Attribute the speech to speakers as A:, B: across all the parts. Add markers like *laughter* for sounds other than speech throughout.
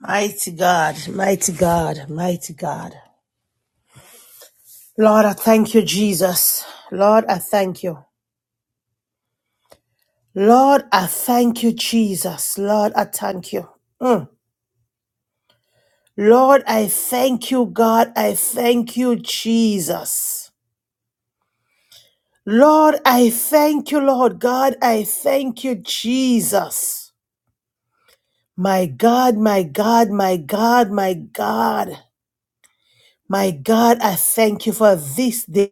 A: Mighty God, mighty God, mighty God. Lord, I thank you, Jesus. Lord, I thank you. Lord, I thank you, Jesus. Lord, I thank you. Mm. Lord, I thank you, God. I thank you, Jesus. Lord, I thank you, Lord God. I thank you, Jesus. My God, my God, my God, my God. My God, I thank you for this day.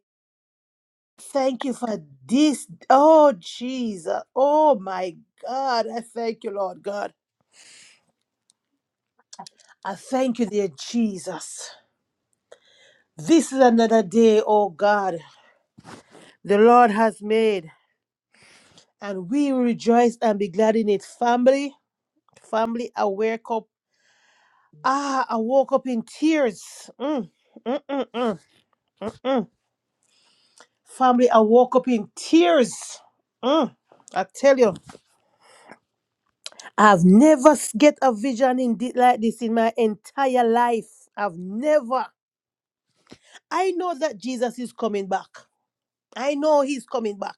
A: Thank you for this. Oh, Jesus. Oh, my God. I thank you, Lord God. I thank you, dear Jesus. This is another day, oh God, the Lord has made, and we will rejoice and be glad in it. Family, family, I wake up. Ah, I woke up in tears. Mm. Family, I woke up in tears. Mm. I tell you, I've never s- get a vision in thi- like this in my entire life. I've never. I know that Jesus is coming back. I know he's coming back.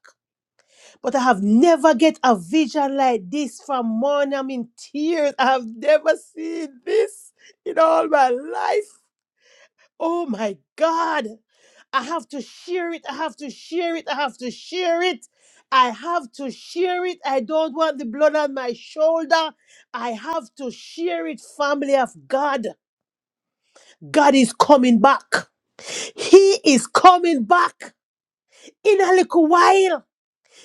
A: But I have never get a vision like this from morning. I'm in tears. I have never seen this in all my life. Oh my God. I have to share it. I have to share it. I have to share it. I have to share it. I don't want the blood on my shoulder. I have to share it, family of God. God is coming back. He is coming back. in a little while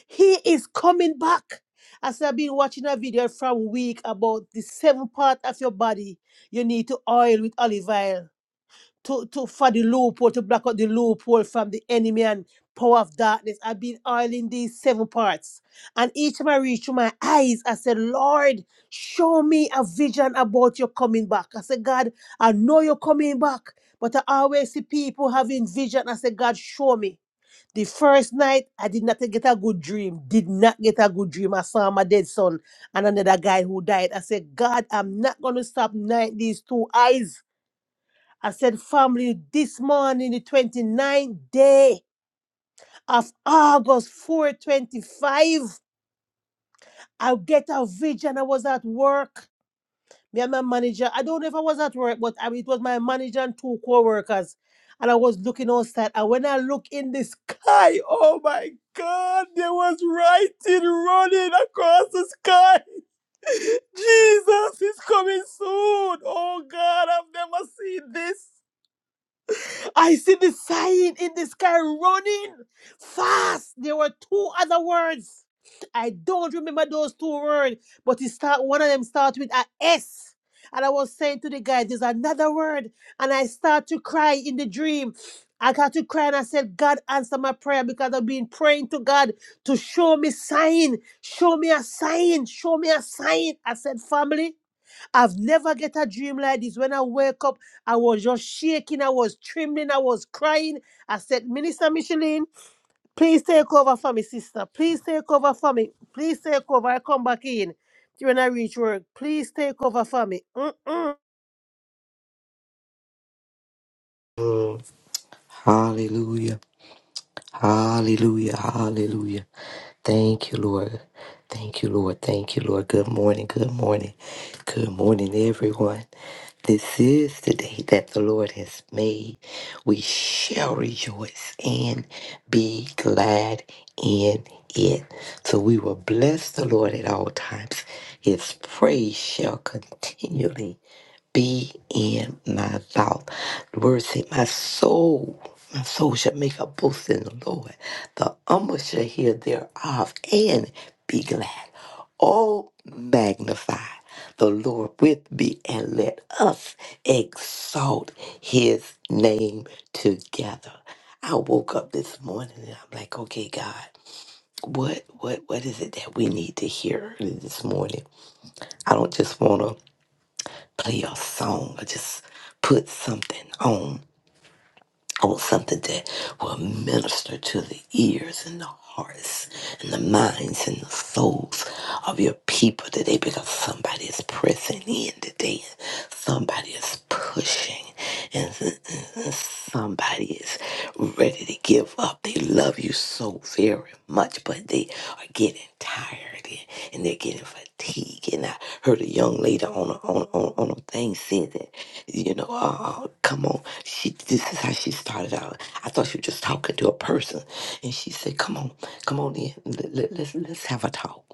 A: he is coming back as i've been watching a video from week about the seven part of your body you need to oil with olive oil to, to for the loophole to block out the loophole from the enemy and power of darkness i've been oiling these seven parts and each time i reach to my eyes i said lord show me a vision about your coming back i said god i know you're coming back but i always see people having vision i said god show me the first night, I did not get a good dream. Did not get a good dream. I saw my dead son and another guy who died. I said, God, I'm not going to stop night these two eyes. I said, family, this morning, the 29th day of August 425, I get a vision. I was at work. Me and my manager, I don't know if I was at work, but I, it was my manager and two co-workers. And I was looking outside. And when I look in the sky, oh my God, there was writing running across the sky. *laughs* Jesus is coming soon. Oh God, I've never seen this. I see the sign in the sky running fast. There were two other words. I don't remember those two words, but it start one of them starts with a S. And I was saying to the guy, there's another word. And I start to cry in the dream. I got to cry and I said, God answer my prayer because I've been praying to God to show me sign, show me a sign, show me a sign. I said, family. I've never get a dream like this. When I wake up, I was just shaking, I was trembling, I was crying. I said, Minister Micheline, please take over for me, sister. Please take over for me. Please take over. I come back in when I reach work. Please take over for me. Mm-mm.
B: Hallelujah. Hallelujah. Hallelujah. Thank you, Lord. Thank you, Lord. Thank you, Lord. Good morning. Good morning. Good morning, everyone. This is the day that the Lord has made. We shall rejoice and be glad in it. So we will bless the Lord at all times. His praise shall continually be in my mouth. The word say, My soul, my soul shall make a boast in the Lord. The humble shall hear thereof and be glad. Oh, magnify the Lord with me, and let us exalt his name together. I woke up this morning and I'm like, okay, God, what what what is it that we need to hear early this morning? I don't just wanna play a song or just put something on. I want something that will minister to the ears and the hearts and the minds and the souls of your people today because somebody is pressing in today. Somebody is pushing and, and- and somebody is ready to give up. They love you so so very much, but they are getting tired and, and they're getting fatigued. And I heard a young lady on a, on, on, on a thing said that, you know, uh, come on, she this is how she started out. I thought she was just talking to a person, and she said, "Come on, come on in, let, let, let's let's have a talk."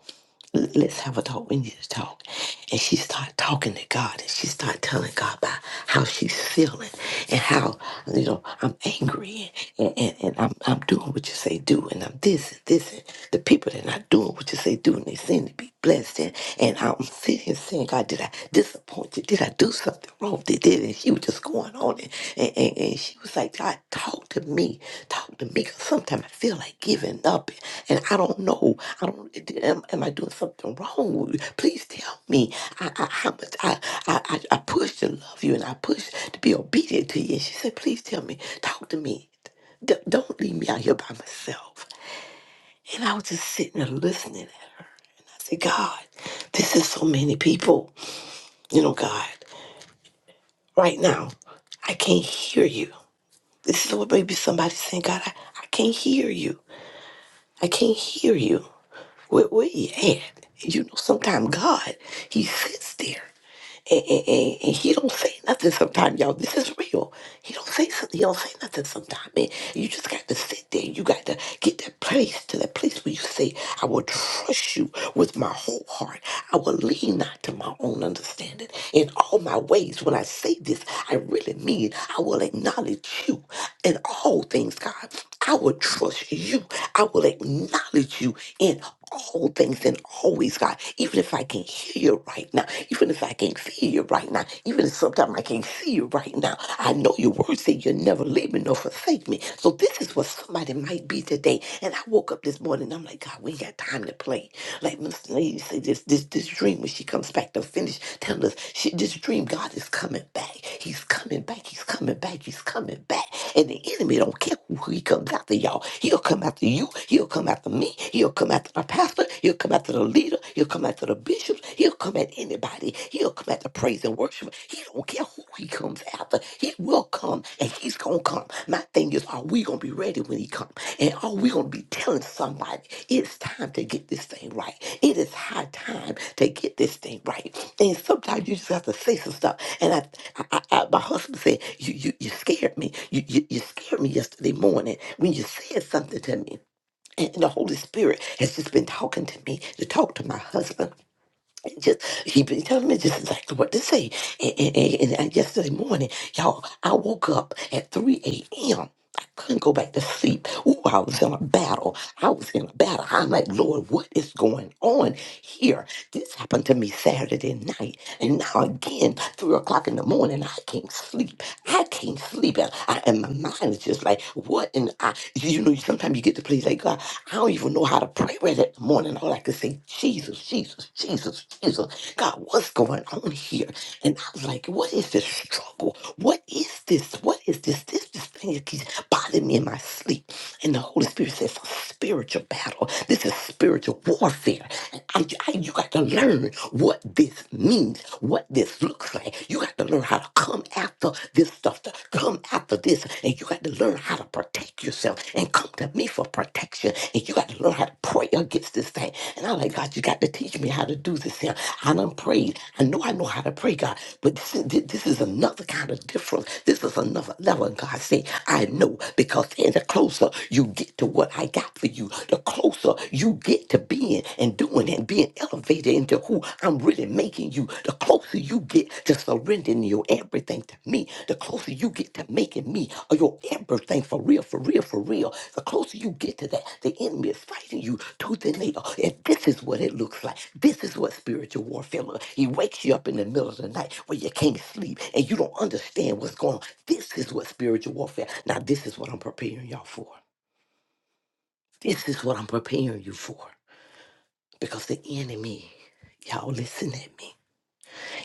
B: l- let's have a talk. We need to talk. And she started talking to God and she started telling God about how she's feeling and how, you know, I'm angry and, and, and I'm, I'm doing what you say do and I'm this and this and the people that are not doing what you say do and they seem to be blessing. And I'm sitting here saying, God, did I disappoint you? Did I do something wrong? Did, did and she was just going on and, and, and, and she was like, God, talk to me. Talk to me. Cause sometimes I feel like giving up and I don't know. I don't am, am I doing something wrong? Please tell me. I, I how much I, I I I pushed to love you and I pushed to be obedient to you. And she said, Please tell me, talk to me. D- don't leave me out here by myself. And I was just sitting there listening at her. And I said, God, this is so many people. You know, God, right now, I can't hear you. This is what maybe somebody saying, God, I, I can't hear you. I can't hear you. Where, where you at? And you know, sometimes God, he sits there. And, and, and- and he don't say nothing sometimes, y'all. This is real. He don't say something. He don't say nothing sometimes, man. You just got to sit there. You got to get that place to that place where you say, I will trust you with my whole heart. I will lean not to my own understanding. In all my ways, when I say this, I really mean I will acknowledge you in all things, God. I will trust you. I will acknowledge you in all things and always, God. Even if I I can hear you right now, even if I can't feel you right now, even if sometimes I can't see you right now, I know your word say you'll never leave me nor forsake me. So this is what somebody might be today. And I woke up this morning, I'm like, God, we ain't got time to play. Like Miss Lady say this this this dream when she comes back to finish telling us she this dream, God is coming back. He's coming back, he's coming back, he's coming back. And the enemy don't care who he comes after, y'all. He'll come after you, he'll come after me, he'll come after my pastor pastor, he'll come after the leader, he'll come after the bishops, he'll come at anybody, he'll come after praise and worship. He don't care who he comes after, he will come and he's gonna come. My thing is, are we gonna be ready when he comes? And are we gonna be telling somebody it's time to get this thing right? It is high time to get this thing right. And sometimes you just have to say some stuff. And I, I, I my husband said, you, you, you scared me. You, you, you scared me yesterday morning when you said something to me and the Holy Spirit has just been talking to me to talk to my husband. And just he been telling me just exactly what to say. And, and, and, and yesterday morning, y'all, I woke up at 3 a.m. I couldn't go back to sleep. Ooh, I was in a battle. I was in a battle. I'm like, Lord, what is going on here? This happened to me Saturday night. And now again, three o'clock in the morning, I can't sleep. I can't sleep. And, I, and my mind is just like, what? And I, you know, sometimes you get to place like, God, I don't even know how to pray right at the morning. All I could say, Jesus, Jesus, Jesus, Jesus. God, what's going on here? And I was like, what is this struggle? What is this? What is this? This this thing that keeps bothering me in my sleep. And the Holy Spirit says, it's a spiritual battle. This is spiritual warfare. And I, I, you got to learn what this means, what this looks like. You got to learn how to come after this stuff, to come after this. And you got to learn how to protect protect yourself and come to me for protection. And you got to learn how to pray against this thing. And I'm like, God, you got to teach me how to do this here. I done prayed. I know I know how to pray, God, but this is, this is another kind of difference. This is another level. And God said, I know because and the closer you get to what I got for you, the closer you get to being and doing and being elevated into who I'm really making you, the closer you get to surrendering your everything to me, the closer you get to making me your everything for real, for real, for real, the closer you get to that, the enemy is fighting you tooth and nail. And this is what it looks like. This is what spiritual warfare looks like. He wakes you up in the middle of the night where you can't sleep and you don't understand what's going on. This is what spiritual warfare. Now, this is what I'm preparing y'all for. This is what I'm preparing you for. Because the enemy, y'all listen at me.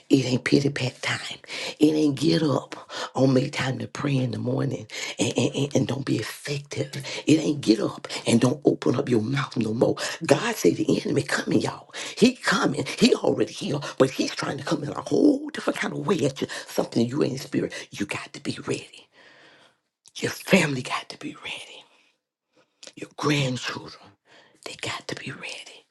B: It ain't pity pat time. It ain't get up on make time to pray in the morning and, and, and, and don't be effective. It ain't get up and don't open up your mouth no more. God say the enemy coming, y'all. He coming. He already here, but he's trying to come in a whole different kind of way at you. Something you ain't spirit. You got to be ready. Your family got to be ready. Your grandchildren, they got to be ready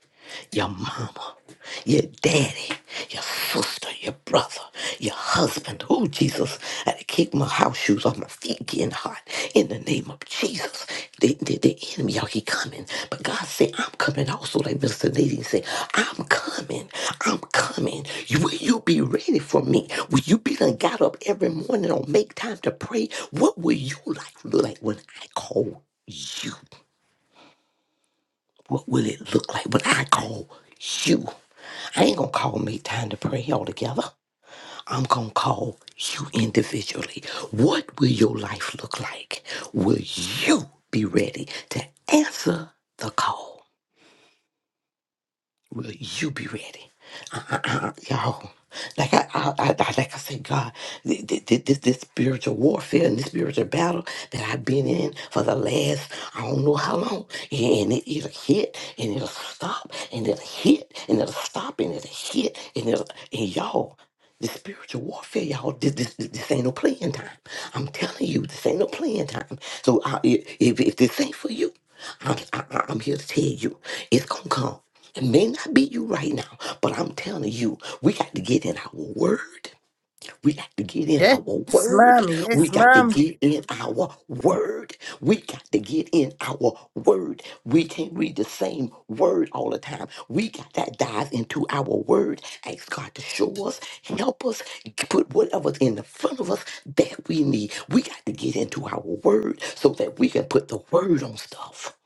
B: your mama, your daddy, your sister, your brother, your husband. Oh, Jesus, I had to kick my house shoes off my feet getting hot in the name of Jesus. The, the, the enemy, y'all, he coming. But God said, I'm coming also, like Mr. Nadine said, I'm coming. I'm coming. You- Will you be ready for me? Will you be done got up every morning or make time to pray? What will you like look like when I call you? What will it look like when I call you? I ain't gonna call make time to pray all together. I'm gonna call you individually. What will your life look like? Will you be ready to answer the call? Will you be ready? *clears throat* Uh, uh, uh, Y'all, like I, I, I, I- like I said, God, thi- thi- thi- this, this spiritual warfare and this spiritual battle that I've been in for the last I don't know how long, yeah, and it, it'll hit and it'll stop and it'll hit and it'll stop and it'll hit and it'll and y'all. The spiritual warfare, y'all, this, this, this, this ain't no playing time. I'm telling you, this ain't no playing time. So I, i- if, if this ain't for you, I'm, I, I- I'm here to tell you, it's going to come. It may not be you right now, but I'm telling you, we got to get in our word. We got to get in our
A: Yes,
B: word.
A: ma'am.
B: We
A: Yes,
B: got to
A: ma'am.
B: get in our word. We got to get in our word. We can't read the same word all the time. We got to dive into our word. Ask God to show us, help us, put whatever's in the front of us that we need. We got to get into our word so that we can put the word on stuff.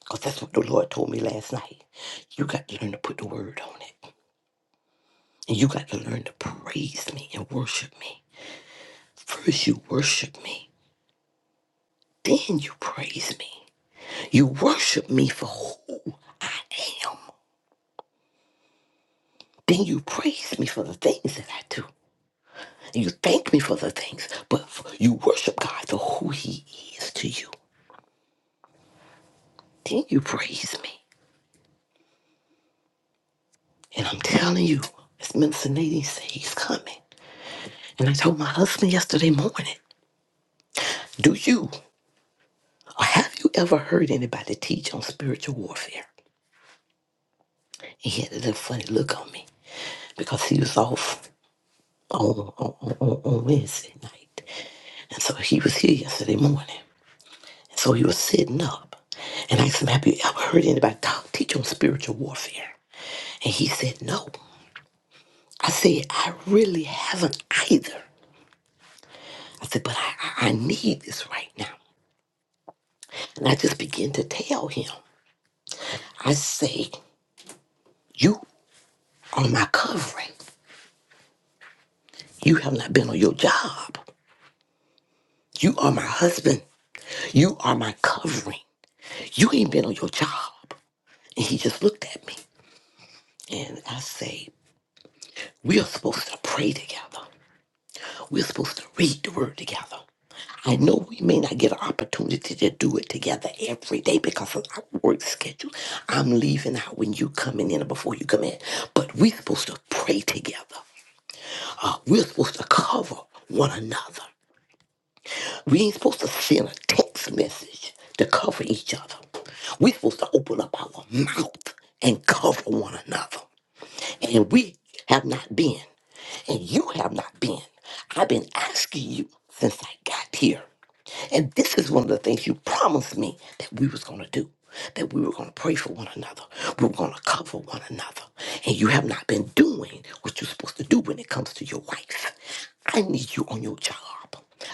B: Because that's what the Lord told me last night. You got to learn to put the word on it. And you got to learn to praise me and worship me. First, you worship me, then you praise me. You worship me for who I am, then you praise me for the things that I do. And you thank me for the things, but you worship God for who He is to you. Then you praise me. And I'm telling you, as Minister Nadine said, He's coming. And I told my husband yesterday morning, Do you or have you ever heard anybody teach on spiritual warfare? He had a little funny look on me because he was off. on, on, on, on on Wednesday night. And so he was here yesterday morning. And so he was sitting up. And I asked him, Have you ever heard anybody talk, teach on spiritual warfare? And he said, No. I said, I really haven't either. I said, But I, I, I need this right now. And I just began to tell him, I say, You are my covering. You have not been on your job. You are my husband. You are my covering. You ain't been on your job. And he just looked at me. And I say, we are supposed to pray together. We're supposed to read the word together. I know we may not get an opportunity to do it together every day because of our work schedule. I'm leaving out when you coming in or before you come in. But we're supposed to pray together. We're supposed to cover one another. We ain't supposed to send a text message to cover each other. We're supposed to open up our mouth and cover one another. And we have not been. And you have not been. I've been asking you since I got here. And this is one of the things you promised me that we was going to do, that we were going to pray for one another, we were going to cover one another. And you have not been doing what you're supposed to do when it comes to your wife. I need you on your job.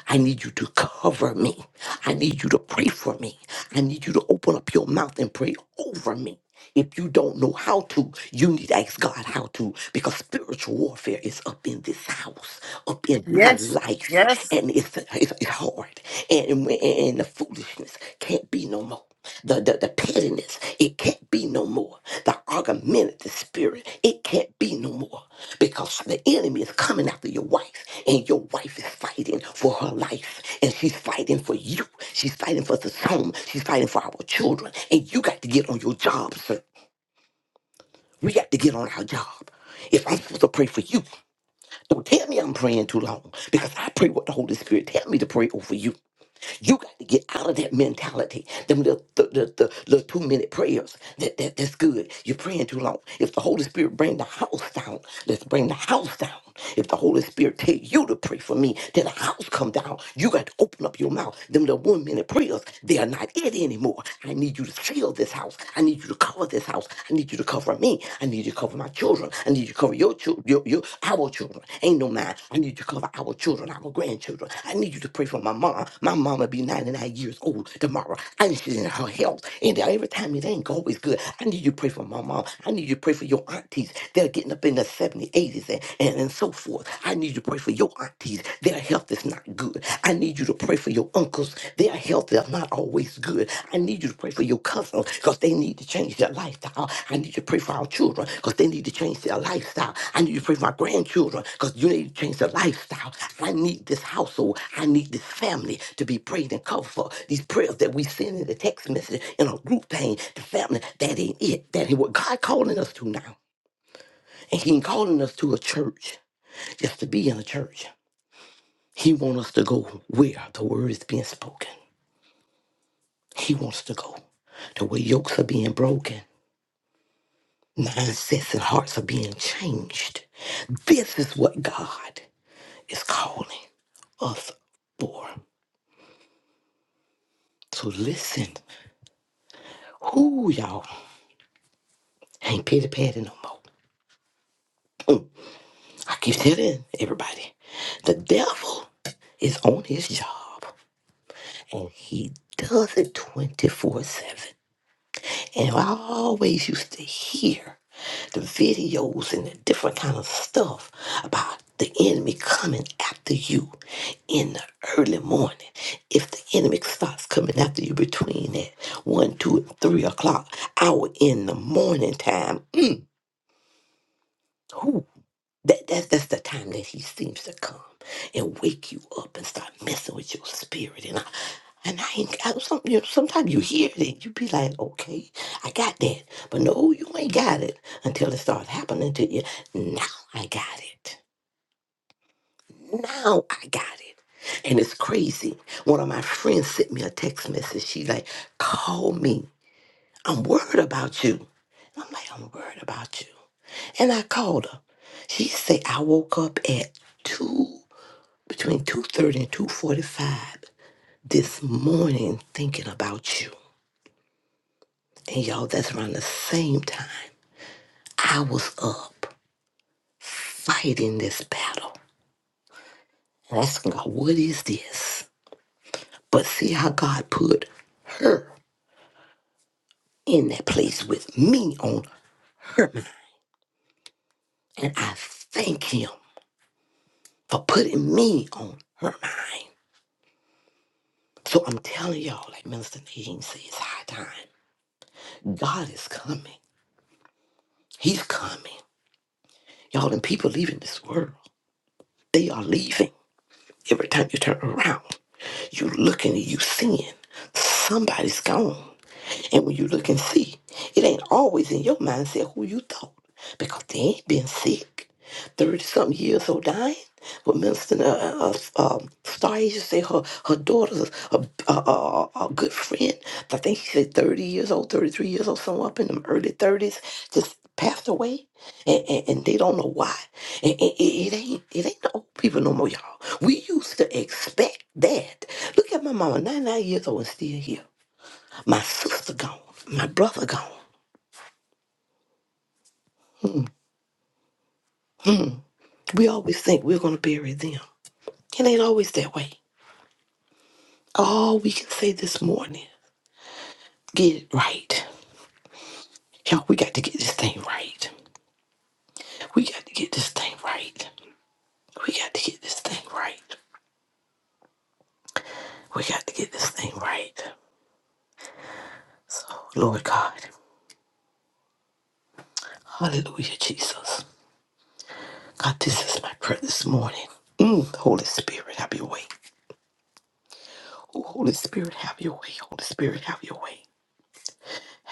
B: I need you to cover me. I need you to pray for me. I need you to open up your mouth and pray over me. If you don't know how to, you need to ask God how to because spiritual warfare is up in this house, up in my
A: Yes,
B: life,
A: yes.
B: and it's, it's it's hard. And, and, and the foolishness can't be no more. The, the, the pettiness, it can't be no no more. The argumentative spirit, it can't be no more because the enemy is coming after your wife, and your wife is fighting for her life, and she's fighting for you. She's fighting for this home. She's fighting for our children, and you got to get on your job, sir. We got to get on our job. If I'm supposed to pray for you, don't tell me I'm praying too long because I pray what the Holy Spirit tell me to pray over you. You got to get out of that mentality. Them little, the, the, the little two minute prayers. That, that that's good. You're praying too long. If the Holy Spirit bring the house down, let's bring the house down. If the Holy Spirit tell you to pray for me, then the house come down. You got to open up your mouth. Them little one minute prayers, they are not it anymore. I need you to seal this house. I need you to cover this house. I need you to cover me. I need you to cover my cover my children. I need you to cover your children, your, your, our children. Ain't no mine. I need you to cover our children, our grandchildren. I need you to pray for my mom. My mama be 99 years old tomorrow. I need you in her health. And every time it ain't always good, I need you to pray for my mom. I need you to pray for your aunties. They're getting up in the 70s, 80s, and, and, and so forth. I need you to pray for your aunties. Their health is not good. I need you to pray for your uncles, their health is not always good. I need you to pray for your cousins because they need to change their lifestyle. I need you to pray for our children because they need to change their lifestyle. I need you to pray for my grandchildren because you need to change their lifestyle. I need this household. I need this family to be prayed and covered for. These prayers that we send in the text message in our group thing, the family, that ain't it. That ain't what God calling us to now. And He ain't calling us to a church just to be in a church. He want us to go where the word is being spoken. He wants to go to where yokes are being broken, mindsets and hearts are being changed. This is what God is calling us for. So listen, who y'all ain't pity patty no more. I keep telling everybody, the devil is on his job and he does it 24-7. And I always used to hear the videos and the different kind of stuff about the enemy coming after you in the early morning. If the enemy starts coming after you between that one, two, and three o'clock hour in the morning time, that, that that's the time that he seems to come and wake you up and start messing with your spirit. And I and I ain't I, some, you know, sometimes you hear it and you be like, okay, I got that. But no, you ain't got it until it starts happening to you. Now I got it. Now I got it. And it's crazy. One of my friends sent me a text message. She like, call me. I'm worried about you. And I'm like, I'm worried about you. And I called her. She said I woke up at two between two thirty and two forty five this morning thinking about you. And y'all, that's around the same time I was up fighting this battle. Asking God, what is this? But see how God put her in that place with me on her mind. And I thank him for putting me on her mind. So I'm telling y'all, like Minister Nadine says, it's high time. God is coming. He's coming. Y'all, and people leaving this world. They are leaving. Every time you turn around, you looking and you seeing somebody's gone. And when you look and see, it ain't always in your mindset who you thought because they ain't been sick. 30 something years old dying. But Minister uh, uh, uh, um, Star Asia say her, her daughter's a, a, a, a good friend. I think she said 30 years old, 33 years old, somewhere up in them early 30s, just passed away. And, and, and they don't know why. And, and it, it ain't it ain't the old people no more, y'all. We used to expect that. Look at my mama, 99 years old and still here. My sister gone. My brother gone. We always think we're going to bury them. It ain't always that way. All we can say this morning, get it right. Y'all, we got to get this thing right. We got to get this thing right. We got to get this thing right. We got to get this thing right. So, Lord God, hallelujah, Jesus. God, this is my prayer this morning. Mm, Holy Spirit, have your way. Oh, Holy Spirit, have your way. Holy Spirit, have your way.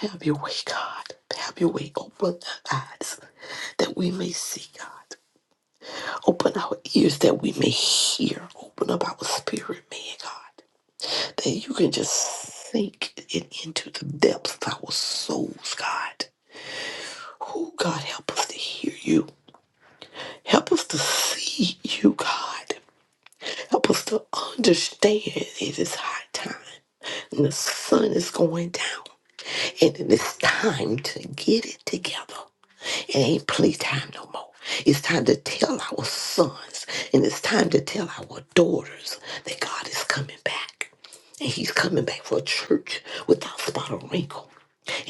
B: Have your way, God. Have your way. Open our eyes that we may see, God. Open our ears that we may hear. Open up our spirit, man, God. That you can just sink it into the depths of our souls, God. Oh, God, help us to hear you. Help us to see you, God. Help us to understand it is high time. And the sun is going down. And it is time to get it together. It ain't playtime no more. It's time to tell our sons and it's time to tell our daughters that God is coming back. And he's coming back for a church without spot or wrinkle.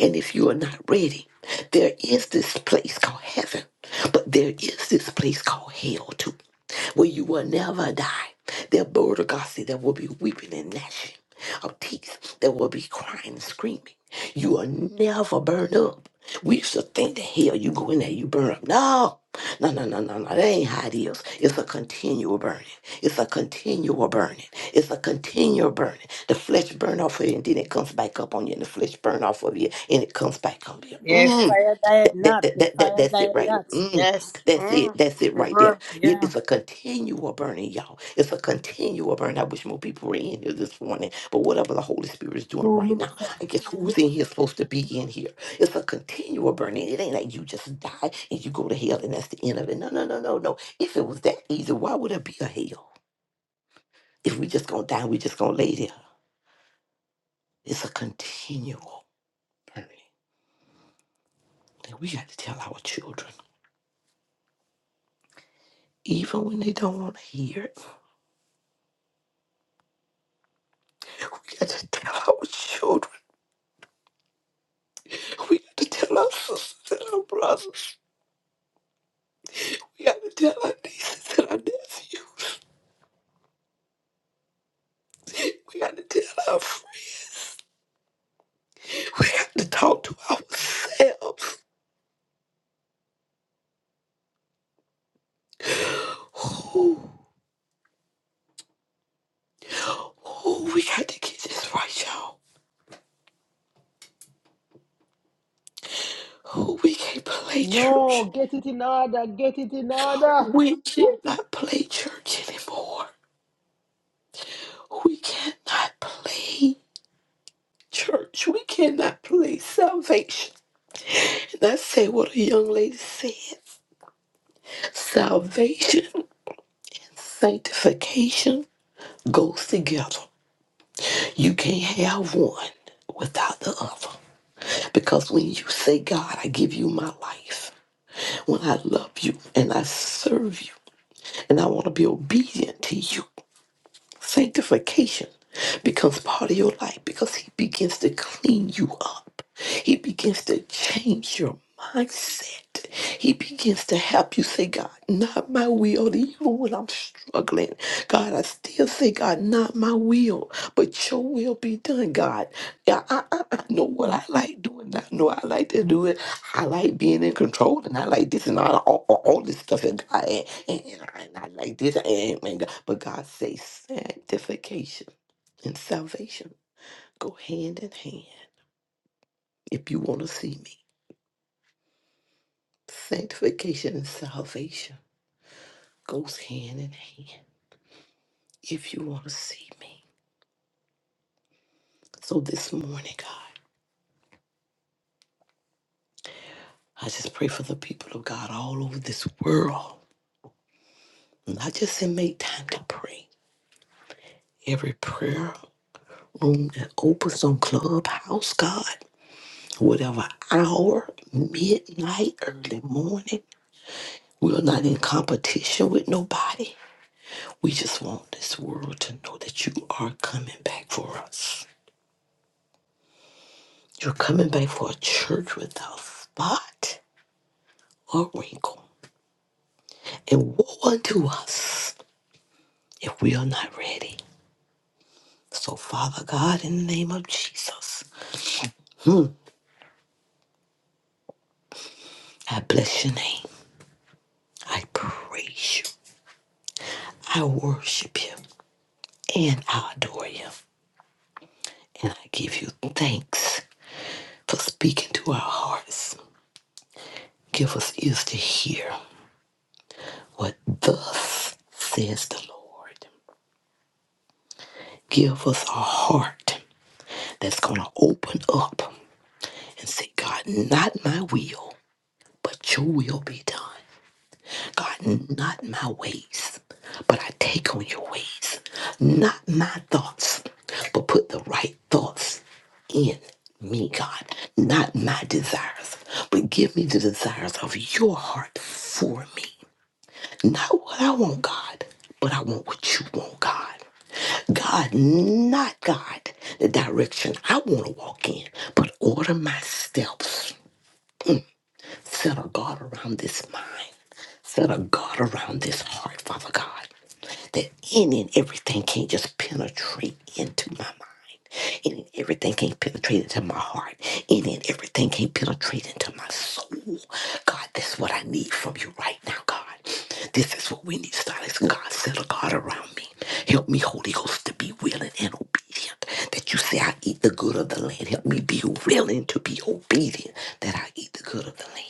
B: And if you are not ready, there is this place called heaven, but there is this place called hell too, where you will never die. There, Lord of God said, there will be weeping and gnashing of teeth. There will be crying and screaming. You will never burn up. We used to think that hell, you go in there, you burn up. No, no, no, no, no, no. That ain't how it is. It's a continual burning. It's a continual burning. It's a continual burning. The flesh burn off of you, and then it comes back up on you, and the flesh burn off of you, and it comes back on you.
A: Yeah,
B: Mm,
A: fire diet
B: that,
A: not.
B: that,
A: The
B: that, that,
A: fire
B: that's it
A: diet
B: right
A: not.
B: there. Mm,
A: Yes.
B: that's it.
A: Mm.
B: That's it
A: The
B: right there.
A: word,
B: It
A: yeah.
B: is a continual burning, y'all. It's a continual burning. I wish more people were in here this morning, but whatever the Holy Spirit is doing
A: Two
B: right
A: minutes.
B: now, I guess who's in here is supposed to be in here. It's a continual burning. It ain't like you just die and you go to hell and that's the end of it. No, no, no, no, no. If it was that easy, why would it be a hell? If we just gonna die, we just gonna lay there. It's a continual burning that we got to tell our children, even when they don't want to hear it. We got to tell our children. We got to tell our sisters and our brothers. We got to tell our nieces and our nephews. We got to tell our friends. We got to talk to ourselves. Ooh, ooh, we got to get this right, y'all. Ooh, we can't play
A: No,
B: church.
A: get it in order. Get it in order.
B: We cannot play church anymore. We cannot play church. We cannot play salvation. And I say what a young lady said salvation, sanctification goes together. You can't have one without the other. Because when you say, God, I give you my life, when I love you and I serve you and I want to be obedient to you, Sanctification becomes part of your life because He begins to clean you up. He begins to change your mindset. He begins to help you say, God, not my will. Even when I'm struggling, God, I still say, God, not my will, but your will be done, God. Yeah, I, I, I know what I like doing. I know I like to do it. I like being in control, and I like this and all, all, all all this stuff. And God, and, and, I, and I like this. And, and God, but God says sanctification and salvation go hand in hand. If you want to see me, sanctification and salvation goes hand in hand. If you want to see me, so this morning, God, I just pray for the people of God all over this world, not just in make time to pray. every prayer room that opens on Clubhouse, God, whatever hour, midnight, early morning. We are not in competition with nobody. We just want this world to know that you are coming back for us. You're coming back for a church without spot or wrinkle. And woe unto us if we are not ready. So, Father God, in the name of Jesus, I bless your name. I praise you. I worship you. And I adore you. And I give you thanks for speaking to our hearts. Give us ears to hear what thus says the Lord. Give us a heart that's going to open up and say, God, not my will, but your will be done. God, not my ways, but I take on your ways. Not my thoughts, but put the right thoughts in me, God. Not my desires, but give me the desires of your heart for me. Not what I want, God, but I want what you want, God. God, not God, the direction I want to walk in, but order my steps Set a guard around this mind. Set a guard around this heart, Father God. That any and everything can't just penetrate into my mind. Any and everything can't penetrate into my heart. Any and everything can't penetrate into my soul. God, that's what I need from you right now, God. This is what we need, Silas. God, set a guard around me. Help me, Holy Ghost, to be willing and obedient. That you say I eat the good of the land. Help me be willing to be obedient that I eat the good of the land.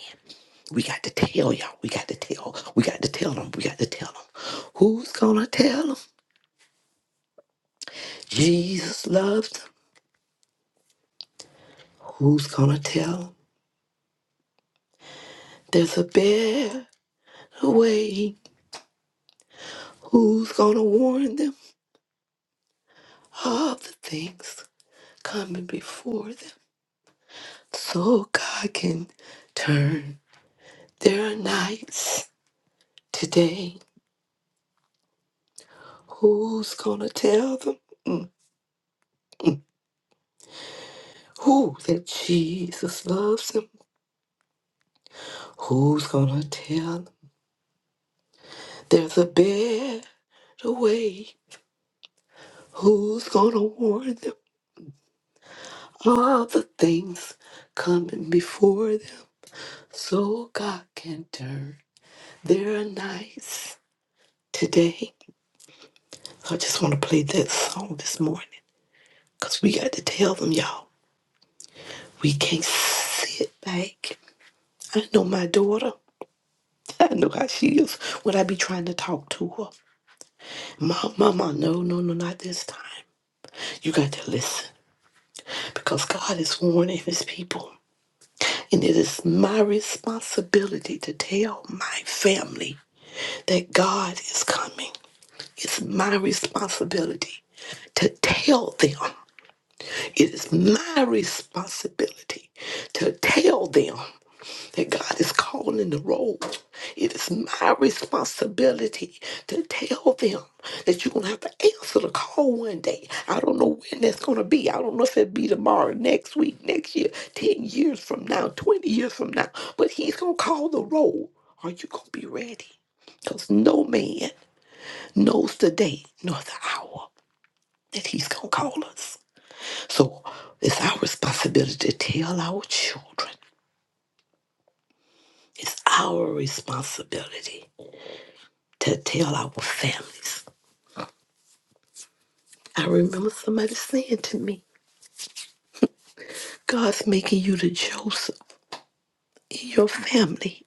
B: We got to tell y'all. We got to tell. We got to tell them. We got to tell them. Who's gonna tell them? Jesus loves them. Who's gonna tell them? There's a better way. Who's gonna warn them of the things coming before them? So God can turn their nights today. Who's gonna tell them? Mm. Who that Jesus loves them? Who's gonna tell them? There's a better the way. Who's gonna warn them? All the things coming before them, so God can turn their nights today. I just want to play that song this morning, cause we got to tell them, y'all, we can't sit back. I know my daughter. I know how she is when I be trying to talk to her. Mom, mama, no, no, no, not this time. You got to listen because God is warning his people. And it is my responsibility to tell my family that God is coming. It's my responsibility to tell them. It is my responsibility to tell them that God is calling the roll. It is my responsibility to tell them that you're going to have to answer the call one day. I don't know when that's going to be. I don't know if it'll be tomorrow, next week, next year, 10 years from now, 20 years from now. But He's going to call the roll. Are you going to be ready? Because no man knows the day nor the hour that He's going to call us. So it's our responsibility to tell our children. It's our responsibility to tell our families. I remember somebody saying to me, God's making you the Joseph in your family.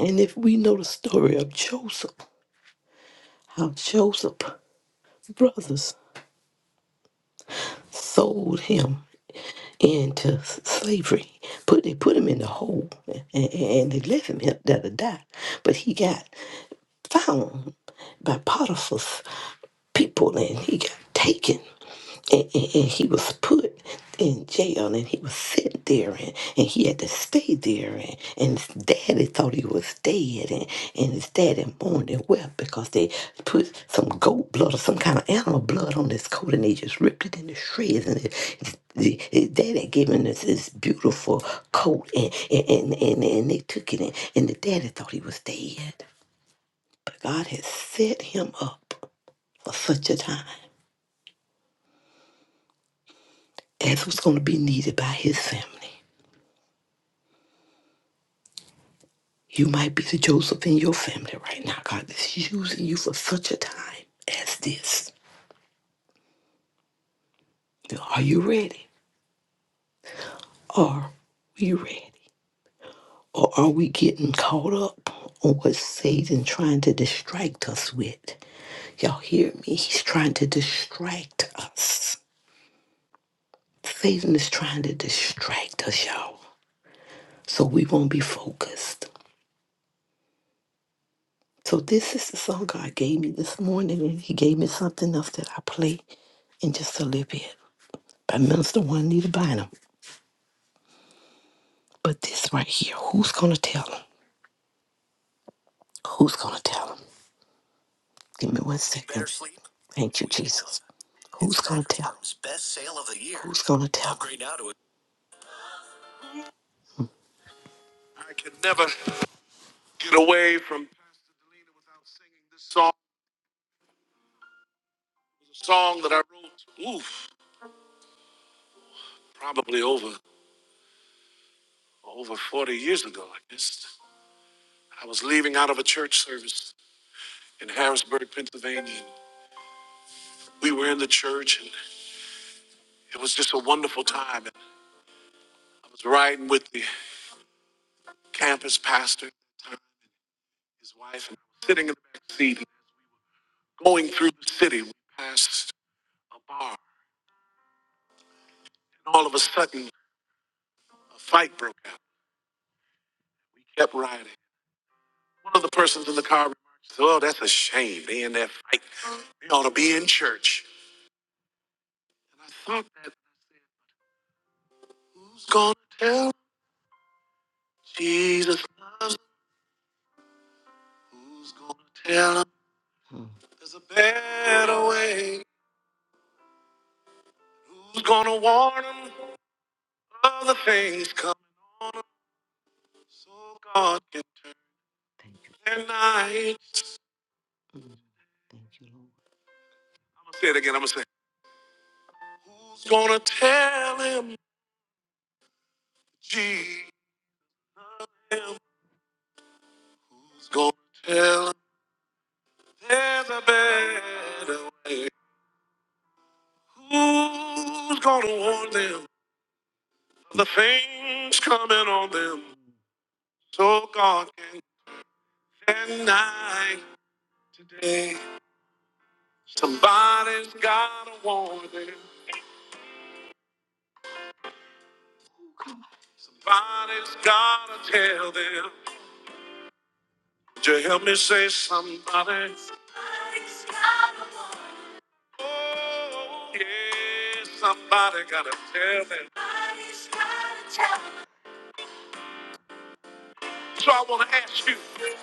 B: And if we know the story of Joseph, how Joseph's brothers sold him into s- slavery, put they put him in the hole, and, and and they left him here there to die. But he got found by Potiphar's people, and he got taken. and, and, and he was put in jail and he was sent there and, and he had to stay there and, and his daddy thought he was dead and, and his daddy mourned and wept because they put some goat blood or some kind of animal blood on his coat and they just ripped it into shreds and it, his, his daddy gave him this, this beautiful coat and, and, and, and, and they took it and, and the daddy thought he was dead but God had set him up for such a time as was going to be needed by his family You might be the Joseph in your family right now. God is using you for such a time as this. Now, Are you ready? Are we ready? Or are we getting caught up on what Satan trying to distract us with? Y'all hear me? He's trying to distract us. Satan is trying to distract us, y'all. So we won't be focused. So this is the song God gave me this morning, and He gave me something else that I play in just a little bit. But Minister one need to bind them. But this right here, who's gonna tell him? Who's gonna tell him? Give me one second. Better sleep. Thank you, Jesus. Who's gonna tell him? Best sale of the year. Who's gonna tell him? Upgrade now to a- I could never get away from this song. It A song that I wrote, oof, probably over over 40 years ago. I guess I was leaving out of a church service in Harrisburg, Pennsylvania. We were in the church, and it was just a wonderful time. And I was riding with the campus pastor, at the time, his wife, and I was sitting in the back seat, going through the city. We passed a bar, and all of a sudden, a fight broke out. We kept riding. One of the persons in the car remarked, "Oh, that's a shame. They in that fight. They ought to be in church." And I thought that who's gonna tell 'em Jesus loves? 'em? Who's gonna tell 'em there's a better way? Who's gonna warn 'em of the things coming? So God can turn Thank you. their night. Mm. Thank you, Lord. I'm gonna say it again. I'm gonna say, Who's gonna tell him, G? M? Who's gonna tell him there's a better way? Who's gonna warn them of the things coming on them? So God can turn night today. Somebody's gotta warn them. Somebody's gotta tell them. Would you help me say somebody? Oh, yeah, somebody gotta tell me. So I wanna ask you,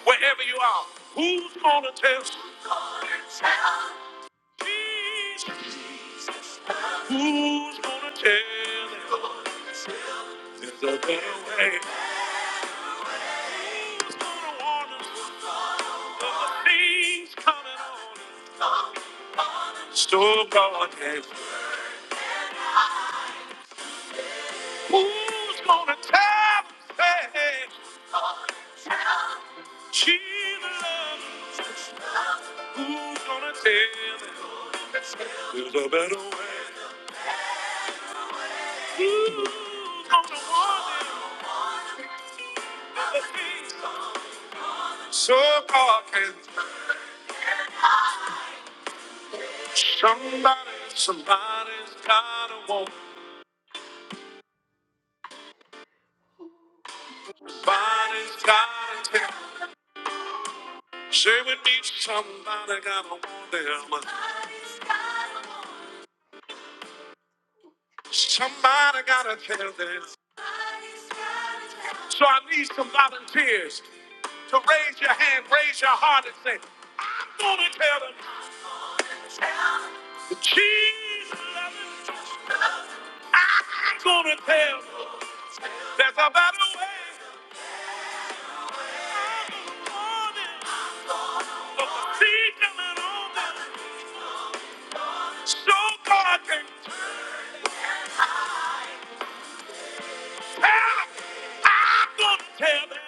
B: wherever you are, who's gonna tell Jesus? Who's gonna tell him there's a better way? Who's gonna warn him of the things coming on? So God can. Who's gonna tell me she loves? me? Who's gonna tell me there's a better way? Who's gonna warn me of the things so God can? Somebody, somebody's gotta want. Somebody's gotta tell. Say with me, somebody gotta warn them. Somebody gotta tell them. So I need some volunteers to raise your hand, raise your heart, and say, I'm going to tell them that Jesus loves them. I'm going to tell them there's a better way. for them. So seek them and own them. So God can tell them. I'm going to tell them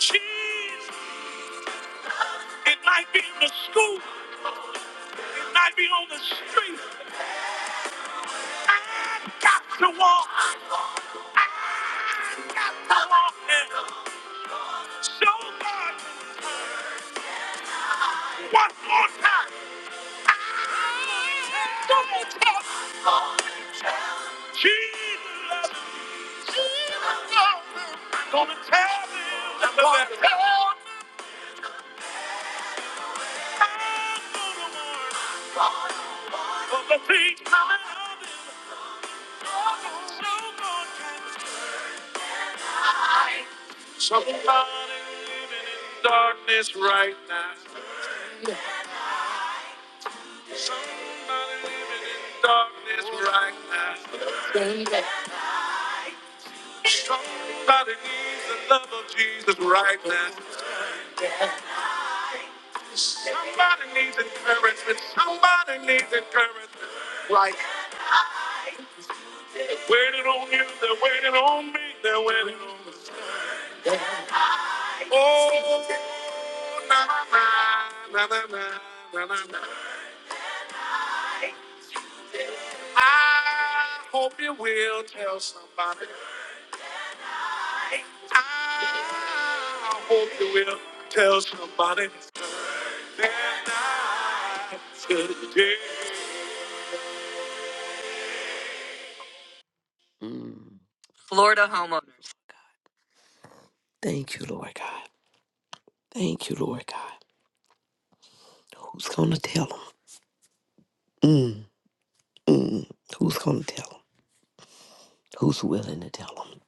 B: Jesus. It might be in the school. It might be on the street. I got to walk. I got to walk. And so God. can." One more time. One more time. Jesus. Jesus. Gonna tell them. I'm gonna tell them. Of the things I love. him. So good. Somebody living in darkness right now. Somebody living in darkness right now. Somebody needs the love of Jesus right now. Somebody needs encouragement. Somebody needs encouragement. Like waiting on you, they're waiting on me, they're waiting on me. Oh, na na na na na na na. na. I hope you will tell somebody. I hope you will tell somebody. They're not today. Mm, thank you, Lord God. Thank you, Lord God. Who's gonna tell them? Mm, who's going to tell them? Who's willing to tell them?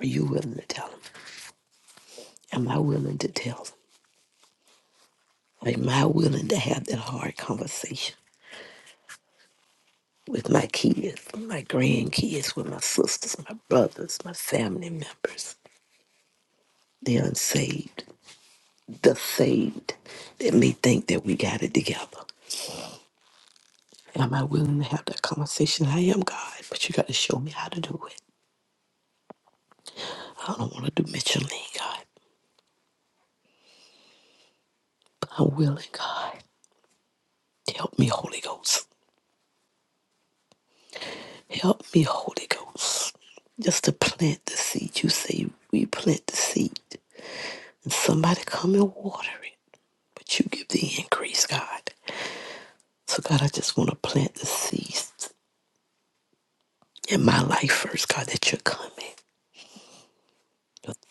B: Are you willing to tell them? Am I willing to tell them? Am I willing to have that hard conversation with my kids, my grandkids, with my sisters, my brothers, my family members, the unsaved, the saved that may think that we got it together? Am I willing to have that conversation? I am God, but you got to show me how to do it. I don't want to do Michelin, God, but I'm willing, God. Help me, Holy Ghost. Help me, Holy Ghost, just to plant the seed. You say we plant the seed, and somebody come and water it, but you give the increase, God. So, God, I just want to plant the seeds in my life first, God, that you're coming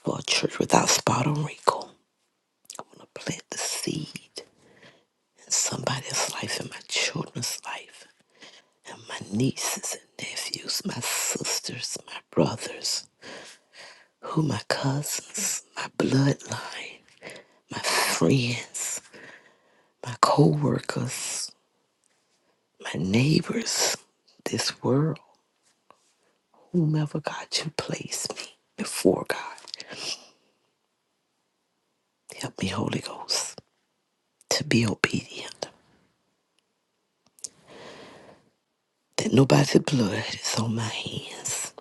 B: for a church without spot or wrinkle. I want to plant the seed in somebody's life, in my children's life, and my nieces and nephews, my sisters, my brothers, who my cousins, my bloodline. my friends, my coworkers, my neighbors, this world, whomever God you place me before God. Help me, Holy Ghost, to be obedient. That nobody's blood is on my hands.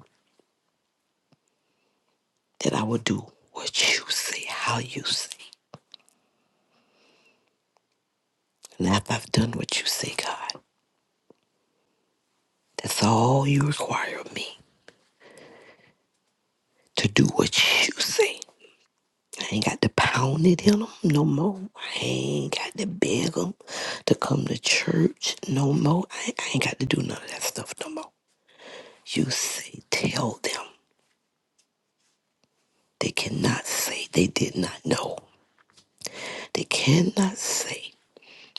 B: That I will do what you say, how you say. And after I've done what you say, God, that's all you require of me to do what you say. I ain't got to pound it in them no more. I ain't got to beg them to come to church no more. I, ain't, I ain't got to do none of that stuff no more. You say, tell them. They cannot say they did not know. They cannot say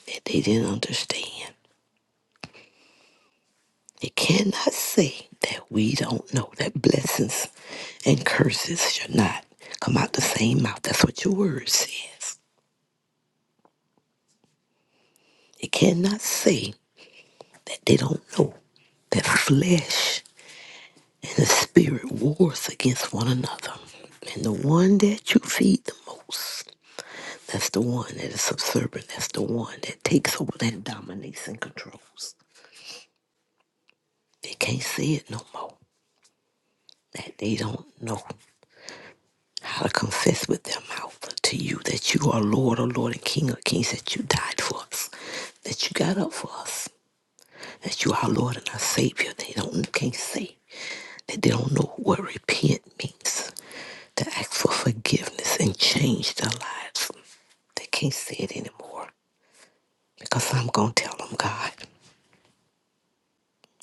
B: that they didn't understand. They cannot say that we don't know that blessings and curses shall not come out the same mouth. That's what your word says. They cannot say that they don't know that flesh and the spirit wars against one another. And the one that you feed the most, that's the one that is subservient. That's the one that takes over, that dominates and controls. They can't say it no more. That they don't know how to confess with their mouth to you that you are Lord, or Lord, and King of Kings, that you died for us, that you got up for us, that you are our Lord and our Savior. They don't can't say that they don't know what repent means. to ask for forgiveness and change their lives. They can't say it anymore because I'm going to tell them, God.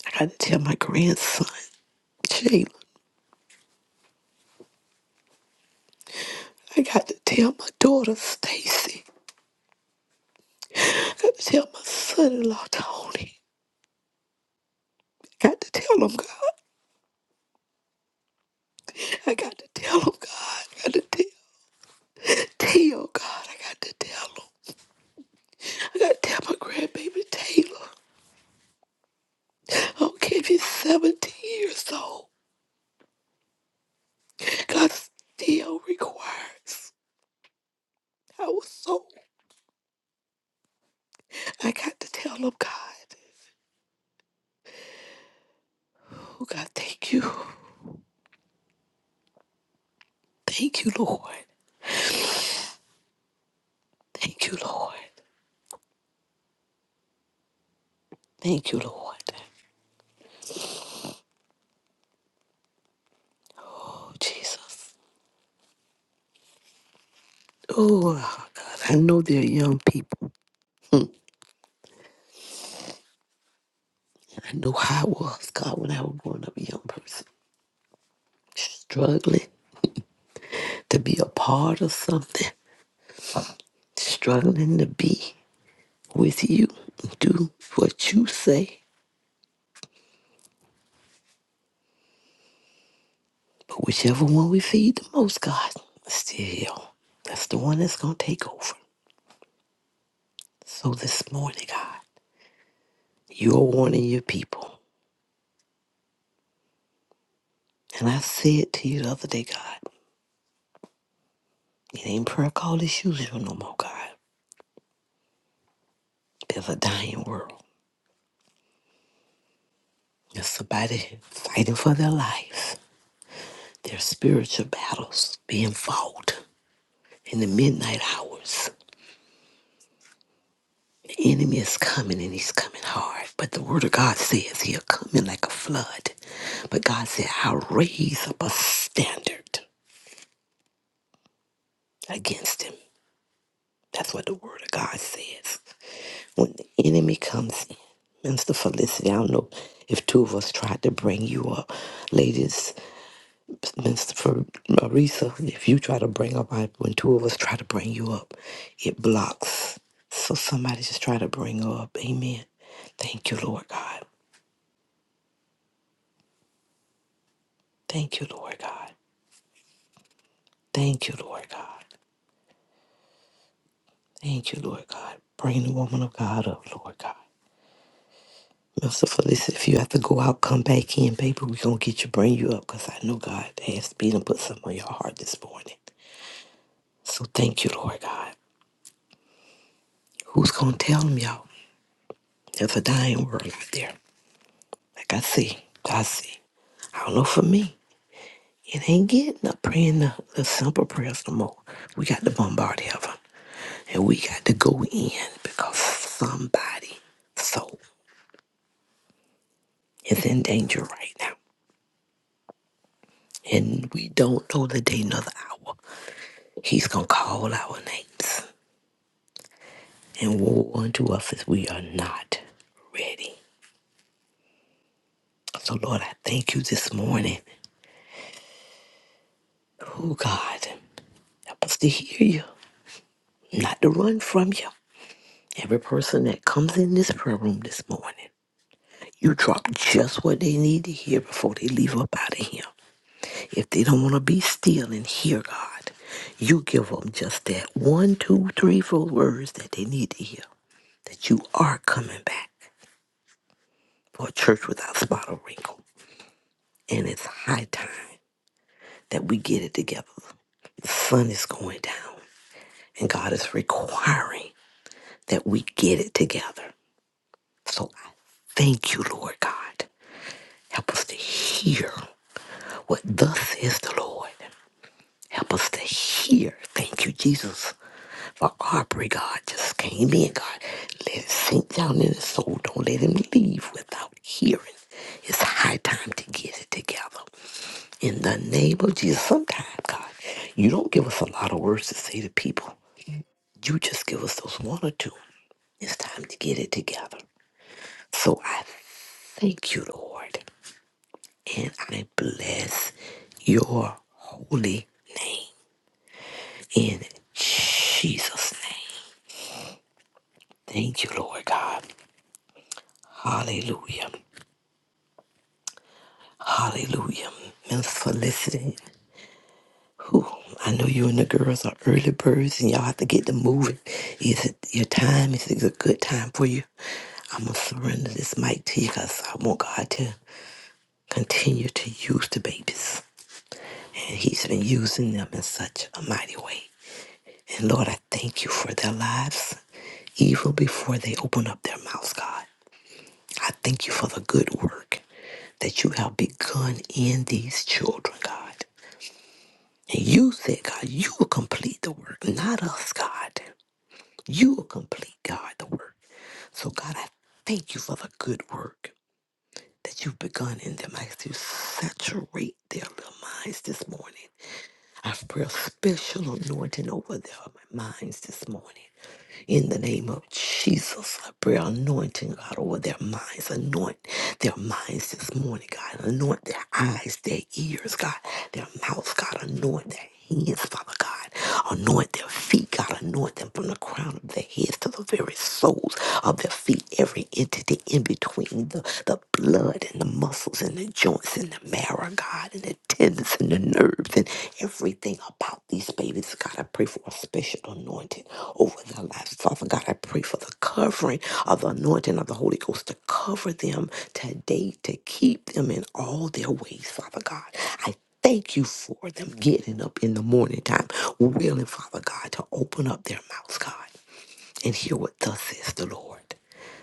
B: I got to tell my grandson, Jalen. I got to tell my daughter, Stacy. I got to tell my son in law, Tony. I got to tell them, God. I got to tell them, God. I got to tell Teo, God. I got to tell them. I got to tell my grandbaby, Taylor. I don't care if he's 17 years old. God still requires our soul. I got to tell them, God, oh God, thank you. Thank you, Lord. Thank you, Lord. Thank you, Lord. Oh, Jesus. Oh, ah, God, I know they're young people. I know how I was, God, when I was growing up a young person, struggling to be a part of something, struggling to be with you, do what you say. But whichever one we feed the most, God, still, that's the one that's going to take over. So this morning, God. You are warning your people. And I said to you the other day, God, it ain't prayer call as usual no more, God. There's a dying world. There's somebody fighting for their lives. There's spiritual battles being fought in the midnight hours. The enemy is coming and he's coming hard. But the word of God says he'll come in like a flood. But God said, I'll raise up a standard against him. That's what the word of God says. when the enemy comes in. Minister Felicity, I don't know if two of us tried to bring you up. Ladies, Minister Fer- Marisa, if you try to bring up, I- when two of us try to bring you up, it blocks. So somebody just try to bring her up. Amen. Thank you, Lord God. Thank you, Lord God. Thank you, Lord God. Thank you, Lord God. Bring the woman of God up, Lord God. So Felicia, if you have to go out, come back in, baby. We're gonna get you, bring you up, cause I know God has been and put something on your heart this morning. So thank you, Lord God. Who's gonna tell them, y'all? There's a dying world out there. Like I see, I see. I don't know for me. It ain't getting up praying the, the simple prayers no more. We got to bombard heaven. And we got to go in because somebody soul is in danger right now. And we don't know the day nor the hour. He's going to call our names and woe unto us if we are not ready. So, Lord, I thank you this morning. Oh, God, help us to hear you, not to run from you. Every person that comes in this prayer room this morning, you drop just what they need to hear before they leave up out of here. If they don't want to be still and hear God, you give them just that one, two, three, four words that they need to hear that you are coming back for a church without spot or wrinkle. And it's high time that we get it together. The sun is going down, and God is requiring that we get it together. So I thank you, Lord God. Help us to hear what thus says the Lord. Help us to hear. Thank you, Jesus, for Aubrey, God, just came in, God. Let it sink down in his soul. Don't let him leave without hearing. It's high time to get it together. In the name of Jesus. Sometimes, God, you don't give us a lot of words to say to people. You just give us those one or two. It's time to get it together. So I thank you, Lord, and I bless your holy name in Jesus' name. Thank you, Lord God. Hallelujah. Hallelujah. Miss Felicity. Whew, I know you and the girls are early birds and y'all have to get to moving. Is it your time? Is it a good time for you? I'm going to surrender this mic to you because I want God to continue to use the babies. And He's been using them in such a mighty way. And Lord, I thank you for their lives, even before they open up their mouths, God. I thank you for the good work that you have begun in these children, God. And you said, God, you will complete the work, not us, God. You will complete, God, the work. So, God, I thank you for the good work that you've begun in them. I ask you to saturate their little minds this morning. I pray a special anointing over their minds this morning. In the name of Jesus, I pray anointing, God, over their minds. Anoint their minds this morning, God. Anoint their eyes, their ears, God, their mouths, God. Anoint their hands, Father God. Anoint their feet, God. Anoint them from the crown of their heads to the very soles of their feet. Every entity in between the, the blood and the muscles and the joints and the marrow, God, and the tendons and the nerves and everything about these babies. God, I pray for a special anointing over their lives. Father God, I pray for the covering of the anointing of the Holy Ghost to cover them today, to keep them in all their ways, Father God. I Thank you for them getting up in the morning time, willing, Father God, to open up their mouths, God, and hear what thus says the Lord.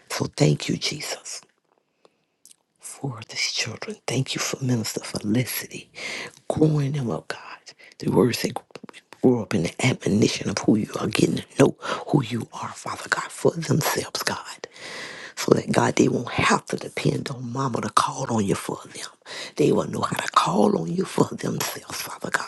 B: So thank you, Jesus for these children. Thank you for Minister Felicity growing them up, God. The words they grow up in the admonition of who you are, getting to know who you are, Father God, for themselves, God so that God, they won't have to depend on mama to call on you for them. They will know how to call on you for themselves, Father God.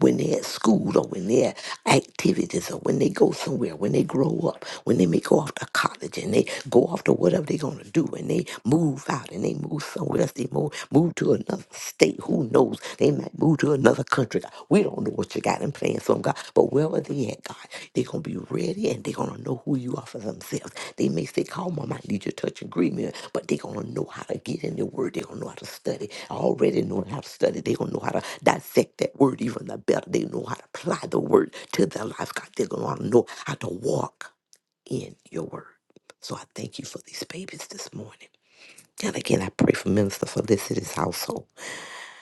B: When they're at school or when they're at activities or when they go somewhere, when they grow up, when they may go off to college and they go off to whatever they're going to do and they move out and they move somewhere else, they move, move to another state. Who knows? They Move to another country, God. We don't know what you got in plan for them, God. But wherever they at, God, they're going to be ready and they're going to know who you are for themselves. They may say, call mom, I need your touch and agreement, but they're going to know how to get in the word. They're going to know how to study. Already knowing how to study, they're going to know how to dissect that word even the better. They know how to apply the word to their life, God. They're going to know how to know how to walk in your word. So I thank you for these babies this morning. And again, I pray for Minister Felicity's household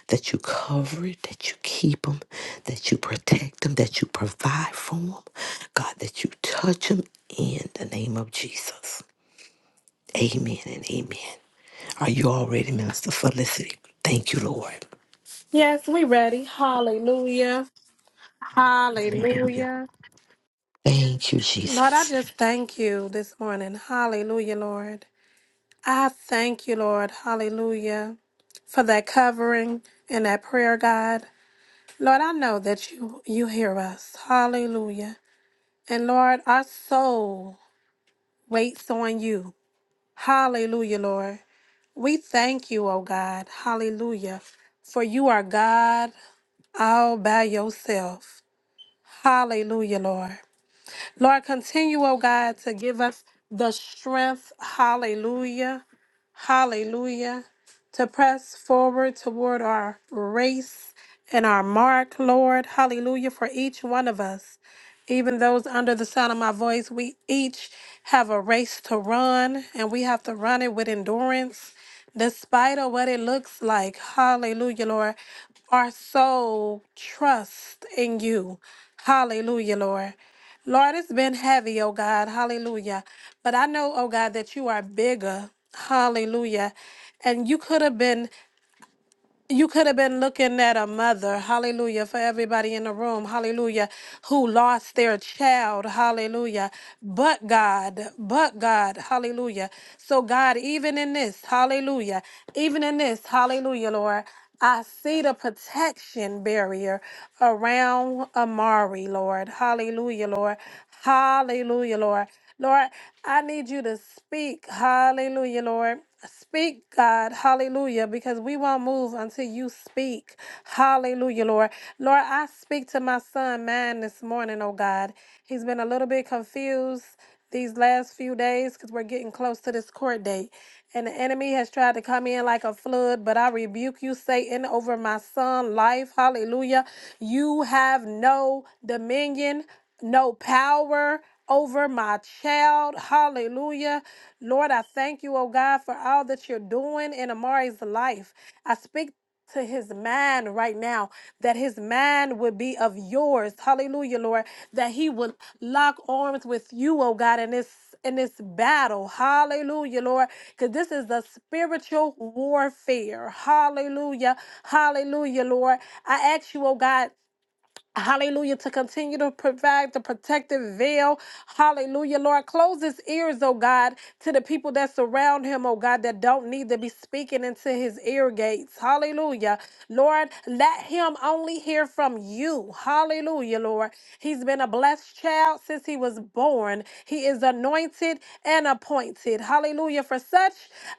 B: that you cover it, that you keep them, that you protect them, that you provide for them. God, that you touch them in the name of Jesus. Amen and amen. Are you all ready, Minister Felicity? Thank you, Lord.
C: Yes, we ready. Hallelujah.
B: Hallelujah.
C: Hallelujah.
B: Thank you,
C: Lord, I
B: Jesus.
C: just thank you this morning. Hallelujah, Lord. I thank you, Lord. Hallelujah. For that covering and that prayer, God. Lord, I know that you you hear us. Hallelujah. And Lord, our soul waits on you. Hallelujah, Lord. We thank you, oh God. Hallelujah. For you are God all by yourself. Hallelujah, Lord. Lord, continue, oh God, to give us the strength, hallelujah, hallelujah, to press forward toward our race and our mark, Lord, hallelujah, for each one of us. Even those under the sound of my voice, we each have a race to run, and we have to run it with endurance despite of what it looks like. Hallelujah, Lord. Our soul trusts in you. Hallelujah, Lord. Lord, it's been heavy, oh God. Hallelujah. But I know, oh God, that you are bigger. Hallelujah. And you could have been you could have been looking at a mother, hallelujah, for everybody in the room, hallelujah, who lost their child, hallelujah, but God, but God, hallelujah. So, God, even in this, hallelujah, even in this, hallelujah, Lord, I see the protection barrier around Amari, Lord, hallelujah, Lord, hallelujah, Lord. Lord, I need you to speak. Hallelujah, Lord. Speak, God. Hallelujah. Because we won't move until you speak. Hallelujah, Lord. Lord, I speak to my son, man, this morning, oh God. He's been a little bit confused these last few days because we're getting close to this court date. And the enemy has tried to come in like a flood, but I rebuke you, Satan, over my son' life. Hallelujah. You have no dominion, no power over my child. Hallelujah. Lord, I thank you, oh God, for all that you're doing in Amari's life. I speak to his mind right now that his mind would be of yours. Hallelujah, Lord, that he would lock arms with you, oh God, in this in this battle. Hallelujah, Lord, because this is a spiritual warfare. Hallelujah. Hallelujah, Lord. I ask you, oh God, Hallelujah, to continue to provide the protective veil. Hallelujah, Lord. Close his ears, oh God, to the people that surround him, oh God, that don't need to be speaking into his ear gates. Hallelujah. Lord, let him only hear from you. Hallelujah, Lord. He's been a blessed child since he was born. He is anointed and appointed. Hallelujah. For such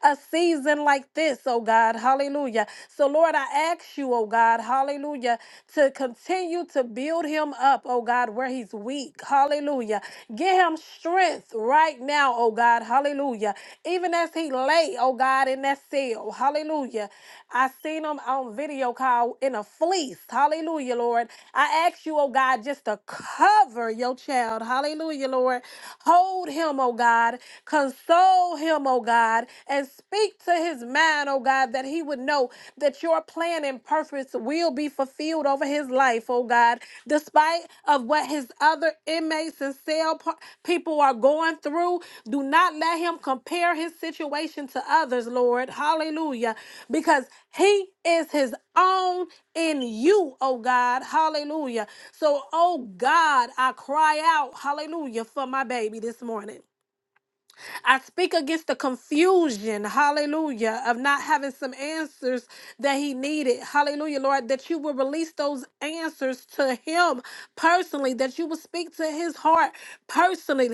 C: a season like this, oh God. Hallelujah. So, Lord, I I ask you, oh God, hallelujah, to continue to build him up, oh God, where he's weak, hallelujah. Give him strength right now, oh God, hallelujah. Even as he lay, oh God, in that cell, hallelujah. I seen him on video call in a fleece, hallelujah, Lord. I ask you, oh God, just to cover your child, hallelujah, Lord. Hold him, oh God. Console him, oh God, and Speak to his mind, oh God, that he would know that your plan and purpose will be fulfilled over his life, oh God, despite of what his other inmates and cell par- people are going through. Do not let him compare his situation to others, Lord. Hallelujah. Because he is his own in you, oh God. Hallelujah. So, oh God, I cry out, hallelujah, for my baby this morning. I speak against the confusion, hallelujah, of not having some answers that he needed. Hallelujah, Lord, that you will release those answers to him personally, that you will speak to his heart personally.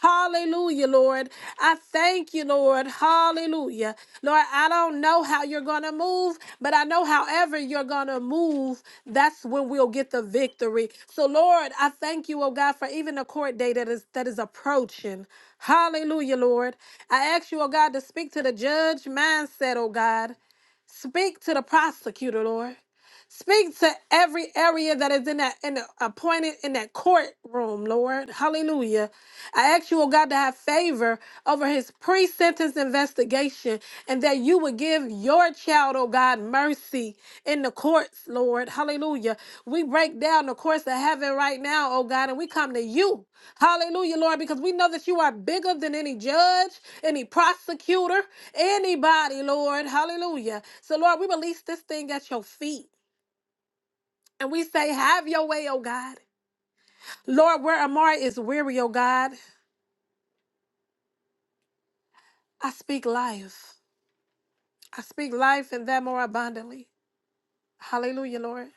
C: Hallelujah, Lord. I thank you, Lord. Hallelujah. Lord, I don't know how you're going to move, but I know however you're going to move, that's when we'll get the victory. So, Lord, I thank you, oh God, for even the court day that is that is approaching. Hallelujah, Lord. I ask you, oh God, to speak to the judge mindset, oh God. Speak to the prosecutor, Lord. Speak to every area that is in that in the appointed in that courtroom, Lord. Hallelujah. I ask you, oh God, to have favor over his pre-sentence investigation and that you would give your child, oh God, mercy in the courts, Lord. Hallelujah. We break down the courts of heaven right now, oh God, and we come to you. Hallelujah, Lord, because we know that you are bigger than any judge, any prosecutor, anybody, Lord. Hallelujah. So, Lord, we release this thing at your feet. And we say, Have your way, oh God. Lord, where Amari is weary, oh God, I speak life. I speak life and that more abundantly. Hallelujah, Lord.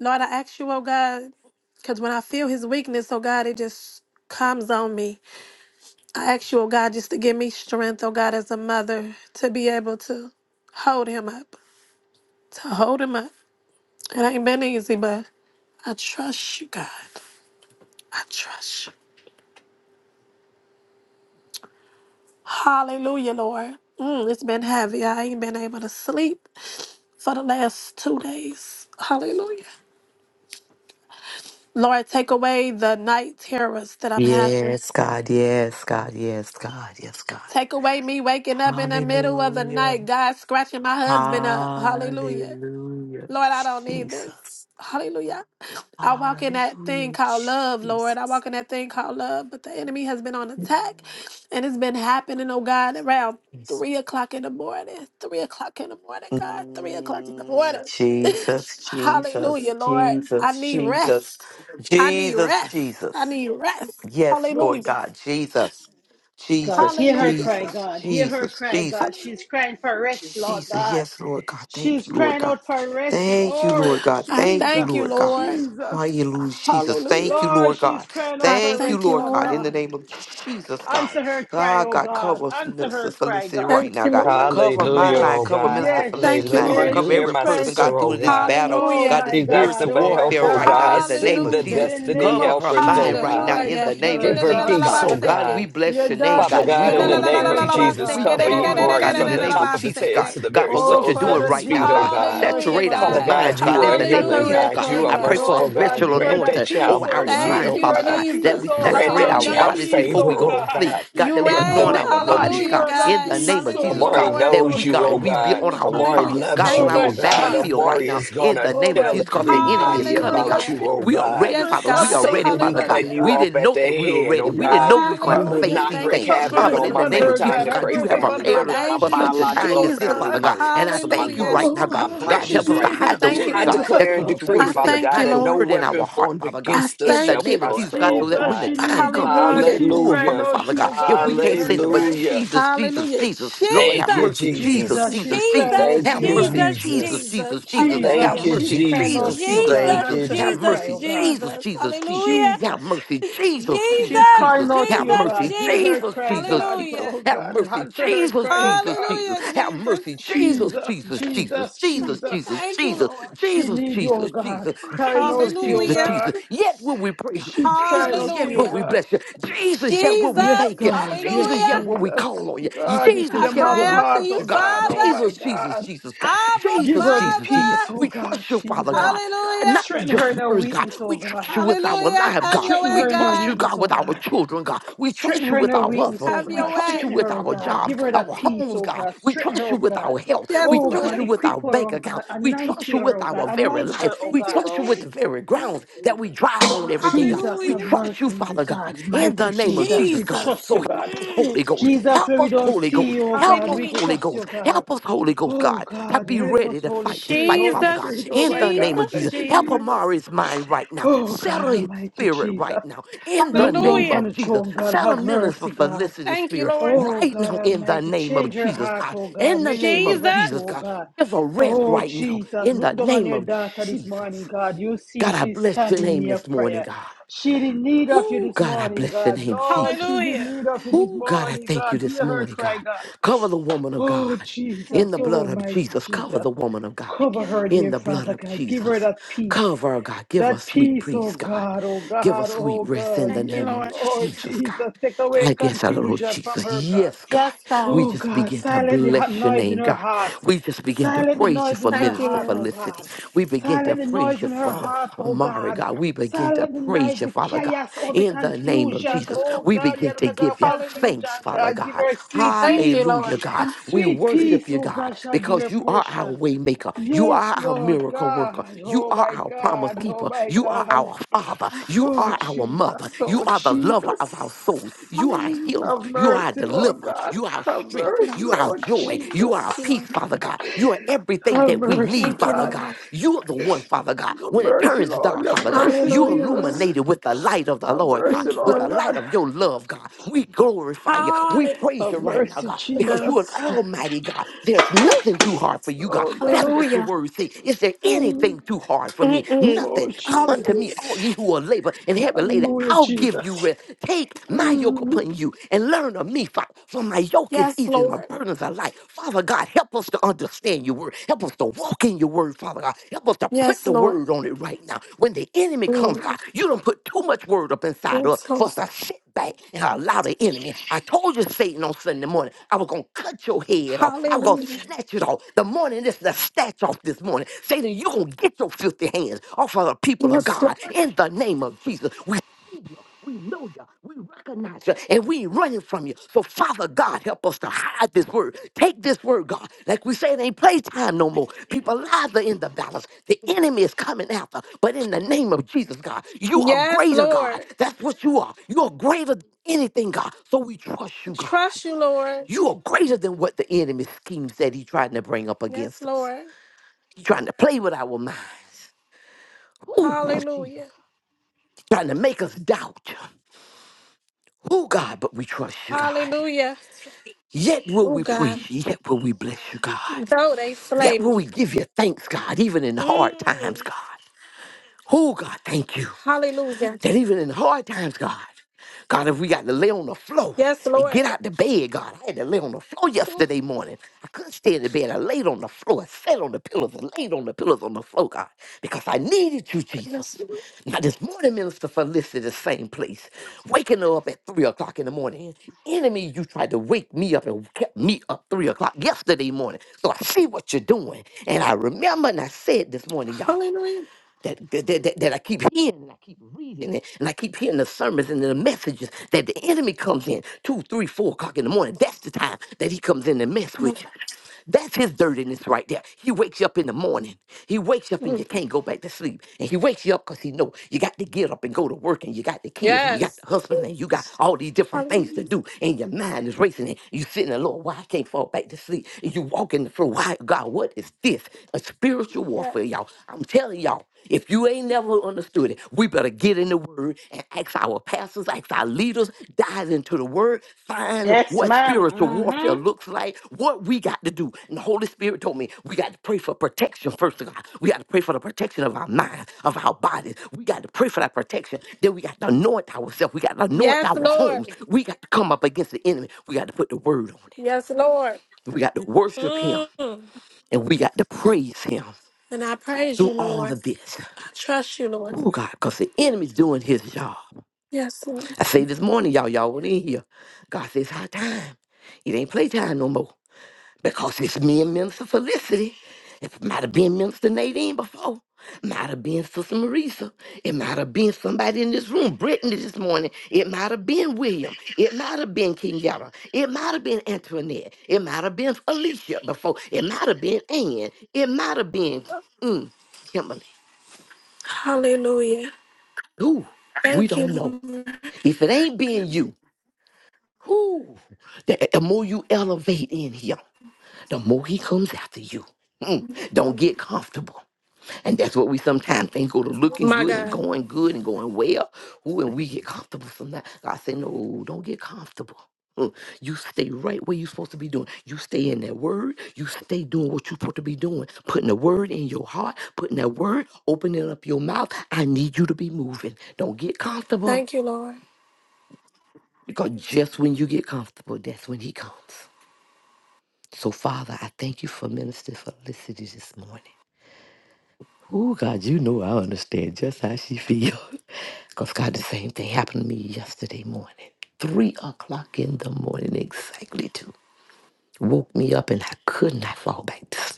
C: Lord, I ask you, oh God, because when I feel his weakness, oh God, it just comes on me. I ask you, oh God, just to give me strength, oh God, as a mother, to be able to hold him up, to hold him up. It ain't been easy, but I trust you, God. I trust you. Hallelujah, Lord. Mm, it's been heavy. I ain't been able to sleep. for the last two days. Hallelujah. Lord, take away the night terrors that I'm having.
B: Yes, God. Yes, God. Yes, God. Yes, God.
C: Take away me waking up in the middle of the
B: Hallelujah.
C: night, God scratching my husband up. Hallelujah.
B: Hallelujah.
C: Lord, I don't need this.
B: Jesus.
C: Hallelujah. I walk in that thing
B: Hallelujah.
C: called love, Lord. I
B: Jesus.
C: walk in that thing called love, but the enemy has been on attack and it's been happening, oh God, around
B: Jesus.
C: three o'clock in the morning. Three o'clock in the morning, God. Three o'clock in the
B: Mm,
C: morning. *laughs*
B: Jesus, Jesus,
C: Hallelujah, Lord. I
B: Jesus,
C: need
B: Jesus,
C: rest. I need
B: Jesus,
C: rest. I
B: Jesus.
C: need rest.
B: Yes, Lord
C: Hallelujah.
B: God, Jesus,
A: God,
B: Jesus,
A: hear her
C: Hallelujah.
A: cry,
C: Lord.
B: Jesus,
A: God. Hear her
B: Jesus,
A: cry, God.
B: Jesus.
A: She's
C: Hallelujah.
A: crying for rest, Lord
B: Jesus,
A: God.
B: yes, Lord God. Thank
A: She's
B: you, Lord
A: crying
B: God.
A: out for rest,
B: Thank you, Lord
A: Lord.
B: God.
C: I
B: Thank you,
A: Jesus,
C: thank you,
B: Lord God.
C: Lord.
A: Jesus.
B: Hallelujah, Jesus.
C: Hallelujah.
B: Thank you,
A: Lord,
B: Lord
A: she's
B: God.
A: crying out
C: I
A: for
B: Thank you,
C: thank
A: rest,
C: you,
B: Lord
A: Lord
B: God.
C: Lord.
B: In the
A: God.
B: name of Jesus, God.
A: Answer her cry,
B: Ah,
A: oh
B: God,
A: God.
B: cover
A: Answer
B: Minister
A: her cry,
B: Felicity right
A: God.
B: now, God. Cover my
D: Hallelujah,
A: Yes,
B: mind.
D: oh
B: Cover Minister
D: God.
A: yes,
B: Felicity's mind.
D: Hallelujah.
A: yes.
D: You
B: Cover
D: hear
A: She's
B: every
D: my
A: crying
B: person,
A: for,
B: God,
D: sister, oh
B: through this
D: God.
B: battle,
A: oh
B: God, this
A: my
D: She's
A: God,
D: asking
B: spiritual
A: oh
D: for
A: my
D: help,
B: warfare
D: oh
B: right
A: God.
B: now.
D: God.
B: In the name
D: Send
B: of
D: the
B: Jesus.
A: In the
D: destiny
A: name
B: Cover
A: of
B: her
D: helpers, oh
B: mind
A: Jesus
B: right now
D: God.
A: Christ
B: in the
A: of
B: name of
D: Give
A: Nazareth,
D: her
B: Jesus,
A: Lord
B: God.
D: peace, oh
A: God.
B: God, we
D: God.
B: bless
A: Your
B: your name,
A: daughter
D: Father
B: God.
A: is
B: We
D: God,
B: go,
D: in
A: crying
D: the
A: out for
B: Lord
D: name of
A: rest,
B: Jesus.
A: oh
D: Jesus,
B: We
A: God.
D: cover
B: thank you,
A: Lord
B: Lord
D: Imari
B: God, in
D: from
B: the
D: the
B: name of
D: top
A: Jesus.
D: of his
B: Jesus,
D: head
B: God.
D: to the
B: God,
D: very
B: for
A: Oh,
B: what you're
D: soles of
B: doing
A: Father
D: his
B: right now,
D: feet, oh
B: God.
A: Jesus, have
D: God.
A: mercy
B: Saturate
A: upon
B: our
A: her,
D: Father
A: God.
B: minds,
D: God, you
B: God,
D: are
B: in
D: a
B: the name of
D: healing
B: Jesus,
A: Saturate
D: God.
B: God.
A: her,
D: You are
B: I
A: God.
B: pray for a
A: Oh,
D: merciful
A: God,
D: God.
B: special
A: give her
D: Grant
A: that
D: that
B: anointing
A: peace,
B: over
D: child
A: oh,
B: our
D: mercy,
A: God.
B: minds,
D: oh
A: Give her
B: Father
D: God.
A: that
B: God, that
A: peace,
B: we
A: oh,
B: saturate
D: Grant
B: saturate
D: that
A: God.
B: our
A: That
D: child
B: bodies
A: peace,
B: before
D: favor,
B: we
A: oh,
B: go to
D: oh
A: God.
B: sleep.
D: God,
B: God, that we
D: in the
B: anoint
A: Oh,
B: our
D: name of
A: God,
B: bodies,
A: give
B: God,
A: her
D: Jesus.
A: that
B: in the name
A: peace,
B: of
A: oh,
B: Jesus,
D: Amari
B: God,
A: God. That
B: that
D: knows
B: we,
A: only
D: you, oh
B: God,
A: comes
B: we
A: from
B: be
D: God.
B: on
A: you,
B: our
D: Amari
B: fire,
A: Jesus.
B: God,
D: loves
B: on
A: Oh,
D: you, oh
B: our
A: my
D: God.
A: God.
B: battlefield right
D: Amari
B: now,
D: is going
B: in the
D: to
A: Oh,
B: name of
A: my
D: tell
B: Jesus, because the
A: Jesus.
B: enemy is
D: everybody
A: Give
B: coming,
A: her
B: God.
D: about
A: that
D: you, oh
B: We
A: peace
B: are
A: that
D: God.
B: ready,
C: Yes,
B: Father. We
A: surpasses
B: are
C: God.
A: all
B: ready,
D: Satan, we
B: Father, God.
D: cutting
A: understanding,
C: Hallelujah.
D: you
B: We
A: God.
D: off
B: didn't
D: at
B: know
D: the
B: that we were
D: head,
B: ready.
D: oh
B: We
A: Yes,
B: didn't know
D: God.
B: we were
A: dear
B: going
D: You
B: to have to
A: Father
D: will
C: Hallelujah.
B: face
D: not
B: these
C: Thank
D: wreak
A: Jesus,
B: things,
C: you,
A: have
B: God,
D: havoc
B: but
A: mercy
D: on
B: in
D: my
B: the
A: upon
B: name
D: make
B: of
C: Jesus.
A: her,
D: time
B: Jesus,
A: God.
D: to
A: Have
B: God,
D: pray
B: you
A: mercy
B: have
A: upon
D: family, my,
A: her,
B: prepared us
A: God.
D: my
B: for
A: She
C: Thank you,
B: such a
A: needs you,
B: time
D: biological
B: as
A: Lord
B: this,
C: Jesus.
D: family,
B: Father
A: God.
D: my
B: God. And I
D: lots and my
B: thank you
C: Hallelujah.
B: right
D: grosses,
B: now,
A: Oh
B: God.
D: my
A: God,
B: God,
A: she
B: help
D: branches
B: us to
D: right
A: need
C: I
D: now.
A: you,
B: hide the
C: thank you,
B: word,
D: I
B: God.
A: Jesus.
C: Lord.
B: That's
D: declare and
B: what
A: Oh
B: your
A: my
D: decree,
C: I
B: word
A: God.
B: said.
D: Father
C: thank
D: God,
C: you,
B: Hide
D: that
B: your
D: no
C: Lord.
B: word in our
D: weapon
B: heart,
D: formed
B: Father God.
C: I
D: against us
B: In the
D: shall
C: thank you,
B: name of
C: Lord.
B: Jesus,
D: prosper,
B: God,
D: oh
B: so that
A: Jesus,
B: when the
A: she
D: God.
B: time
A: need you,
B: comes, we
A: God.
C: Hallelujah.
B: can
A: She's
B: pull
A: crying
B: from it,
D: Hallelujah.
A: out
B: Father
A: to
B: God.
A: you,
B: If
A: God.
B: we
A: Hear
B: can't
A: her
B: send it, but
A: cry.
D: Hallelujah.
B: Jesus, Jesus,
C: Hallelujah.
B: Jesus. Lord, have
D: Thank you,
C: Jesus.
B: mercy. Jesus,
A: Jesus,
D: Jesus.
B: Jesus,
A: she's crying
B: Jesus.
A: out to
D: Thank
C: Jesus,
B: Have
A: you,
D: you,
A: God.
B: mercy.
C: Jesus,
B: Jesus,
D: Jesus.
C: Jesus.
B: Jesus, Jesus. Have
D: Thank
C: Hallelujah.
A: Jesus,
D: you,
A: she's
B: mercy.
A: crying out
B: Jesus,
A: to
D: Jesus.
A: you,
B: Jesus,
A: God.
C: Jesus,
D: Thank
B: Jesus.
D: you,
A: Answer
D: Je-
B: Have
A: her
C: Jesus,
A: cry,
B: mercy.
A: oh God.
B: Jesus,
C: Jesus.
B: Jesus, Jesus.
C: Hallelujah.
B: Have
A: Jesus,
B: mercy. Jesus, Jesus,
A: she's
B: Jesus.
A: crying
C: Jesus,
A: out to
B: Have
A: you,
C: Jesus,
A: God.
B: mercy.
A: Hear her
B: Jesus,
C: Jesus.
A: cry,
B: Jesus,
A: God.
B: Jesus.
C: Hallelujah.
A: Oh
B: Have
A: God,
B: mercy.
A: answer her
B: Jesus,
A: cry, oh
B: Jesus,
A: God.
B: Jesus.
C: Hallelujah,
B: Have
C: Jesus.
B: mercy. Jesus,
A: Jesus,
B: Jesus, Jesus.
A: Jesus,
B: Jesus, Jesus,
A: Jesus.
B: Jesus.
C: Thank you,
B: Jesus,
C: Lord.
A: She
B: Jesus,
A: need you, oh
B: Jesus.
A: God. Crying
B: Jesus,
A: out to you,
B: Jesus,
C: Hallelujah.
B: Jesus.
A: God.
B: Yet will we praise
A: She
B: you.
A: crying
B: Jesus,
A: out to
B: yet
A: you,
B: will
C: Hallelujah.
B: we
A: God.
B: bless you. Jesus, yet will
C: Jesus.
B: we
A: Yes,
B: thank you.
A: God. Yes,
B: Jesus,
C: Hallelujah.
B: yet will we
A: Jesus.
B: call on you.
A: God, you see
C: I
A: the
B: Jesus, yet
A: mother
B: will
C: cry
B: we
C: out to
A: heart,
B: trust
C: you,
B: you,
A: oh
B: God.
A: God. Oh
C: Father.
A: my
B: Jesus, Jesus,
A: God.
B: Jesus, God.
C: Abba,
A: Give
B: Jesus,
A: her the
B: Jesus, Jesus.
A: peace,
C: Father.
A: oh
B: We
A: God,
B: trust you, Father
A: Jesus.
B: God. God,
C: Hallelujah.
B: not with
A: Strengthen her
B: just
A: in her
B: words, God.
A: weakness,
B: We
A: oh God.
B: trust you with our
C: Hallelujah.
B: lives,
C: Have
B: God.
C: your
A: Strengthen
B: We
C: way,
A: her in her
B: trust you,
C: God.
A: weakness,
B: God,
A: oh
B: with our
A: God.
B: children, God. We
A: Strengthen
B: trust you
A: her in
B: with
A: her
B: our
A: weakness,
B: husbands.
A: oh
C: Have
B: We
C: your
A: God.
B: trust you
C: way.
A: Strengthen
B: with
A: her, oh
B: our
A: God.
B: jobs,
A: Give her
B: our
A: that peace,
B: homes,
A: oh
B: God.
A: God.
B: We
A: Strengthen her,
B: trust you
A: oh
B: with
A: God.
B: our health.
C: Yes,
B: We
A: Oh
B: trust
A: God,
B: you
C: Lord.
B: with our
A: equip her,
B: bank
A: oh God.
B: account. We
A: Anoint
B: trust you
A: her,
B: with
A: oh God.
B: our very
A: Anoint
B: life.
A: her, oh
C: Thank
B: We
C: you,
A: God.
B: trust you with
C: Lord.
B: the very grounds that we drive on every day, God.
A: Jesus,
B: We
A: have
C: Hallelujah.
B: trust you,
A: mercy, my
B: Father God,
A: God.
B: in the
A: Mighty
B: name of
A: Jesus,
B: Jesus,
A: we
B: God.
C: Jesus.
A: trust you,
B: So
A: God.
B: help us,
C: Mm.
B: Holy Ghost.
A: Jesus,
B: Help
A: where we
B: us,
A: don't
B: Holy
A: see
B: Ghost.
A: you, oh
B: Help
A: God,
B: us,
A: we
C: Hallelujah.
B: Holy
A: trust you,
B: Ghost.
A: God.
B: Help us, Holy Ghost,
A: Oh
B: God, to
A: God,
B: be
A: help
B: ready
A: us,
B: to
A: Holy
B: fight this
A: Spirit,
B: fight,
A: Holy
B: Father God,
C: Jesus,
A: Spirit, oh
B: in
A: my
B: the name
A: God,
B: of
C: Jesus,
B: Jesus.
A: thank you,
B: Help
C: Jesus.
A: Jesus.
B: Amari's mind right now.
A: Oh God,
B: Settle his
A: Almighty
B: spirit right
A: Jesus,
B: now, in the
A: look down
B: name
C: Hallelujah.
A: from
B: of
A: the
B: Jesus.
A: throne, God,
B: Settle
A: have
B: minister
A: mercy, God.
B: Felicity's
C: Thank you,
B: spirit
C: Lord.
A: Oh
B: right
A: God
B: now, in the
A: Almighty,
B: name of
A: change her
B: Jesus,
A: heart,
B: God.
A: oh God.
B: In the
A: Make
B: name
A: she
B: of
C: Jesus.
A: ever true,
B: Jesus,
A: oh
B: God.
A: God.
B: Give a rest
A: Oh
B: right now,
A: Jesus,
B: in the
A: look down on
B: name
A: your
B: of
A: daughter this morning,
B: Jesus.
A: God. You see
B: God, I
A: she's
B: bless your
A: standing
B: name
A: near
B: this morning,
A: prayer.
B: God.
A: She's in need of you
B: Oh,
A: this
B: God, I
A: morning,
B: bless your
A: God.
B: name,
A: Lord,
B: Jesus.
A: she's in
C: Hallelujah.
A: need of you this
B: Oh, God, I
A: morning,
B: thank you
A: God.
B: this
A: Hear her
B: morning,
A: cry,
B: God.
A: God.
B: Cover the woman of
A: Oh
B: God
C: Thank
B: in
A: Jesus,
B: the
C: you,
B: blood
A: oh
C: Lord.
B: of
A: mighty
B: Jesus. Cover
A: Jesus.
B: the woman of God
C: Thank
A: Cover
C: you,
A: her,
C: Lord.
B: in
A: dear
B: the blood
A: Father
B: of
A: God. Give her
B: Jesus.
A: that peace.
B: Cover her, God. Give
A: That
B: her sweet
A: peace, oh
B: peace, God.
A: God, oh
B: Give her
A: God,
B: sweet
A: oh
B: rest
A: God.
B: in the
C: Thank you,
B: name
A: Yes,
B: of
C: Lord.
A: Lord
B: Jesus, God.
A: Jesus. Take away
B: I guess our Lord
A: confusion from
B: Jesus.
A: her, God.
B: Yes, God.
C: Yes, God.
B: We
A: Oh
B: just
A: God,
B: begin to
A: silent the hot
B: bless your
A: noise in
B: name,
A: her
B: God.
A: heart.
B: We just begin to
A: Silent the
B: praise you
A: noise in
B: for
A: her
C: Thank you,
B: minister
A: heart, oh
C: Lord.
B: felicity.
A: God.
B: We begin to
A: Silent the
B: praise
A: noise
B: you
A: in her
B: for
A: heart, oh
B: Amari,
A: God.
B: God, we begin to
A: Silent the
B: praise
A: noise,
B: you,
A: the
B: Father God.
A: chaos, all the
B: In the name of
A: confusion.
C: Thank
B: Jesus,
C: you.
A: Oh
C: Lord.
B: we
A: God, you
B: begin
A: are not
B: to
A: a God of
B: give you
C: Hallelujah.
A: confusion.
B: thanks, Father
A: God, give
B: God.
A: her sweet
C: Thank you,
A: peace.
B: Hallelujah,
C: Lord.
B: God. We
A: Sweet peace,
B: worship you,
A: oh
B: God,
A: God, shall be
B: because
A: her
B: you are our
A: portion.
B: way maker. You
A: Yes,
B: are our
A: Lord
B: miracle worker.
A: God.
B: You
A: Oh
B: are
A: my
B: our promise
A: God. Oh
B: keeper.
A: my
B: You are
A: God.
B: our father. You
A: Oh
B: are our mother.
A: Jesus.
B: You
A: Oh
B: are the lover of our souls.
A: Jesus.
B: You are a
C: Hallelujah.
B: healer.
A: Have
B: You are a
A: mercy, Lord
B: deliverer.
A: God.
B: You are our
A: Have
B: strength.
A: mercy,
B: You are our
A: Lord
B: joy. You are a
C: Thank you,
A: Jesus.
B: peace,
C: Lord.
B: Father God. You are everything
A: Have
B: that we
A: mercy,
B: need,
C: Thank you,
B: Father
A: God.
B: God.
C: Lord.
B: You are the one, Father God.
A: Have
B: When it
A: mercy,
B: turns
A: Lord.
B: dark,
A: Have
B: Father God,
A: mercy,
B: you
C: Hallelujah, Lord.
A: Jesus.
B: illuminated with the light of the
A: Have
B: Lord, God,
A: mercy,
C: Thank you,
B: with the
A: Lord
C: Lord.
B: light
A: God.
B: of your love, God. We glorify you. We
C: Hallelujah.
B: praise
A: Have
B: you right now,
A: mercy,
B: God, because you are
A: Jesus.
B: an almighty God. There's
C: Ooh,
B: nothing too hard for you, God.
A: Oh,
B: That's
A: God.
B: what your
C: hallelujah.
B: word says. Is there
A: Mm.
B: anything too hard for me?
C: Mm-mm.
A: Oh,
B: Nothing. Come unto me,
C: Hallelujah.
B: all
A: Jesus.
B: ye who are labor and heavy laden.
A: Hallelujah,
B: I'll give you give you
A: Jesus.
B: rest. Take my yoke
A: Mm.
B: upon you and learn of me, Father. For my yoke is
C: Yes,
B: easy and my
C: Lord.
B: burdens are light. Father God, help us to understand your word. Help us to walk in your word, Father God. Help us to put
C: Yes,
B: the
C: Lord.
B: word on it right now. When the enemy comes,
C: Mm.
B: God, you don't put too much word up inside of us
C: Yes,
B: for
C: Lord.
B: us to sit back and allow the enemy. I told you, Satan, on Sunday morning, I was going to cut your head off. I was going to
C: Hallelujah.
B: snatch it off. The morning is the snatch off this morning. Satan, you're going to get your filthy hands off of the people of
C: Yes,
B: God
C: Lord.
B: in the name of Jesus. We you. We know you. We recognize you. And we ain't running from you. So, Father God, help us to hide this word. Take this word, God. Like we say, it ain't playtime no more. People lives are in the balance. The enemy is coming after. But in the name of Jesus, God, you are
C: Yes,
B: greater, God.
C: Lord.
B: That's what you are. You are greater than anything, God. So we trust
C: I
B: you, God.
C: trust you, Lord.
B: You are greater than what the enemy schemes that he trying to bring up
C: Yes,
B: against us.
C: Lord.
B: He trying to play with our minds. Ooh, Jesus.
C: Hallelujah.
B: Trying to make us doubt. Oh God, but we trust you, God.
C: Hallelujah.
B: Yet will
C: Oh,
B: we
C: God.
B: praise you. Yet will we bless you, God.
C: Though they slay
B: Yet will we
C: me.
B: give you thanks, God, even in the hard
C: Mm.
B: times, God. Oh God, thank you.
C: Hallelujah.
B: That even in hard times, God, God, if we got to lay on the floor
C: Yes,
B: and
C: Lord.
B: get out the bed, God, I had to lay on the floor
C: Oh,
B: yesterday morning. I couldn't stay in the bed. I laid on the floor, I sat on the pillows, and laid on the pillows on the floor, God, because I needed you,
C: yes.
B: Jesus. Now, this morning, Minister Felicity, the same place, waking her up at 3 o'clock in the morning. Enemy, you tried to wake me up and kept me up 3 o'clock yesterday morning. So I see what you're doing. And I remember, and I said this morning, y'all
C: Hallelujah.
B: that, that, that, that I keep hearing and I keep reading it and I keep hearing the sermons and the messages that the enemy comes in two, three, four o'clock in the morning. That's the time that he comes in and mess with you. That's his dirtiness right there. He wakes you up in the morning. He wakes you up and you
C: Mm.
B: can't go back to sleep. And he wakes you up because he know you got to get up and go to work and you got the kids and you got
C: Yes.
B: the husband and you got all these different things to
C: Hallelujah.
B: do and your mind is racing and you sitting there, Lord, why I can't fall back to sleep? And you walk in the floor, why God, what is this? A spiritual
C: Yes.
B: warfare, y'all. I'm telling y'all. If you ain't never understood it, we better get in the word and ask our pastors, ask our leaders, dive into the word, find what spiritual warfare looks like, what we got to do. And the Holy Spirit told me we got to pray for protection first of all. We got to pray for the protection of our minds, of our bodies. We got to pray for that protection. Then we got to anoint ourselves. We got to anoint
C: Yes,
B: our homes.
C: Lord.
B: We got to come up against the enemy. We got to put the word on it.
C: Yes, Lord.
B: We got to worship him
C: Mm.
B: and we got to praise him
C: And I praise
B: through
C: you,
B: all
C: Lord.
B: of this.
C: I trust you, Lord.
B: Oh God, because the enemy's doing his job.
C: Yes, Lord.
B: I say this morning, y'all, y'all went in here. God says, high time. It ain't playtime no more. Because it's me and Minister Felicity. It might have been Minister Nadine before. Might have been Sister Marisa. It might have been somebody in this room, Brittany this morning. It might have been William. It might have been Kenyatta. It might have been Antoinette. It might have been Alicia before. It might have been Ann. It might have been mm, Kimberly.
C: Hallelujah.
B: Ooh, we
C: Thank
B: don't know.
C: you, Lord.
B: If it ain't being you, whoo, the, the more you elevate in him, the more he comes after you. Mm, don't get comfortable. And that's what we sometimes think go to looking
C: my
B: good and
C: God.
B: going good and going well. Ooh, and we get comfortable sometimes. God said, No, don't get comfortable. Mm, You stay right where you're supposed to be doing. You stay in that word. You stay doing what you're supposed to be doing. Putting the word in your heart, putting that word, opening up your mouth. I need you to be moving. Don't get comfortable.
C: Thank you, Lord.
B: Because just when you get comfortable, that's when he comes. So, Father, I thank you for Minister Felicity this morning. Oh, God, you know I understand just how she feels. *laughs* Because, God, the same thing happened to me yesterday morning. Three o'clock in the morning, exactly two. Woke me up and I could not fall back to sleep.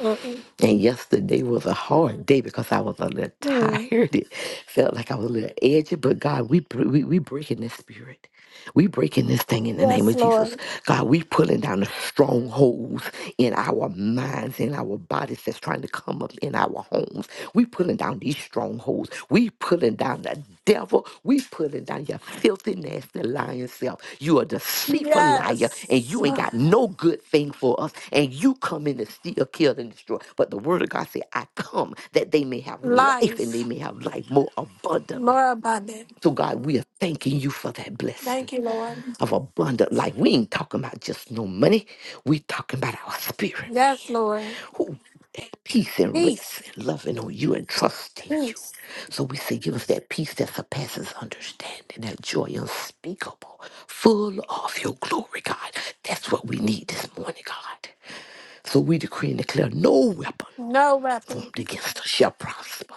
C: Mm-mm.
B: And yesterday was a hard day because I was a little tired. *laughs*
C: Mm.
B: It felt like I was a little edgy, but God, we br- we, we breaking this spirit. We breaking this thing in the name
C: Yes,
B: of Jesus.
C: Lord.
B: God, we pulling down the strongholds in our minds, in our bodies that's trying to come up in our homes. We pulling down these strongholds. We pulling down the devil. We pulling down your filthy, nasty, lying self. You a deceitful liar, and
C: Yes.
B: you ain't got no good thing for us. And you come in to steal, kill, and destroy. But the word of God said, I come that they may have life and they
C: Life
B: may have life more abundantly.
C: more abundant.
B: So God, we are thanking you for that blessing
C: Thank you, Lord.
B: of abundant life. We ain't talking about just no money. We talking about our spirit, man
C: Yes, Lord.
B: who take peace and rest
C: Peace.
B: and loving on you and trusting you.
C: Peace.
B: So we say, give us that peace that surpasses understanding, that joy unspeakable, full of your glory, God. That's what we need this morning, God. So we decree and declare no weapon
C: No weapon.
B: formed against us shall prosper,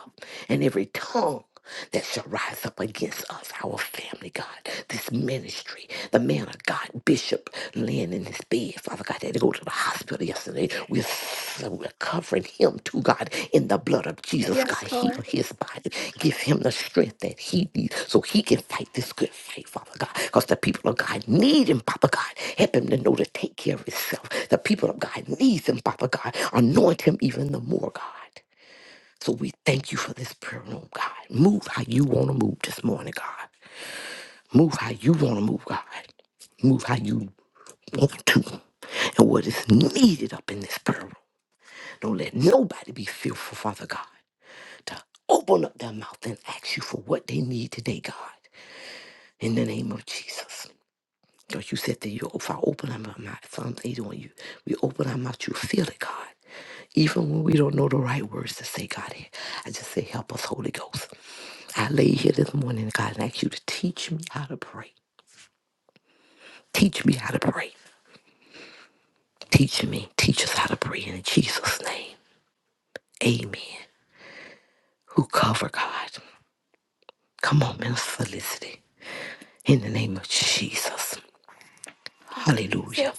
B: and every tongue that shall rise up against us, our family, God, this ministry, the man of God, Bishop, laying in his bed, Father God, had to go to the hospital yesterday. We're, so- we're covering him too, God, in the blood of Jesus. God,
C: Yes,
B: heal
C: Lord.
B: his body. Give him the strength that he needs so he can fight this good fight, Father God. Because the people of God need him, Papa God. Help him to know to take care of himself. The people of God need him, Papa God. Anoint him even the more, God. So we thank you for this prayer room, God. Move how you want to move this morning, God. Move how you want to move, God. Move how you want to. And what is needed up in this prayer room. Don't let nobody be fearful, Father God. to open up their mouth and ask you for what they need today, God, in the name of Jesus. Because you said that you, if I open up my mouth, Psalms 81, you, we open our mouth, you feel it, God. Even when we don't know the right words to say, God, eh, I just say, help us, Holy Ghost. I lay here this morning, God, and ask you to teach me how to pray. Teach me how to pray. Teach me. Teach us how to pray in Jesus' name. Amen. Who cover God? Come on, Minister Felicity. In the name of Jesus. Hallelujah.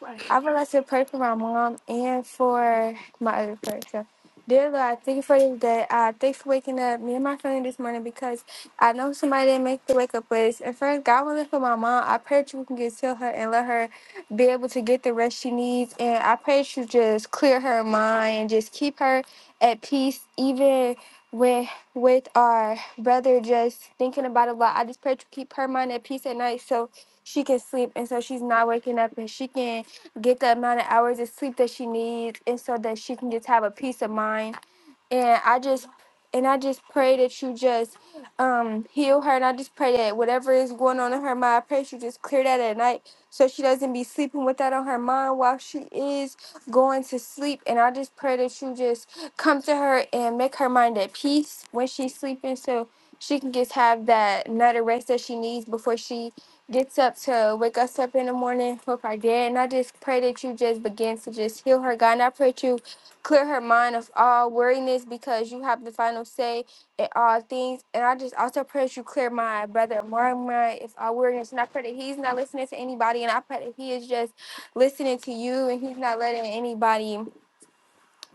C: Right. I would like to pray for my mom and for my other person. Dear Lord, I thank you for this day. I thank you for waking up me and my family this morning because I know somebody didn't make the wake up list. And first, God willing for my mom, I pray that you can get to her and let her be able to get the rest she needs. And I pray that you just clear her mind and just keep her at peace, even with with our brother just thinking about it a lot. I just pray that you keep her mind at peace at night so she can sleep and so she's not waking up and she can get the amount of hours of sleep that she needs, and so that she can just have a peace of mind and I just and I just pray that you just um heal her and I just pray that whatever is going on in her mind, I pray that you just clear that at night so she doesn't be sleeping with that on her mind while she is going to sleep and I just pray that you just come to her and make her mind at peace when she's sleeping so she can just have that night of rest that she needs before she gets up to wake us up in the morning with our dad. And I just pray that you just begin to just heal her, God. And I pray that you clear her mind of all weariness, because you have the final say in all things. And I just also pray that you clear my brother Mark mind of all weariness. And I pray that he's not listening to anybody. And I pray that he is just listening to you and he's not letting anybody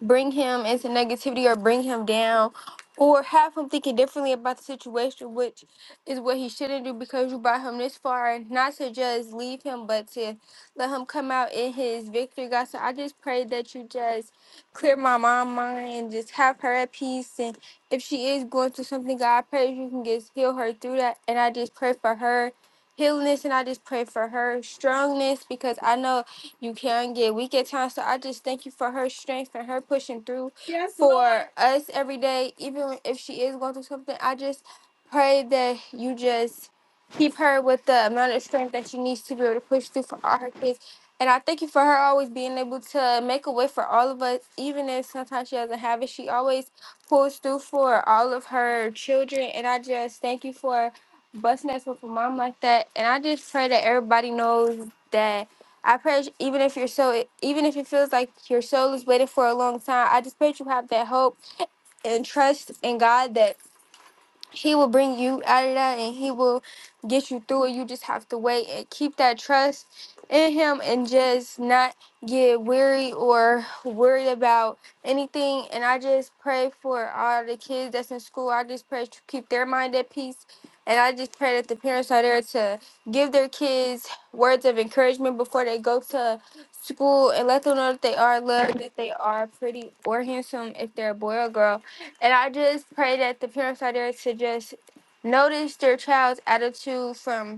C: bring him into negativity or bring him down or have him thinking differently about the situation, which is what he shouldn't do because you brought him this far and not to just leave him, but to let him come out in his victory, God. So I just pray that you just clear my mom mind and just have her at peace. And if she is going through something, God, I pray you can just heal her through that. And I just pray for her healingness and I just pray for her strongness because I know you can get weak at times. So I just thank you for her strength and her pushing through Yes, for Lord. us every day, even if she is going through something. I just pray that you just keep her with the amount of strength that she needs to be able to push through for all her kids. And I thank you for her always being able to make a way for all of us, even if sometimes she doesn't have it. She always pulls through for all of her children. And I just thank you for busting us with a mom like that. And I just pray that everybody knows that. I pray sh- even if your soul, even if it feels like your soul is waiting for a long time, I just pray that you have that hope and trust in God that he will bring you out of that and he will get you through it. You just have to wait and keep that trust in him and just not get weary or worried about anything. And I just pray for all the kids that's in school. I just pray to keep their mind at peace. And I just pray that the parents are there to give their kids words of encouragement before they go to school and let them know that they are loved, that they are pretty or handsome if they're a boy or girl and I just pray that the parents out there to just notice their child's attitude from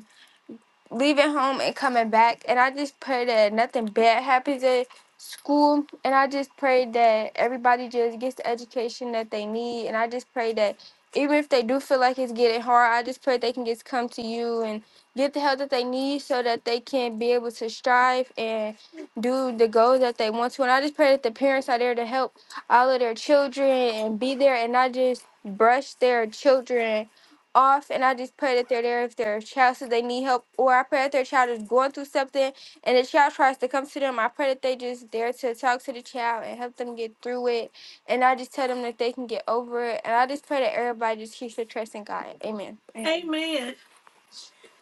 C: leaving home and coming back. And I just pray that nothing bad happens at school. And I just pray that everybody just gets the education that they need. And I just pray that even if they do feel like it's getting hard, I just pray they can just come to you and get the help that they need so that they can be able to strive and do the goals that they want to. And I just pray that the parents are there to help all of their children and be there and not just brush their children off and I just pray that they're there if their child says they need help or I pray that their child is going through something and the child tries to come to them. I pray that they just there to talk to the child and help them get through it. And I just tell them that they can get over it. And I just pray that everybody just keeps their trust in God. Amen. Amen. Amen.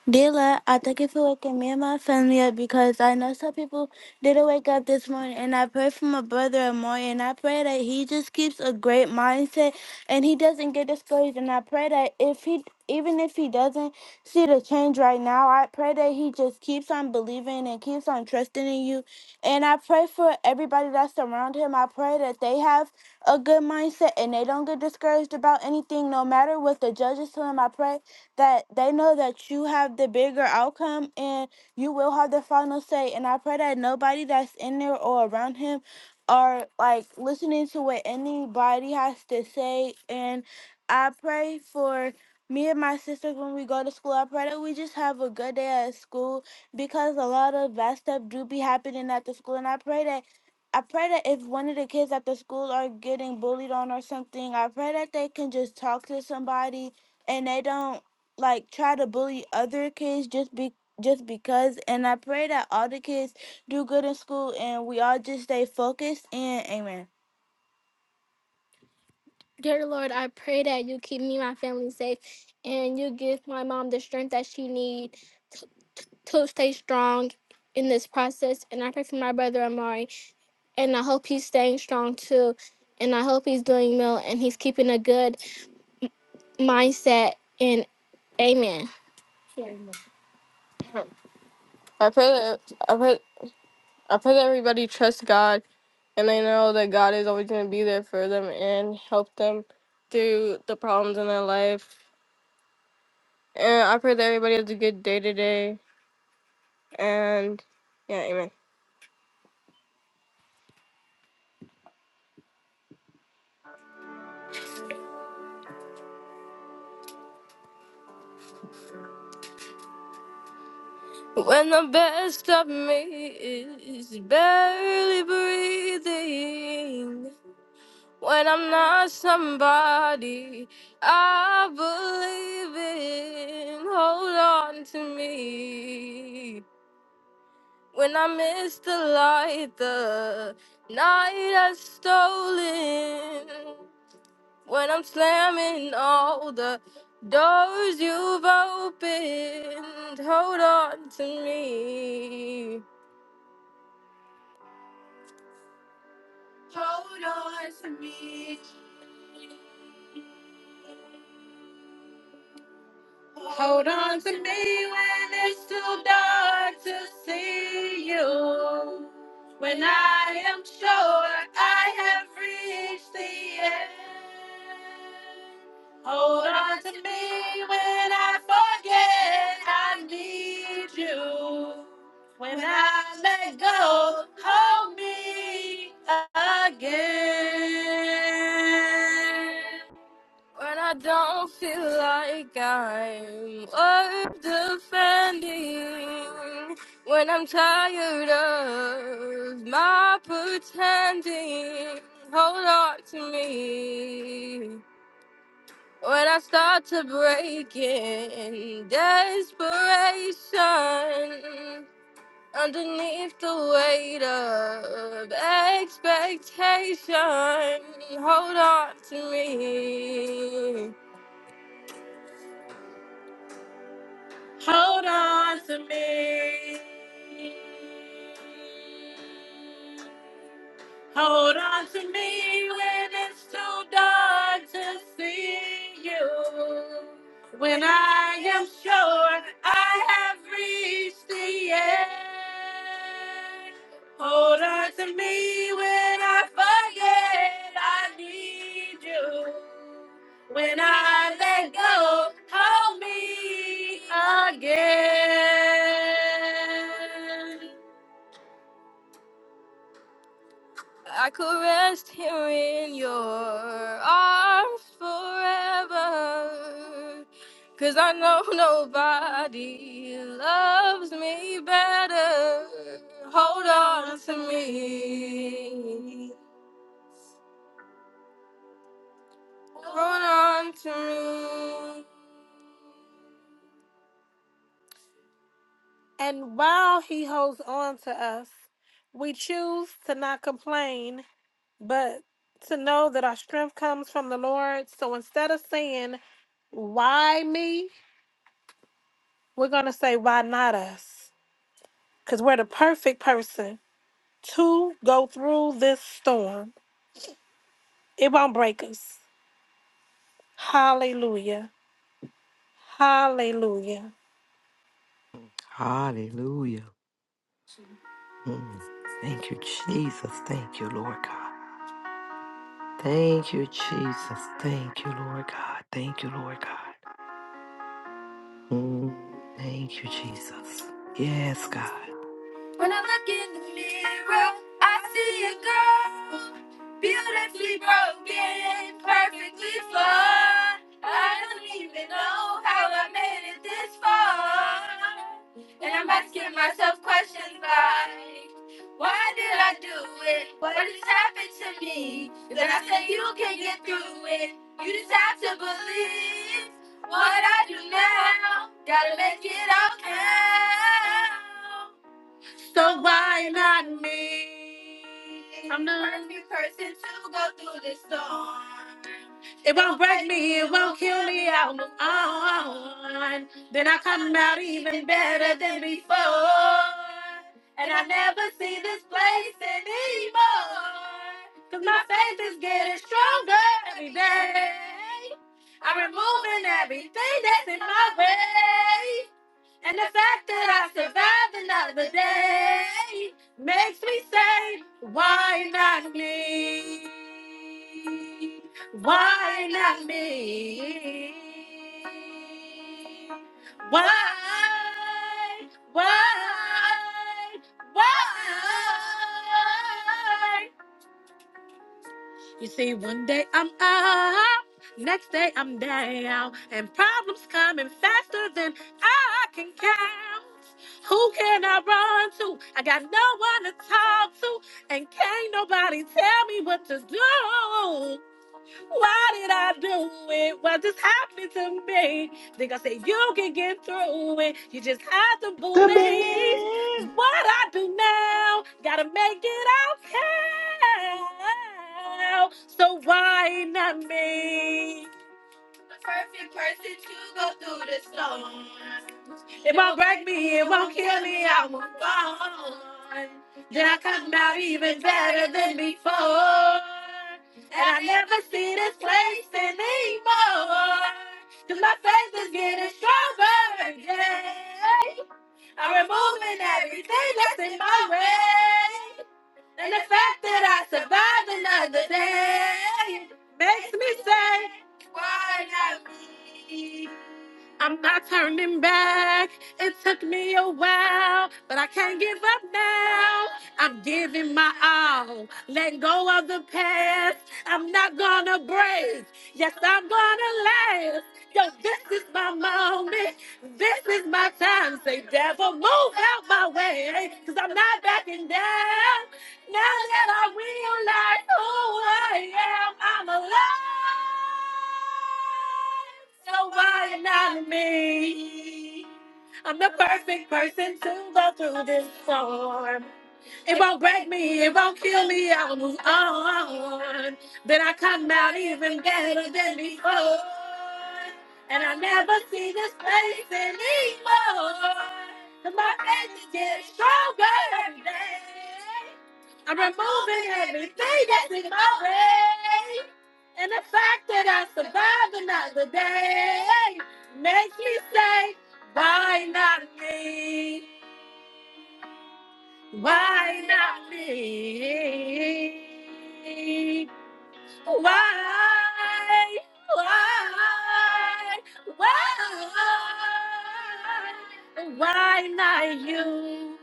C: Dila, I thank you for waking me and my family up because I know some people didn't wake up this morning. And I pray for my brother Amore, and I pray that he just keeps a great mindset and he doesn't get discouraged. And I pray that if he, even if he doesn't see the change right now, I pray that he just keeps on believing and keeps on trusting in you. And I pray for everybody that's around him. I pray that they have a good mindset and they don't get discouraged about anything, no matter what the judges tell them. I pray that they know that you have the bigger outcome and you will have the final say. And I pray that nobody that's in there or around him are like listening to what anybody has to say. And I pray for me and my sisters when we go to school. I pray that we just have a good day at school because a lot of bad stuff do be happening at the school. And I pray that I pray that if one of the kids at the school are getting bullied on or something, I pray that they can just talk to somebody and they don't like try to bully other kids just be just because and I pray that all the kids do good in school and we all just stay focused and amen. Dear Lord, I pray that you keep me and my family safe and you give my mom the strength that she needs to, to stay strong in this process. And I pray for my brother Amari. And I hope he's staying strong too. And I hope he's doing well and he's keeping a good mindset. And amen. I pray that I pray I pray that everybody trusts God and they know that God is always going to be there for them and help them through the problems in their life. And I pray that everybody has a good day today. And yeah, amen. When the best of me is barely breathing, when I'm not somebody I believe in, hold on to me. When I miss the light, the night has stolen. When I'm slamming all the doors you've opened, hold on to me. Hold on to me. Hold on to me when it's too dark to see you. When I am sure I have reached the end. Hold on to me when I forget I need you. When I, when I don't feel like I'm worth defending. When I'm tired of my pretending. Hold on to me. When I start to break in desperation, Underneath the weight of expectation, hold on to me. Hold on to me. Hold on to me when it's too dark to see you. When I am sure I hope I I could rest here in your arms forever, 'cause I know *laughs* nobody loves me better. Hold on to me. Hold on to me. And while he holds on to us, we choose to not complain, but to know that our strength comes from the Lord. So instead of saying, Why me? We're going to say, why not us? Because we're the perfect person to go through this storm. It won't break us. Hallelujah. Hallelujah.
B: Hallelujah. Mm. Thank you, Jesus. Thank you, Lord God. Thank you, Jesus. Thank you, Lord God. Thank you, Lord God. Mm. Thank you, Jesus. Yes, God.
C: When I look in the mirror, I see a girl beautifully broken, perfectly flawed. I don't even know how I made it this far. And I'm asking myself questions like, why did I do it? What has happened to me? Then I say you can get through it. You just have to believe what I do now. Gotta make it all count. So why not me? I'm the perfect person to go through this storm. It won't break me, it won't kill me, I'll move on. Then I come out even better than before. And I never see this place anymore. Cause my faith is getting stronger every day. I'm removing everything that's in my way. And the fact that I survived another day makes me say, why not me? Why not me? Why? Why? Why? You see, one day I'm up, next day I'm down, and problems coming faster than I can count. Who can I run to? I got no one to talk to, and can't nobody tell me what to do. Why did I do it? What just happened to me? Think I said you can get through it. You just have to
A: To
C: believe
A: believe.
C: what I do now. Gotta make it okay. So why not me? The perfect person to go through the storm. It won't break me, it won't kill me, I won't fall. Then I come out even better than before. And I never see this place anymore. Cause my faith is getting stronger, yeah. I'm removing everything that's in my way. And the fact that I survived another day makes me say, why not me? I'm not turning back. It took me a while, but I can't give up now. I'm giving my all. Let go of the past. I'm not gonna break. Yes, I'm gonna last. Yo, this is my moment. This is my time. Say, devil, move out my way. Cause I'm not backing down. Now that I realize who I am, I'm alive. So why not me? I'm the perfect person to go through this storm. It won't break me, it won't kill me, I will move on. Then I come out even better than before. And I never see this place anymore. And my faith is getting stronger every day. I'm removing everything that's in my way. And the fact that I survived another day makes me say, why not me? Why not me? Why? Why? Why? Why not you?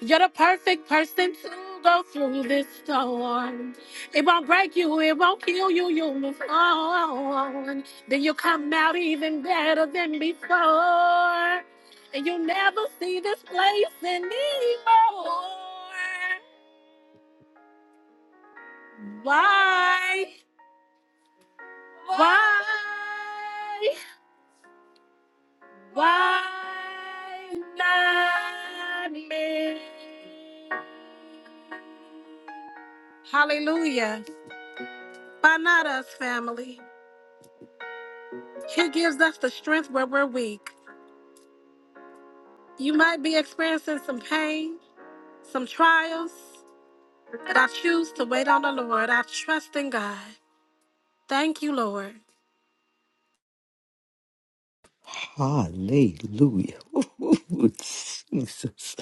C: You're the perfect person to go through this storm. It won't break you, it won't kill you, you will move on. Then you come out even better than before. And you'll never see this place anymore. Why? Why? Why not me? Hallelujah. Why not us, family? He gives us the strength where we're weak. You might be experiencing some pain, some trials, but I choose to wait on the Lord. I trust in God. Thank you, Lord.
B: Hallelujah. *laughs* Ooh, Jesus.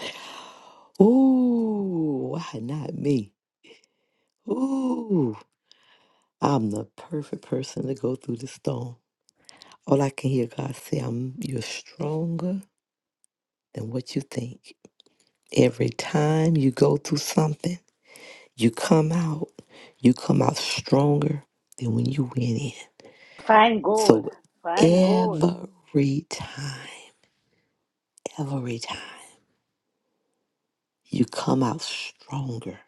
B: Ooh, why not me? Ooh, I'm the perfect person to go through the storm. All I can hear God say, I'm you're stronger than what you think. Every time you go through something, you come out, you come out stronger than when you went in.
A: Find gold.
B: So
A: Find gold.
B: every time, every time, you come out stronger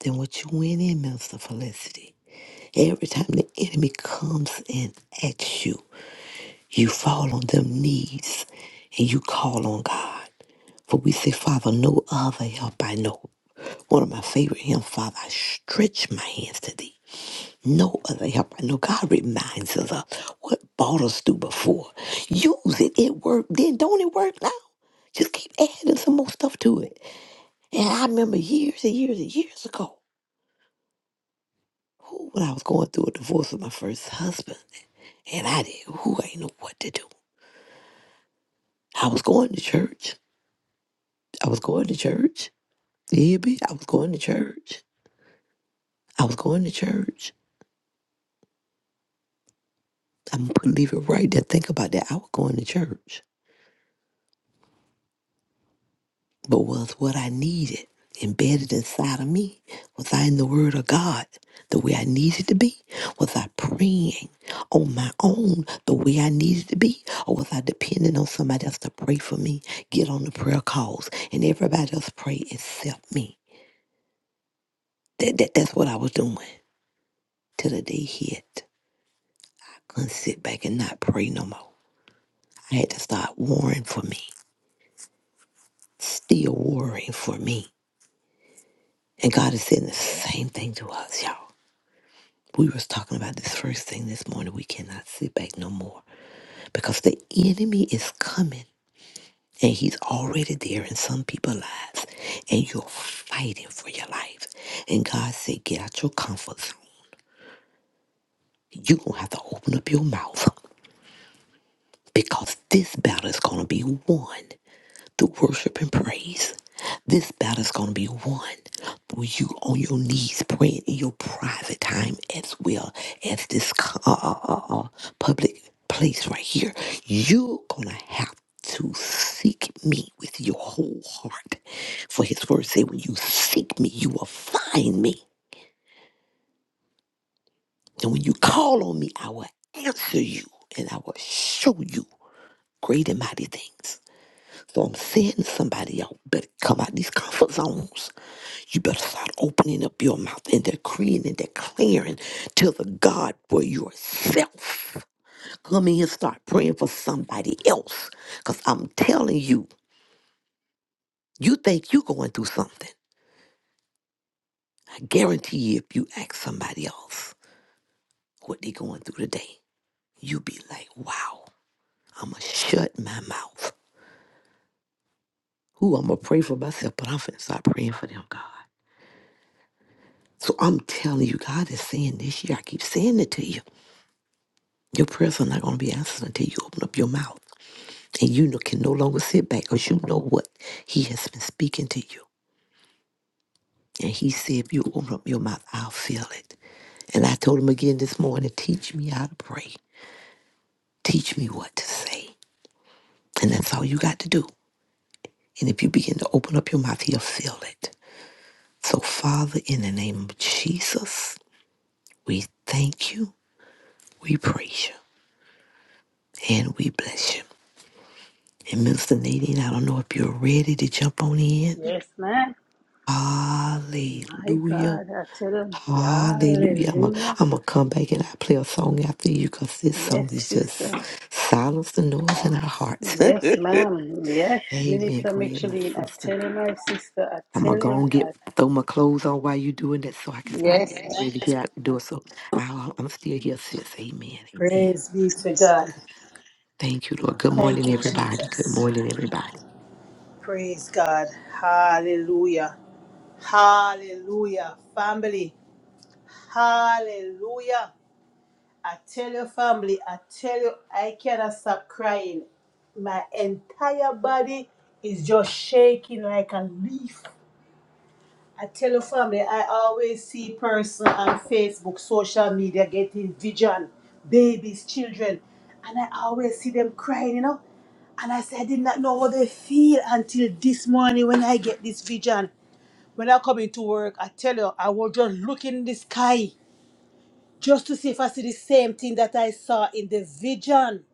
B: than what you went in, Mister Felicity. Every time the enemy comes in at you, you fall on them knees and you call on God. For we say, Father, no other help I know. One of my favorite hymns, Father, I stretch my hands to thee. no other help. I know God reminds us of what brought us through before. Use it. It worked then. Don't it work now? Just keep adding some more stuff to it. And I remember years and years and years ago, who when I was going through a divorce with my first husband, and I did who I didn't know what to do. I was going to church. I was going to church. You hear me? I was going to church. I was going to church. I'm gonna leave it right there. Think about that. I was going to church. but was what I needed embedded inside of me? Was I in the Word of God the way I needed to be? Was I praying on my own the way I needed to be? Or was I depending on somebody else to pray for me, get on the prayer calls, and everybody else pray except me? That, that, that's what I was doing till the day hit. I couldn't sit back and not pray no more. I had to start worrying for me, still worrying for me. And God is saying the same thing to us, y'all. We was talking about this first thing this morning. We cannot sit back no more because the enemy is coming and he's already there in some people's lives and you're fighting for your life. And God said, get out your comfort zone. You're going to have to open up your mouth because this battle is going to be won. through worship and praise. This battle's going to be won through you on your knees praying in your private time as well as this co- uh, uh, uh, uh, public place right here. You're going to have to seek me with your whole heart. For his word say, when you seek me, you will find me. And when you call on me, I will answer you and I will show you great and mighty things. So I'm saying to somebody, y'all better come out these comfort zones You better start opening up your mouth and decreeing and declaring to the God for yourself. Come in and start praying for somebody else. Because I'm telling you, you think you're going through something. I guarantee you, if you ask somebody else what they going through today, you be like, wow, I'm going to shut my mouth. Ooh, I'm going to pray for myself, but I'm finna start praying for them, God. So I'm telling you, God is saying this year, I keep saying it to you. Your prayers are not going to be answered until you open up your mouth. And you no- can no longer sit back because you know what He has been speaking to you. And He said, if you open up your mouth, I'll feel it. And I told Him again this morning, teach me how to pray. Teach me what to say. And that's all you got to do. And if you begin to open up your mouth, He'll feel it. So, Father, in the name of Jesus, we thank you, we praise you, and we bless you. And Minister Nadine, I don't know if you're ready to jump on in.
A: Yes, man. My
B: Hallelujah.
A: God, I tell him,
B: Hallelujah. I'm
A: hallelujah.
B: going to come back and I play a song after you because this song
A: Yes,
B: is
A: sister.
B: just silence the noise in our hearts.
A: Yes,
B: *laughs*
A: ma'am. Yes,
B: Amen.
A: Minister
B: Go ahead, my
A: Micheline, I
B: sister.
A: tell you, my sister, I
B: I'm going
A: tell
B: to go
A: you,
B: and
A: I,
B: get, throw my clothes on while you doing that so I can start
A: yes,
B: getting Yes. ready to
A: ma'am.
B: get out the door. So I'll, I'm still here, sis. Amen. Amen.
A: Praise be to God.
B: Thank you, Lord. Good
A: Thank
B: morning,
A: you,
B: everybody. Good
A: Jesus.
B: morning, everybody.
A: Praise God. Hallelujah. Hallelujah. Family. Hallelujah. I tell you, family, I tell you, I cannot stop crying. My entire body is just shaking like a leaf. I tell your family, I always see person on Facebook, social media getting vision, babies, children, and I always see them crying, you know. And I said, I did not know how they feel until this morning when I get this vision. When I come into work, I tell you, I was just looking in the sky just to see if I see the same thing that I saw in the vision.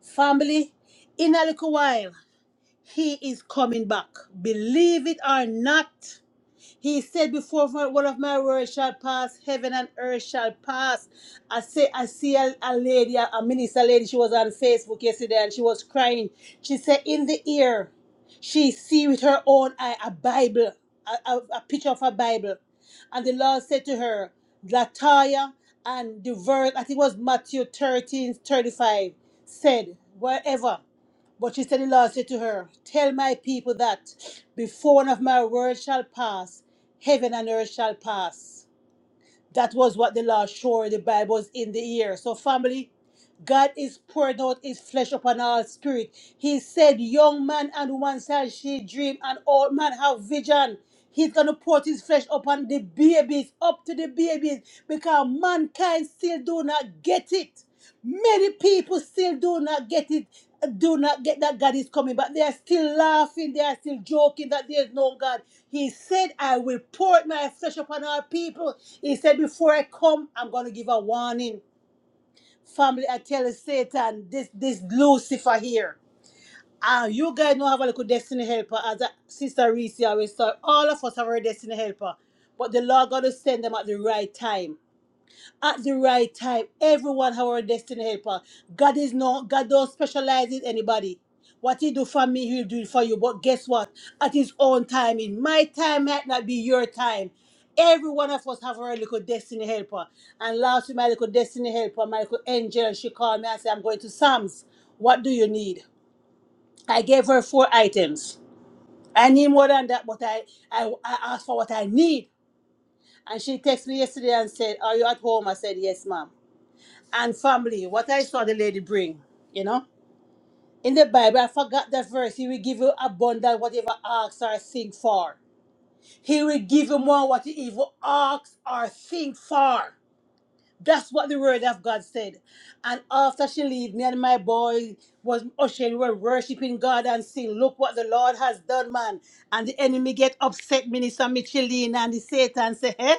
A: Family, in a little while, he is coming back. Believe it or not, He said, Before my- one of my words shall pass, heaven and earth shall pass. I say I see a, a lady, a, a minister lady, she was on Facebook yesterday and she was crying. She said, In the ear, she see with her own eye a Bible, a, a a picture of a Bible. And the Lord said to her, Lataya and the verse, I think it was Matthew thirteen thirty-five 35, said, Wherever. But she said, The Lord said to her, Tell my people that before one of my words shall pass, heaven and earth shall pass. That was what the Lord showed the Bible was in the ear. So, family, God is pouring out his flesh upon all spirit. He said, Young man and woman shall she dream, and old man have vision. He's gonna pour his flesh upon the babies, up to the babies, because mankind still do not get it. Many people still do not get it, do not get that God is coming, but they are still laughing, they are still joking that there is no God. He said, I will pour out my flesh upon our people. He said, Before I come, I'm going to give a warning. Family, I tell you, Satan, this this Lucifer here. Ah, you guys know have a little destiny helper, as a Sister Reese always said. All of us have our destiny helper, but the Lord going to send them at the right time at the right time. Everyone have our destiny helper. God is not God don't specialize in anybody. What he do for me, he'll do it for you. But guess what? At his own timing. My time might not be your time. Every one of us have our little destiny helper. And last week, my little destiny helper, my little angel, and she called me and said, I'm going to Sam's. What do you need? I gave her four items. I need more than that, but I, I, I asked for what I need. And she texted me yesterday and said, Are you at home? I said, Yes, ma'am and family, what I saw the lady bring, you know. In the Bible, I forgot that verse. He will give you abundant whatever ask or think for. He will give you more what you even ask or think for. That's what the word of God said. And after she leave, me and my boy was ushering, we were worshiping God and saying, look what the Lord has done, man. And the enemy get upset, Minister Michelin, and the Satan say, hey,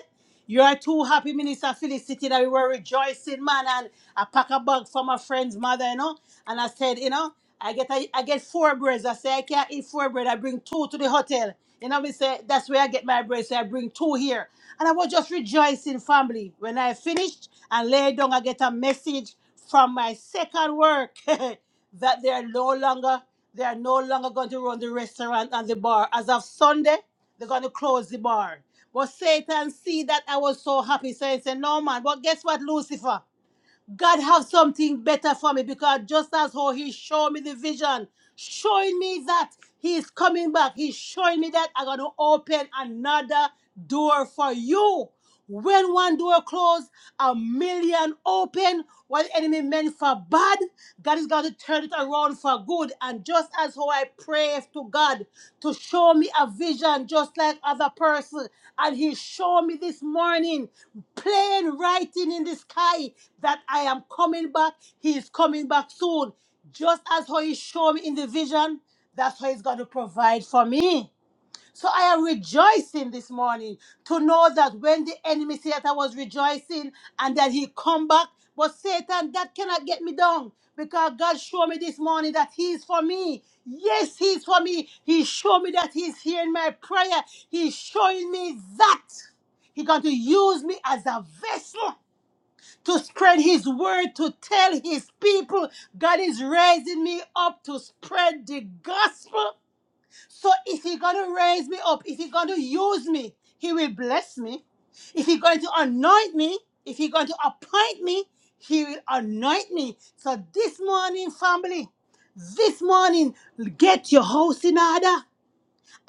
A: you are too happy, Minister Felicity, that we were rejoicing, man. And I pack a bag for my friend's mother, you know. And I said, you know, I get I, I get four breads. I say I can't eat four bread. I bring two to the hotel. You know, me say that's where I get my bread. So I bring two here. And I was just rejoicing, family. When I finished, and lay down I get a message from my second work *laughs* that they are no longer they are no longer going to run the restaurant and the bar. As of Sunday, they're going to close the bar. But Satan see that I was so happy, so he said, "No man." But guess what, Lucifer? God have something better for me because just as how he showed me the vision, showing me that he is coming back, he's showing me that I'm going to open another door for you. When one door closed, a million open. What the enemy meant for bad, God is going to turn it around for for good. And just as how I pray to God to show me a vision, just like other person, and He showed me this morning, plain writing in the sky that I am coming back. He is coming back soon. Just as how He showed me in the vision, that's how He's going to provide for me. So I am rejoicing this morning to know that when the enemy said that I was rejoicing and that he come back, but Satan, that cannot get me down because God showed me this morning that he is for me. Yes, he is for me. He showed me that he's hearing my prayer. He's showing me that he's going to use me as a vessel to spread his word, to tell his people. God is raising me up to spread the gospel so if he's going to raise me up, if he's going to use me, he will bless me. If he's going to anoint me, if he's going to appoint me, he will anoint me. So this morning, family, this morning, get your house in order.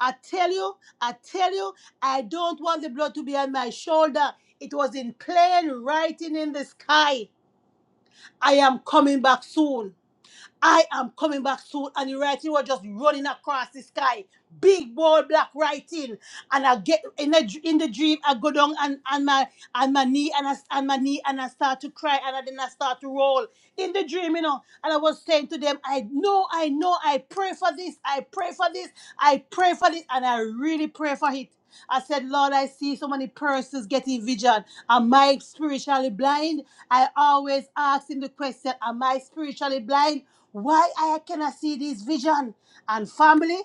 A: I tell you, I tell you, I don't want the blood to be on my shoulder. It was in plain writing in the sky. I am coming back soon. I am coming back soon. And the writing was just running across the sky. Big bold black writing. And I get in the, in the dream, I go down and, and my and my knee and I and my knee and I start to cry and I then I start to roll in the dream, you know. And I was saying to them, I know, I know, I pray for this, I pray for this, I pray for this, and I really pray for it. I said, Lord, I see so many persons getting vision. Am I spiritually blind? I always ask him the question, Am I spiritually blind? Why I cannot see this vision? And family,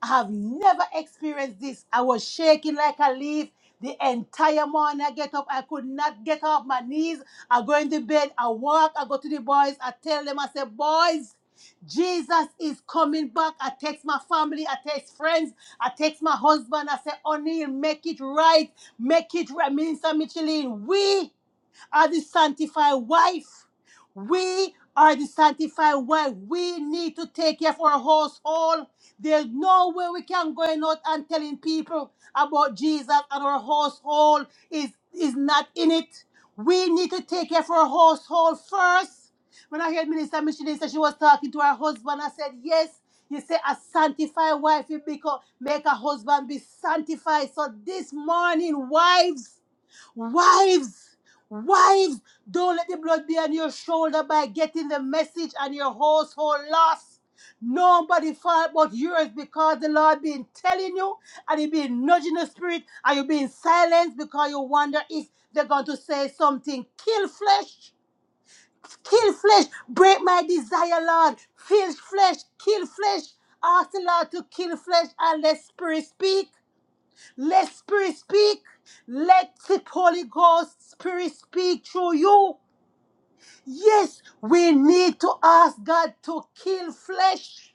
A: I have never experienced this. I was shaking like a leaf the entire morning. I get up, I could not get off my knees. I go in the bed, I walk, I go to the boys, I tell them, I say, boys, Jesus is coming back. I text my family, I text friends, I text my husband, I say, O'Neill, make it right, make it right. Minister Michelin, we are the sanctified wife. We are the sanctified wife. We need to take care of our household. There's no way we can go out and telling people about Jesus and our household is, is not in it. We need to take care of our household first. When I heard Minister Michelin say she was talking to her husband, I said, Yes, you say a sanctified wife, you become, make a husband be sanctified. So this morning, wives, Wives, wives, don't let the blood be on your shoulder by getting the message and your household lost. Nobody fault but yours because the Lord been telling you and you been nudging the spirit and you been silenced because you wonder if they're going to say something. Kill flesh, kill flesh, break my desire, Lord. Feel flesh, kill flesh. Ask the Lord to kill flesh and let spirit speak. Let Spirit speak. Let the Holy Ghost Spirit speak through you. Yes, we need to ask God to kill flesh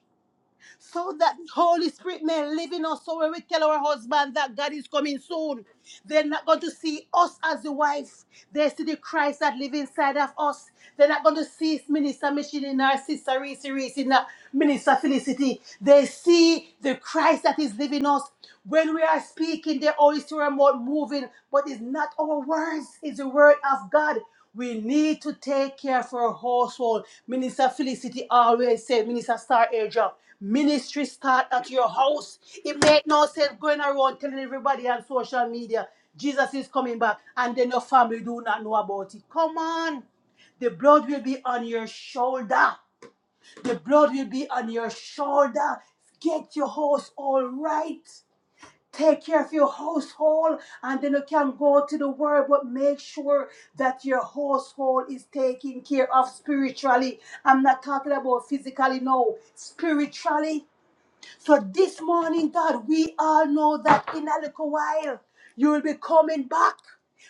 A: so that Holy Spirit may live in us. So when we tell our husband that God is coming soon, they're not going to see us as the wife. They see the Christ that lives inside of us. They're not going to see Minister Micheline Sister Reese Reese Minister Felicity. They see the Christ that is living in us. When we are speaking, the Holy Spirit are more moving, but it's not our words, it's the word of God. We need to take care for our household. Minister Felicity always said, Minister Star Airdrop, ministry start at your house. It make no sense going around telling everybody on social media, Jesus is coming back, and then your family do not know about it. Come on. The blood will be on your shoulder. The blood will be on your shoulder. Get your house all right. Take care of your household and then you can go to the world, but make sure that your household is taken care of spiritually. I'm not talking about physically, no. Spiritually, so this morning, God, we all know that in a little while you will be coming back.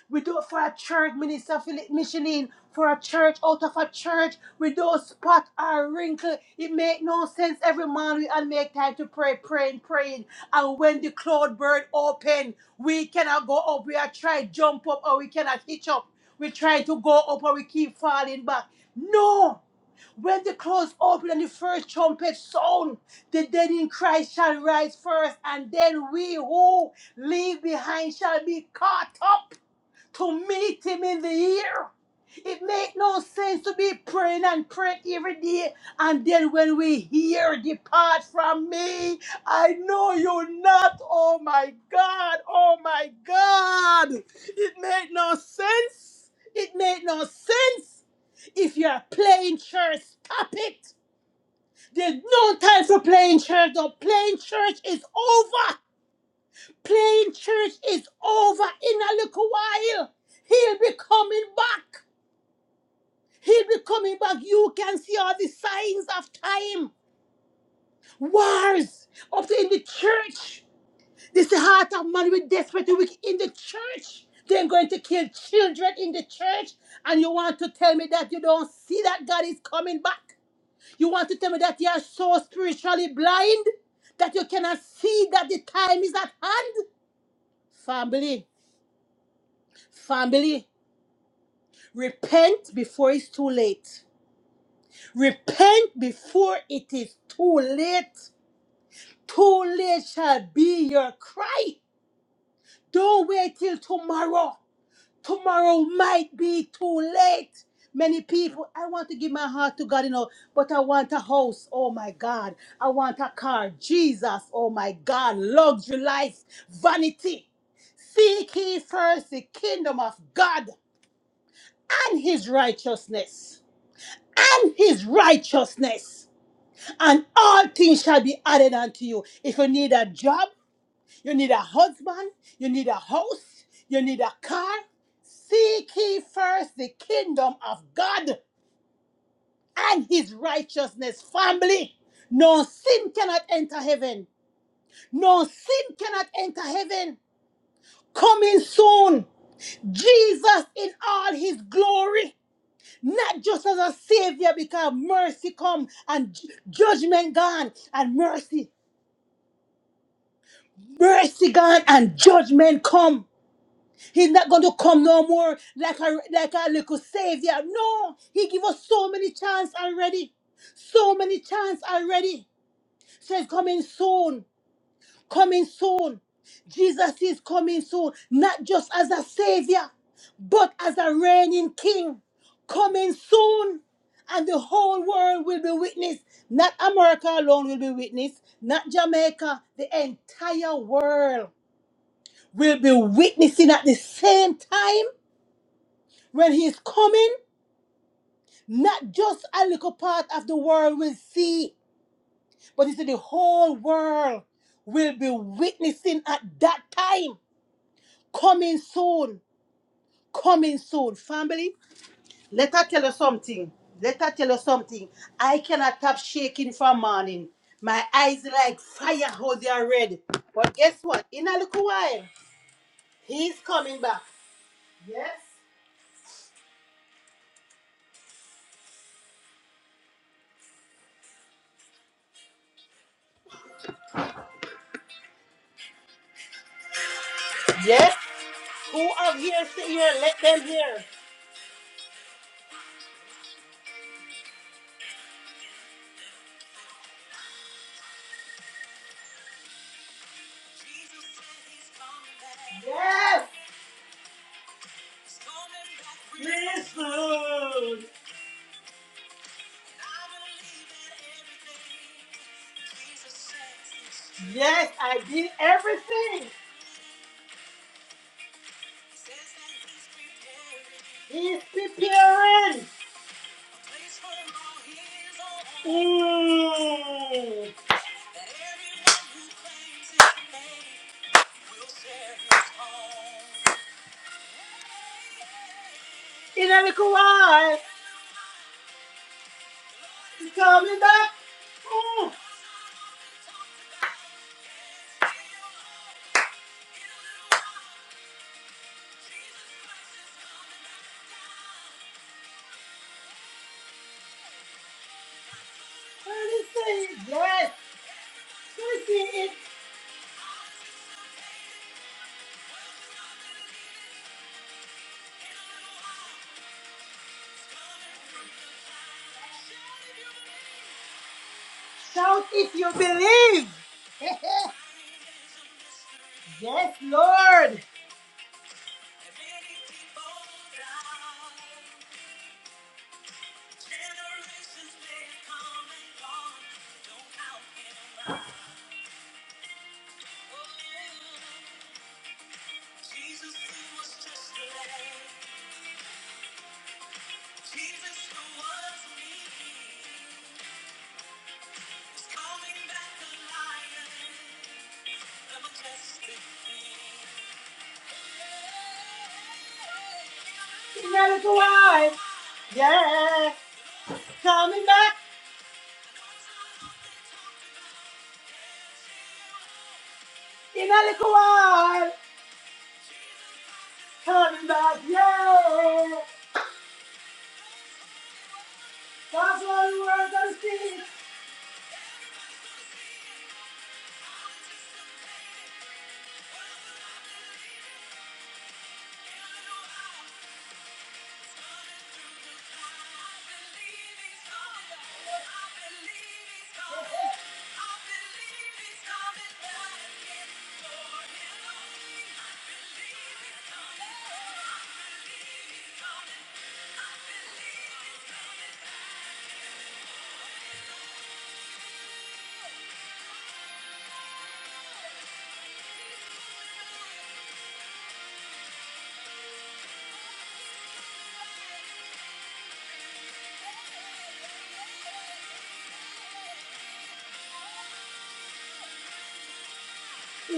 A: We do it for a church, Minister Philip Michelin, for a church, out of a church, with no spot or wrinkle. It make no sense. Every man we all make time to pray, praying, praying. And when the cloud bird open, we cannot go up. We are trying to jump up or we cannot hitch up. We try to go up or we keep falling back. No! When the clouds open and the first trumpet sound, the dead in Christ shall rise first, and then we who leave behind shall be caught up to meet him in the air. It make no sense to be praying and praying every day, and then when we hear, depart from me, I know you not. Oh my God, oh my God. It make no sense. It make no sense. If you are playing church, stop it. There's no time for playing church. No, playing church is over. Playing church is over in a little while. He'll be coming back. He'll be coming back. You can see all the signs of time. Wars up in the church. This is the heart of man with desperate wicked in the church. They're going to kill children in the church. And you want to tell me that you don't see that God is coming back? You want to tell me that you are so spiritually blind that you cannot see that the time is at hand? Family, family, repent before it's too late. Repent before it is too late. Too late shall be your cry. Don't wait till tomorrow. Tomorrow might be too late. Many people, I want to give my heart to God, you know, but I want a house, oh my God. I want a car, Jesus, oh my God. Luxury life, vanity. Seek ye first the kingdom of God and his righteousness. And his righteousness. And all things shall be added unto you. If you need a job, you need a husband. You need a house. You need a car. Seek ye first the kingdom of God and his righteousness. Family, no sin cannot enter heaven. No sin cannot enter heaven. Coming soon, Jesus in all his glory. Not just as a savior, because mercy come and ju- judgment gone, and mercy, mercy gone, and judgment come. He's not going to come no more like a, like a little savior. No, he give us so many chance already. So many chance already. Says coming soon, coming soon. Jesus is coming soon, not just as a savior, but as a reigning king. Coming soon, and the whole world will be witness. Not America alone will be witness, not Jamaica, the entire world will be witnessing at the same time when he is coming, not just a little part of the world will see, but he said the whole world will be witnessing at that time. Coming soon. Coming soon. Family, let her tell you something. Let her tell you something. I cannot stop shaking from morning. My eyes like fire how they are red. But guess what? In a little while, he's coming back. Yes. Yes. Who are here Sit here. Let them hear. Yes. Yes, Lord. Yes, I did everything. He's preparing. Mm. In a little while, he's coming back. Mm. Listen, yes. Listen, it. shout if you believe. *laughs* yes, Lord. In a little while, yes. Coming back. In a little while, coming back. Yeah. That's what the word of the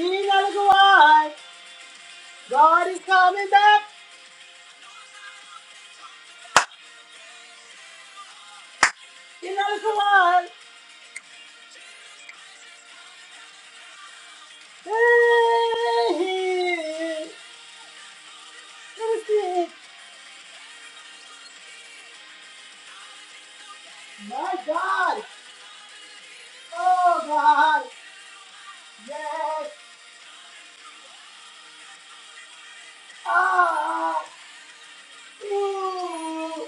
A: In a little while. God is coming back in another one. Hey, hey, God, God, so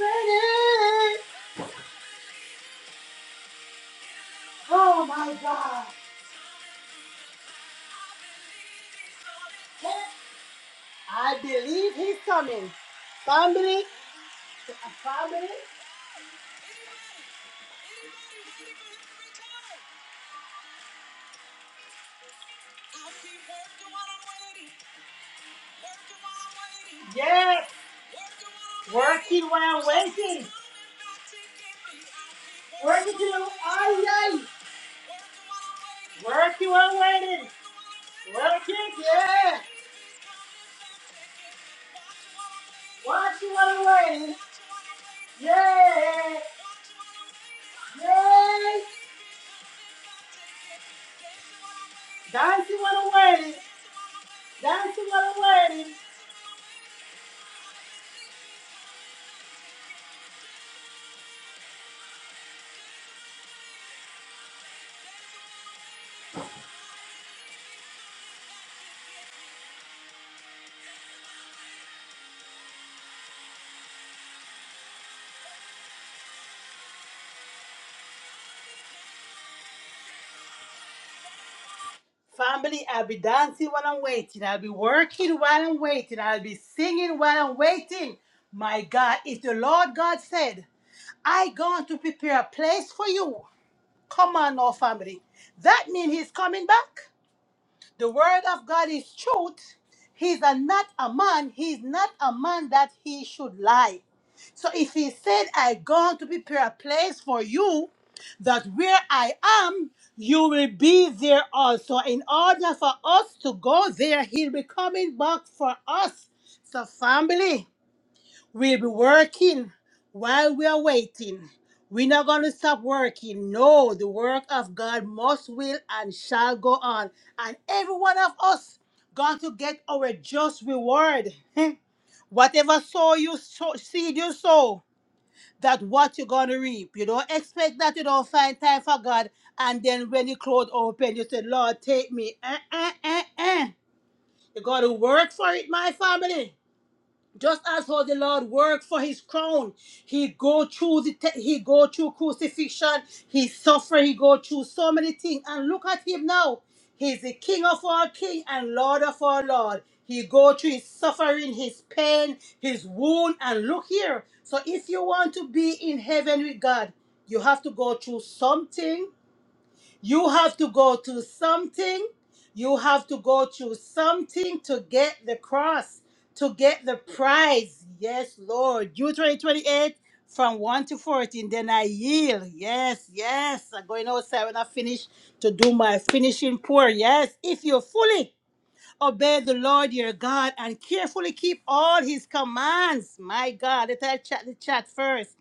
A: ready. Oh my God. I believe he's coming. Family, a family. Yes, working while waiting. Working while I Working while waiting. Little kids, yeah. While waiting. Dancing while waiting. Dancing while waiting. Family, I'll be dancing while I'm waiting. I'll be working while I'm waiting. I'll be singing while I'm waiting. My God, if the Lord God said, I gone to prepare a place for you. Come on now, family. That means he's coming back. The word of God is truth. He's a, not a man. He's not a man that he should lie. So if he said, I gone to prepare a place for you, that where I am, you will be there also. In order for us to go there, he'll be coming back for us. So family, we'll be working while we are waiting. We're not going to stop working. No, the work of God must, will, and shall go on. And every one of us going to get our just reward. *laughs* Whatever sow you sow, seed you sow that what you're gonna reap. You don't expect that you don't find time for God, and then when your clothes open, you say, Lord, take me. Eh, eh, eh, eh. You gotta work for it, my family. Just as how the Lord worked for his crown, he go through the te- he go through crucifixion, he suffer, he go through so many things. And look at him now. He's the King of all King and Lord of all Lord. He go through his suffering, his pain, his wound, and look here. So if you want to be in heaven with God, you have to go through something you have to go through something. You have to go through something to get the cross, to get the prize. Yes, Lord. Deuteronomy 28 from 1 to 14. Then I yield. Yes, yes. I'm going outside when I finish to do my finishing pour. Yes, if you fully Obey the Lord your God and carefully keep all his commands. My God, let I chat the chat first.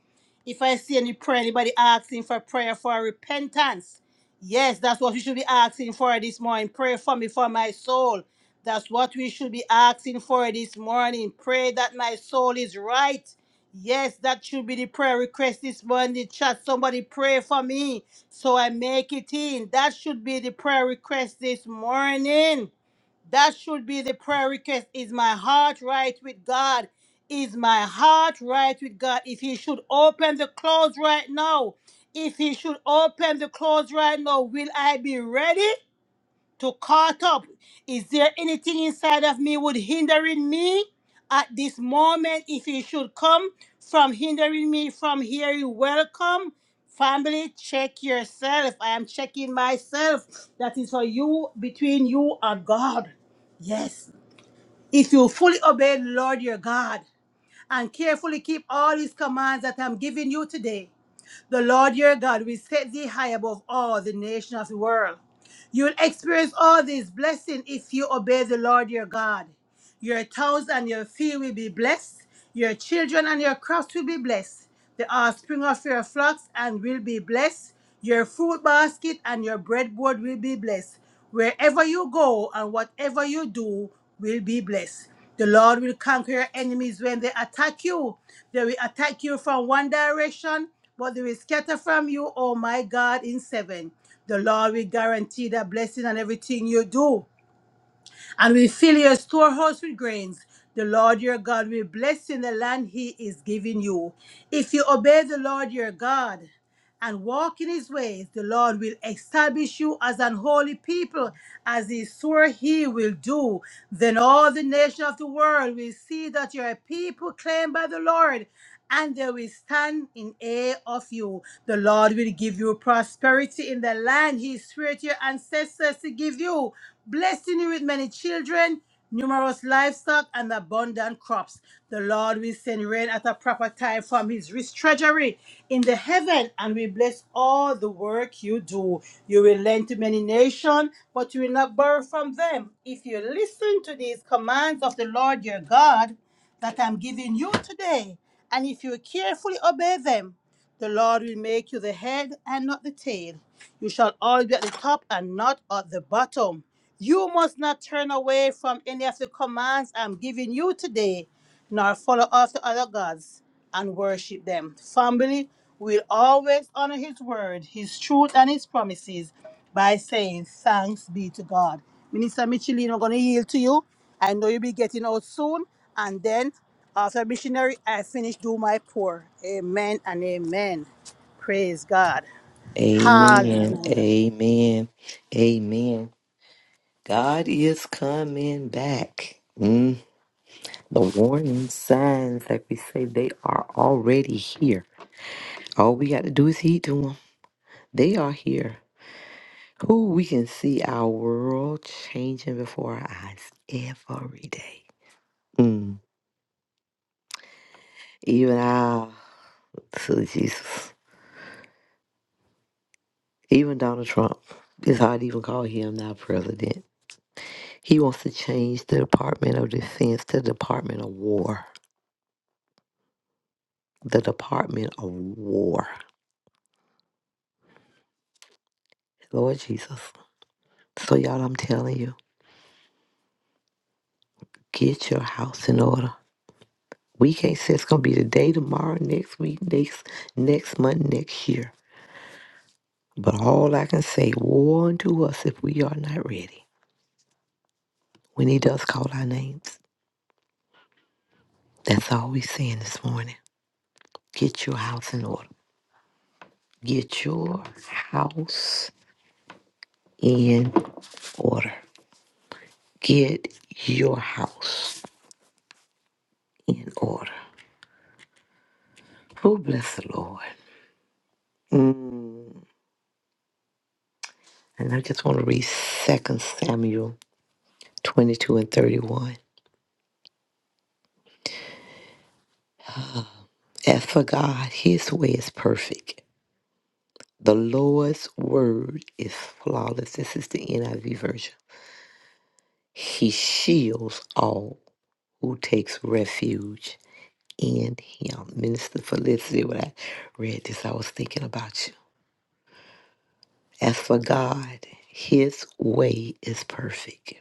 A: If I see any prayer, anybody asking for prayer for repentance, yes, that's what we should be asking for this morning. Pray for me, for my soul. That's what we should be asking for this morning. Pray that my soul is right. Yes, that should be the prayer request this morning. The Chat, somebody pray for me so I make it in. That should be the prayer request this morning. That should be the prayer request. Is my heart right with God? Is my heart right with God? If he should open the clothes right now, if he should open the clothes right now, will I be ready? to caught up. Is there anything inside of me would hindering me at this moment? If you should come from hindering me from hearing, welcome. Family, check yourself. I am checking myself. That is for you, between you and God. Yes. If you fully obey the Lord your God and carefully keep all his commands that I'm giving you today, the Lord your God will set thee high above all the nations of the world. You will experience all these blessings if you obey the Lord your God. Your towns and your field will be blessed. Your children and your crops will be blessed. The offspring of your flocks and will be blessed. Your fruit basket and your breadboard will be blessed. Wherever you go and whatever you do will be blessed. The Lord will conquer your enemies when they attack you. They will attack you from one direction, but they will scatter from you, oh my God, in seven. The Lord will guarantee that blessing on everything you do, and will fill your storehouse with grains. The Lord your God will bless you in the land he is giving you. If you obey the Lord your God, and walk in his ways, the Lord will establish you as an holy people, as he swore he will do. Then all the nations of the world will see that you are a people claimed by the Lord, and they will stand in awe of you. The Lord will give you prosperity in the land he swore to your ancestors to give you, blessing you with many children numerous livestock and abundant crops. The Lord will send rain at a proper time from his rich treasury in the heaven and will bless all the work you do. You will lend to many nations, but you will not borrow from them. If you listen to these commands of the Lord your God that I'm giving you today, and if you carefully obey them, the Lord will make you the head and not the tail. You shall always be at the top and not at the bottom. You must not turn away from any of the commands I'm giving you today, nor follow after other gods and worship them. Family will always honor His word, His truth, and His promises by saying, Thanks be to God. Minister Michelin, I'm going to yield to you. I know you'll be getting out soon, and then after missionary, I finish do my pour. Amen and amen. Praise God.
B: Amen.
A: Hallelujah.
B: Amen. Amen. God is coming back. The warning signs, like we say, they are already here. All we got to do is heed to them. They are here. Who we can see our world changing before our eyes every day. Mm. Even our, so Jesus, even Donald Trump, it's hard to even call him now president. He wants to change the Department of Defense to Department of War. The Department of War. Lord Jesus. So, y'all, I'm telling you, get your house in order. We can't say it's gonna be today, tomorrow, next week, next next month, next year. But all I can say, war unto us if we are not ready. When he does call our names. That's all we're saying this morning. Get your house in order. Get your house in order. Get your house in order. Oh, bless the Lord. Mm. And I just want to read Second Samuel 22 and 31. As for God, His way is perfect. The Lord's word is flawless. This is the NIV version. He shields all who takes refuge in Him. Minister Felicity, when I read this, I was thinking about you. As for God, His way is perfect.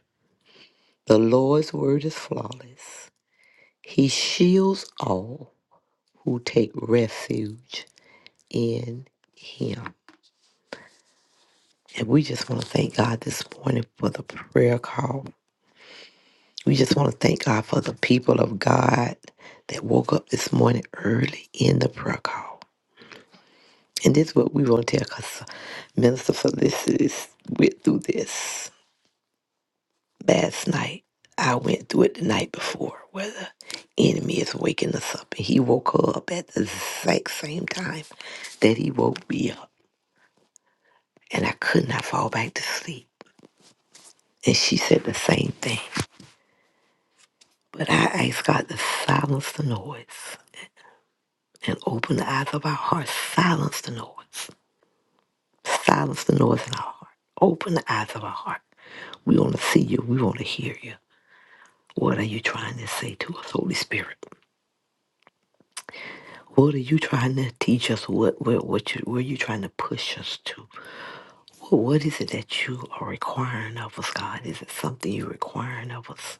B: The Lord's word is flawless. He shields all who take refuge in Him. And we just want to thank God this morning for the prayer call. We just want to thank God for the people of God that woke up this morning early in the prayer call. And this is what we want to tell because Minister Felicity's went through this last night. I went through it the night before where the enemy is waking us up. And he woke her up at the exact same time that he woke me up. And I could not fall back to sleep. And she said the same thing. But I ask God to silence the noise and open the eyes of our hearts. Silence the noise. Silence the noise in our heart. Open the eyes of our heart. We want to see you. We want to hear you. What are you trying to say to us, Holy Spirit? What are you trying to teach us? What what what you, where are you trying to push us to? What, what is it that you are requiring of us, God? Is it something you're requiring of us?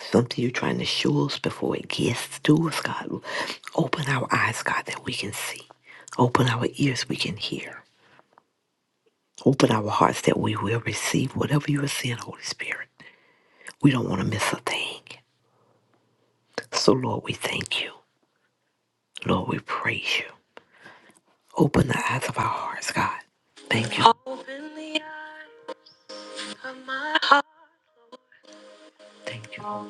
B: Something you're trying to show us before it gets to us, God. Open our eyes, God, that we can see. Open our ears we can hear. Open our hearts that we will receive whatever you are saying, Holy Spirit. We don't want to miss a thing. So, Lord, we thank you. Lord, we praise you. Open the eyes of our hearts, God. Thank you. Thank you.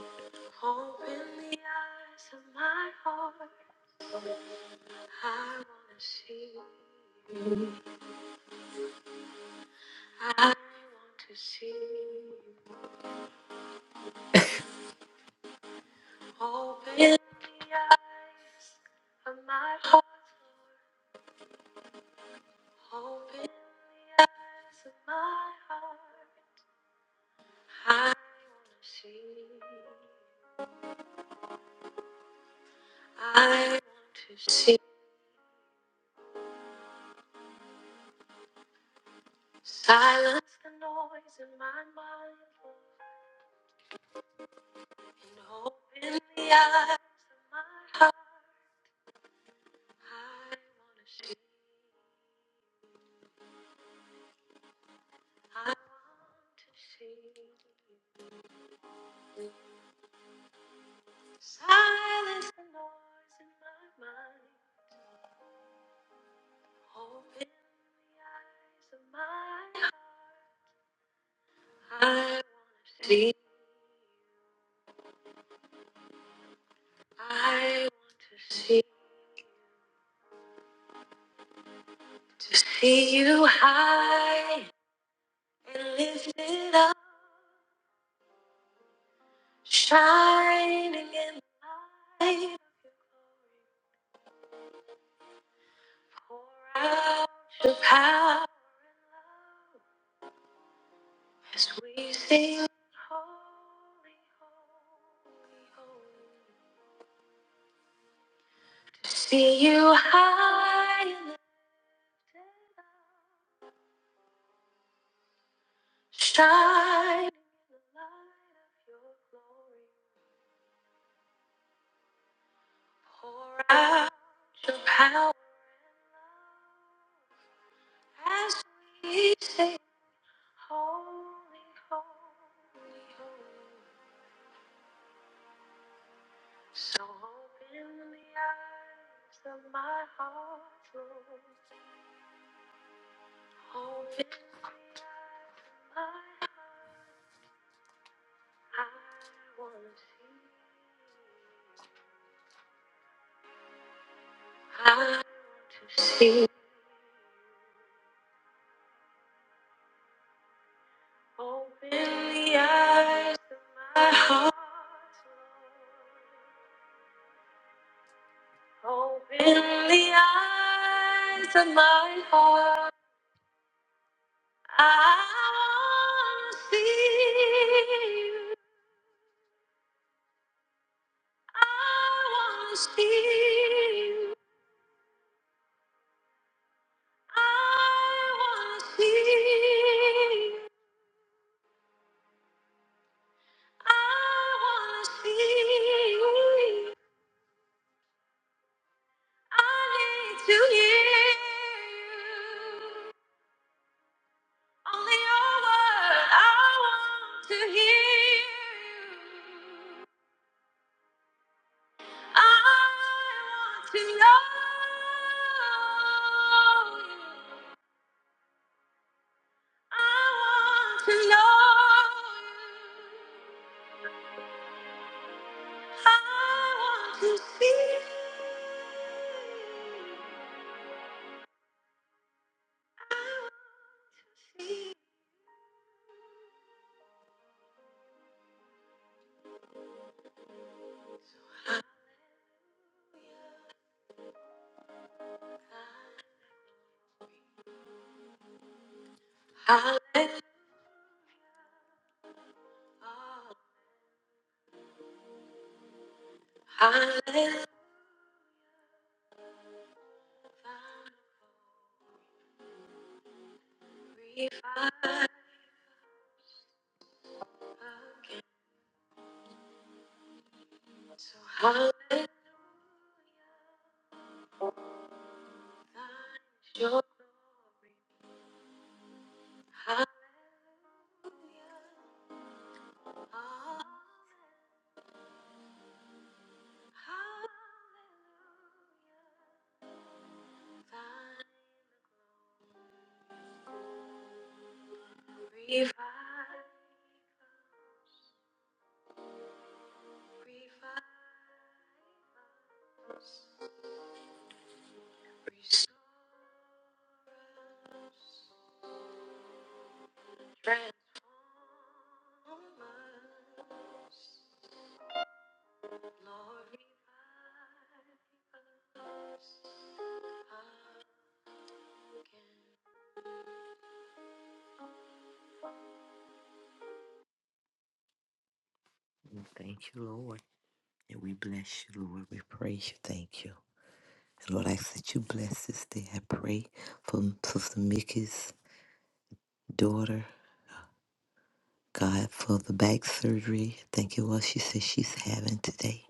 B: Thank you, Lord. And we bless you, Lord. We praise you. Thank you. And Lord, I ask that you bless this day. I pray for Sister Mickey's daughter. God, for the back surgery. I think it was she said she's having today.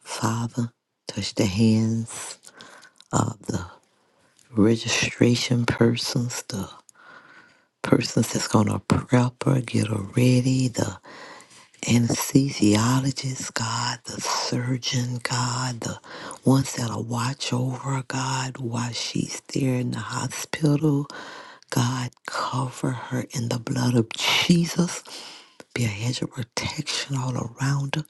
B: Father, touch the hands of the registration persons, the persons that's going to prep her, get her ready, The anesthesiologist, God, the surgeon, God, the ones that'll watch over her, God while she's there in the hospital. God, cover her in the blood of Jesus. Be a hedge of protection all around her.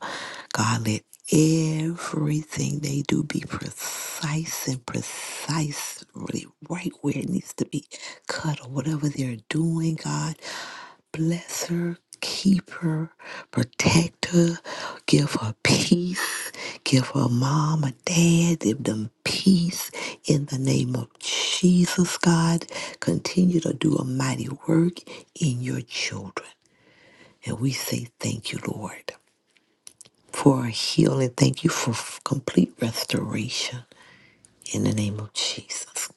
B: God, let everything they do be precise and precise, really right where it needs to be cut or whatever they're doing, God. Bless her, keep her, protect her, give her peace, give her mom and dad, give them peace in the name of Jesus, God. Continue to do a mighty work in your children. And we say thank you, Lord, for a healing. Thank you for f- complete restoration in the name of Jesus.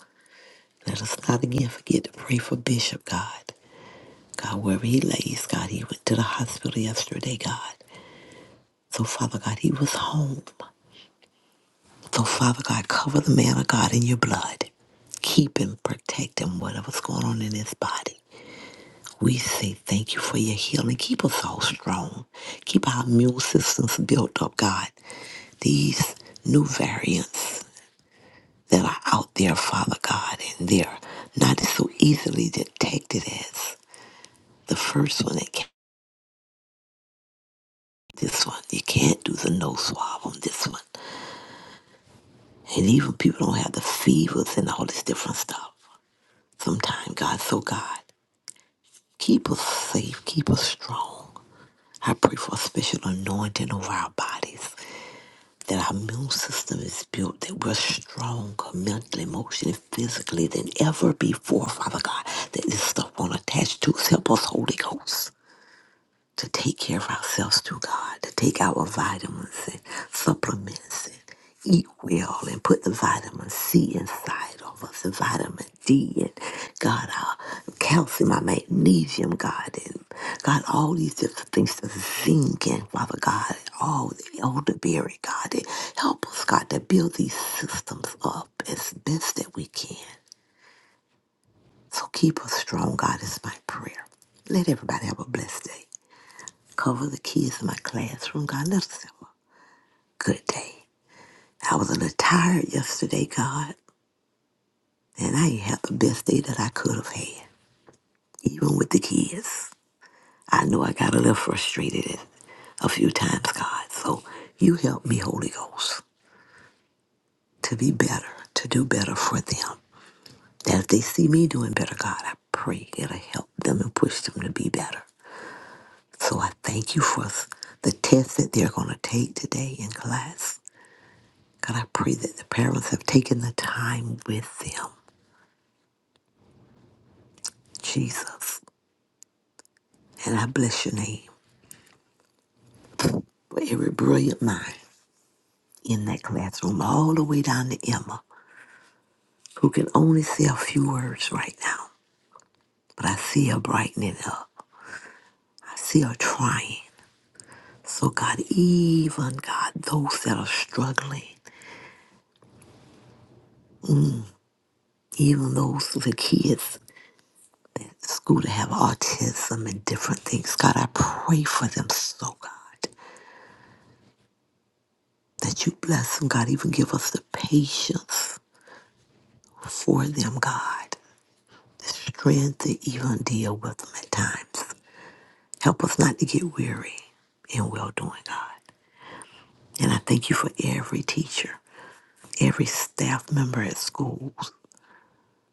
B: Let us not again forget to pray for Bishop God. God, wherever he lays, God, he went to the hospital yesterday, God. So, Father God, he was home. So, Father God, cover the man of God in your blood. Keep him, protect him, whatever's going on in his body. We say thank you for your healing. Keep us all strong. Keep our immune systems built up, God. These new variants that are out there, Father God, and they're not so easily detected as the first one that came. This one, you can't do the nose swab on this one. And even people don't have the fevers and all this different stuff. Sometimes, God, so God, keep us safe, keep us strong. I pray for a special anointing over our bodies, that our immune system is built, that we're stronger mentally, emotionally, physically than ever before, Father God, that this stuff won't attach to us. Help us, Holy Ghost. to take care of ourselves through God, to take our vitamins and supplements and eat well and put the vitamin C inside of us, the vitamin D and God, our calcium, our magnesium, God, and God, all these different things, the zinc and Father God, all the elderberry, God, and help us, God, to build these systems up as best that we can. So keep us strong, God, is my prayer. Let everybody have a blessed day. Cover the kids in my classroom, God. Let us have a good day. I was a little tired yesterday, God, and I ain't had the best day that I could have had, even with the kids. I know I got a little frustrated at- a few times, God. So you help me, Holy Ghost, to be better, to do better for them. That if they see me doing better, God, I pray it'll help them and push them to be better. So I thank you for the test that they're going to take today in class. God, I pray that the parents have taken the time with them, Jesus. And I bless your name for every brilliant mind in that classroom, all the way down to Emma, who can only say a few words right now. But I see her brightening up. I see her trying. So, God, even God, those that are struggling, even those the kids at the school that have autism and different things, God, I pray for them so, God that you bless them, God. Even give us the patience for them, God. The strength to even deal with them at times. Help us not to get weary in well doing, God. And I thank you for every teacher, every staff member at schools,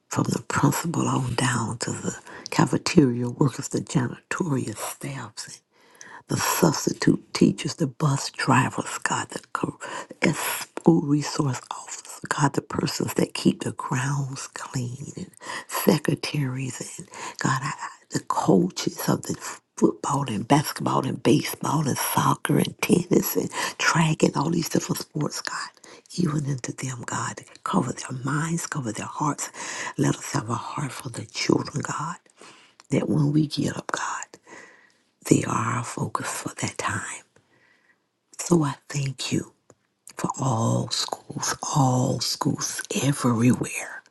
B: from the principal on down to the cafeteria workers, the janitorial staffs, the substitute teachers, the bus drivers, God, the co- as school resource officers, God, the persons that keep the grounds clean, and secretaries, and God, I, I- the coaches of the football and basketball and baseball and soccer and tennis and track and all these different sports, God. Even into them, God, cover their minds, cover their hearts. Let us have a heart for the children, God that when we get up, God. They are our focus for that time. So I thank you for all schools, all schools everywhere.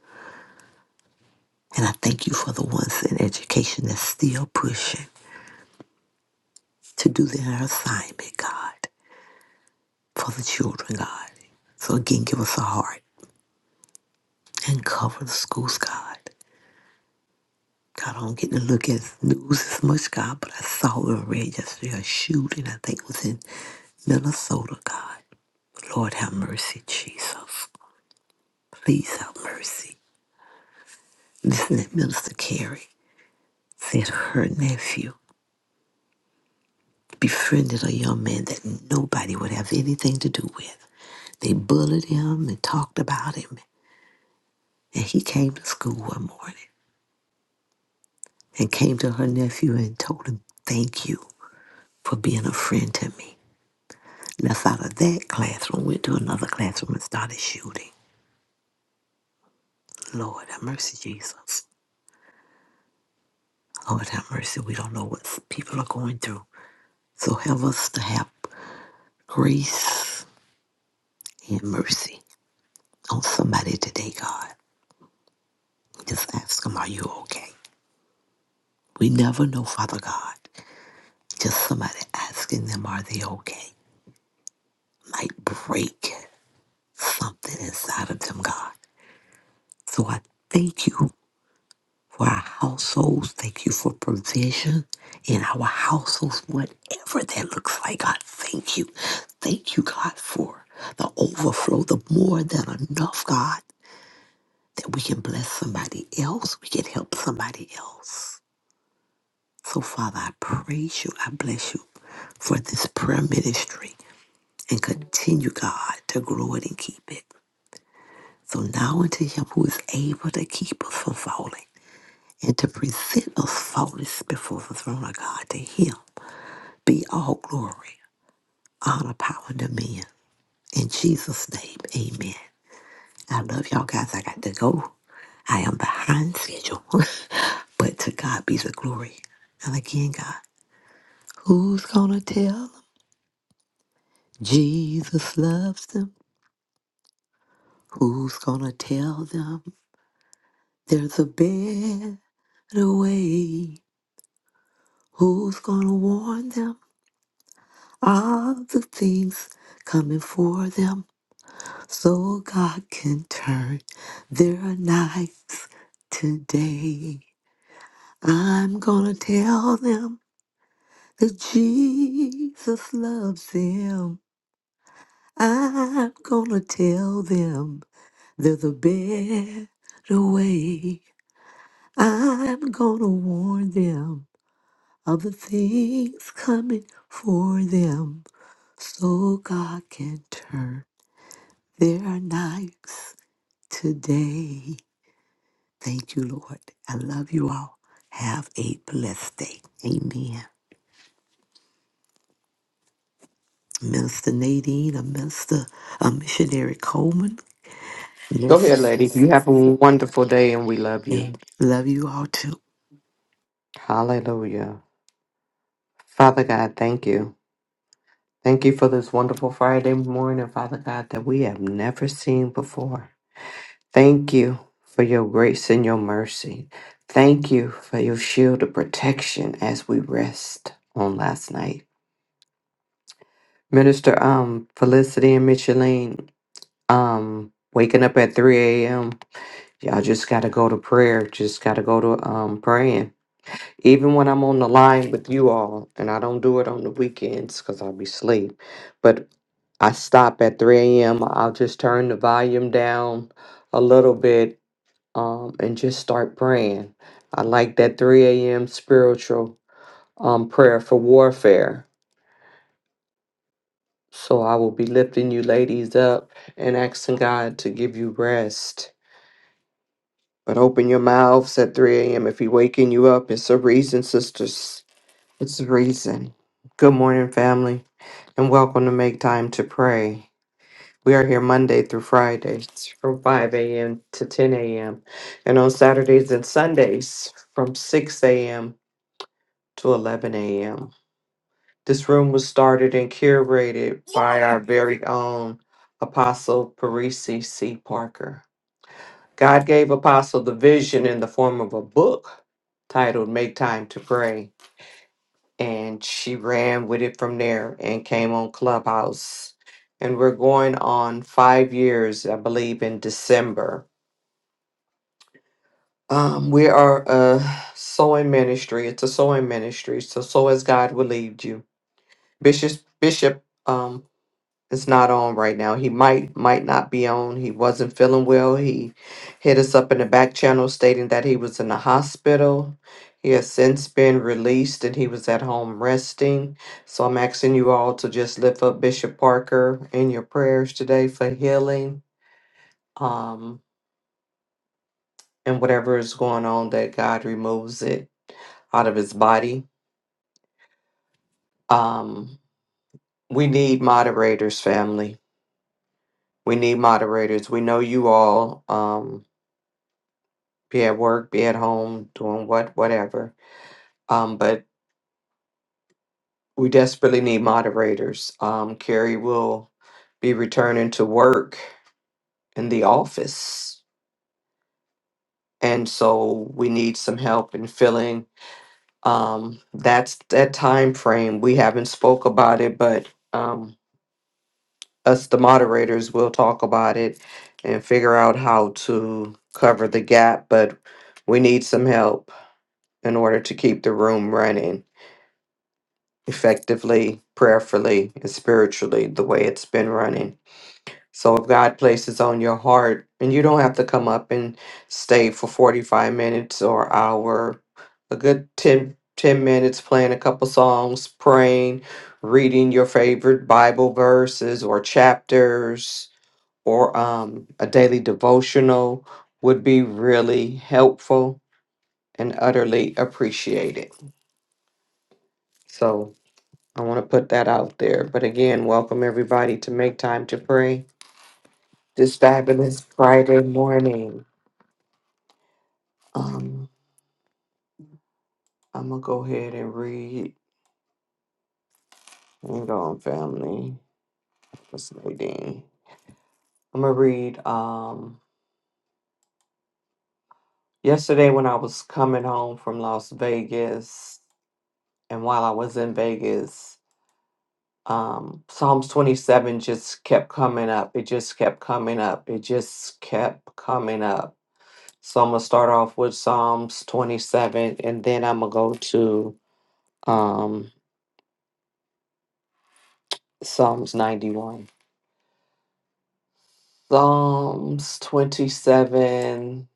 B: And I thank you for the ones in education that's still pushing to do their assignment, God, for the children, God. So again, give us a heart and cover the schools, God. God, I don't get to look at news as much, God, but I saw and read yesterday a shooting, I think it was in Minnesota, God. Lord, have mercy, Jesus. Please have mercy. Listen, that Minister Carey said her nephew befriended a young man that nobody would have anything to do with. They bullied him and talked about him. And he came to school one morning and came to her nephew and told him, Thank you for being a friend to me. Left out of that classroom, went to another classroom and started shooting. Lord have mercy, Jesus. Lord have mercy. We don't know what people are going through. So help us to have grace and mercy on somebody today, God. We Just ask them, are you okay? We never know, Father God. Just somebody asking them, are they okay? Might break something inside of them, God. So I thank you for our households. Thank you for provision in our households, whatever that looks like, God. Thank you. Thank you, God, for the overflow, the more than enough, God, that we can bless somebody else. We can help somebody else. So, Father, I praise you. I bless you for this prayer ministry and continue, God, to grow it and keep it. So now unto him who is able to keep us from falling and to present us faultless before the throne of God, to him be all glory, honor, power, and dominion. In Jesus' name, amen. I love y'all guys. I got to go. I am behind schedule, *laughs* but to God be the glory. And again, God, who's going to tell Jesus loves them. Who's gonna tell them there's a better way? Who's gonna warn them of the things coming for them so God can turn their nights today? I'm gonna tell them that Jesus loves them. I'm gonna tell them there's a better way. I'm gonna warn them of the things coming for them so God can turn their nights today. Thank you, Lord. I love you all. Have a blessed day. Amen. Minister Nadine, a minister, a missionary Coleman.
D: Go ahead,
B: Yes,
D: lady.
B: yes.
D: You have a wonderful day and we love you.
B: And love you all too.
D: Hallelujah. Father God, thank you. Thank you for this wonderful Friday morning, Father God, that we have never seen before. Thank you for your grace and your mercy. Thank you for your shield of protection as we rest on last night. Minister um Felicity and Micheline, um, waking up at 3 a.m. Y'all just gotta go to prayer. Just gotta go to um praying. Even when I'm on the line with you all, and I don't do it on the weekends because I'll be asleep. But I stop at 3 a.m. I'll just turn the volume down a little bit um, and just start praying. I like that 3 a.m. spiritual um, prayer for warfare. So I will be lifting you ladies up and asking God to give you rest. But open your mouths at 3 a.m. if He waking you up. It's a reason, sisters. It's a reason. Good morning, family, and welcome to Make Time to Pray. We are here Monday through Friday from 5 a.m. to 10 a.m. and on Saturdays and Sundays from 6 a.m to 11 a.m. This room was started and curated by our very own Apostle Parisi C. Parker. God gave Apostle the vision in the form of a book titled Make Time to Pray, and she ran with it from there and came on Clubhouse. And we're going on five years, I believe, in December. Um, we are a sewing ministry. It's a sewing ministry. So sow as God will lead you. Bishop Bishop um, is not on right now. He might might not be on. He wasn't feeling well. He hit us up in the back channel stating that he was in the hospital. He has since been released and he was at home resting. So I'm asking you all to just lift up Bishop Parker in your prayers today for healing. Um and whatever is going on that God removes it out of his body. Um we need moderators, family. We need moderators. We know you all. Um be at work, be at home, doing what, whatever. Um, but we desperately need moderators. Um, Carrie will be returning to work in the office, and so we need some help in filling um, that's that time frame. We haven't spoke about it, but um, us, the moderators, will talk about it and figure out how to cover the gap. But we need some help in order to keep the room running effectively, prayerfully, and spiritually the way it's been running. So if God places on your heart, and you don't have to come up and stay for 45 minutes or hour, a good 10 10 minutes playing a couple songs, praying, reading your favorite Bible verses or chapters or um, a daily devotional would be really helpful and utterly appreciated. So I want to put that out there. But again, welcome everybody to make time to pray this fabulous Friday morning. Um, I'm gonna go ahead and read. Hang on, family. What's Nadine? I'm gonna read. Um, yesterday when I was coming home from Las Vegas, and while I was in Vegas, um, Psalms 27 just kept coming up. It just kept coming up. It just kept coming up So I'm gonna start off with Psalms 27, and then I'm gonna go to um, Psalms 91. Psalms 27,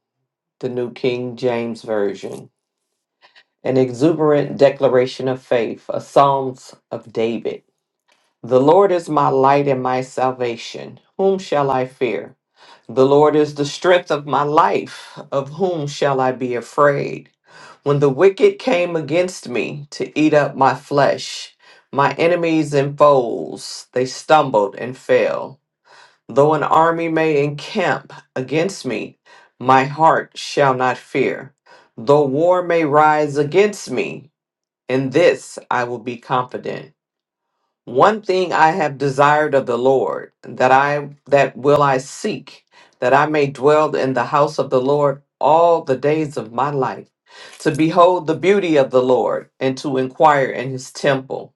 D: the New King James Version, an exuberant declaration of faith, a Psalms of David. The Lord is my light and my salvation. Whom shall I fear? The Lord is the strength of my life. Of whom shall I be afraid? When the wicked came against me to eat up my flesh, my enemies and foes, they stumbled and fell. Though an army may encamp against me, my heart shall not fear. Though war may rise against me, in this I will be confident one thing I have desired of the Lord, that I that will I seek, that I may dwell in the house of the Lord all the days of my life, to behold the beauty of the Lord, and to inquire in his temple.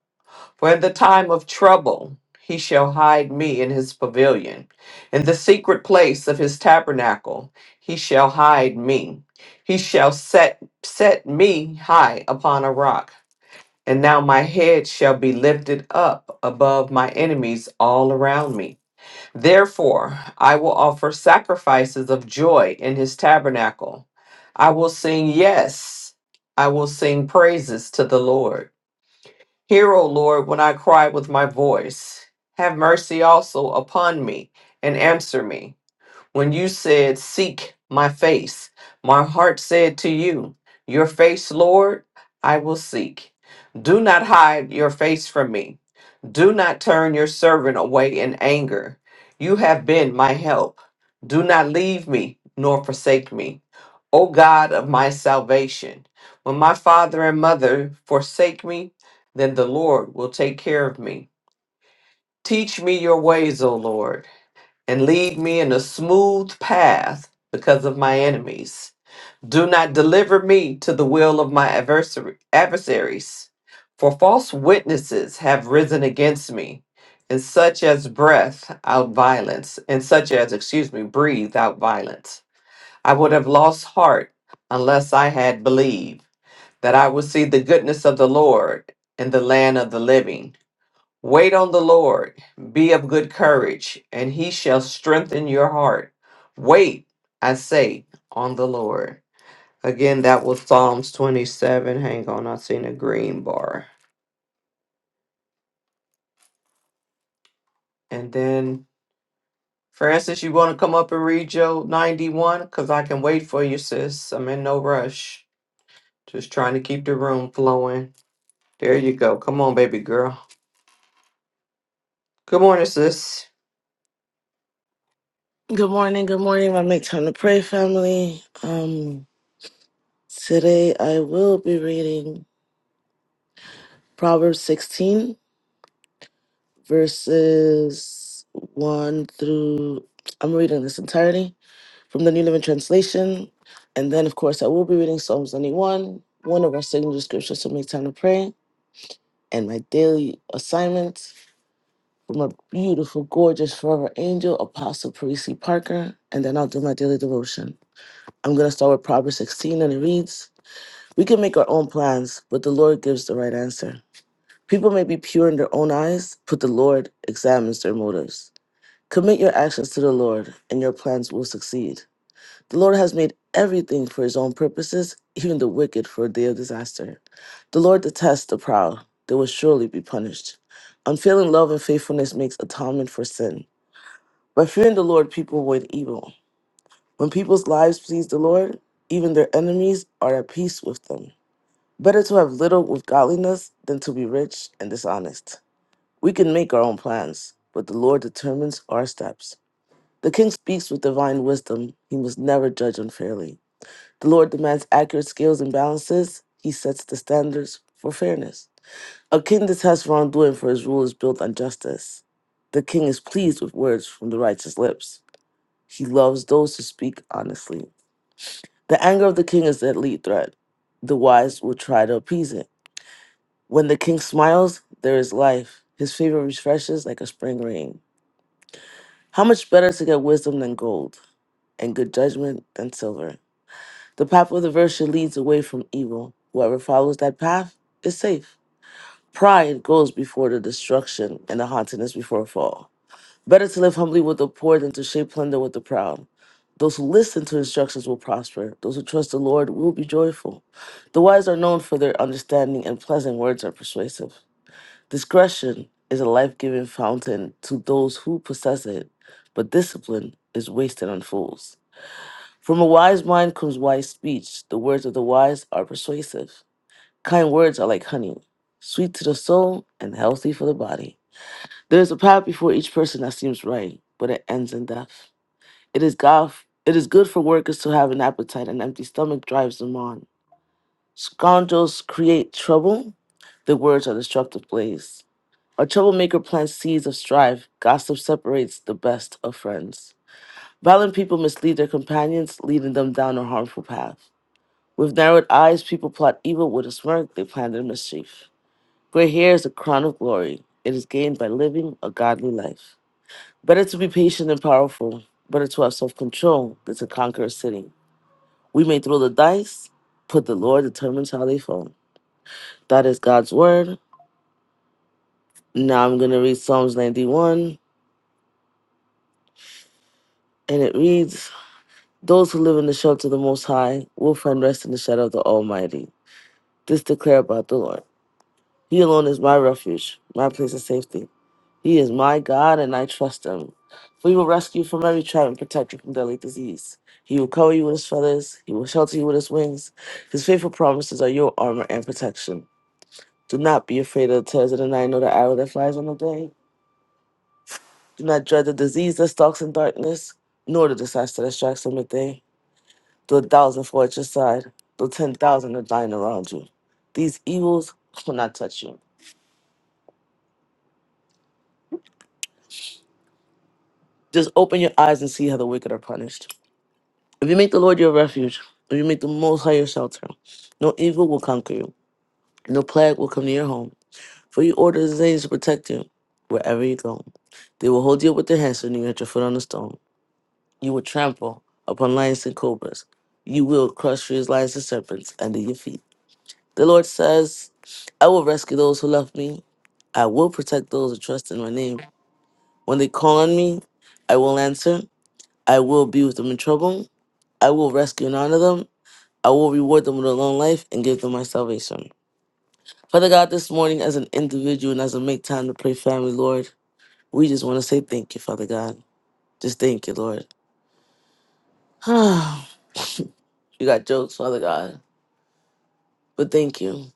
D: For in the time of trouble he shall hide me in his pavilion. In the secret place of his tabernacle he shall hide me. He shall set set me high upon a rock. And now my head shall be lifted up above my enemies all around me. Therefore, I will offer sacrifices of joy in his tabernacle. I will sing, yes, I will sing praises to the Lord. Hear, O Lord, when I cry with my voice. Have mercy also upon me and answer me. When you said, Seek my face, my heart said to you, Your face, Lord, I will seek. Do not hide your face from me. Do not turn your servant away in anger. You have been my help. Do not leave me nor forsake me. O God of my salvation, when my father and mother forsake me, then the Lord will take care of me. Teach me your ways, O Lord and lead me in a smooth path because of my enemies. Do not deliver me to the will of my adversary, adversaries, for false witnesses have risen against me, and such as breath out violence, and such as, excuse me, breathe out violence. I would have lost heart unless I had believed that I would see the goodness of the Lord in the land of the living Wait on the Lord, be of good courage, and he shall strengthen your heart. Wait, I say, on the Lord. Again, that was Psalms 27. Hang on, I seen a green bar. And then, Francis, you want to come up and read Job 91? Because I can wait for you, sis. I'm in no rush. Just trying to keep the room flowing. There you go. Come on, baby girl. Good morning, sis.
E: Good morning, good morning, my Make Time to Pray family. Um, today I will be reading Proverbs 16, verses 1 through, I'm reading this entirely from the New Living Translation. And then, of course, I will be reading Psalms 91, one of our signature scriptures to Make Time to Pray, and my daily assignment from a beautiful, gorgeous, forever angel, Apostle Parisi Parker. And then I'll do my daily devotion. I'm going to start with Proverbs 16, and it reads, We can make our own plans, but the Lord gives the right answer. People may be pure in their own eyes, but the Lord examines their motives. Commit your actions to the Lord, and your plans will succeed. The Lord has made everything for his own purposes, even the wicked for a day of disaster. The Lord detests the proud, they will surely be punished. Unfailing love and faithfulness makes atonement for sin. By fearing the Lord, people avoid evil. When people's lives please the Lord, even their enemies are at peace with them. Better to have little with godliness than to be rich and dishonest. We can make our own plans, but the Lord determines our steps. The king speaks with divine wisdom. He must never judge unfairly. The Lord demands accurate scales and balances. He sets the standards for fairness. A king detests wrongdoing, for his rule is built on justice. The king is pleased with words from the righteous lips. He loves those who speak honestly. The anger of the king is the lead threat. The wise will try to appease it When the king smiles, there is life. His favor refreshes like a spring rain. How much better to get wisdom than gold, and good judgment than silver? The path of the virtuous leads away from evil. Whoever follows that path is safe. Pride goes before the destruction, and the haughtiness before a fall. Better to live humbly with the poor than to share plunder with the proud. Those who listen to instructions will prosper. Those who trust the Lord will be joyful. The wise are known for their understanding, and pleasant words are persuasive. Discretion is a life giving fountain to those who possess it, but discipline is wasted on fools. From a wise mind comes wise speech. The words of the wise are persuasive. Kind words are like honey, sweet to the soul and healthy for the body. There is a path before each person that seems right, but it ends in death. It is God. It is good for workers to have an appetite. An empty stomach drives them on. Scoundrels create trouble. Their words are destructive blaze. A troublemaker plants seeds of strife. Gossip separates the best of friends. Violent people mislead their companions, leading them down a harmful path. With narrowed eyes, people plot evil. With a smirk, they plan their mischief. Gray hair is a crown of glory. It is gained by living a godly life. Better to be patient and powerful. Better to have self control than to conquer a city. We may throw the dice, but the Lord determines how they fall. That is God's word. Now I'm going to read Psalms 91, and it reads. Those who live in the shelter of the Most High will find rest in the shadow of the Almighty. This declare about the Lord. He alone is my refuge, my place of safety. He is my God, and I trust him. For he will rescue you from every trap and protect you from deadly disease. He will cover you with his feathers, he will shelter you with his wings. His faithful promises are your armor and protection. Do not be afraid of the terrors of the night, nor the arrow that flies on the day. Do not dread the disease that stalks in darkness, nor the disaster that strikes on the day. the thousand fall at your side, the ten thousand are dying around you. These evils will not touch you. Just open your eyes and see how the wicked are punished. If you make the Lord your refuge, if you make the Most High your shelter, no evil will conquer you, no plague will come to your home. For you order his angels to protect you wherever you go. They will hold you up with their hands when you hit your foot on the stone. You will trample upon lions and cobras. You will crush fierce lions and serpents under your feet. The Lord says, I will rescue those who love me. I will protect those who trust in my name. When they call on me, I will answer. I will be with them in trouble. I will rescue and honor them. I will reward them with a long life and give them my salvation. Father God, this morning, as an individual and as I make time to pray, family, Lord, we just want to say thank you, Father God. Just thank you, Lord. *sighs* you got jokes, Father God, but thank you.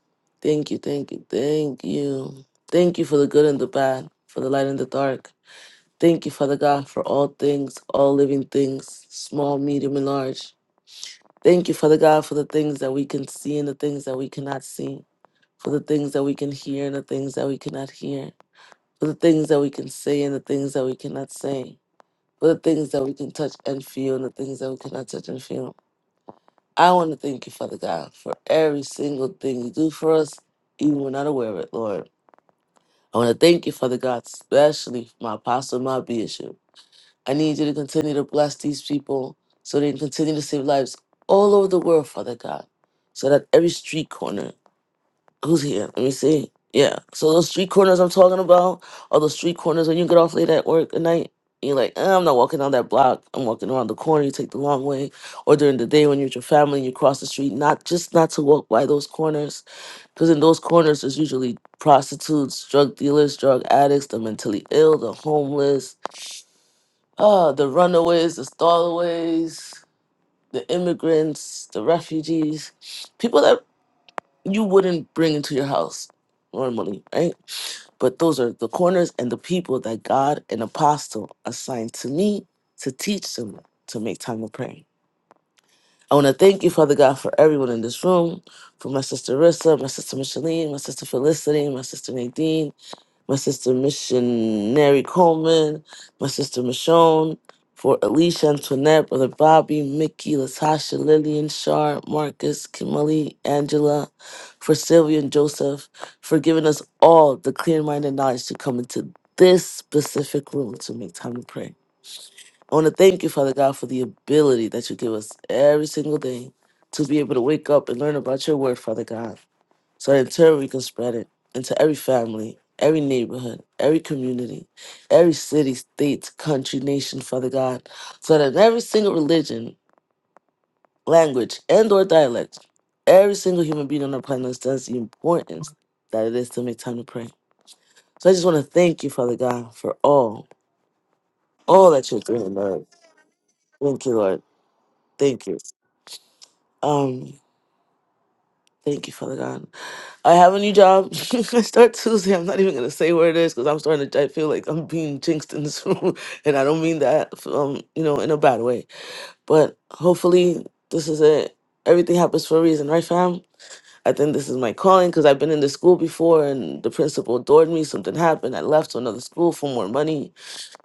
E: Thank you, thank you, thank you. Thank you for the good and the bad, for the light and the dark. Thank you, Father God, for all things, all living things, small, medium, and large. Thank you, Father God, for the things that we can see and the things that we cannot see, for the things that we can hear and the things that we cannot hear, for the things that we can say and the things that we cannot say, for the things that we can touch and feel and the things that we cannot touch and feel. I want to thank you, Father God, for every single thing you do for us, even when we're not aware of it, Lord. I want to thank you, Father God, especially for my apostle, my bishop. I need you to continue to bless these people so they can continue to save lives all over the world, Father God. So that every street corner, who's here? Let me see. Yeah. So those street corners I'm talking about are those street corners when you get off late at work at night. and You're like, "Eh, I'm not walking down that block. I'm walking around the corner. You take the long way. Or during the day when you're with your family and you cross the street, not just not to walk by those corners. Because in those corners, there's usually prostitutes, drug dealers, drug addicts, the mentally ill, the homeless, Ah, the runaways, the stallaways, the immigrants, the refugees, people that you wouldn't bring into your house normally, right? But those are the corners and the people that God and Apostle assigned to me to teach them to make time to pray. I want to thank you, Father God, for everyone in this room, for my sister Rissa, my sister Micheline, my sister Felicity, my sister Nadine, my sister Missionary Coleman, my sister Michonne, for Alicia Antoinette, Brother Bobby, Mickey, Latasha, Lillian, Shar, Marcus, Kimali, Angela, for Sylvia and Joseph, for giving us all the clear mind and knowledge to come into this specific room to make time to pray. I want to thank you, Father God, for the ability that you give us every single day to be able to wake up and learn about your word, Father God so that in turn we can spread it into every family, every neighborhood, every community, every city, state, country, nation, Father God, so that in every single religion, language, and or dialect, every single human being on our planet understands the importance that it is to make time to pray. So I just want to thank you, Father God, for all, all that you're doing, Lord. Thank you, Lord. Thank you. Um, thank you, Father God. I have a new job. *laughs* I start Tuesday. I'm not even gonna say where it is because I'm starting to. I feel like I'm being jinxed in this room, *laughs* and I don't mean that, f- um, you know, in a bad way. But hopefully, this is it. Everything happens for a reason, right, fam? I think this is my calling because I've been in the school before, and the principal adored me. Something happened. I left to another school for more money.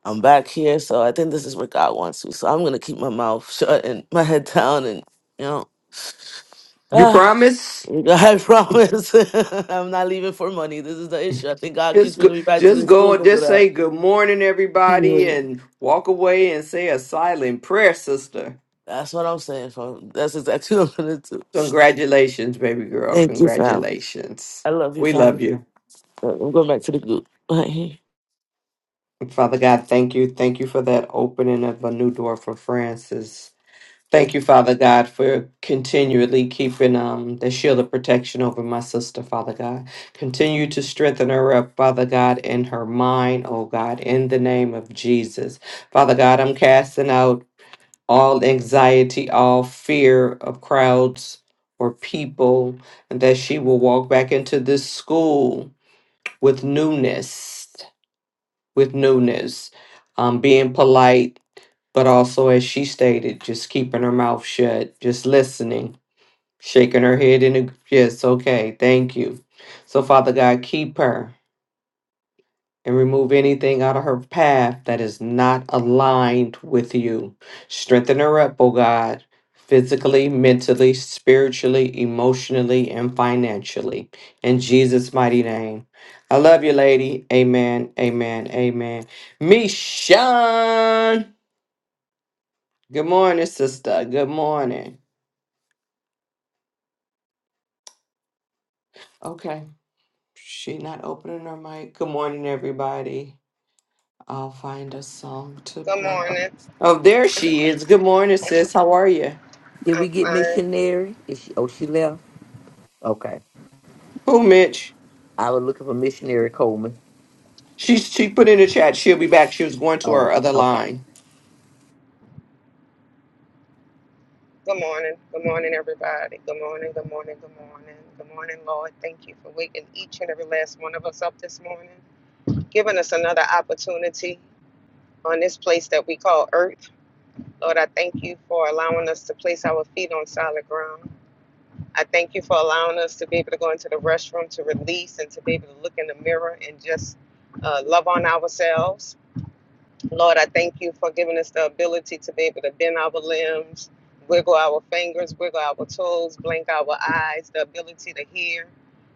E: I'm back here, so I think this is where God wants me. So I'm gonna keep my mouth *laughs* shut and my head down, and you know.
D: You
E: *sighs*
D: promise?
E: I promise. *laughs* I'm not leaving for money. This is the issue. I think God keeps
D: Just go,
E: bringing me back to
D: just
E: this school
D: go and
E: because of
D: just say
E: that.
D: good morning, everybody,
E: *laughs*
D: and walk away and say a silent prayer, sister.
E: That's what I'm saying, fam. That's exactly *laughs* what I'm going to do.
D: Congratulations, baby girl.
E: Thank you, fam.
D: Congratulations.
E: I love you,
D: We love
E: fam.
D: you.
E: Uh, I'm going back to the group. *laughs*
D: Father God, thank you. Thank you for that opening of a new door for Francis. Thank you, Father God, for continually keeping um, the shield of protection over my sister, Father God. Continue to strengthen her up, Father God, in her mind, oh God, in the name of Jesus. Father God, I'm casting out. all anxiety, all fear of crowds or people, and that she will walk back into this school with newness, with newness, um, being polite, but also, as she stated, just keeping her mouth shut, just listening, shaking her head in a yes, okay, thank you. So, Father God, keep her. and remove anything out of her path that is not aligned with you. Strengthen her up, oh God, physically, mentally, spiritually, emotionally, and financially. In Jesus' mighty name. I love you, lady. Amen. Amen. Amen. Mishan. Good morning, sister. Good morning. Okay. She not opening her mic. Good morning, everybody. I'll find a song to
F: Good
D: play.
F: morning.
D: Oh, there she is. Good morning, sis. How are you?
B: Did we
F: I'm
B: get
F: fine.
B: missionary? Is she, oh, she left. Okay,
D: Who, Mitch?
B: I was looking for missionary Coleman.
D: She she put in the chat. She'll be back. She was going to
B: Oh,
D: her other
B: okay.
D: line.
F: Good morning. Good morning, everybody. Good morning. Good morning. Good morning. Good morning, Lord. Thank you for waking each and every last one of us up this morning, giving us another opportunity on this place that we call earth. Lord, I thank you for allowing us to place our feet on solid ground. I thank you for allowing us to be able to go into the restroom to release and to be able to look in the mirror and just uh, love on ourselves Lord, I thank you for giving us the ability to be able to bend our limbs, wiggle our fingers, wiggle our toes, blink our eyes, the ability to hear,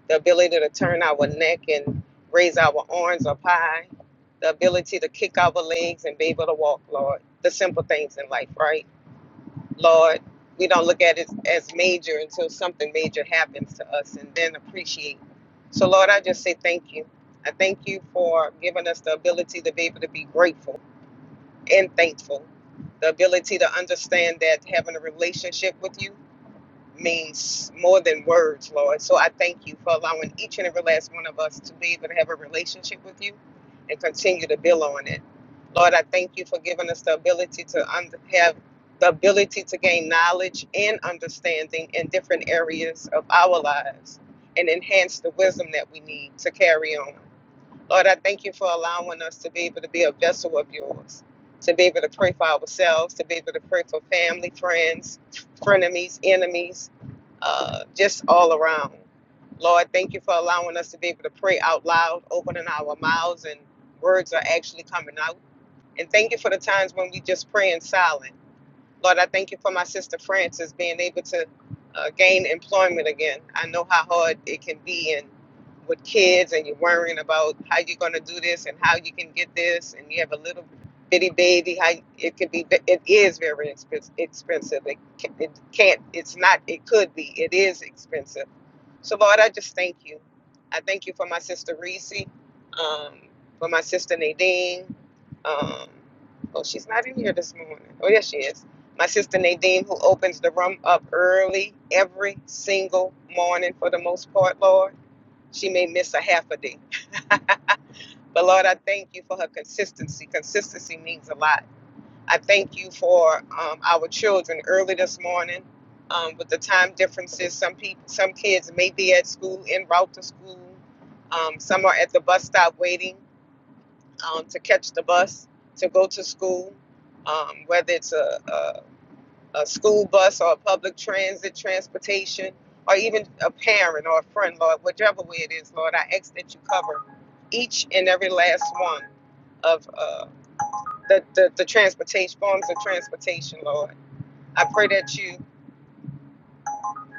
F: the ability to turn our neck and raise our arms up high, the ability to kick our legs and be able to walk, Lord. The simple things in life, right? Lord, we don't look at it as major until something major happens to us and then appreciate. So, Lord, I just say thank you. I thank you for giving us the ability to be able to be grateful and thankful. The ability to understand that having a relationship with you means more than words, Lord. So I thank you for allowing each and every last one of us to be able to have a relationship with you and continue to build on it. Lord, I thank you for giving us the ability to un- have the ability to gain knowledge and understanding in different areas of our lives and enhance the wisdom that we need to carry on. Lord, I thank you for allowing us to be able to be a vessel of yours, to be able to pray for ourselves, to be able to pray for family, friends, frenemies, enemies, uh, just all around. Lord, thank you for allowing us to be able to pray out loud, opening our mouths, and words are actually coming out. And thank you for the times when we just pray in silence. Lord, I thank you for my sister Frances being able to uh, gain employment again. I know how hard it can be, and with kids, and you're worrying about how you're going to do this and how you can get this, and you have a little bitty baby. How it can be, it is very expen- expensive. It, can, it can't. It's not. It could be. It is expensive so, Lord, I just thank you. I thank you for my sister Reese, um, for my sister Nadine. Um, oh, she's not in here this morning. Oh, yes, she is. My sister Nadine, who opens the room up early every single morning for the most part, Lord. She may miss a half a day. But, Lord, I thank you for her consistency. Consistency means a lot. I thank you for um, our children early this morning. Um, with the time differences, some people, some kids may be at school en route to school. Um, some are at the bus stop waiting um, to catch the bus to go to school. Um, whether it's a, a, a school bus or a public transit transportation, or even a parent or a friend, Lord, whichever way it is, Lord, I ask that you cover each and every last one of. uh, the, the, the transportation forms of transportation, Lord. I pray that you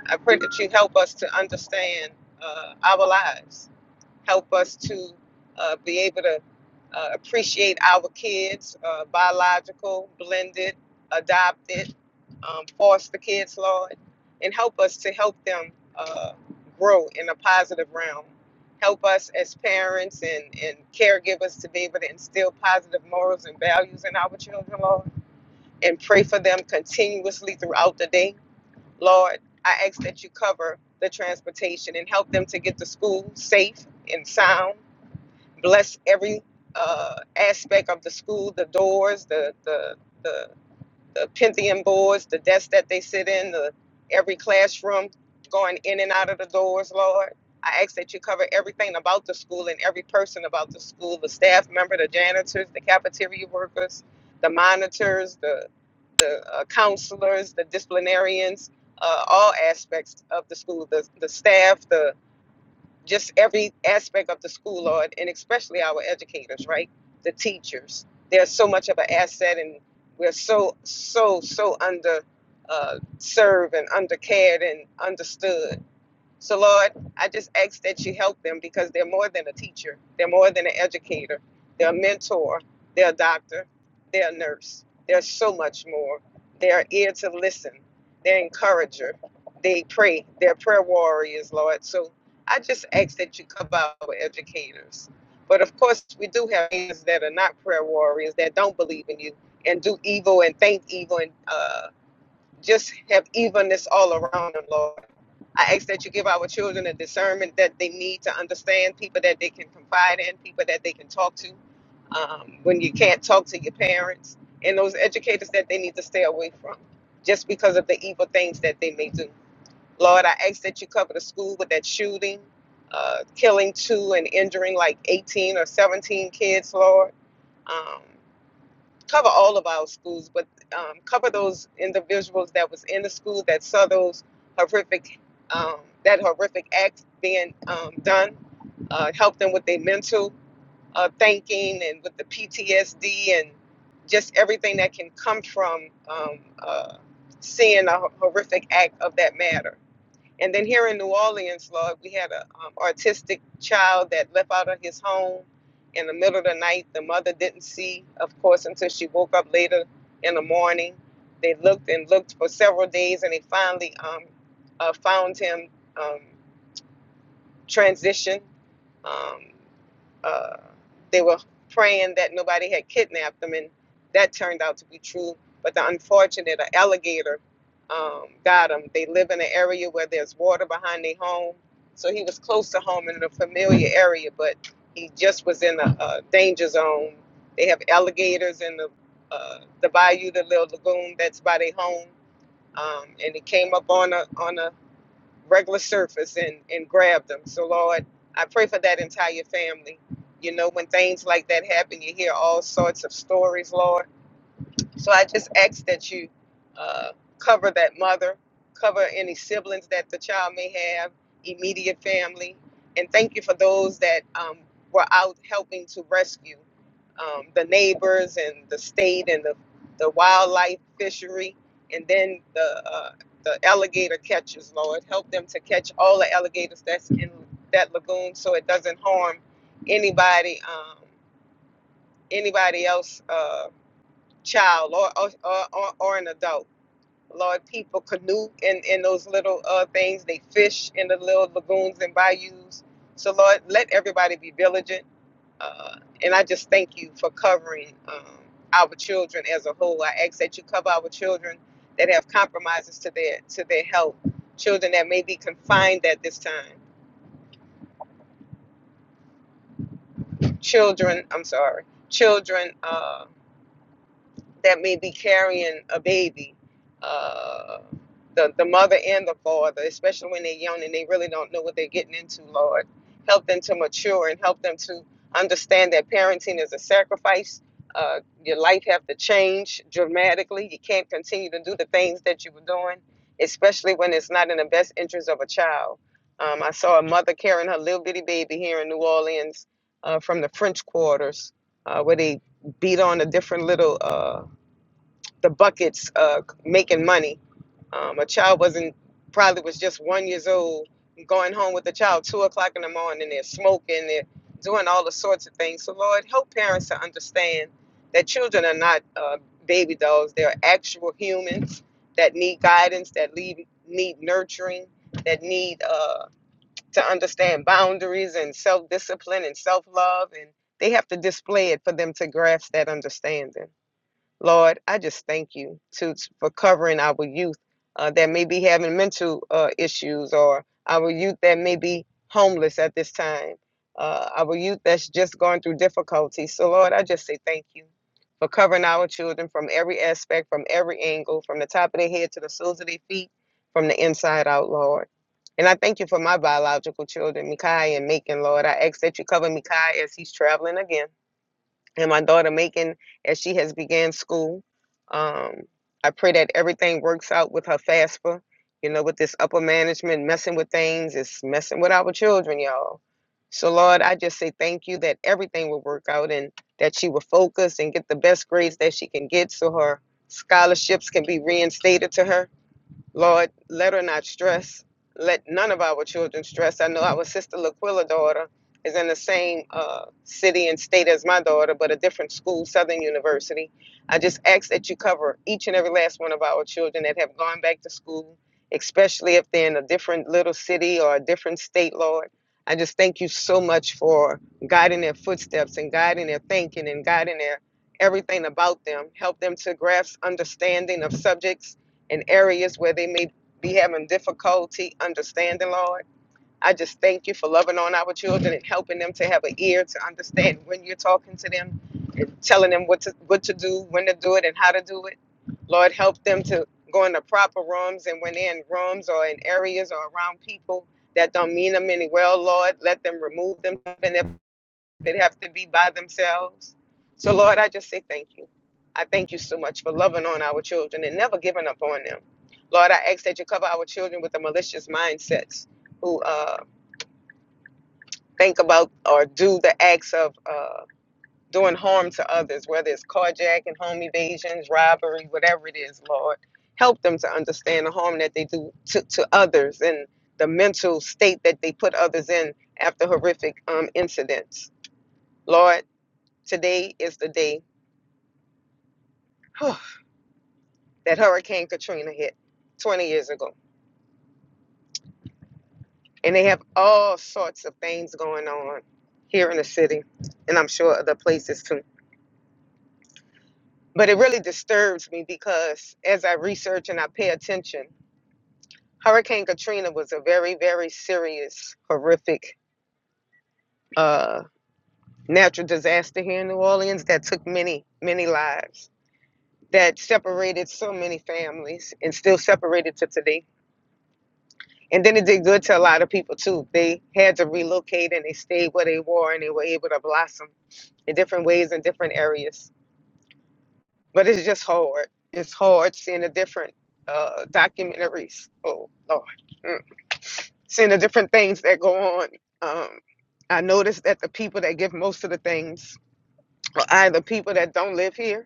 F: I pray that you help us to understand uh, our lives. Help us to uh, be able to uh, appreciate our kids, uh, biological, blended, adopted, um, foster kids, Lord, and help us to help them uh, grow in a positive realm. Help us as parents and, and caregivers to be able to instill positive morals and values in our children, Lord and pray for them continuously throughout the day. Lord, I ask that you cover the transportation and help them to get to school safe and sound. Bless every uh, aspect of the school, the doors, the the the, the Pentium boards, the desks that they sit in, the every classroom going in and out of the doors, Lord. I ask that you cover everything about the school and every person about the school, the staff member, the janitors, the cafeteria workers, the monitors, the the uh, counselors, the disciplinarians, uh, all aspects of the school, the, the staff, the just every aspect of the school, Lord, and especially our educators, right? The teachers. They're so much of an asset, and we're so, so, so under uh, served and undercared and understood. So, Lord, I just ask that you help them because they're more than a teacher, they're more than an educator, they're a mentor, they're a doctor, they're a nurse, they're so much more. They're ear to listen, they're encourager, they pray, they're prayer warriors, Lord. So, I just ask that you cover our educators. But of course, we do have things that are not prayer warriors that don't believe in you and do evil and think evil and uh, just have evenness all around them, Lord. I ask that you give our children the discernment that they need to understand people that they can confide in, people that they can talk to um, when you can't talk to your parents, and those educators that they need to stay away from just because of the evil things that they may do. Lord, I ask that you cover the school with that shooting, uh, killing two and injuring like 18 or 17 kids, Lord. Um, cover all of our schools, but um, cover those individuals that was in the school that saw those horrific, um, that horrific act being um, done. Uh, help them with their mental uh, thinking and with the PTSD and just everything that can come from um, uh, seeing a horrific act of that matter. And then here in New Orleans, Lord, we had an um, autistic child that left out of his home in the middle of the night. The mother didn't see, of course, until she woke up later in the morning. They looked and looked for several days, and they finally um, uh, found him um, transitioned. Um, uh, they were praying that nobody had kidnapped them, and that turned out to be true. But the unfortunate, an alligator um, got him. They live in an area where there's water behind their home, so he was close to home and in a familiar area, but he just was in a, a danger zone. They have alligators in the uh, the bayou, the little lagoon that's by their home, um, and he came up on a on a regular surface and and grab them. So Lord, I pray for that entire family. You know, when things like that happen, you hear all sorts of stories, Lord. So I just ask that you uh, cover that mother, cover any siblings that the child may have, immediate family, and thank you for those that um, were out helping to rescue um, the neighbors and the state and the, the wildlife fishery, and then the uh, the alligator catchers. Lord, help them to catch all the alligators that's in that lagoon, so it doesn't harm anybody um, anybody else. Uh, child or or, or, or an adult. Lord, people canoe in, in those little uh, things. They fish in the little lagoons and bayous. So, Lord, let everybody be vigilant. Uh, and I just thank you for covering um, our children as a whole. I ask that you cover our children that have compromises to their to their health, children that may be confined at this time, children. I'm sorry, children. Uh, that may be carrying a baby, uh, the, the mother and the father, especially when they're young and they really don't know what they're getting into, Lord. Help them to mature and help them to understand that parenting is a sacrifice. Uh, your life have to change dramatically. You can't continue to do the things that you were doing, especially when it's not in the best interest of a child. Um, I saw a mother carrying her little bitty baby here in New Orleans uh, from the French quarters, uh, where they beat on a different little uh, the buckets uh, making money. Um, a child wasn't probably was just one years old going home with a child two o'clock in the morning. They're smoking. They're doing all the sorts of things. So Lord, help parents to understand that children are not uh, baby dolls. They're actual humans that need guidance, that need need nurturing, that need uh, to understand boundaries and self discipline and self love, and they have to display it for them to grasp that understanding. Lord, I just thank you to, for covering our youth uh, that may be having mental uh, issues or our youth that may be homeless at this time, uh, our youth that's just going through difficulties. So, Lord, I just say thank you for covering our children from every aspect, from every angle, from the top of their head to the soles of their feet, from the inside out, Lord. And I thank you for my biological children, Mikai and Macon, Lord. I ask that you cover Mikai as he's traveling again and my daughter Macon as she has began school. Um, I pray that everything works out with her FAFSA. You know, with this upper management messing with things, it's messing with our children, y'all. So, Lord, I just say thank you that everything will work out and that she will focus and get the best grades that she can get so her scholarships can be reinstated to her Lord, let her not stress. Let none of our children stress. I know our sister Laquilla daughter is in the same uh, city and state as my daughter, but a different school, Southern University. I just ask that you cover each and every last one of our children that have gone back to school, especially if they're in a different little city or a different state, Lord. I just thank you so much for guiding their footsteps and guiding their thinking and guiding their everything about them. Help them to grasp understanding of subjects in areas where they may be having difficulty understanding, Lord. I just thank you for loving on our children and helping them to have an ear to understand when you're talking to them and telling them what to what to do, when to do it, and how to do it. Lord, help them to go in the proper rooms and when they're in rooms or in areas or around people that don't mean them any well, Lord, let them remove them in their that have to be by themselves. So, Lord, I just say thank you. I thank you so much for loving on our children and never giving up on them. Lord, I ask that you cover our children with the malicious mindsets who uh, think about or do the acts of uh, doing harm to others, whether it's carjacking, home evasions, robbery, whatever it is, Lord. Help them to understand the harm that they do to, to others and the mental state that they put others in after horrific um, incidents. Lord, Today is the day whew, that Hurricane Katrina hit 20 years ago. And they have all sorts of things going on here in the city, and I'm sure other places too. But it really disturbs me because as I research and I pay attention, Hurricane Katrina was a very, very serious, horrific uh, natural disaster here in New Orleans that took many, many lives, that separated so many families and still separated to today And then it did good to a lot of people too. They had to relocate and they stayed where they were and they were able to blossom in different ways in different areas. But it's just hard. It's hard seeing the different uh, documentaries. Oh Lord, Mm. seeing the different things that go on. Um, I noticed that the people that give most of the things are either people that don't live here,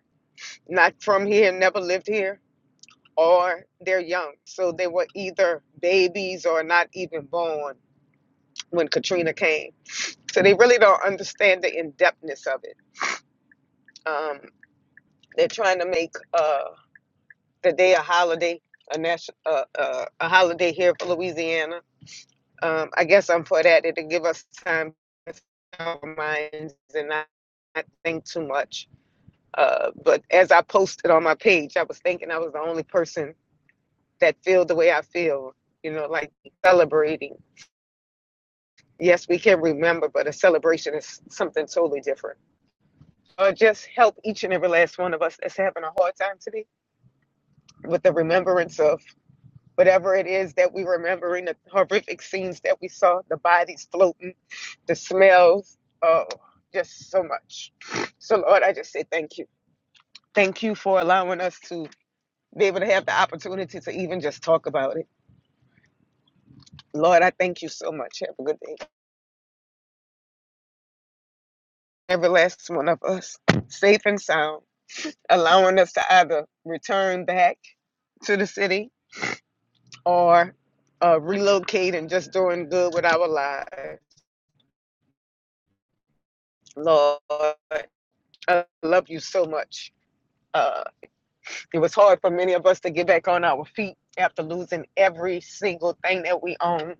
F: not from here, never lived here, or they're young. So they were either babies or not even born when Katrina came So they really don't understand the in depthness of it. Um, they're trying to make uh, the day a holiday, a national, uh, uh, a holiday here for Louisiana. Um, I guess I'm for that. It'll give us time to our minds and not, not think too much. Uh, but as I posted on my page, I was thinking I was the only person that feel the way I feel. You know, like celebrating. Yes, we can remember, but a celebration is something totally different. or just help each and every last one of us that's having a hard time today with the remembrance of whatever it is that we remembering the horrific scenes that we saw the bodies floating the smells oh just so much so lord i just say thank you thank you for allowing us to be able to have the opportunity to even just talk about it lord i thank you so much have a good day every last one of us safe and sound allowing us to either return back to the city or uh, relocate and just doing good with our lives. Lord, I love you so much. Uh, it was hard for many of us to get back on our feet after losing every single thing that we own,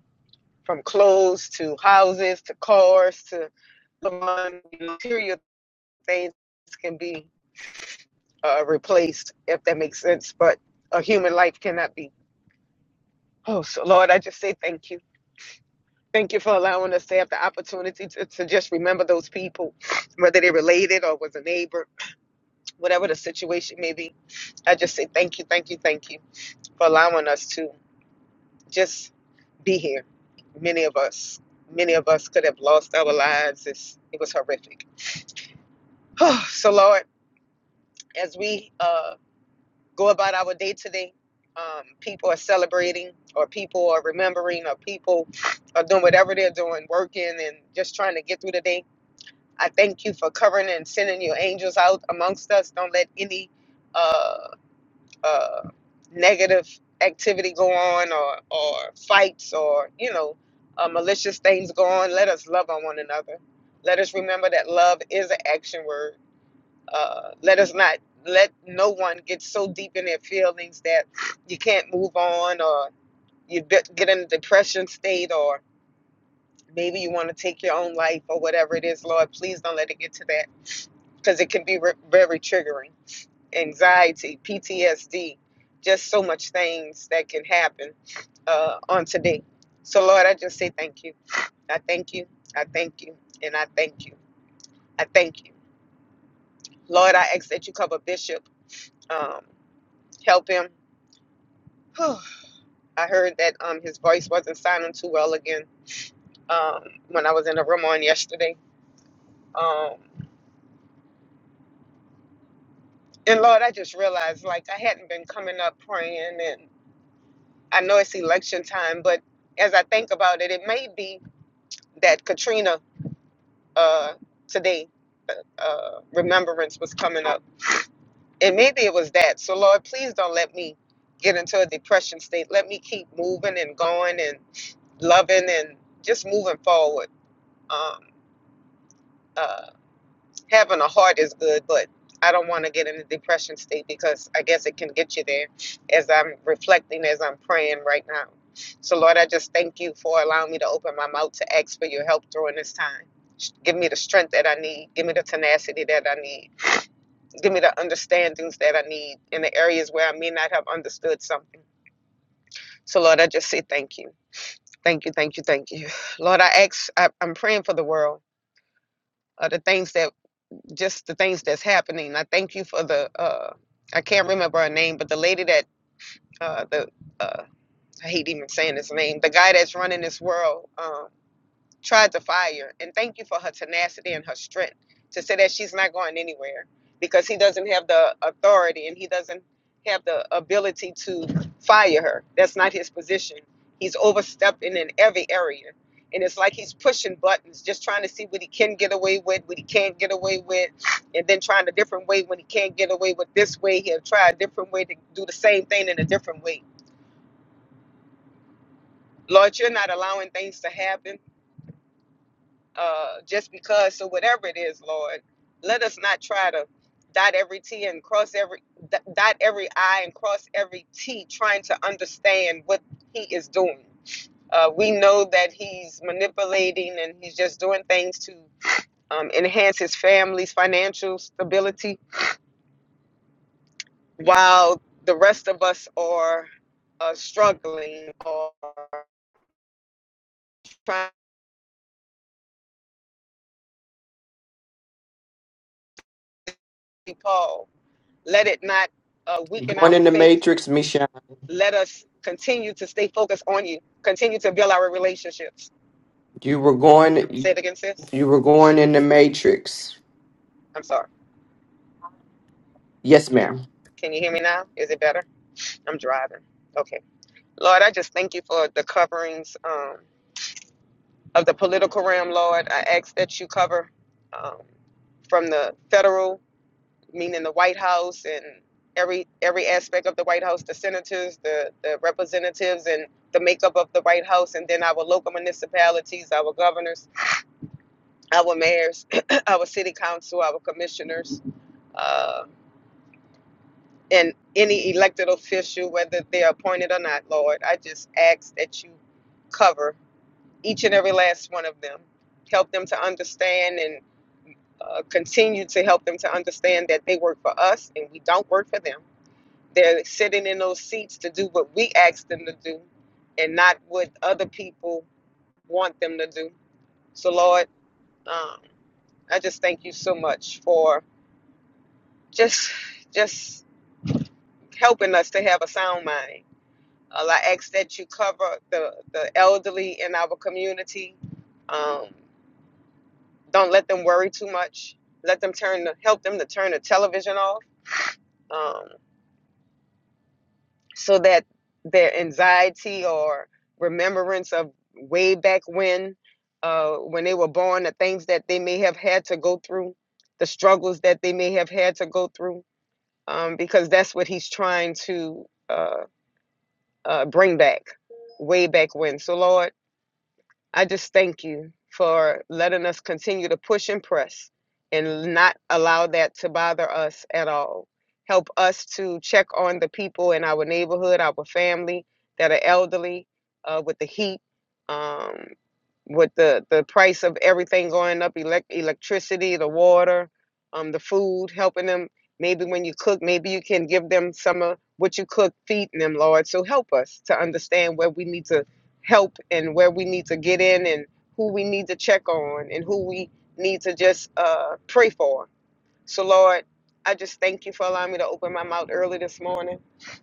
F: from clothes to houses to cars to the money. material things can be uh, replaced, if that makes sense. But a human life cannot be. Oh, so Lord, I just say thank you. Thank you for allowing us to have the opportunity to, to just remember those people, whether they related or was a neighbor, whatever the situation may be. I just say thank you, thank you, thank you for allowing us to just be here. Many of us, many of us could have lost our lives. It's, it was horrific. *sighs* so, Lord, as we uh, go about our day today, um, people are celebrating, or people are remembering, or people are doing whatever they're doing, working and just trying to get through the day. I thank you for covering and sending your angels out amongst us. Don't let any uh, uh, negative activity go on or, or fights or, you know, uh, malicious things go on. Let us love on one another. Let us remember that love is an action word. Uh, let us not let no one get so deep in their feelings that you can't move on or you get get in a depression state or maybe you want to take your own life or whatever it is, Lord. Please don't let it get to that because it can be re- very triggering. Anxiety, PTSD, just so much things that can happen uh, on today. So, Lord, I just say thank you. I thank you. I thank you. And I thank you. I thank you. Lord, I ask that you cover Bishop, um, help him. Whew. I heard that um, his voice wasn't sounding too well again um, when I was in the room on yesterday. Um, and Lord, I just realized like I hadn't been coming up praying and. I know it's election time, but as I think about it, it may be that Katrina uh, today uh, uh, remembrance was coming up, and maybe it was that. So Lord, please don't let me get into a depression state. Let me keep moving and going and loving and just moving forward. Um, uh, having a heart is good, but I don't want to get in a depression state because I guess it can get you there as I'm reflecting, as I'm praying right now. So, Lord, I just thank you for allowing me to open my mouth to ask for your help during this time. Give me the strength that I need. Give me the tenacity that I need. Give me the understandings that I need in the areas where I may not have understood something. So, Lord, I just say thank you. Thank you, thank you, thank you. Lord, I ask, I, I'm praying for the world, uh, the things that just the things that's happening. I thank you for the uh, I can't remember her name, but the lady that uh, the uh, I hate even saying his name. The guy that's running this world. um, tried to fire. And thank you for her tenacity and her strength to say that she's not going anywhere because he doesn't have the authority and he doesn't have the ability to fire her. That's not his position. He's overstepping in every area. And it's like he's pushing buttons, just trying to see what he can get away with, what he can't get away with, and then trying a different way when he can't get away with this way. He'll try a different way to do the same thing in a different way. Lord, you're not allowing things to happen uh, just because. So whatever it is, Lord, let us not try to dot every T and cross every d- dot every I and cross every T, trying to understand what He is doing. Uh, we know that He's manipulating and He's just doing things to um, enhance His family's financial stability, while the rest of us are uh, struggling or trying to be Paul. Let it not uh,
D: You're
F: weaken
D: Going
F: our
D: in the
F: faith
D: matrix, Michelle.
F: Let us continue to stay focused on you. Continue to build our relationships.
D: You were
F: Say
D: going.
F: it again, sis.
D: You were going in the matrix.
F: I'm sorry.
D: Yes, ma'am.
F: Can you hear me now? Is it better? I'm driving. Okay. Lord, I just thank you for the coverings um, of the political realm, Lord. I ask that you cover um, from the federal, meaning the White House and every every aspect of the White House, the senators, the, the representatives, and the makeup of the White House, and then our local municipalities, our governors. our mayors, *clears throat* our city council, our commissioners, uh, and any elected official, whether they're appointed or not, Lord. I just ask that you cover each and every last one of them. Help them to understand and uh, continue to help them to understand that they work for us and we don't work for them. They're sitting in those seats to do what we ask them to do and not what other people want them to do. So, Lord, um, I just thank you so much for. just just helping us to have a sound mind. Uh, I ask that you cover the the elderly in our community. Um, don't let them worry too much. Let them turn the, help them to turn the television off um, so that their anxiety or remembrance of way back when uh, when they were born, the things that they may have had to go through, the struggles that they may have had to go through, um, because that's what he's trying to. uh, uh, bring back way back when. So, Lord, I just thank you for letting us continue to push and press and not allow that to bother us at all. Help us to check on the people in our neighborhood, our family that are elderly uh, with the heat. Um, with the the price of everything going up elect electricity the water um the food helping them maybe when you cook maybe you can give them some of what you cook feeding them lord so help us to understand where we need to help and where we need to get in and who we need to check on and who we need to just uh pray for so, Lord, I just thank you for allowing me to open my mouth early this morning.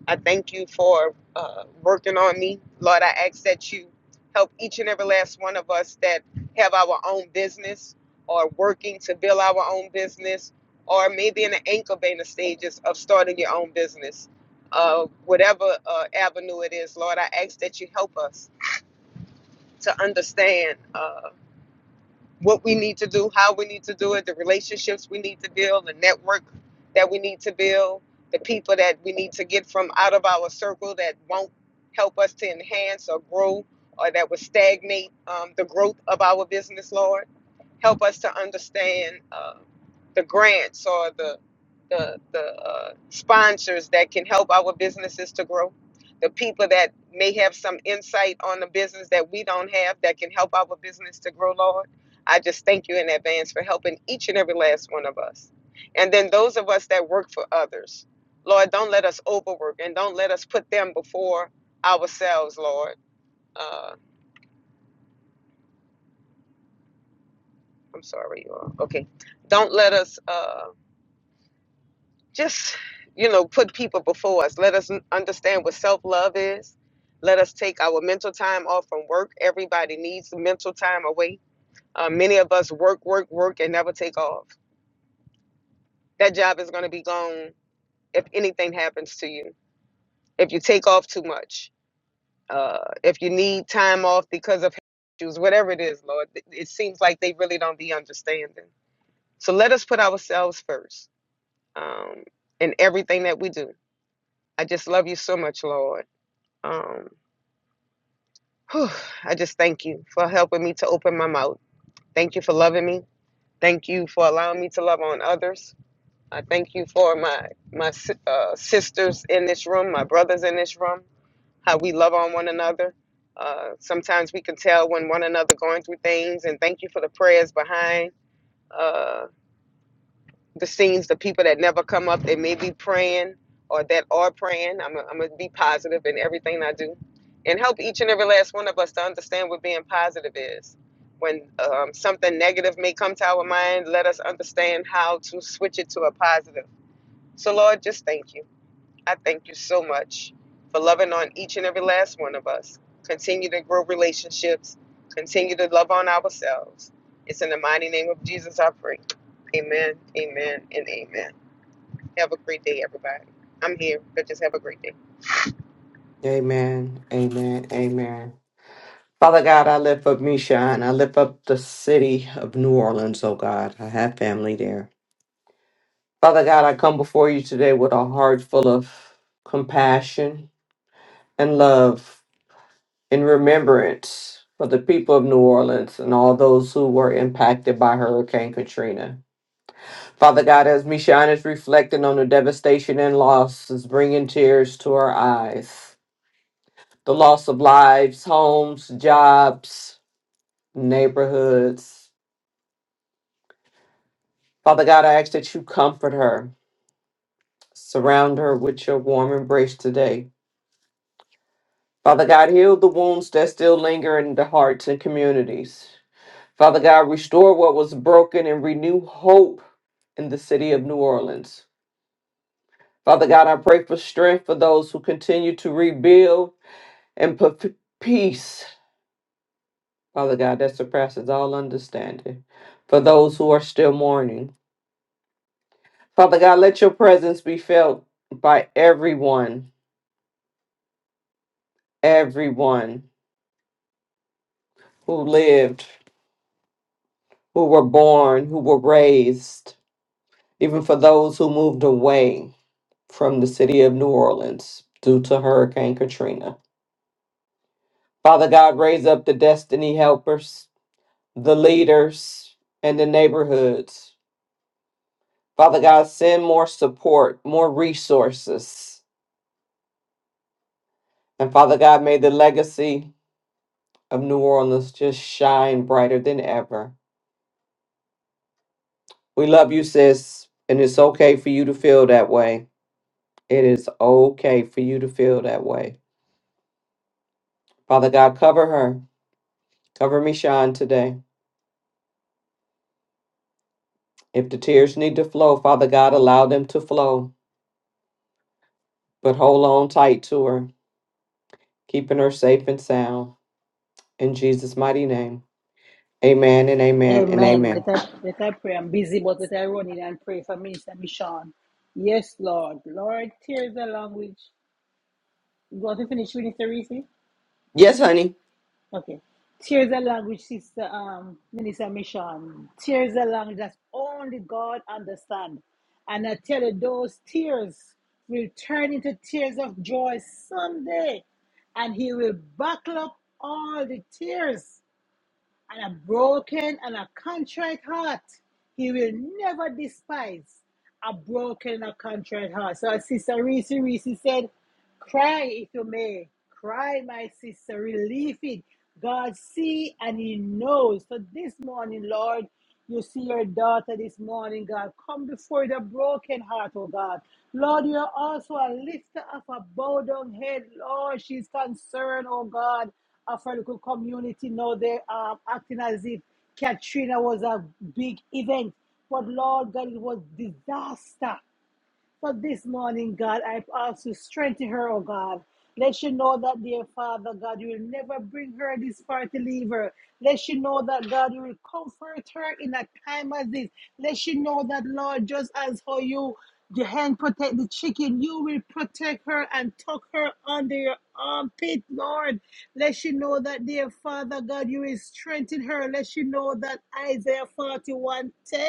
F: I thank you for uh, working on me. Lord, I ask that you help each and every last one of us that have our own business or working to build our own business or maybe in the incubator stages of starting your own business. Uh, whatever uh, avenue it is, Lord, I ask that you help us to understand. uh, what we need to do, how we need to do it, the relationships we need to build, the network that we need to build, the people that we need to get from out of our circle that won't help us to enhance or grow or that would stagnate um, the growth of our business, Lord. Help us to understand uh, the grants or the the, the uh, sponsors that can help our businesses to grow, the people that may have some insight on the business that we don't have that can help our business to grow, Lord I just thank you in advance for helping each and every last one of us. And then those of us that work for others, Lord, don't let us overwork and don't let us put them before ourselves, Lord. Uh, I'm sorry, you all. Okay. Don't let us uh, just, you know, put people before us. Let us n- understand what self love is. Let us take our mental time off from work. Everybody needs mental time away. Uh, many of us work, work, work, and never take off. That job is going to be gone if anything happens to you, if you take off too much, uh, if you need time off because of issues, whatever it is, Lord, it it seems like they really don't be understanding. So let us put ourselves first um, in everything that we do. I just love you so much, Lord. Um, whew, I just thank you for helping me to open my mouth. Thank you for loving me. Thank you for allowing me to love on others. I thank you for my my si- uh, sisters in this room, my brothers in this room. how we love on one another. Uh, sometimes we can tell when one another going through things. And thank you for the prayers behind uh, the scenes, the people that never come up that may be praying or that are praying. I'm going to be positive in everything I do and help each and every last one of us to understand what being positive is. When um, something negative may come to our mind, let us understand how to switch it to a positive. So, Lord, just thank you. I thank you so much for loving on each and every last one of us. Continue to grow relationships. Continue to love on ourselves. It's in the mighty name of Jesus I pray. Amen, amen, and amen. Have a great day, everybody. I'm here, but just have a great day.
D: Amen. Amen. Amen. Father God, I lift up Misha and I lift up the city of New Orleans, oh God. I have family there. Father God, I come before you today with a heart full of compassion and love and remembrance for the people of New Orleans and all those who were impacted by Hurricane Katrina. Father God, as Mishan is reflecting on the devastation and loss, is bringing tears to her eyes. The loss of lives, homes, jobs, neighborhoods. Father God, I ask that you comfort her, surround her with your warm embrace today. Father God, heal the wounds that still linger in the hearts and communities. Father God, restore what was broken and renew hope in the city of New Orleans. Father God, I pray for strength for those who continue to rebuild and put peace, Father God, that surpasses all understanding, for those who are still mourning. Father God, let your presence be felt by everyone everyone who lived, who were born, who were raised, even for those who moved away from the city of New Orleans due to Hurricane Katrina. Father God, raise up the destiny helpers, the leaders, and the neighborhoods. Father God, send more support, more resources. And Father God, may the legacy of New Orleans just shine brighter than ever. We love you, sis, and it's okay for you to feel that way. It is okay for you to feel that way. Father God, cover her. Cover me, Sean, today. If the tears need to flow, Father God, allow them to flow, but hold on tight to her, keeping her safe and sound. In Jesus' mighty name. Amen and amen and
A: Amen. Let
D: amen.
A: I, let I pray. I'm busy, but let I run in and pray for Minister Michon. Yes, Lord. Lord, tears along which. You want to finish, Minister Reese?
D: Yes, honey.
A: Okay. Tears a language, Sister um, Minister Mission. Tears a language that only God understands, And I tell you, those tears will turn into tears of joy someday. And He will buckle up all the tears and a broken and a contrite heart. He will never despise a broken and a contrite heart. So, as Sister Reese Reese said, Cry if you may. Cry, my sister. Relieve it. God see and He knows. So this morning, Lord, you see your daughter this morning, God. Come before the broken heart, oh God. Lord, you are also a lifter of a bowed down head. Lord, she's concerned, oh God, of her local community. Now they are acting as if Katrina was a big event. But Lord God, it was disaster. For this morning, God, I ask you strengthen her, oh God. Let she know that, dear Father, God, you will never bring her this far to leave her. Let she know that, God, you will comfort her in a time as this. Let she know that, Lord, just as how you, the hand protect the chicken, you will protect her and tuck her under your armpit, Lord. Let she know that, dear Father, God, you will strengthen her. Let she know that Isaiah 41 10.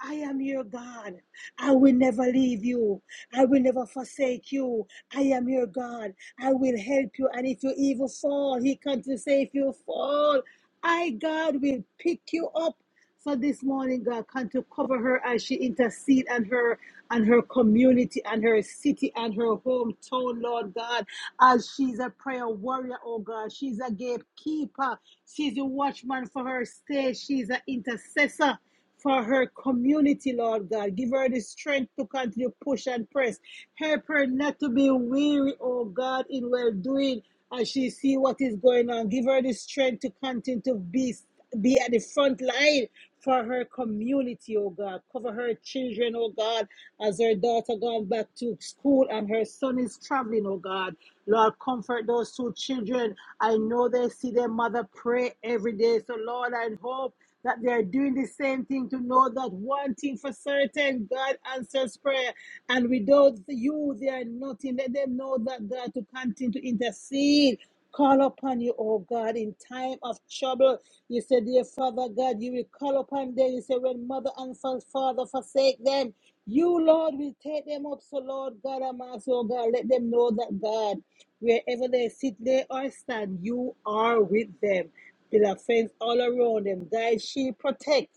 A: I am your God. I will never leave you. I will never forsake you. I am your God. I will help you. And if you even fall, he comes to say, if you fall, I, God, will pick you up. So this morning, God, come to cover her as she intercede on her and her community and her city and her hometown, Lord God, as she's a prayer warrior, oh God. She's a gatekeeper. She's a watchman for her state. She's an intercessor for her community, Lord God. Give her the strength to continue push and press. Help her not to be weary, oh God, in well doing as she see what is going on. Give her the strength to continue to be be at the front line for her community, oh God. Cover her children, oh God, as her daughter gone back to school and her son is traveling, oh God. Lord, comfort those two children. I know they see their mother pray every day. So, Lord, I hope that they are doing the same thing to know that one thing for certain God answers prayer. And without you, they are nothing. Let them know that God to continue to intercede Call upon you, oh God, in time of trouble. You said, dear Father God, you will call upon them. You said, when mother and fa- father forsake them, you, Lord, will take them up. So, Lord God, I'm asking, oh God, let them know that, God, wherever they sit, they or stand, you are with them. Build a fence all around them. Guide, shield, protect.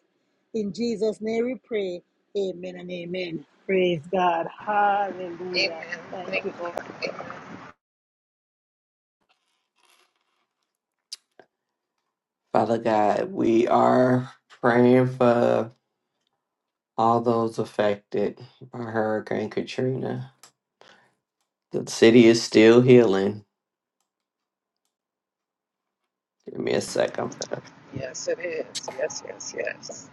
A: In Jesus' name we pray. Amen and amen. Praise God. Hallelujah.
F: Amen.
A: Thank
F: Thank
A: you, Lord.
F: you. Amen.
D: Father God, we are praying for all those affected by Hurricane Katrina. The city is still healing. Give me a second.
F: Yes, it is. Yes, yes, yes.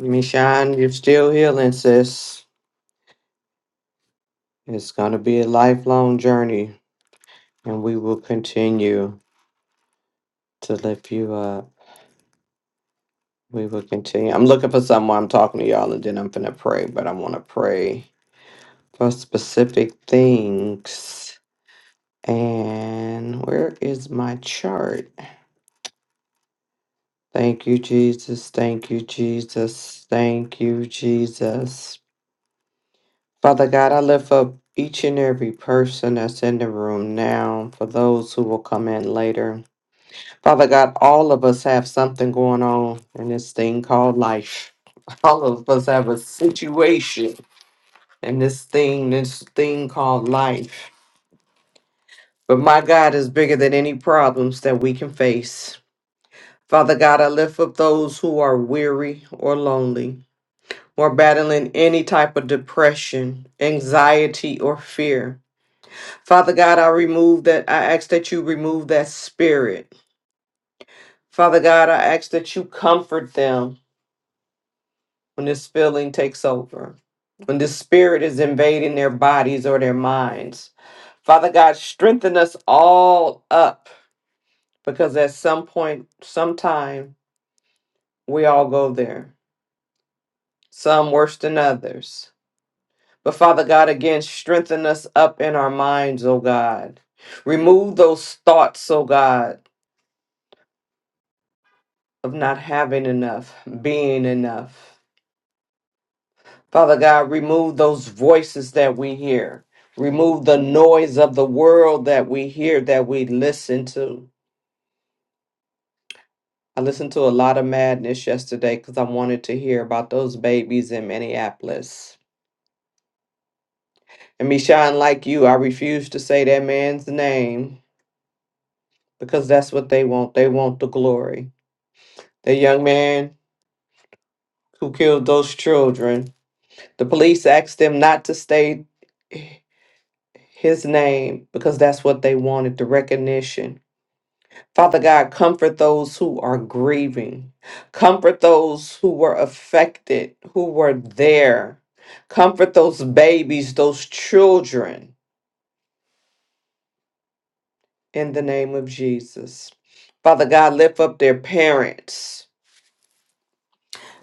D: Michonne, you're still healing, sis. It's going to be a lifelong journey, and we will continue to lift you up. We will continue. I'm looking for someone. I'm talking to y'all, and then I'm going to pray, but I want to pray for specific things. And where is my chart? Thank you, Jesus. Thank you, Jesus. Thank you, Jesus. Father God, I lift up each and every person that's in the room now for those who will come in later. Father God, all of us have something going on in this thing called life. *laughs* All of us have a situation in this thing, this thing called life. But my God is bigger than any problems that we can face. Father God, I lift up those who are weary or lonely or battling any type of depression, anxiety, or fear. Father God, I remove that. I ask that you remove that spirit. Father God, I ask that you comfort them when this feeling takes over, when this spirit is invading their bodies or their minds. Father God, strengthen us all up because at some point, sometime, we all go there, some worse than others. But Father God, again, strengthen us up in our minds, oh God. Remove those thoughts, oh God, of not having enough, being enough. Father God, remove those voices that we hear. Remove the noise of the world that we hear, that we listen to. I listened to a lot of madness yesterday because I wanted to hear about those babies in Minneapolis. And me shine like you, I refuse to say that man's name because that's what they want. They want the glory. The young man who killed those children, the police asked them not to state his name because that's what they wanted the recognition Father God, comfort those who are grieving. Comfort those who were affected, who were there. Comfort those babies, those children, in the name of Jesus. Father God, lift up their parents.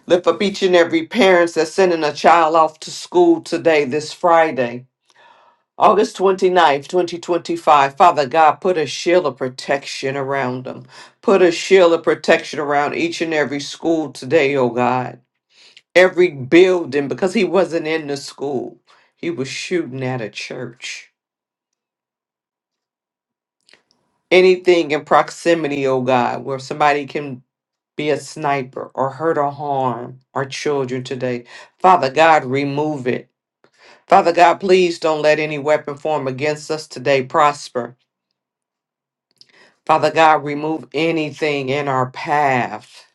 D: Lift up each and every parents that's sending a child off to school today, this Friday, August 29th, 2025. Father God, put a shield of protection around them. Put a shield of protection around each and every school today, oh God. every building because he wasn't in the school. He was shooting at a church. Anything in proximity, oh God, where somebody can be a sniper or hurt or harm our children today. Father God, remove it. Father God, please don't let any weapon form against us today prosper. Father God, remove anything in our path,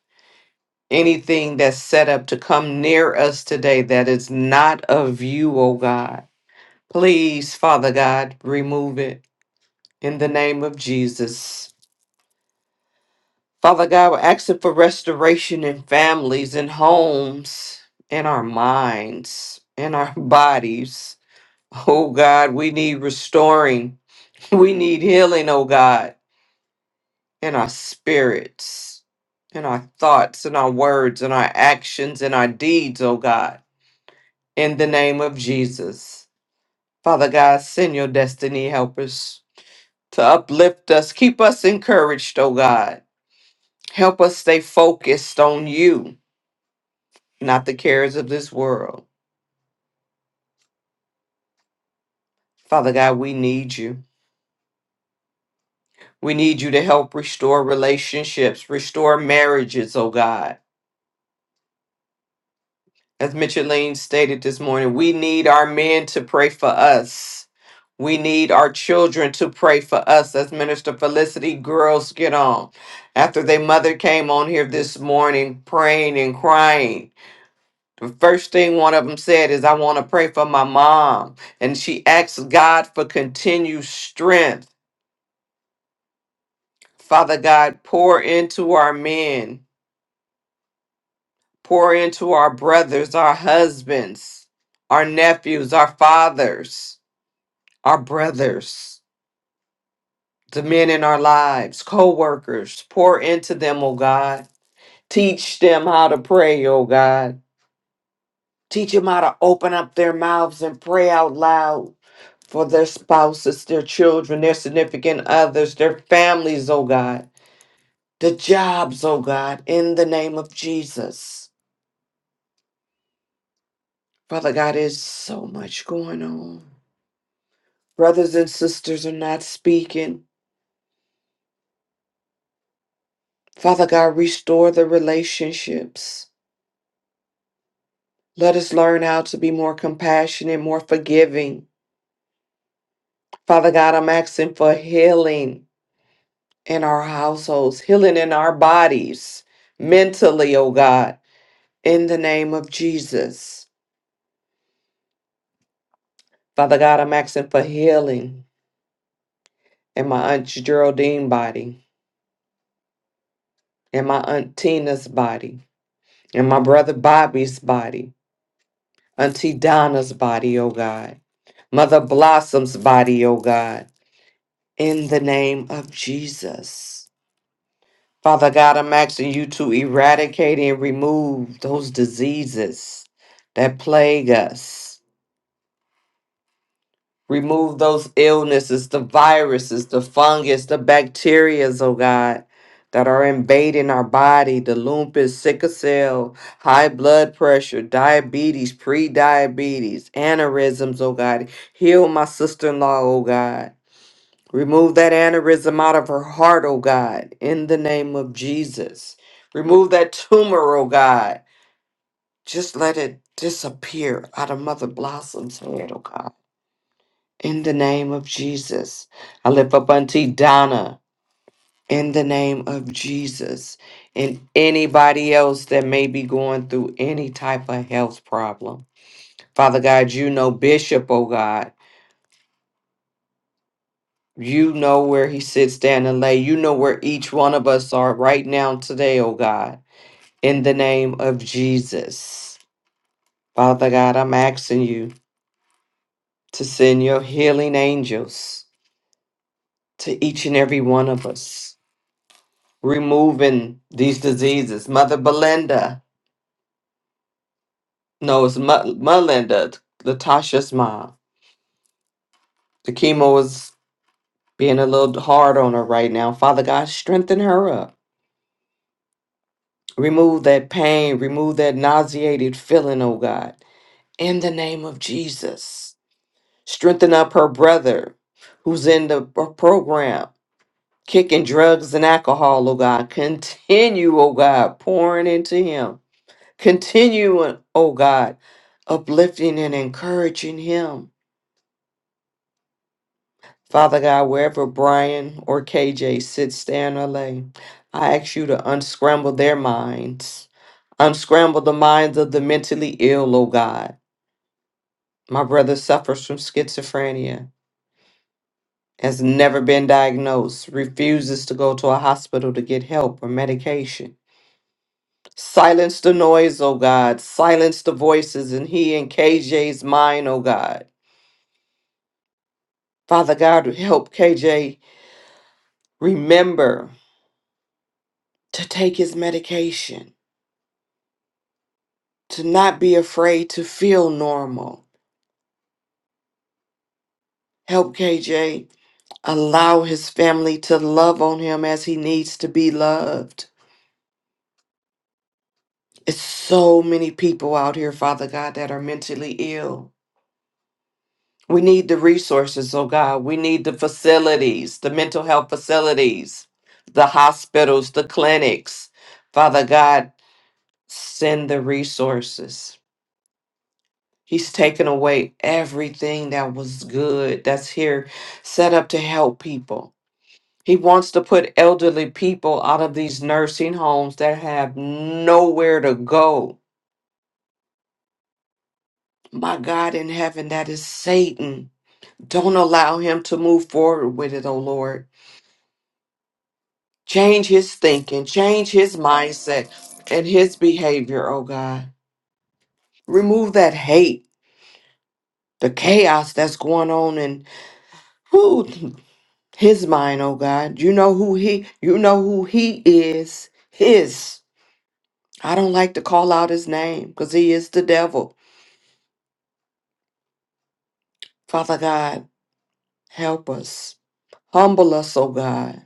D: anything that's set up to come near us today that is not of you, oh God. Please, Father God, remove it in the name of Jesus. Father God, we're asking for restoration in families and homes, in our minds, in our *laughs* bodies. Oh God, we need restoring. We need healing, oh God, in our spirits, in our thoughts, in our words, in our actions, in our deeds, oh God, in the name of Jesus. Father God, send your destiny helpers to uplift us. Keep us encouraged, O God. Help us stay focused on you, not the cares of this world. Father God, we need you. We need you to help restore relationships, restore marriages, oh God. As Micheline stated this morning, we need our men to pray for us. We need our children to pray for us as Minister Felicity girls get on. After their mother came on here this morning praying and crying, The first thing one of them said is, I want to pray for my mom. And she asked God for continued strength. Father God, pour into our men, pour into our brothers, our husbands, our nephews, our fathers, our brothers, the men in our lives, co workers. Pour into them, oh God. Teach them how to pray, oh God. Teach them how to open up their mouths and pray out loud. for their spouses, their children, their significant others, their families, oh God, the jobs, oh God, in the name of Jesus. Father God, there's so much going on. Brothers and sisters are not speaking. Father God, restore the relationships. Let us learn how to be more compassionate, more forgiving. Father God, I'm asking for healing in our households, healing in our bodies, mentally, oh God, in the name of Jesus. Father God, I'm asking for healing in my Aunt Geraldine body, in my Aunt Tina's body, in my brother Bobby's body, Auntie Donna's body, oh God, Mother Blossom's body, oh God, in the name of Jesus. Father God, I'm asking you to eradicate and remove those diseases that plague us Remove those illnesses, the viruses, the fungus, the bacterias, oh God, that are invading our body, the lupus, sickle cell, high blood pressure, diabetes, pre-diabetes, aneurysms, oh God. Heal my sister-in-law, oh God. Remove that aneurysm out of her heart, oh God, in the name of Jesus. Remove that tumor, oh God. Just let it disappear out of Mother Blossom's head, oh God. In the name of Jesus. I lift up Auntie Donna in the name of Jesus and anybody else that may be going through any type of health problem. Father God, you know Bishop, oh God. You know where he sits down and lay. You know where each one of us are right now today, oh God. In the name of Jesus. Father God, I'm asking you to send your healing angels to each and every one of us removing these diseases. Mother Belinda, no, it's Mo- Melinda, Latasha's mom. The chemo is being a little hard on her right now. Father God, strengthen her up. Remove that pain, remove that nauseated feeling, oh God. In the name of Jesus, strengthen up her brother who's in the pro- program, kicking drugs and alcohol, oh God. Continue, oh God, pouring into him Continue, oh God, uplifting and encouraging him. Father God, wherever Brian or KJ sit, stand, or lay, I ask you to unscramble their minds. Unscramble the minds of the mentally ill, oh God. My brother suffers from schizophrenia, has never been diagnosed, refuses to go to a hospital to get help or medication. Silence the noise, oh God. Silence the voices in he and KJ's mind, oh God. Father God, help KJ remember to take his medication, to not be afraid to feel normal. Help KJ allow his family to love on him as he needs to be loved. It's so many people out here, Father God, that are mentally ill. We need the resources, oh God. We need the facilities, the mental health facilities, the hospitals, the clinics. Father God, send the resources. He's taken away everything that was good that's here set up to help people. He wants to put elderly people out of these nursing homes that have nowhere to go. My God in heaven, that is Satan. Don't allow him to move forward with it, oh Lord. Change his thinking, change his mindset and his behavior, oh God. Remove that hate, the chaos that's going on in whew, his mind, oh God. You know who he you know who he is. His. I don't like to call out his name because he is the devil. Father God, help us. Humble us, oh God.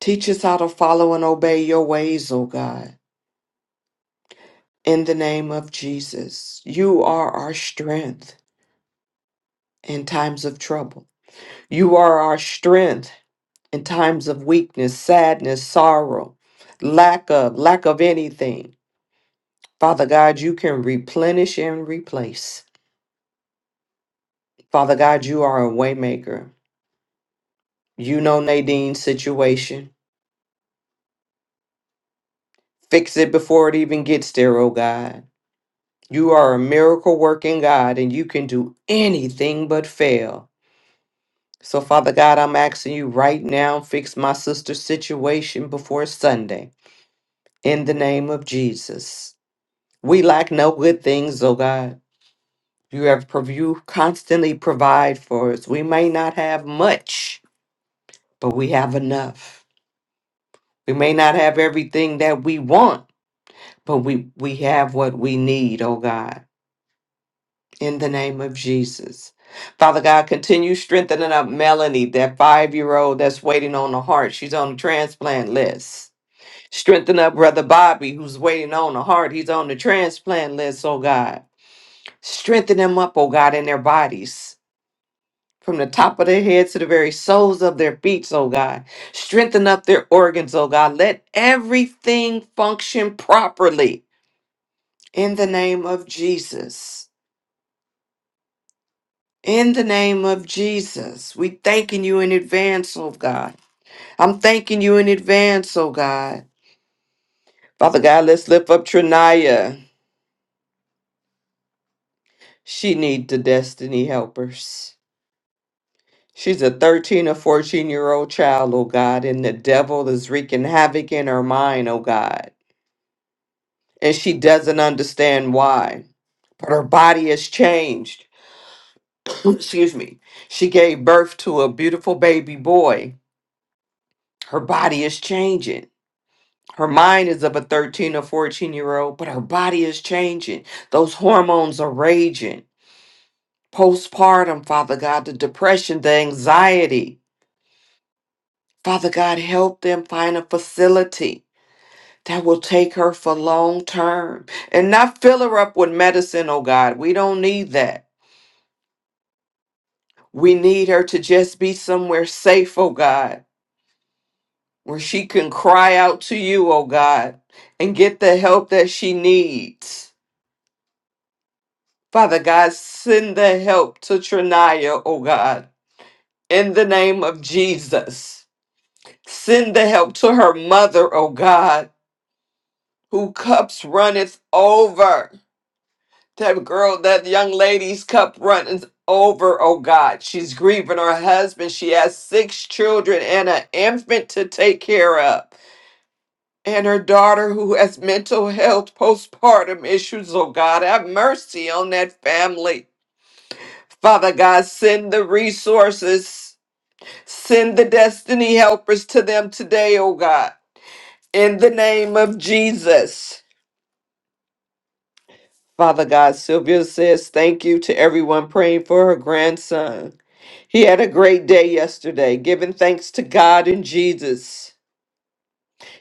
D: Teach us how to follow and obey your ways, oh God. In the name of Jesus. You are our strength in times of trouble. You are our strength in times of weakness, sadness, sorrow, lack of lack of anything. Father God, you can replenish and replace. Father God, you are a waymaker. You know Nadine's situation. Fix it before it even gets there, oh God. You are a miracle working God and you can do anything but fail. So, Father God, I'm asking you right now, fix my sister's situation before Sunday. In the name of Jesus. We lack no good things, oh God. You have prov- you constantly provide for us. We may not have much but we have enough. We may not have everything that we want, but we, we have what we need, oh God, in the name of Jesus. Father God, continue strengthening up Melanie, that five year old that's waiting on the heart. She's on the transplant list. Strengthen up Brother Bobby, who's waiting on the heart. He's on the transplant list, oh God. Strengthen them up, oh God, in their bodies. from the top of their heads to the very soles of their feet, oh God. Strengthen up their organs, oh God. Let everything function properly in the name of Jesus. In the name of Jesus, we thanking you in advance, oh God. I'm thanking you in advance, oh God. Father God, let's lift up Trinaya. She need the destiny helpers. She's a 13 or 14 year old child, oh God, and the devil is wreaking havoc in her mind, oh God. and she doesn't understand why. But her body has changed. *clears throat* Excuse me. She gave birth to a beautiful baby boy. Her body is changing. Her mind is of a 13 or 14 year old, but her body is changing. Those hormones are raging. Postpartum, Father God, the depression, the anxiety. Father God, help them find a facility that will take her for long term and not fill her up with medicine, oh God. We don't need that. We need her to just be somewhere safe, oh God, where she can cry out to you, oh God, and get the help that she needs. Father God, send the help to Trinaya, oh God, in the name of Jesus. Send the help to her mother, oh God, who cups runneth over. That girl, that young lady's cup runneth over, oh God. She's grieving her husband. She has six children and an infant to take care of. and her daughter who has mental health postpartum issues. Oh God, have mercy on that family. Father God, send the resources, send the destiny helpers to them today, oh God, in the name of Jesus. Father God, Sylvia says thank you to everyone praying for her grandson. He had a great day yesterday, giving thanks to God and Jesus.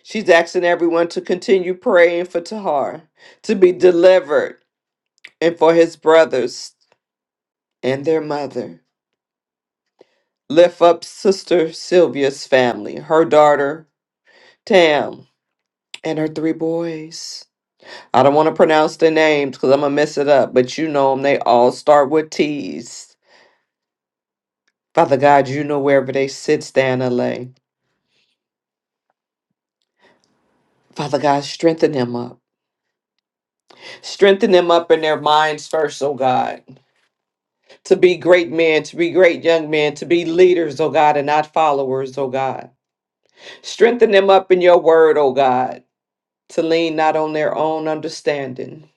D: She's asking everyone to continue praying for Tahar to be delivered and for his brothers and their mother. Lift up Sister Sylvia's family, her daughter Tam, and her three boys. I don't want to pronounce their names because I'm going to mess it up, but you know them. They all start with T's. Father God, you know wherever they sit, stand, or lay. Father God, strengthen them up. Strengthen them up in their minds first, oh God, to be great men, to be great young men, to be leaders, oh God, and not followers, oh God. Strengthen them up in your word, oh God. to lean not on their own understanding.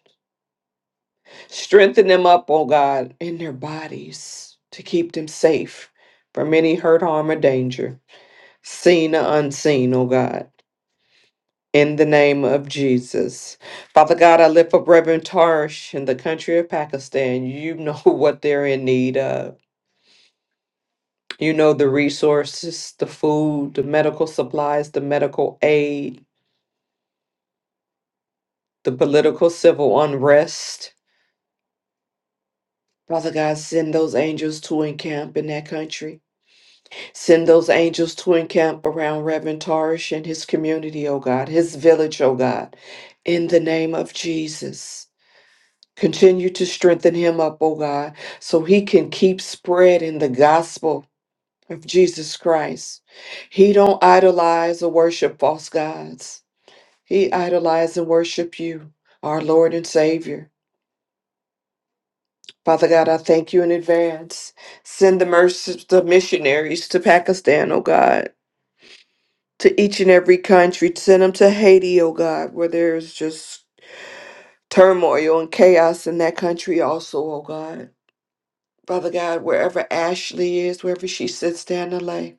D: Strengthen them up, O God, in their bodies to keep them safe from any hurt, harm, or danger, seen or unseen, O God. In the name of Jesus. Father God, I lift up Reverend Tarsh in the country of Pakistan. You know *laughs* what they're in need of. You know the resources, the food, the medical supplies, the medical aid, the political civil unrest Father God, send those angels to encamp in that country. Send those angels to encamp around Reverend Tarish and his community, oh God, his village, oh God. In the name of Jesus. Continue to strengthen him up, oh God, so he can keep spreading the gospel of Jesus Christ. He don't idolize or worship false gods. He idolizes and worship you, our Lord and Savior. Father God, I thank you in advance. Send the mercies the missionaries to Pakistan, oh God, to each and every country. Send them to Haiti, oh God, where there's just turmoil and chaos in that country also, oh God. Father God, wherever Ashley is, wherever she sits down to lay,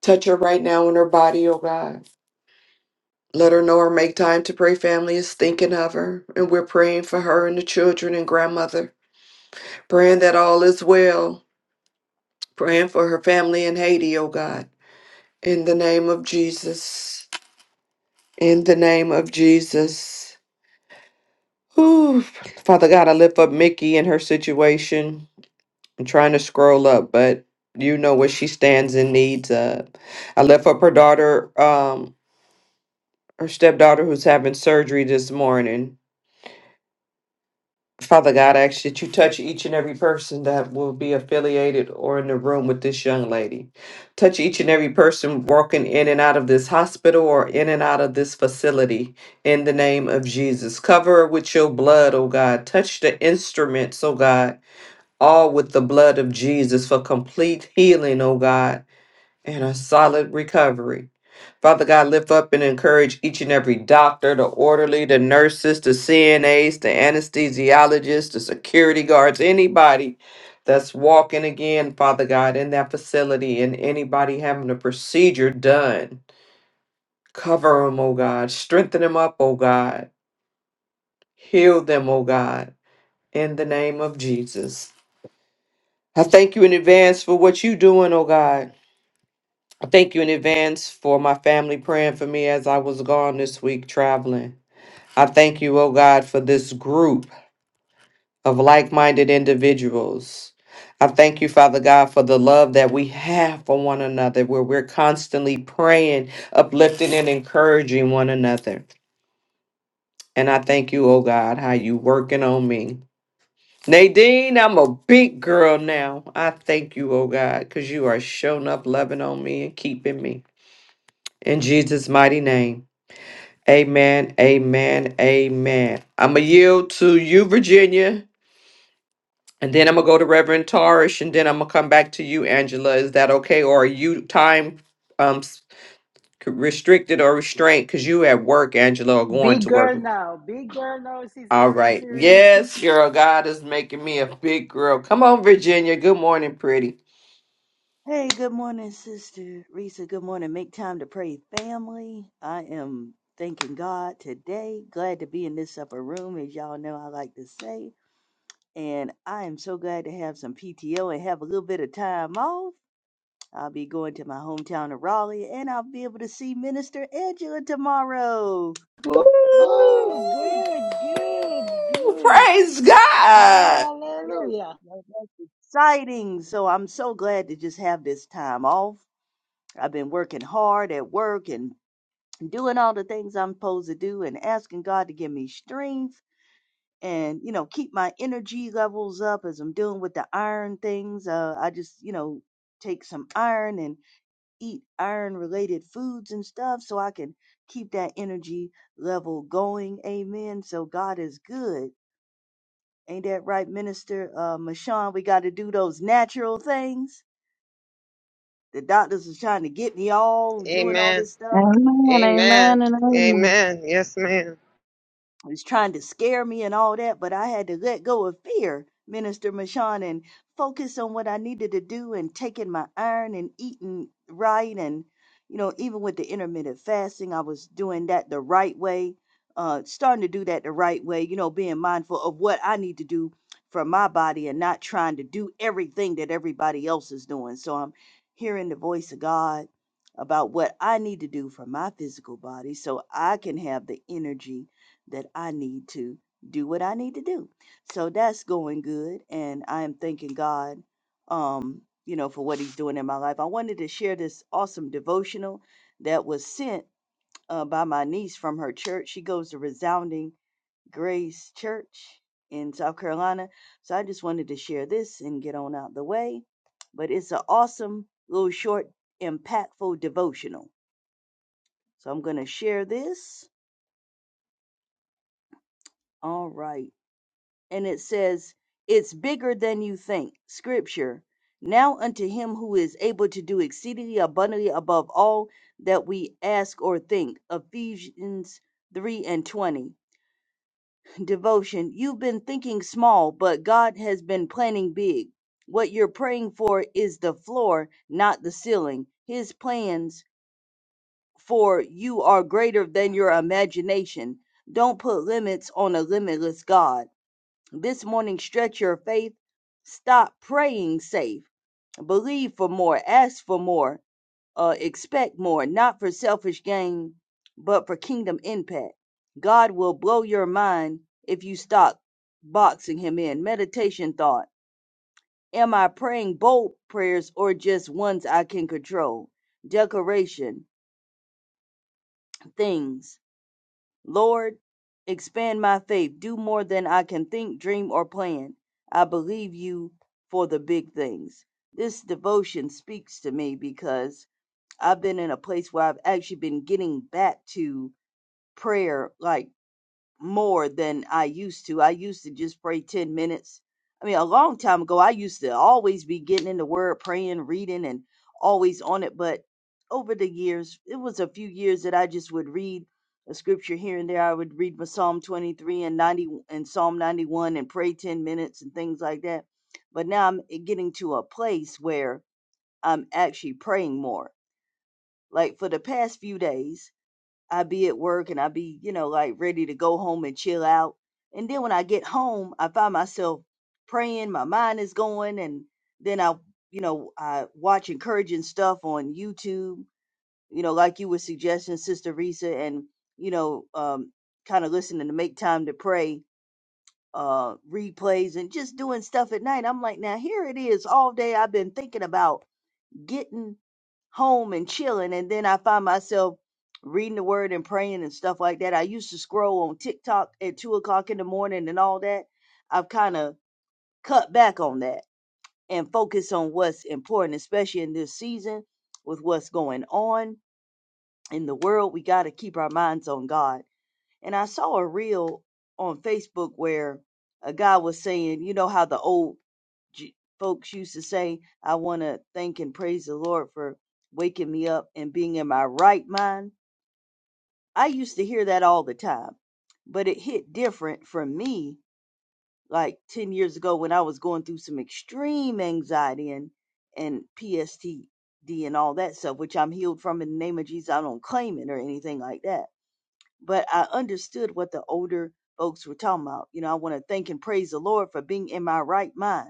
D: touch her right now in her body, oh God. Let her know or make time to pray. Family is thinking of her, and we're praying for her and the children and grandmother, praying that all is well, praying for her family in Haiti, oh God In the name of Jesus. In the name of Jesus. Whew. Father God, I lift up Mickey and her situation. I'm trying to scroll up, but you know what she stands in needs of. I lift up her daughter, um, her stepdaughter who's having surgery this morning. Father God, I ask that you touch each and every person that will be affiliated or in the room with this young lady. Touch each and every person walking in and out of this hospital or in and out of this facility in the name of Jesus. Cover her with your blood, oh God. Touch the instruments, oh God, all with the blood of Jesus for complete healing, oh God and a solid recovery. Father God, lift up and encourage each and every doctor, the orderly, the nurses, the CNAs, the anesthesiologists, the security guards, anybody that's walking again, Father God, in that facility and anybody having a procedure done. Cover them, oh God. Strengthen them up, oh God. Heal them, oh God, in the name of Jesus. I thank you in advance for what you're doing, oh God. I thank you in advance for my family praying for me as I was gone this week traveling. I thank you, oh God, for this group of like minded individuals. I thank you, Father God, for the love that we have for one another, where we're constantly praying, uplifting, and encouraging one another. And I thank you, oh God, how you working on me. Nadine, I'm a big girl now. I thank you, oh God, because you are showing up, loving on me, and keeping me. In Jesus' mighty name. Amen. Amen. Amen. I'm going to yield to you, Virginia, and then I'm going to go to Reverend Tarish, and then I'm going to come back to you, Angela. Is that okay? Or are you time um s- restricted or restrained? Because you at work, Angela, or going
A: Big
D: to work.
A: girl now. Big girl now,
D: All
A: Sister Reese
D: right.
A: Reese.
D: Yes, girl. God is making me a big girl. Come on, Virginia. Good morning, pretty.
G: Hey, good morning, Sister Risa. Good morning. Make time to pray, family. I am thanking God today. Glad to be in this upper room, as y'all know I like to say. And I am so glad to have some PTO and have a little bit of time off. I'll be going to my hometown of Raleigh and I'll be able to see Minister Angela tomorrow.
A: Oh,
G: Yay!
A: good, good,
D: Ooh,
A: good.
D: praise God.
G: Yes,
A: Hallelujah.
G: well, that's exciting. So I'm so glad to just have this time off. I've been working hard at work and doing all the things I'm supposed to do and asking God to give me strength and, you know, keep my energy levels up as I'm dealing with the iron things. Uh, I just, you know, take some iron and eat iron related foods and stuff so I can keep that energy level going. Amen. So God is good. Ain't that right, Minister uh, Mashawn? We got to do those natural things. The doctors is trying to get me all doing all
F: Amen.
G: this stuff.
H: Amen,
F: Amen.
H: amen, and amen.
F: Amen. Yes, ma'am.
G: was trying to scare me and all that, but I had to let go of fear, Minister Mashawn, and focus on what I needed to do and taking my iron and eating right. And, you know, even with the intermittent fasting, I was doing that the right way, uh, starting to do that the right way, you know, being mindful of what I need to do for my body and not trying to do everything that everybody else is doing. So I'm hearing the voice of God about what I need to do for my physical body so I can have the energy that I need to do what I need to do. So that's going good. And I am thanking God, um, you know, for what he's doing in my life. I wanted to share this awesome devotional that was sent uh, by my niece from her church. She goes to Resounding Grace Church in South Carolina. So I just wanted to share this and get on out the way. But it's an awesome little short, impactful devotional. So I'm going to share this. All right. and it says, It's bigger than you think. Scripture. Now unto him who is able to do exceedingly abundantly above all that we ask or think. Ephesians 3 and 20. Devotion. You've been thinking small, but God has been planning big. What you're praying for is the floor, not the ceiling. His plans for you are greater than your imagination. Don't put limits on a limitless God. This morning, stretch your faith. Stop praying safe. Believe for more. Ask for more. Uh, expect more. Not for selfish gain, but for kingdom impact. God will blow your mind if you stop boxing Him in. Meditation thought. Am I praying bold prayers or just ones I can control? Decoration. Things. Lord, expand my faith. Do more than I can think, dream, or plan. I believe you for the big things. This devotion speaks to me because I've been in a place where I've actually been getting back to prayer like more than I used to. I used to just pray 10 minutes. I mean, a long time ago, I used to always be getting in the word, praying, reading, and always on it. But over the years, it was a few years that I just would read a scripture here and there. I would read my Psalm 23 and 90 and Psalm 91 and pray 10 minutes and things like that. But now I'm getting to a place where I'm actually praying more. Like for the past few days, I be at work and I be, you know, like ready to go home and chill out. And then when I get home, I find myself praying, my mind is going, and then I, you know, I watch encouraging stuff on YouTube, you know, like you were suggesting, Sister Risa, and, you know, um, kind of listening to Make Time to Pray uh replays and just doing stuff at night. I'm like, now here it is all day I've been thinking about getting home and chilling and then I find myself reading the word and praying and stuff like that. I used to scroll on TikTok at two o'clock in the morning and all that. I've kind of cut back on that and focus on what's important, especially in this season with what's going on in the world. We got to keep our minds on God. And I saw a reel on Facebook where a guy was saying, you know how the old J- folks used to say, I want to thank and praise the Lord for waking me up and being in my right mind. I used to hear that all the time, but it hit different for me like 10 years ago when I was going through some extreme anxiety and, and PSTD and all that stuff, which I'm healed from in the name of Jesus. I don't claim it or anything like that. But I understood what the older folks were talking about. You know, I want to thank and praise the Lord for being in my right mind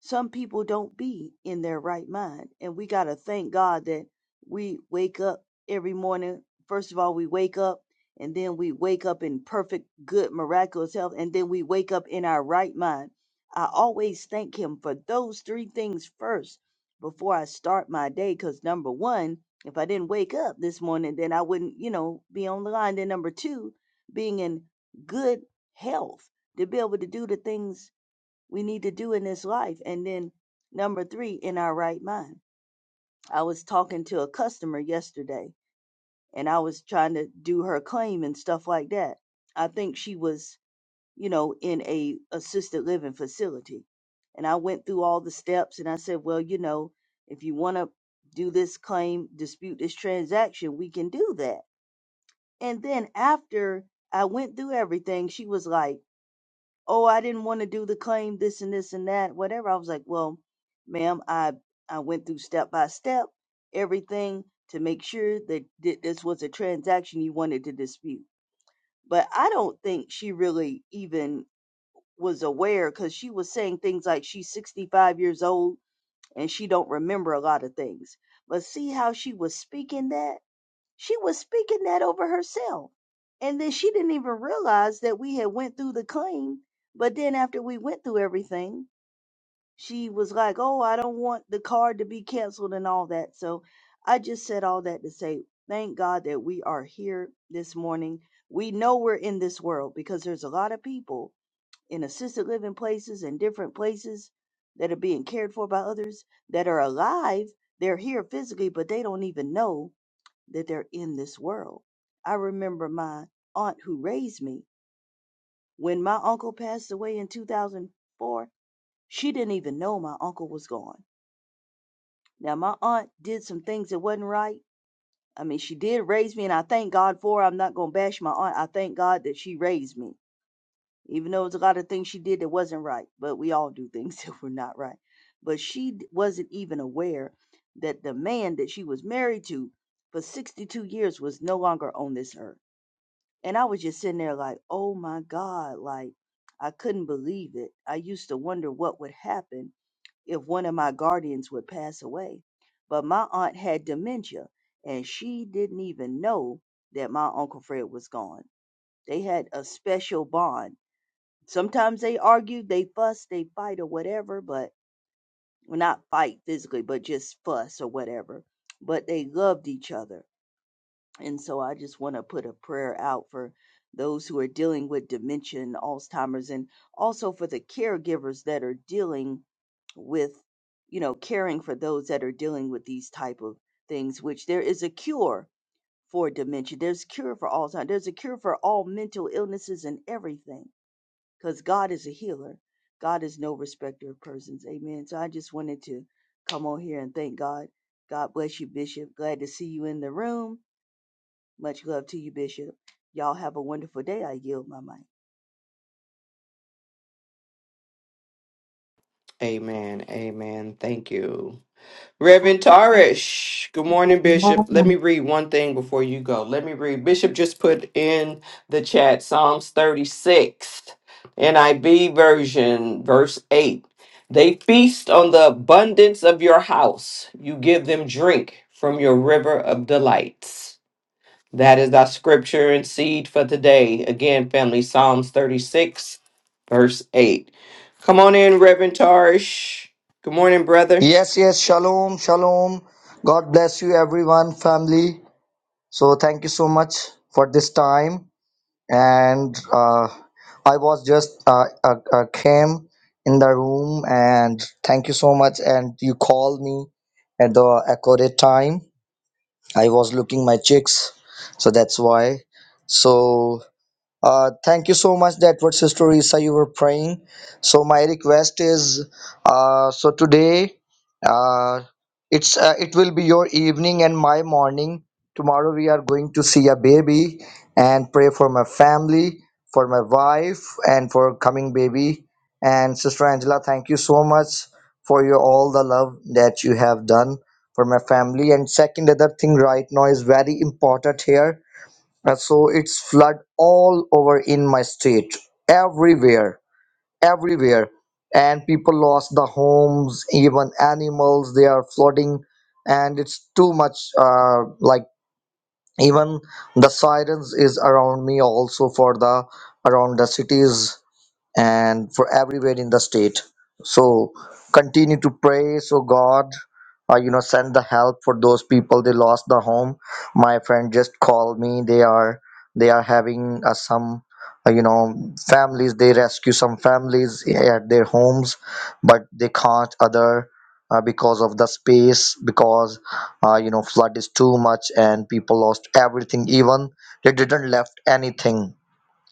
G: some people don't be in their right mind and we got to thank god that we wake up every morning first of all we wake up and then we wake up in perfect good miraculous health and then we wake up in our right mind i always thank him for those three things first before i start my day because number one if i didn't wake up this morning then i wouldn't you know be on the line then number two being in good health to be able to do the things we need to do in this life. And then number three, in our right mind. I was talking to a customer yesterday and I was trying to do her claim and stuff like that. I think she was, you know, in a assisted living facility. And I went through all the steps and I said, well, you know, if you want to do this claim, dispute this transaction, we can do that. And then after I went through everything, she was like, oh, I didn't want to do the claim, this and this and that, whatever. I was like, well, ma'am, I I went through step by step everything to make sure that thi- this was a transaction you wanted to dispute. But I don't think she really even was aware because she was saying things like she's 65 years old and she don't remember a lot of things. But see how she was speaking that? she was speaking that over herself and then she didn't even realize that we had went through the claim but then after we went through everything she was like oh i don't want the card to be canceled and all that so i just said all that to say thank god that we are here this morning we know we're in this world because there's a lot of people in assisted living places and different places that are being cared for by others that are alive they're here physically but they don't even know that they're in this world. I remember my aunt who raised me when my uncle passed away in 2004. She didn't even know my uncle was gone. Now, my aunt did some things that wasn't right. I mean, she did raise me, and I thank God for her. I'm not going to bash my aunt. I thank God that she raised me, even though it's a lot of things she did that wasn't right. But we all do things *laughs* that were not right. But she d- wasn't even aware that the man that she was married to for 62 years was no longer on this earth And I was just sitting there like, oh my God, like I couldn't believe it. I used to wonder what would happen if one of my guardians would pass away. But my aunt had dementia and she didn't even know that my Uncle Fred was gone. They had a special bond. Sometimes they argued, they fuss, they fight or whatever, but well, not fight physically, but just fuss or whatever. But they loved each other and so I just want to put a prayer out for those who are dealing with dementia and Alzheimer's and also for the caregivers that are dealing with, you know, caring for those that are dealing with these type of things, which there is a cure for dementia. There's a cure for Alzheimer's. There's a cure for all mental illnesses and everything because God is a healer. God is no respecter of persons. Amen. So I just wanted to come on here and thank God. God bless you, Bishop. Glad to see you in the room much love to you, Bishop. Y'all have a wonderful day. I yield my mic.
D: Amen. Amen. Thank you. Reverend Tarish, good morning, Bishop. Let me read one thing before you go. Let me read. Bishop just put in the chat Psalms 36, NIV version, verse 8. They feast on the abundance of your house, you give them drink from your river of delights. That is our scripture and seed for today. Again, family, Psalms 36, verse 8. Come on in, Reverend Tarish. Good morning, brother.
I: Yes, yes, shalom, shalom. God bless you, everyone, family. So, thank you so much for this time. And uh, I was just uh, uh, uh, came in the room, and thank you so much. And you called me at the accurate time. I was looking my chicks, so that's why. So. Uh, thank you so much that what Sister Isa you were praying. So my request is uh, so today uh, it's uh, it will be your evening and my morning. Tomorrow we are going to see a baby and pray for my family, for my wife, and for coming baby. And Sister Angela, thank you so much for your all the love that you have done for my family. And second other thing right now is very important here uh, so it's flood all over in my state everywhere everywhere and people lost the homes even animals they are flooding and it's too much uh, like even the sirens is around me also for the around the cities and for everywhere in the state. So continue to pray. So God, uh, you know, send the help for those people. They lost the home. My friend just called me. They are they are having uh, some, uh, you know, families. They rescue some families at their homes, but they can't other. Uh, because of the space, because uh, you know flood is too much and people lost everything. Even they didn't left anything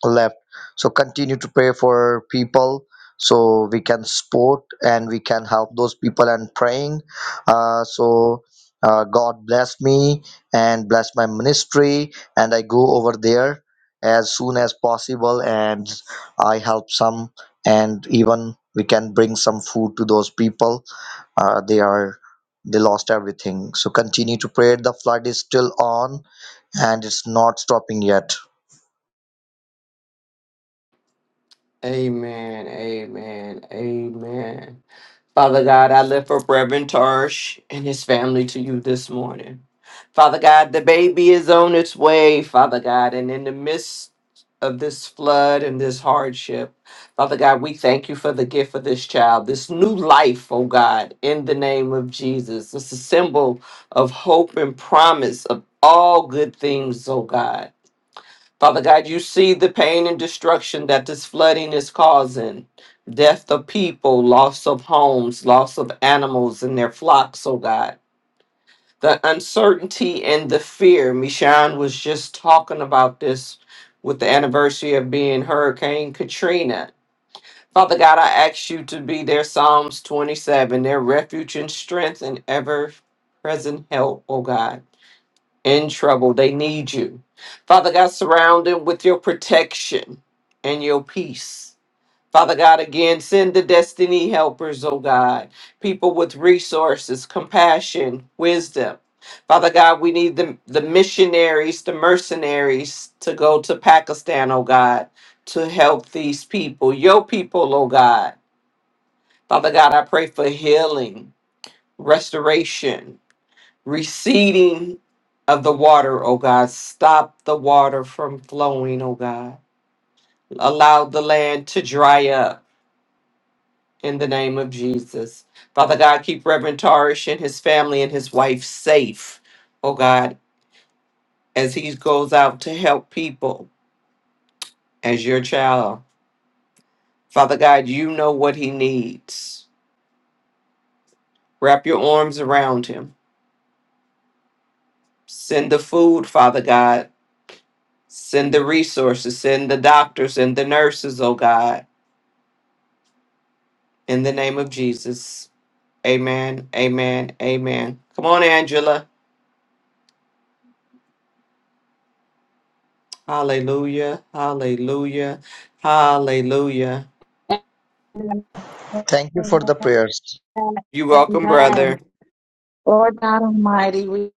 I: left. So continue to pray for people so we can support and we can help those people and praying. Uh, so uh, God bless me and bless my ministry, and I go over there as soon as possible and I help some, and even we can bring some food to those people. Uh, they are they lost everything. So continue to pray. The flood is still on and it's not stopping yet.
D: Amen. Amen. Amen. Father God, I lift up Reverend Tarsh and his family to you this morning. Father God, the baby is on its way, Father God, and in the midst of this flood and this hardship, Father God, we thank you for the gift of this child, this new life, oh God, in the name of Jesus. It's a symbol of hope and promise of all good things, oh God. Father God, you see the pain and destruction that this flooding is causing death of people, loss of homes, loss of animals and their flocks, oh God. The uncertainty and the fear. Michonne was just talking about this with the anniversary of being Hurricane Katrina. Father God, I ask you to be their Psalms 27, their refuge and strength and ever present help, oh God in trouble. They need you. Father God, surround them with your protection and your peace. Father God, again, send the destiny helpers, oh God, people with resources, compassion, wisdom. Father God, we need the, the missionaries, the mercenaries to go to Pakistan, oh God, to help these people, your people, oh God. Father God, I pray for healing, restoration, receding of the water, O God. Stop the water from flowing, O God. Allow the land to dry up in the name of Jesus. Father God, keep Reverend Tarish and his family and his wife safe, O God, as he goes out to help people as your child. Father God, you know what he needs. Wrap your arms around him. Send the food, Father God. Send the resources. Send the doctors and the nurses, O God in the name of Jesus. Amen. Amen. Amen. Come on, Angela. Hallelujah. Hallelujah. Hallelujah.
I: Thank you for the prayers.
D: You're welcome, brother.
H: Amen. Lord God Almighty, we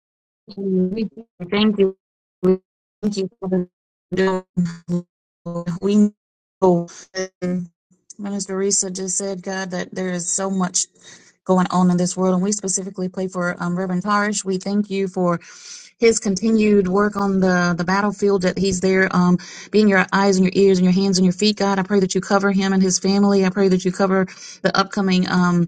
H: thank you. we thank you. We thank you for the we know. Minister Risa just said, God, that there is so much going on in this world, and we specifically pray for um, Reverend Tarish. We thank you for his continued work on the, the battlefield that he's there, um, being your eyes and your ears and your hands and your feet, God. I pray that you cover him and his family. I pray that you cover the upcoming, um,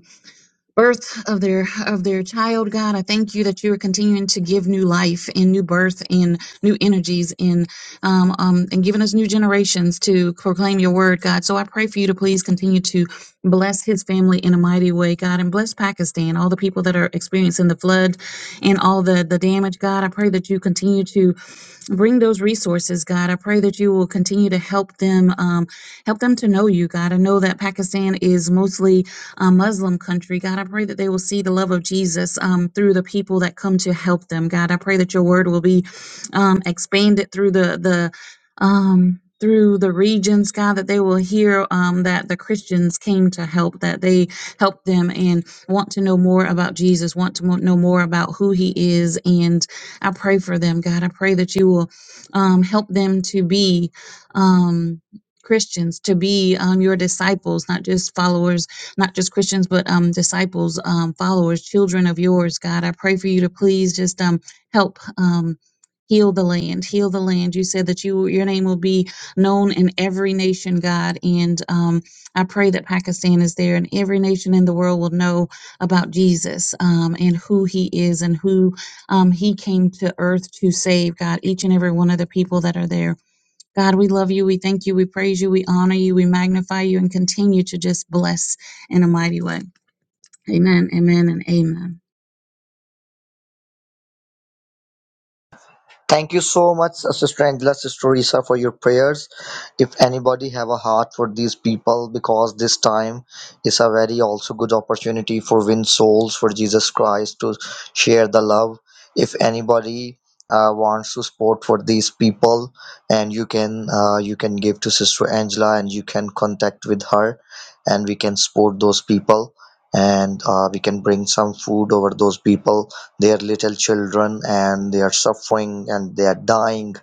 H: birth of their of their child god i thank you that you are continuing to give new life and new birth and new energies and um, um and giving us new generations to proclaim your word god so i pray for you to please continue to bless his family in a mighty way god and bless pakistan all the people that are experiencing the flood and all the the damage god i pray that you continue to bring those resources god i pray that you will continue to help them um, help them to know you god i know that pakistan is mostly a muslim country god i pray that they will see the love of jesus um, through the people that come to help them god i pray that your word will be um, expanded through the the um, through the regions, God, that they will hear um, that the Christians came to help, that they helped them and want to know more about Jesus, want to mo- know more about who He is, and I pray for them, God. I pray that you will um, help them to be. Um, Christians to be um, your disciples, not just followers, not just Christians, but um, disciples, um, followers, children of yours, God. I pray for you to please just um, help um, heal the land, heal the land. You said that you your name will be known in every nation, God, and um, I pray that Pakistan is there, and every nation in the world will know about Jesus um, and who He is and who um, he came to earth to save, God, each and every one of the people that are there. God, we love you. We thank you. We praise you. We honor you. We magnify you and continue to just bless in a mighty way. Amen, amen, and amen.
I: Thank you so much, uh, Sister Angela, Sister Risa, for your prayers. If anybody have a heart for these people, because this time is a very also good opportunity for win souls for Jesus Christ to share the love. If anybody uh, wants to support for these people, and you can uh, you can give to Sister Angela, and you can contact with her, and we can support those people, and uh, we can bring some food over those people they are little children and they are suffering and they are dying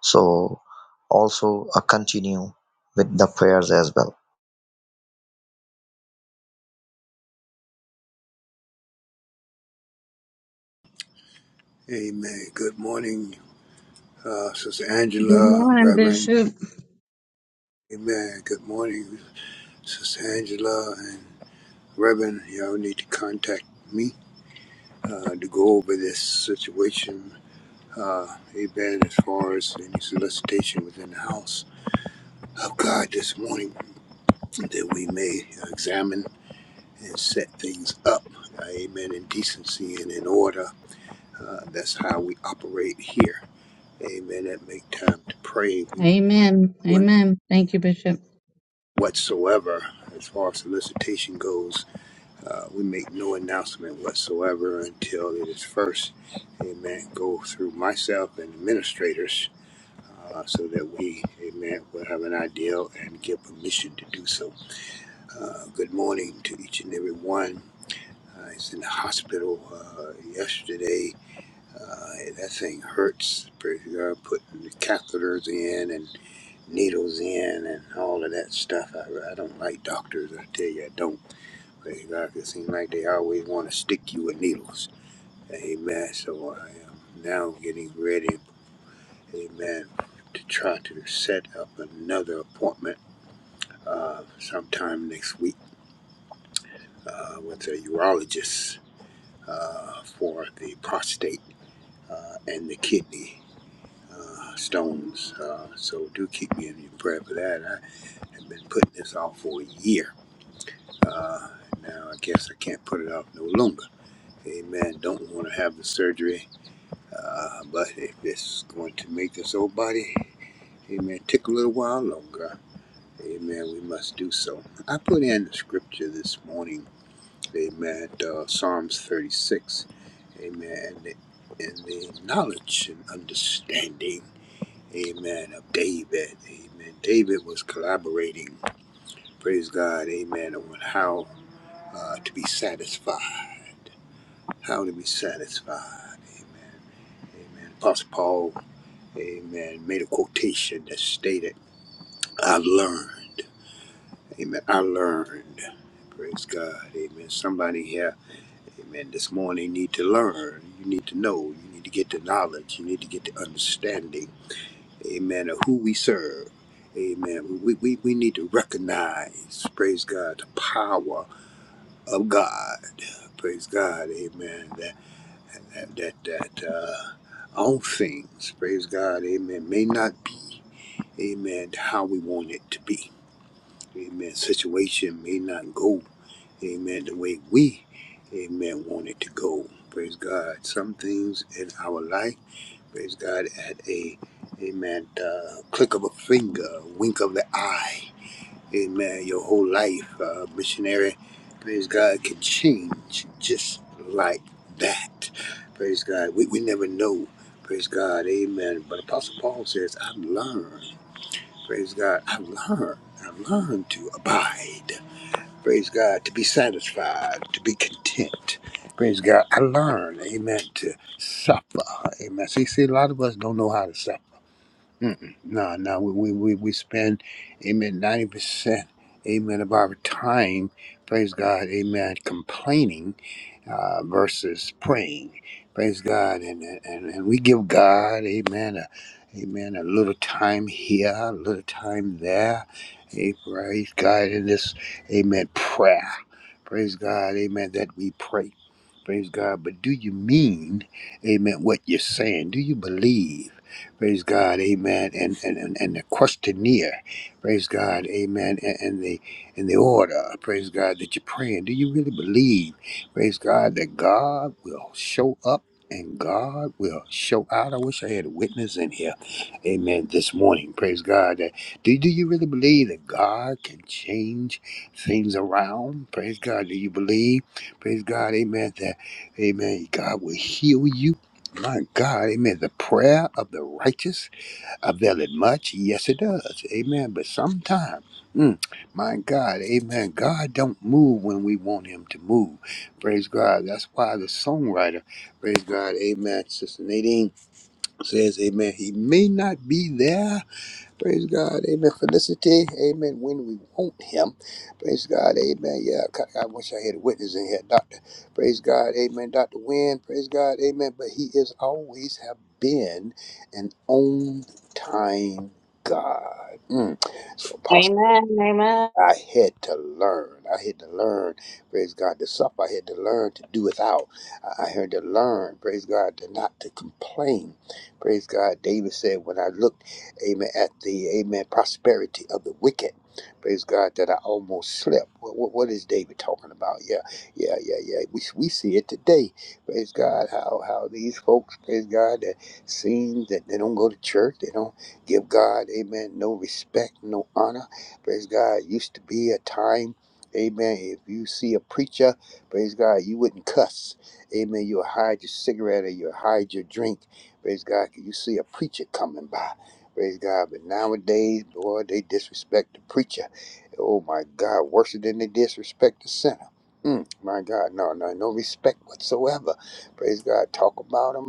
I: so also uh, continue with the prayers as well
J: Amen. Good morning, uh, Sister
H: Good
J: Angela,
H: morning,
J: Reverend.
H: Bishop.
J: Amen. Good morning, Sister Angela and Reverend. Y'all need to contact me uh, to go over this situation. Uh, amen. As far as any solicitation within the house of God this morning, that we may examine and set things up. Uh, amen. In decency and in order. Uh, that's how we operate here. Amen. That make time to pray.
H: Amen,
J: We
H: amen. Thank you, Bishop.
J: whatsoever as far as solicitation goes. Uh, we make no announcement whatsoever until it is first, amen, go through myself and administrators uh, so that we, amen, will have an idea and give permission to do so. Uh, good morning to each and every one. I was in the hospital uh, yesterday. Uh, that thing hurts. Pretty- uh, Putting the catheters in needles in and all of that stuff. I, I don't like doctors. I tell you, I don't. They like, it seems like they always want to stick you with needles. Amen. So I am now getting ready, amen, to try to set up another appointment uh, sometime next week uh, with a urologist uh, for the prostate uh, and the kidney. uh, Stones, uh, so do keep me in your prayer for that. I have been putting this off for a year Uh, now I guess I can't put it off no longer. Amen. Don't want to have the surgery, uh, but if it's going to make this old body, amen, take a little while longer. Amen. We must do so. I put in the scripture this morning. Amen. Uh, Psalms 36. Amen. And the, and the knowledge and understanding. Amen. Of David. Amen. David was collaborating. Praise God. Amen. On how uh, to be satisfied. How to be satisfied. Amen. Amen. Apostle Paul, amen, made a quotation that stated, I learned. Amen. I learned. Praise God. Amen. Somebody here, amen, this morning need to learn. You need to know. You need to get the knowledge. You need to get the understanding. Amen. Of who we serve. Amen. We, we, we need to recognize, praise God, the power of God. Praise God. Amen. and that that, that uh, all things, praise God, amen, may not be, amen, how we want it to be. Amen. Situation may not go, amen, the way we, amen, want it to go. Praise God. Some things in our life, praise God, at a, amen, uh, click of a finger, wink of the eye. Amen. Your whole life, uh, missionary, praise God, can change just like that. Praise God. We, we never know. Praise God. Amen. But Apostle Paul says, I've learned. Praise God. I've learned. I've learned to abide. Praise God. To be satisfied. To be content. Praise God. I learned. Amen. To suffer. Amen. See, see, a lot of us don't know how to suffer. Mm-mm. No, no, we, we, we we spend, amen, 90%, amen, of our time, praise God, amen, complaining uh, versus praying. Praise God. And, and, and we give God, amen, a, amen, a little time here, a little time there. Hey, praise God in this, amen, prayer. Praise God, amen, that we pray. Praise God. But do you mean, amen, what you're saying? Do you believe? Praise God, amen. And, and, and, and the questionnaire, praise God, amen. And, and the and the order, praise God, that you're praying. Do you really believe? Praise God that God will show up and God will show out. I wish I had a witness in here. Amen. This morning. Praise God. That do, do you really believe that God can change things around? Praise God. Do you believe? Praise God. Amen. That Amen. God will heal you. My God. Amen. The prayer of the righteous avail it much? Yes, it does. Amen. But sometimes, mm, my God, amen. God don't move when we want him to move. Praise God. That's why the songwriter, praise God, amen. Sister Nadine says, amen, he may not be there Praise God. Amen. Felicity. Amen. When we want him. Praise God. Amen. Yeah, I I wish I had a witness in here. Doctor. Praise God. Amen. Dr. Wynn. Praise God. Amen. But he is always have been an on time God. Mm. So, Apostle
H: Amen. Amen.
J: I had to learn. I had to learn, praise God, to suffer. I had to learn to do without. I I had to learn, praise God, to not to complain. Praise God. David said, when I looked, amen, at the, amen, prosperity of the wicked, praise God, that I almost slept. What, what, what is David talking about? Yeah, yeah, yeah, yeah. We, we see it today. Praise God, how, how these folks, praise God, that seem that they don't go to church. They don't give God, amen, no respect, no honor Praise God. It Used to be a time, amen. If you see a preacher, praise God, you wouldn't cuss. Amen. You'll hide your cigarette or you'll hide your drink. Praise God. 'cause You see a preacher coming by. Praise God. But nowadays, boy, they disrespect the preacher. Oh my God, worse than they disrespect the sinner. Mm, my God, no, no, no respect whatsoever. Praise God. Talk about them.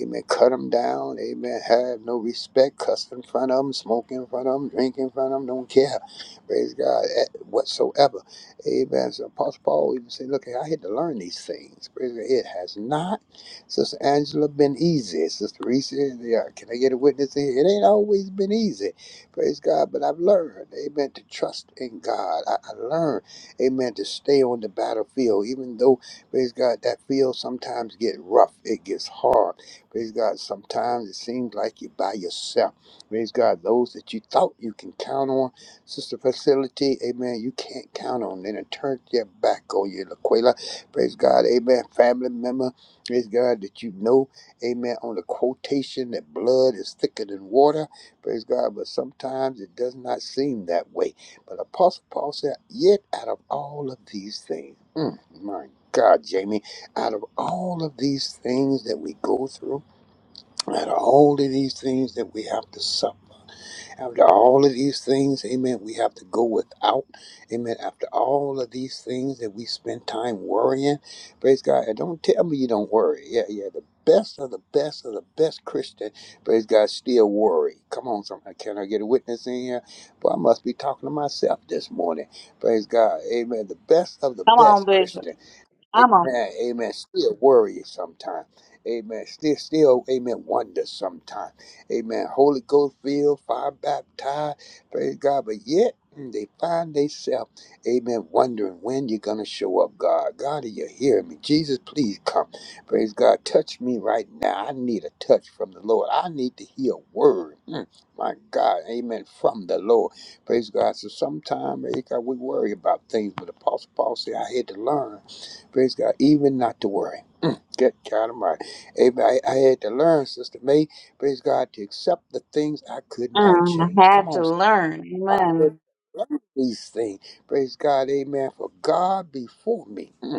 J: Amen. Cut them down. Amen. Have no respect. Cuss in front of them, smoke in front of them, drink in front of them. Don't care. Praise God eh, whatsoever. Amen. So Apostle Paul even said, look, I had to learn these things. Praise God. It has not, Sister Angela, been easy. Sister Reese, yeah, can I get a witness here? It ain't always been easy. Praise God. But I've learned, amen, to trust in God. I, I learned, amen, to stay on the battlefield, even though, praise God, that field sometimes get rough. It gets hard. Praise God. Sometimes it seems like you're by yourself. Praise God. Those that you thought you can count on, Sister Facility, amen, you can't count on. Then it turns their back on you, Laquela. Praise God. Amen. Family member, praise God, that you know, amen, on the quotation that blood is thicker than water. Praise God. But sometimes it does not seem that way. But Apostle Paul said, Yet out of all of these things, mm, my God, Jamie, out of all of these things that we go through, after all of these things that we have to suffer, after all of these things, amen, we have to go without, amen, after all of these things that we spend time worrying, praise God, and don't tell me you don't worry. Yeah, yeah, the best of the best of the best Christian, praise God, still worry. Come on, somebody, can I get a witness in here? But I must be talking to myself this morning, praise God, amen, the best of the
H: Come on,
J: best
H: Bishop.
J: Christian.
H: Come on.
J: Amen. Amen. Still worry sometimes. Amen. Still, still, amen. Wonder sometimes. Amen. Holy Ghost filled, fire baptized. Praise God. But yet mm, they find themselves, amen, wondering when you're going to show up, God. God, are you hearing me? Jesus, please come. Praise God. Touch me right now. I need a touch from the Lord. I need to hear a word. Mm, my God. Amen. From the Lord. Praise God. So sometimes, praise God, we worry about things, but Apostle Paul said, I had to learn. Praise God. Even not to worry. Get God of mine. Amen. I, I had to learn, Sister May, praise God, to accept the things I could not
H: Mm, I
J: change. Come
H: had
J: on.
H: to
J: sister.
H: learn.
J: I had to
H: Amen.
J: learn these things. Praise God. Amen. For God before me. Mm.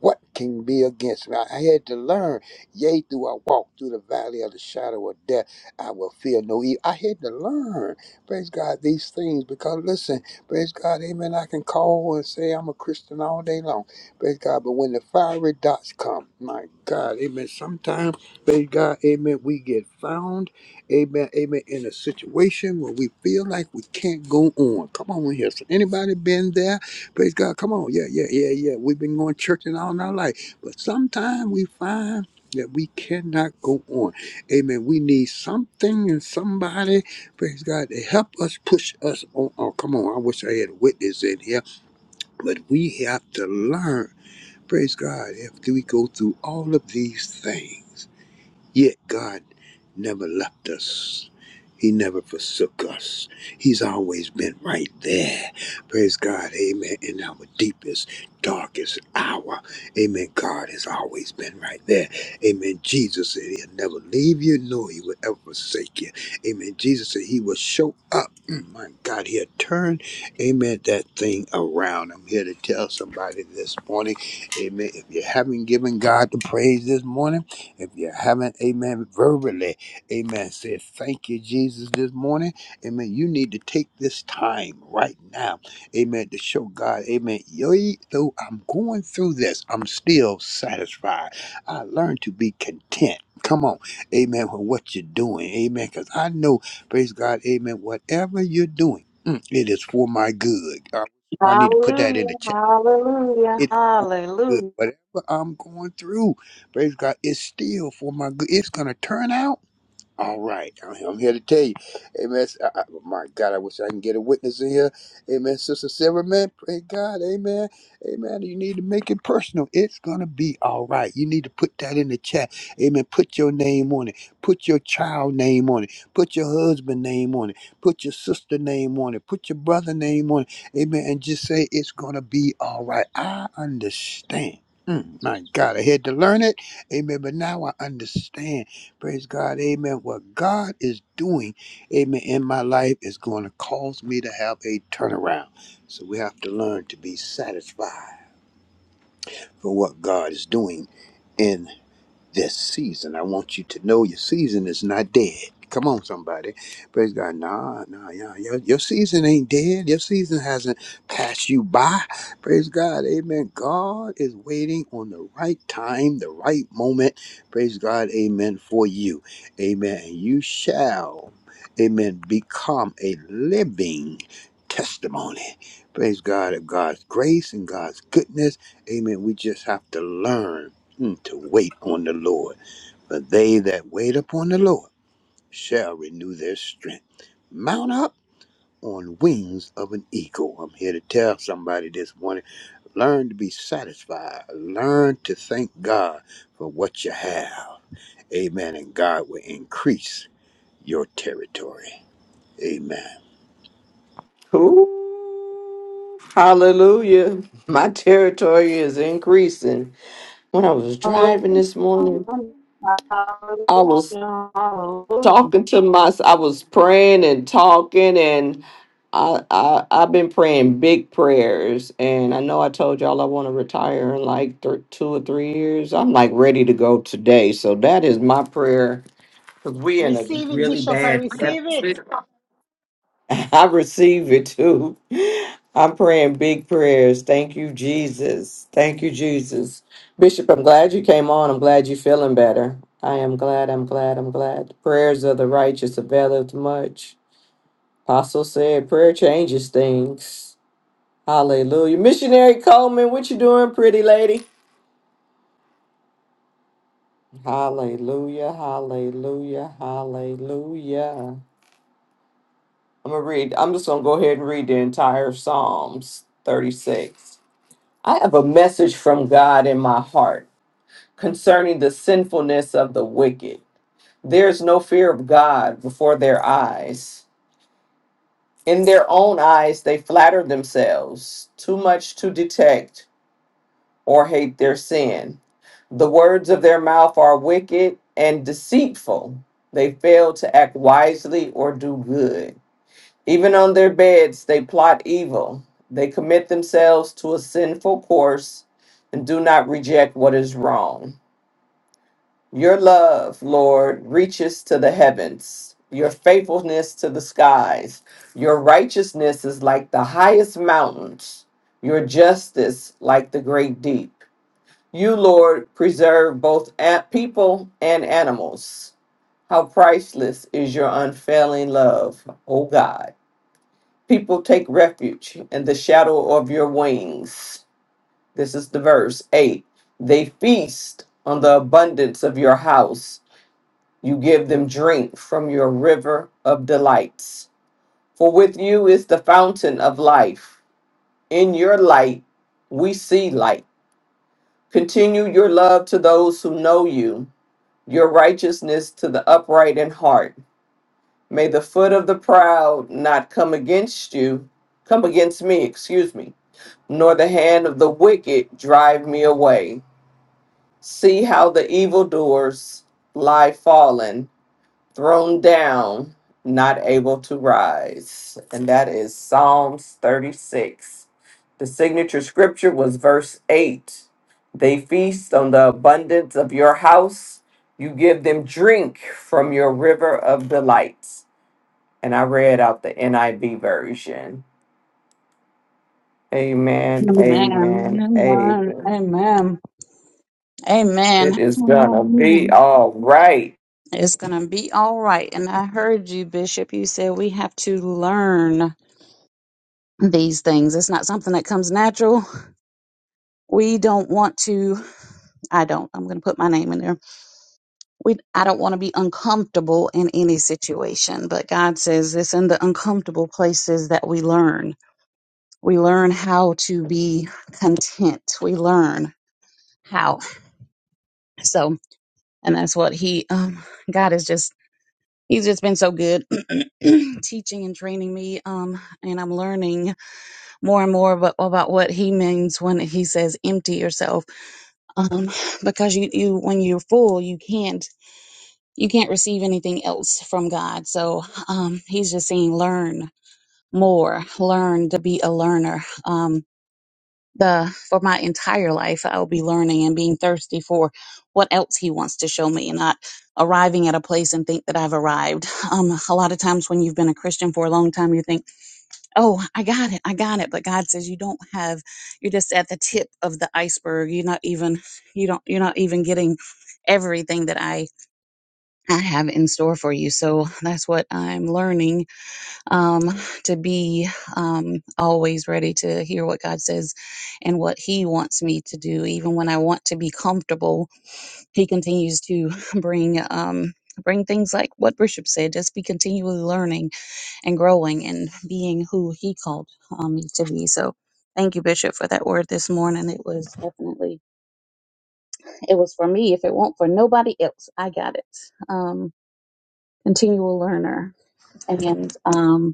J: What can be against me? I had to learn. Yea, do I walk through the valley of the shadow of death, I will fear no evil. I had to learn, praise God, these things because listen, praise God, amen. I can call and say I'm a Christian all day long, praise God. But when the fiery dots come, my God, amen. Sometimes, praise God, amen, we get found, amen, amen, in a situation where we feel like we can't go on. Come on in here. So anybody been there? Praise God. Come on. Yeah, yeah, yeah, yeah. We've been going churching all our life. But sometimes we find that we cannot go on. Amen. We need something and somebody, praise God, to help us push us on. Oh, come on. I wish I had a witness in here. But we have to learn, praise God, if we go through all of these things. Yet God never left us. He never forsook us. He's always been right there. Praise God. Amen. In our deepest, darkest hour. Amen. God has always been right there. Amen. Jesus said he'll never leave you, nor he will ever forsake you. Amen. Jesus said he will show up. Mm, my God, he'll turn, amen, that thing around. I'm here to tell somebody this morning, amen, if you haven't given God the praise this morning, if you haven't, amen, verbally, amen, say thank you, Jesus, this morning, amen, you need to take this time right now, amen, to show God, amen, yo, though I'm going through this, I'm still satisfied. I learned to be content. Come on, amen, with what you're doing, amen, because I know, praise God, amen, whatever you're doing, mm, it is for my good. Uh, I need to put that
H: Hallelujah.
J: in the chat
H: Hallelujah.
J: it is for my good.
H: Hallelujah.
J: Whatever I'm going through, praise God, it's still for my good. It's going to turn out. All right, I'm I'm here to tell you, Amen. I, I, my God, I wish I can get a witness in here, Amen. Sister Sarah, man, pray God, Amen, Amen. You need to make it personal. It's gonna be all right. You need to put that in the chat, Amen. Put your name on it. Put your child name on it. Put your husband name on it. Put your sister name on it. Put your brother name on it, Amen. And just say it's gonna be all right. I understand. Mm, my God, I had to learn it, Amen. But now I understand. Praise God. Amen. What God is doing, amen, in my life is going to cause me to have a turnaround. So we have to learn to be satisfied for what God is doing in this season. I want you to know your season is not dead. Come on, somebody. Praise God. Nah, nah, yeah. Your, your season ain't dead. Your season hasn't passed you by. Praise God. Amen. God is waiting on the right time, the right moment. Praise God. Amen. For you. Amen. And you shall, amen, become a living testimony. Praise God of God's grace and God's goodness. Amen. We just have to learn. Mm, to wait on the Lord. For they that wait upon the Lord shall renew their strength. Mount up on wings of an eagle. I'm here to tell somebody this morning learn to be satisfied, learn to thank God for what you have. Amen. And God will increase your territory. Amen.
D: Ooh, hallelujah. My territory is increasing. When I was
H: Hallelujah.
D: driving this morning, I was
H: Hallelujah. Hallelujah.
D: talking to myself. I was praying and talking and I, I I've been praying big prayers, and I know I told y'all I want to retire in like th- two or three years. I'm like ready to go today, so that is my prayer. Cause we in a really bad. *laughs* I receive it too. I'm praying big prayers. Thank you, Jesus. Thank you, Jesus. Bishop, I'm glad you came on. I'm glad you're feeling better. I am glad. I'm glad. I'm glad. Prayers of the righteous availeth much. Apostle said, prayer changes things. Hallelujah. Missionary Coleman, what you doing, pretty lady? Hallelujah, hallelujah, hallelujah. I'm gonna read, I'm just gonna go ahead and read the entire Psalms 36. I have a message from God in my heart concerning the sinfulness of the wicked. There is no fear of God before their eyes. In their own eyes, they flatter themselves too much to detect or hate their sin. The words of their mouth are wicked and deceitful. They fail to act wisely or do good. Even on their beds, they plot evil. They commit themselves to a sinful course and do not reject what is wrong. Your love, Lord, reaches to the heavens, your faithfulness to the skies. Your righteousness is like the highest mountains, your justice like the great deep. You, Lord, preserve both at people and animals. How priceless is your unfailing love, O God. People take refuge in the shadow of your wings. This is the verse 8. They feast on the abundance of your house. You give them drink from your river of delights. For with you is the fountain of life. In your light, we see light. Continue your love to those who know you your righteousness to the upright in heart. May the foot of the proud not come against you, come against me, excuse me, nor the hand of the wicked drive me away. See how the evildoers lie fallen, thrown down, not able to rise. And that is Psalms 36. The signature scripture was verse 8. They feast on the abundance of your house. You give them drink from your river of delights. And I read out the NIV version. Amen. Amen.
H: Amen. Amen.
D: Amen.
H: Amen.
D: It is gonna be
H: Amen.
D: all right.
H: It's going to be all right. And I heard you, Bishop. You said we have to learn these things. It's not something that comes natural. We don't want to, I don't, I'm going to put my name in there. We, I don't want to be uncomfortable in any situation, but God says it's in the uncomfortable places that we learn. We learn how to be content. We learn how. So, and that's what he, um, God is just, he's just been so good *clears throat* teaching and training me. Um, and I'm learning more and more about, about what he means when he says empty yourself. Um, because you, you, when you're full, you can't, you can't receive anything else from God. So, um, he's just saying learn more, learn to be a learner. Um, the for my entire life i'll be learning and being thirsty for what else he wants to show me and not arriving at a place and think that i've arrived *laughs* um, a lot of times when you've been a christian for a long time you think oh i got it i got it but god says you don't have you're just at the tip of the iceberg you're not even you don't you're not even getting everything that i i have in store for you so that's what i'm learning um, to be um, always ready to hear what God says and what He wants me to do. Even when I want to be comfortable, He continues to *laughs* bring. Um, bring things like what bishop said just be continually learning and growing and being who he called um, me to be so thank you bishop for that word this morning it was definitely it was for me if it won't for nobody else i got it um continual learner and um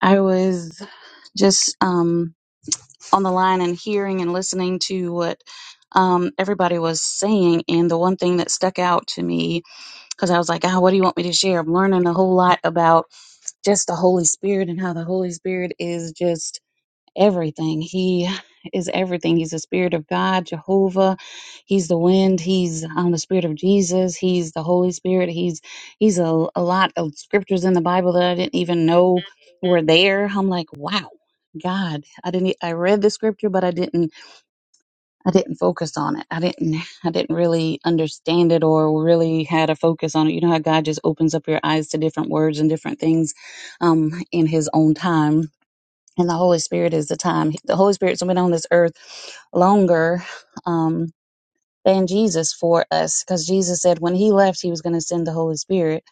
H: I was just um, on the line and hearing and listening to what um, everybody was saying. And the one thing that stuck out to me, because I was like, oh, what do you want me to share? I'm learning a whole lot about just the Holy Spirit and how the Holy Spirit is just everything. He is everything. He's the Spirit of God, Jehovah. He's the wind. He's um, the Spirit of Jesus. He's the Holy Spirit. He's he's a, a lot of scriptures in the Bible that I didn't even know were there. I'm like, wow, God, I didn't. e, I read the scripture, but I didn't. I didn't focus on it. I didn't. I didn't really understand it or really had a focus on it. You know how God just opens up your eyes to different words and different things um, in His own time and the Holy Spirit is the time. The Holy Spirit's been on this earth longer um, than Jesus for us, because Jesus said when He left, He was going to send the Holy Spirit,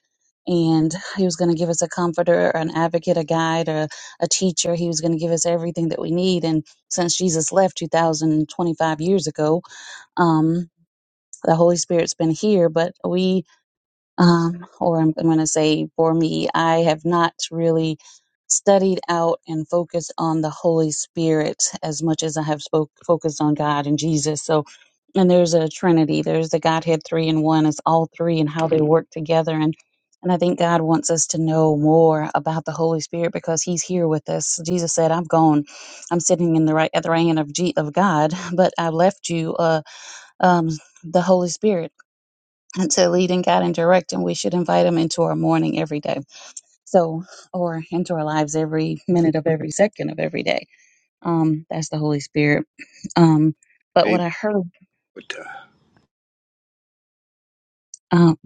H: and He was going to give us a comforter, an advocate, a guide, or a teacher. He was going to give us everything that we need. And since Jesus left 2,025 years ago, um, the Holy Spirit's been here, but we um, or I'm, I'm going to say for me, I have not really studied out and focused on the Holy Spirit as much as I have spoke, focused on God and Jesus. So, and there's a Trinity, there's the Godhead three and one, it's all three and how they work together. And, and I think God wants us to know more about the Holy Spirit because he's here with us. Jesus said, I'm gone. I'm sitting in the right, at the right hand of, G, of God, *laughs* but I left you, uh, um, the Holy Spirit and to lead and guide and direct, and we should invite him into our morning every day. So, or into our lives every minute of every second of every day. Um, that's the Holy Spirit. Um, but what
J: Amen.
H: I heard, um,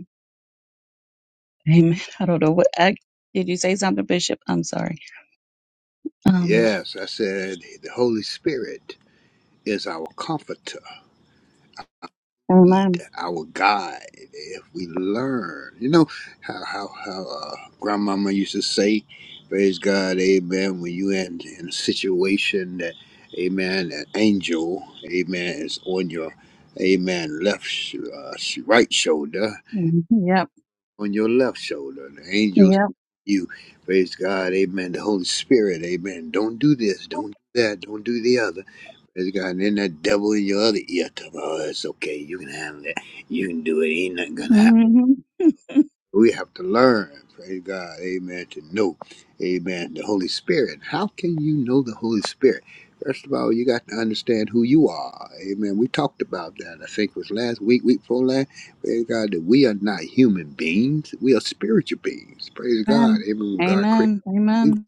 H: amen. *laughs* I don't know what I did. You say something, Bishop? I'm sorry. Um,
J: Yes, I said the Holy Spirit is our comforter lead,
H: amen.
J: our guide, if we learn. You know how how how uh, grandmama used to say, "Praise God, Amen." When you in in a situation that, Amen, an angel, Amen, is on your, Amen, left sh- uh, sh- right shoulder,
H: Mhm. Yep.
J: on your left shoulder, the angels.
H: Yep.
J: You praise God, Amen. The Holy Spirit, Amen. Don't do this, don't do that, don't do the other. Praise God. And in that devil in your other ear, tell me, oh, it's okay. You can handle it. You can do it. Ain't nothing gonna happen.
H: hmm
J: We have to learn, praise God, amen, to know, amen, the Holy Spirit. How can you know the Holy Spirit? First of all, you got to understand who you are, amen. We talked about that, I think it was last week, week before last, praise God, that we are not human beings. We are spiritual beings, praise God,
H: Amen.
J: amen. When God created,
H: Amen.
J: we
H: Amen.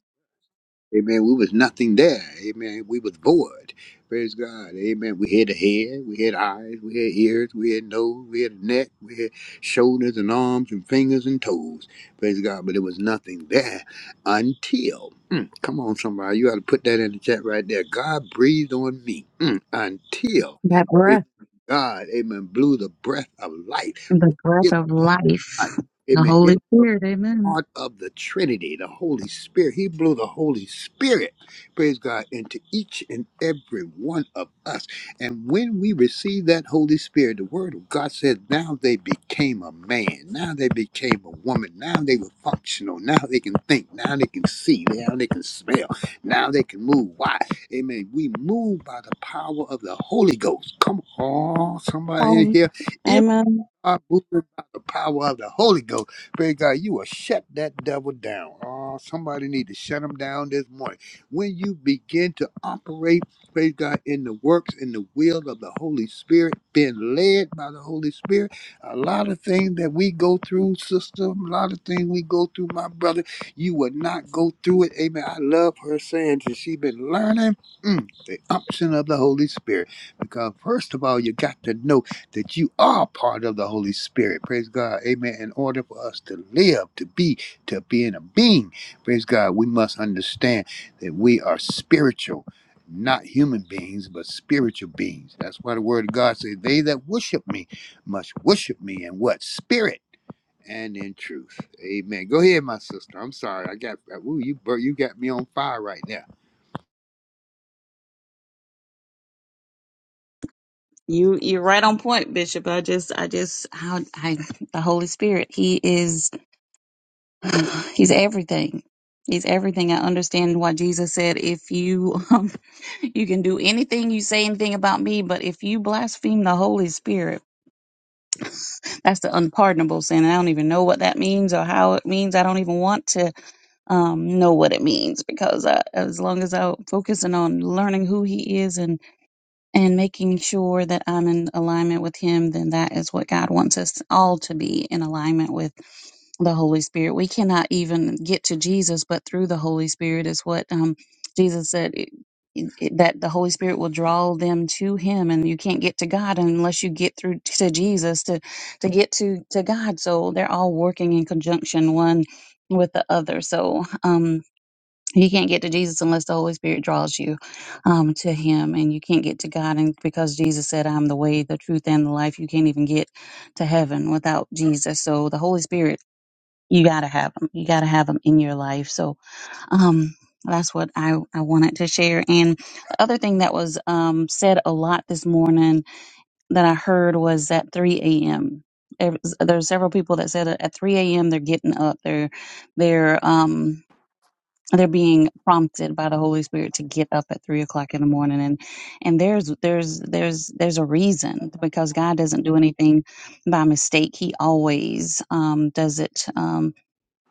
J: Amen. We was nothing there. Amen. We was void. Praise God. Amen. We had a head, we had eyes, we had ears, we had nose, we had a neck, we had shoulders and arms and fingers and toes. Praise God. But there was nothing there until, Mm, come on, somebody. You ought to put that in the chat right there. God breathed on me Mm, until
H: That
J: amen,
H: breath,
J: God, amen, blew the breath of life.
H: the
J: What
H: breath
J: is
H: of life,
J: life?
H: the
J: Amen.
H: Holy Spirit. Amen.
J: God of the Trinity, the Holy Spirit. He blew the Holy Spirit, praise God, into each and every one of us. And when we receive that Holy Spirit, the Word of God says, now they became a man, now they became a woman, now they were functional, now they can think, now they can see, now they can smell, now they can move. Why? Amen. We move by the power of the Holy Ghost. Come on, somebody in
H: Um,
J: here.
H: amen.
J: God moving by the power of the Holy Ghost. Pray God, you will shut that devil down. Oh, somebody need to shut him down this morning. When you begin to operate, praise God, in the works, in the will of the Holy Spirit, being led by the Holy Spirit, a lot of things that we go through, sister, a lot of things we go through, my brother, you will not go through it. Amen. I love her saying that she been learning mm, the option of the Holy Spirit. Because first of all, you got to know that you are part of the Holy Spirit. Praise God. Amen. In order for us to live, to be, to be in a being, praise God, we must understand that we are spiritual, not human beings, but spiritual beings. That's why the word of God says, They that worship me must worship me in what? Spirit. And in truth, Amen. Go ahead, my sister. I'm sorry. I got ooh, you. bur- You got me on fire right now.
H: You you're right on point, Bishop. I just I just how I the Holy Spirit. He is *sighs* he's everything. He's everything. I understand why Jesus said, "If you um, *laughs* you can do anything you say anything about me, but if you blaspheme the Holy Spirit, that's the unpardonable sin." I don't even know what that means or how it means. I don't even want to um, know what it means because I, as long as I'm focusing on learning who He is and making sure that I'm in alignment with Him, then that is what God wants us all to be in alignment with the Holy Spirit. We cannot even get to Jesus, but through the Holy Spirit is what um, Jesus said. It, it- that the Holy Spirit will draw them to Him, and you can't get to God unless you get through to Jesus to to get to to God. So they're all working in conjunction, one with the other. So um, you can't get to Jesus unless the Holy Spirit draws you um, to Him, and you can't get to God. And because Jesus said, "I'm the way, the truth, and the life," you can't even get to heaven without Jesus. So the Holy Spirit, you gotta have Him. You gotta have Him in your life. So um, that's what I I wanted to share. And the other thing that was um, said a lot this morning that I heard was at 3 a.m. There- There's several people that said that at 3 a.m. they're getting up. They're they're um they're being prompted by the Holy Spirit to get up at three o'clock in the morning, and and there's there's there's there's a reason because God doesn't do anything by mistake. He always um, does it. Um,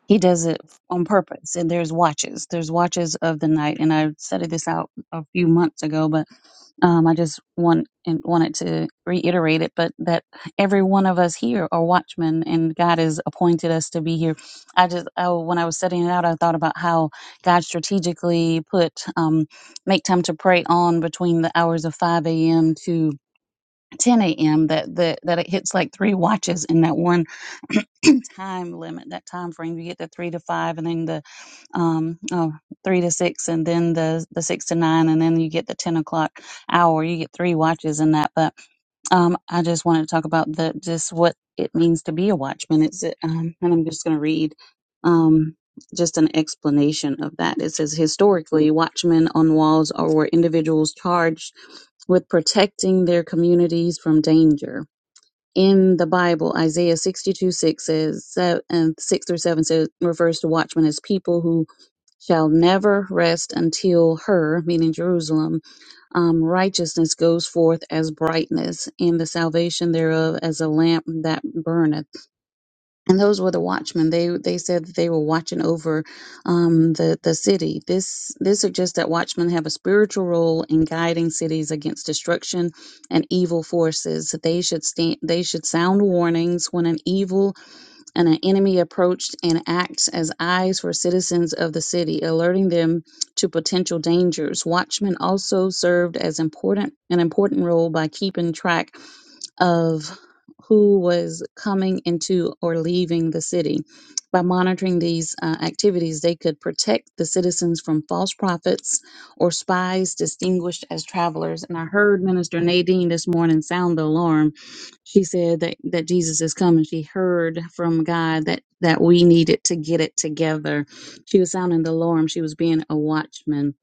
H: he does it on purpose. And there's watches. There's watches of the night. And I studied this out a few months ago, but um, I just want and wanted to reiterate it, but that every one of us here are watchmen, and God has appointed us to be here. I just I, when I was setting it out, I thought about how God strategically put um, make time to pray on between the hours of five a.m. to 10 a.m. That, that that it hits like three watches in that one time limit, that time frame. You get the three to five, and then the um, oh, three to six, and then the the six to nine, and then you get the ten o'clock hour. You get three watches in that. But um, I just wanted to talk about the just what it means to be a watchman. It's um, and I'm just going to read um, just an explanation of that. It says historically, watchmen on walls are were individuals charged with protecting their communities from danger in the Bible, Isaiah 62 6 says, se- and 6 through 7 says, refers to watchmen as people who shall never rest until her, meaning Jerusalem, um, righteousness goes forth as brightness, and the salvation thereof as a lamp that burneth and those were the watchmen. They they said that they were watching over um, the the city. This this suggests that watchmen have a spiritual role in guiding cities against destruction and evil forces. They should stand. They should sound warnings when an evil and an enemy approached and acts as eyes for citizens of the city, alerting them to potential dangers. Watchmen also served as important an important role by keeping track of who was coming into or leaving the city. By monitoring these uh, activities, they could protect the citizens from false prophets or spies distinguished as travelers. And I heard Minister Nadine this morning sound the alarm she said that, that Jesus is coming. She heard from God that, that we needed to get it together. She was sounding the alarm. She was being a watchman.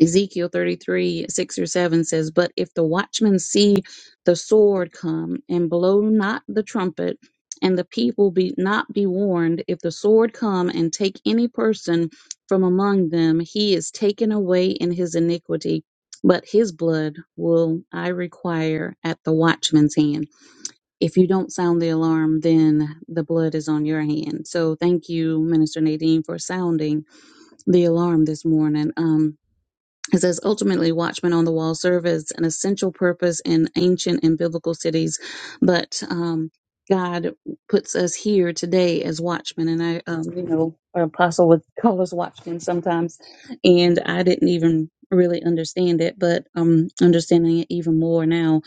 H: Ezekiel 33, 6 or 7 says, But if the watchman see the sword come and blow not the trumpet, and the people be not be warned, if the sword come and take any person from among them, he is taken away in his iniquity, but his blood will I require at the watchman's hand if you don't sound the alarm, then the blood is on your hand. So thank you, Minister Nadine, for sounding the alarm this morning. Um, it says ultimately, Watchmen on the Wall serve as an essential purpose in ancient and biblical cities, but um, God puts us here today as watchmen. And I, um, you know, our apostle would *laughs* call us watchmen sometimes, and I didn't even really understand it, but um, understanding it even more now.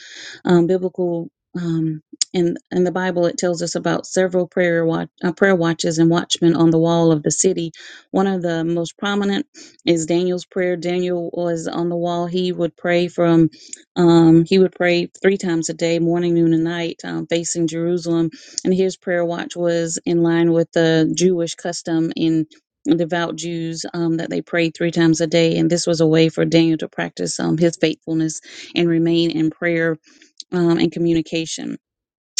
H: Um, biblical. Um, in, in the Bible, it tells us about several prayer watch, uh, prayer watches and watchmen on the wall of the city. One of the most prominent is Daniel's prayer. Daniel was on the wall. He would pray from, um, he would pray three times a day, morning, noon, and night, um, facing Jerusalem. And his prayer watch was in line with the Jewish custom in devout Jews um, that they prayed three times a day. And this was a way for Daniel to practice um, his faithfulness and remain in prayer um, and communication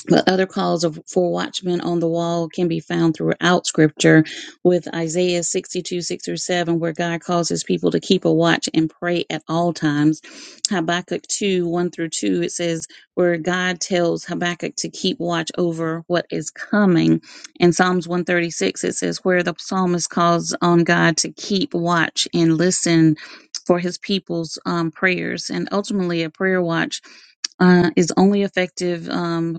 H: but other calls of, for watchmen on the wall can be found throughout scripture with Isaiah 62, 6 through 7, where God calls his people to keep a watch and pray at all times. Habakkuk 2, 1 through 2, it says, where God tells Habakkuk to keep watch over what is coming. In Psalms 136, it says, where the psalmist calls on God to keep watch and listen for his people's um, prayers. And ultimately, a prayer watch uh, is only effective um,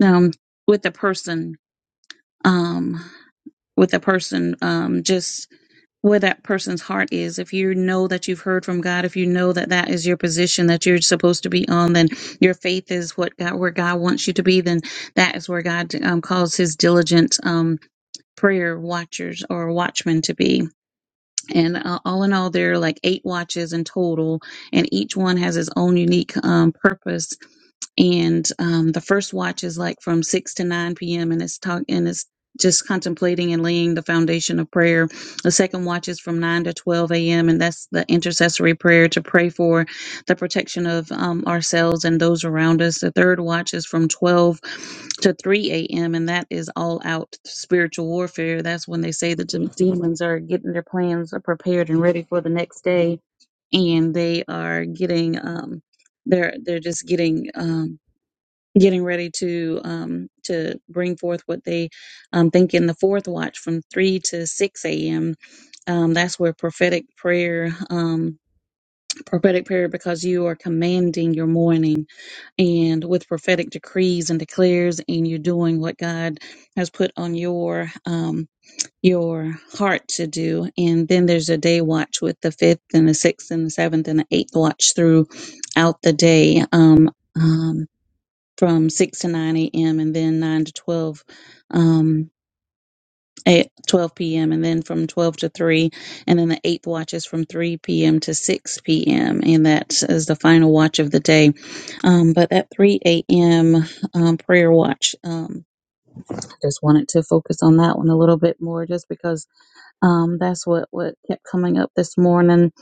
H: um, with the person, um, with the person, um, just where that person's heart is. If you know that you've heard from God, if you know that that is your position that you're supposed to be on, then your faith is what God, where God wants you to be. Then that is where God um, calls His diligent um, prayer watchers or watchmen to be and uh, all in all there are like eight watches in total and each one has its own unique um, purpose and um, the first watch is like from 6 to 9 p.m and it's talk and it's just contemplating and laying the foundation of prayer the second watch is from 9 to 12 a.m and that's the intercessory prayer to pray for the protection of um, ourselves and those around us. The third watch is from 12 to 3 a.m., and that is all out spiritual warfare. That's when they say that the demons are getting their plans prepared and ready for the next day, and they are getting, um, they're they're just getting. Um, getting ready to um to bring forth what they um think in the fourth watch from 3 to 6 a.m um, that's where prophetic prayer Um, prophetic prayer because you are commanding your morning and with prophetic decrees and declares and you're doing what God has put on your um your heart to do and then there's a day watch with the fifth and the sixth and the seventh and the eighth watch throughout the day um um from 6 to 9 a.m. and then 9 to 12 um at 12 p.m. and then from 12 to 3 and then the eighth watch is from 3 p.m. to 6 p.m. and that is the final watch of the day um, but that 3 a.m. Um, prayer watch um, I just wanted to focus on that one a little bit more just because um, that's what what kept coming up this morning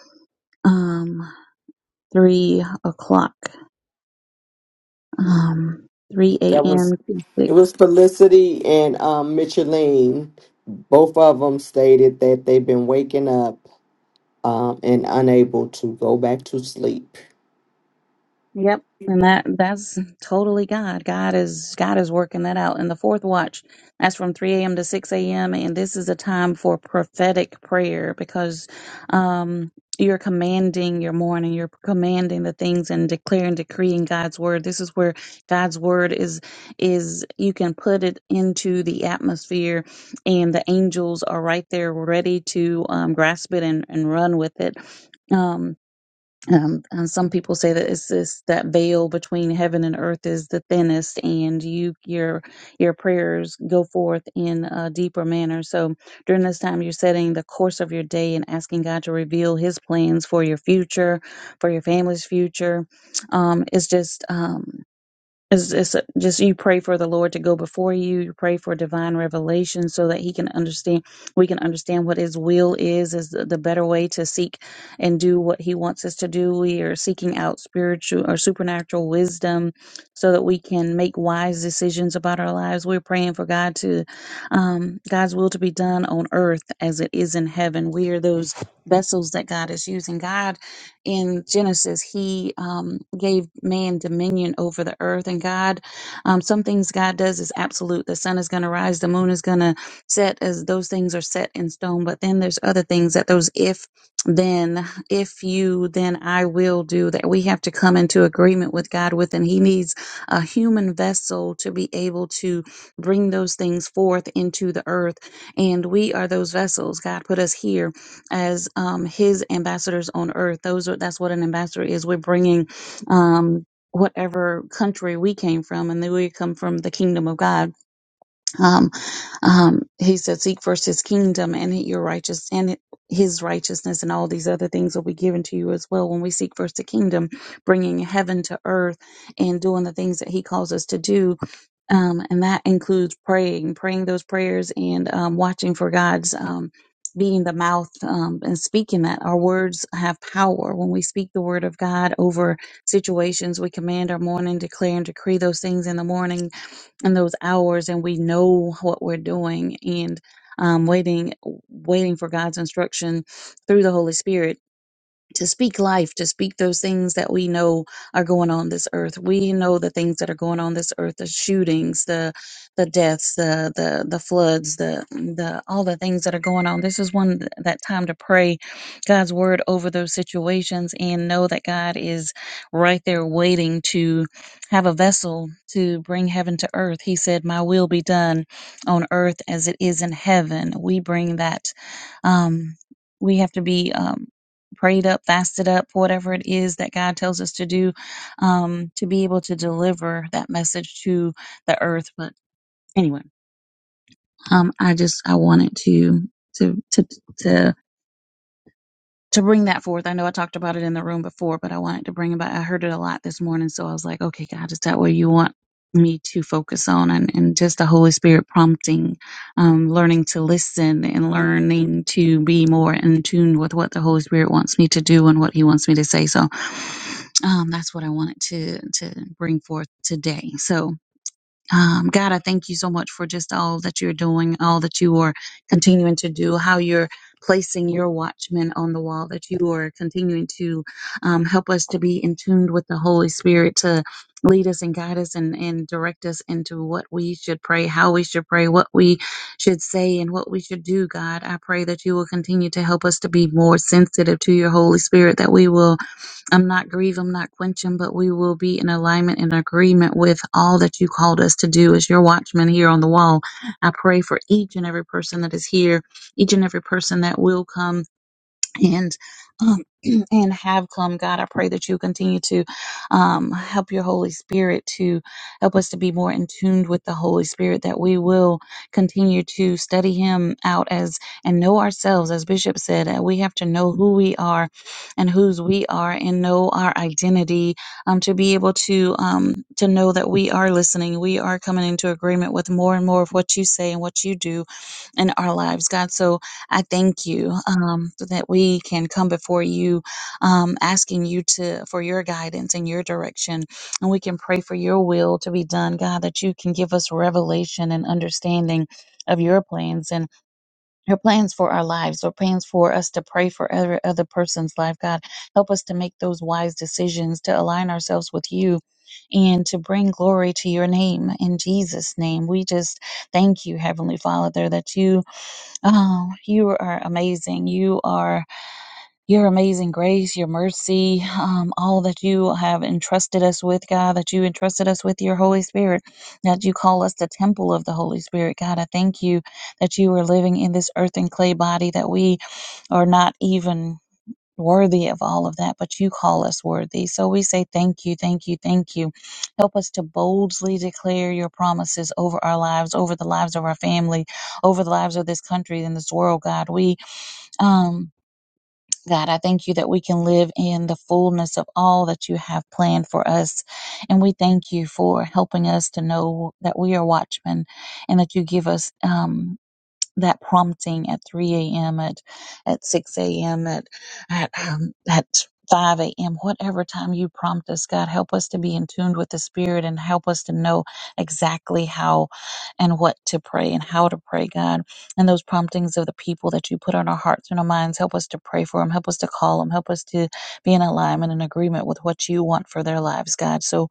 H: um, 3 o'clock um, 3
D: That was
H: a.m. to
D: it
H: 6
D: was Felicity and um, Micheline. Both of them stated that they've been waking up um, and unable to go back to sleep
H: Yep. And that that's totally God. God is God is working that out. And the fourth watch, that's from 3 a.m. to 6 a.m. And this is a time for prophetic prayer because um you're commanding your morning, you're commanding the things and declaring, decreeing God's word. This is where God's word is is you can put it into the atmosphere and the angels are right there ready to um, grasp it and, and run with it. Um um, and some people say that it's this that veil between heaven and earth is the thinnest, and you your your prayers go forth in a deeper manner. So during this time, you're setting the course of your day and asking God to reveal His plans for your future, for your family's future. Um, it's just um, it's, it's uh, just you pray for the Lord to go before you. You pray for divine revelation so that He can understand. We can understand what His will is. Is the, the better way to seek and do what He wants us to do. We are seeking out spiritual or supernatural wisdom so that we can make wise decisions about our lives. We're praying for God to um, God's will to be done on earth as it is in heaven. We are those vessels that God is using. God in Genesis, he um, gave man dominion over the earth and God. Um, some things God does is absolute. The sun is going to rise, the moon is going to set, as those things are set in stone. But then there's other things that those if then, if you, then I will do that we have to come into agreement with God with. And he needs a human vessel to be able to bring those things forth into the earth. And we are those vessels. God put us here as um, His ambassadors on earth. Those are that's what an ambassador is. We're bringing um, whatever country we came from, and then we come from the kingdom of God. Um, um, he said, "Seek first His kingdom and your righteous and His righteousness, and all these other things will be given to you as well." When we seek first the kingdom, bringing heaven to earth and doing the things that He calls us to do, um, and that includes praying, praying those prayers, and um, watching for God's. Um, being the mouth um, and speaking that our words have power. When we speak the word of God over situations, we command our morning, declare and decree those things in the morning and those hours and we know what we're doing and um, waiting waiting for god's instruction through the holy spirit to speak life, to speak those things that we know are going on this earth. We know the things that are going on this earth, the shootings, the the deaths, the the the floods, the the all the things that are going on. This is one th- that time to pray God's word over those situations and know that God is right there waiting to have a vessel to bring heaven to earth. He said, "My will be done on earth as it is in heaven." We bring that um we have to be um, prayed up, fasted up, whatever it is that God tells us to do, um, to be able to deliver that message to the earth. But anyway, um, I just I wanted to to to to to bring that forth. I know I talked about it in the room before, but I wanted to bring it back. I heard it a lot this morning, so I was like, okay, God, is that what you want me to focus on? And, and just the Holy Spirit prompting, um, learning to listen and learning to be more in tune with what the Holy Spirit wants me to do and what He wants me to say. So um, that's what I wanted to to bring forth today. So um, God, I thank you so much for just all that you're doing, all that you are continuing to do, how you're placing your watchmen on the wall, that you are continuing to um, help us to be in tune with the Holy Spirit to lead us and guide us and, and direct us into what we should pray, how we should pray, what we should say, and what we should do, God. I pray that you will continue to help us to be more sensitive to your Holy Spirit, that we will I'm not grieved, I'm not quenching, but we will be in alignment and agreement with all that you called us to do as your watchmen here on the wall. I pray for each and every person that is here, each and every person that will come and um, *clears throat* and have come god i pray that you continue to um, help your holy spirit to help us to be more in tune with the holy spirit that we will continue to study him out as and know ourselves as bishop said uh, we have to know who we are and whose we are and know our identity um, to be able to um, to know that we are listening we are coming into agreement with more and more of what you say and what you do in our lives god so I thank you um, so that we can come before you, um, asking you to for your guidance and your direction, and we can pray for your will to be done, God. That you can give us revelation and understanding of your plans and your plans for our lives, or plans for us to pray for every other person's life, God. Help us to make those wise decisions to align ourselves with you. And to bring glory to your name in Jesus' name. We just thank you, Heavenly Father, that you um, you are amazing. You are your amazing grace, your mercy, um, all that you have entrusted us with, God, that you entrusted us with your Holy Spirit, that you call us the temple of the Holy Spirit. God, I thank you that you are living in this earth and clay body, that we are not even worthy of all of that, but you call us worthy. So we say thank you, thank you, thank you. Help us to boldly declare your promises over our lives, over the lives of our family, over the lives of this country and this world, God. We, um, God, I thank you that we can live in the fullness of all that you have planned for us. And we thank you for helping us to know that we are watchmen and that you give us, um, that prompting at 3 a.m., at, at 6 a.m., at, at, um, at 5 a.m., whatever time you prompt us, God, help us to be in tune with the Spirit and help us to know exactly how and what to pray and how to pray, God. And those promptings of the people that you put on our hearts and our minds, help us to pray for them, help us to call them, help us to be in alignment and agreement with what you want for their lives, God. So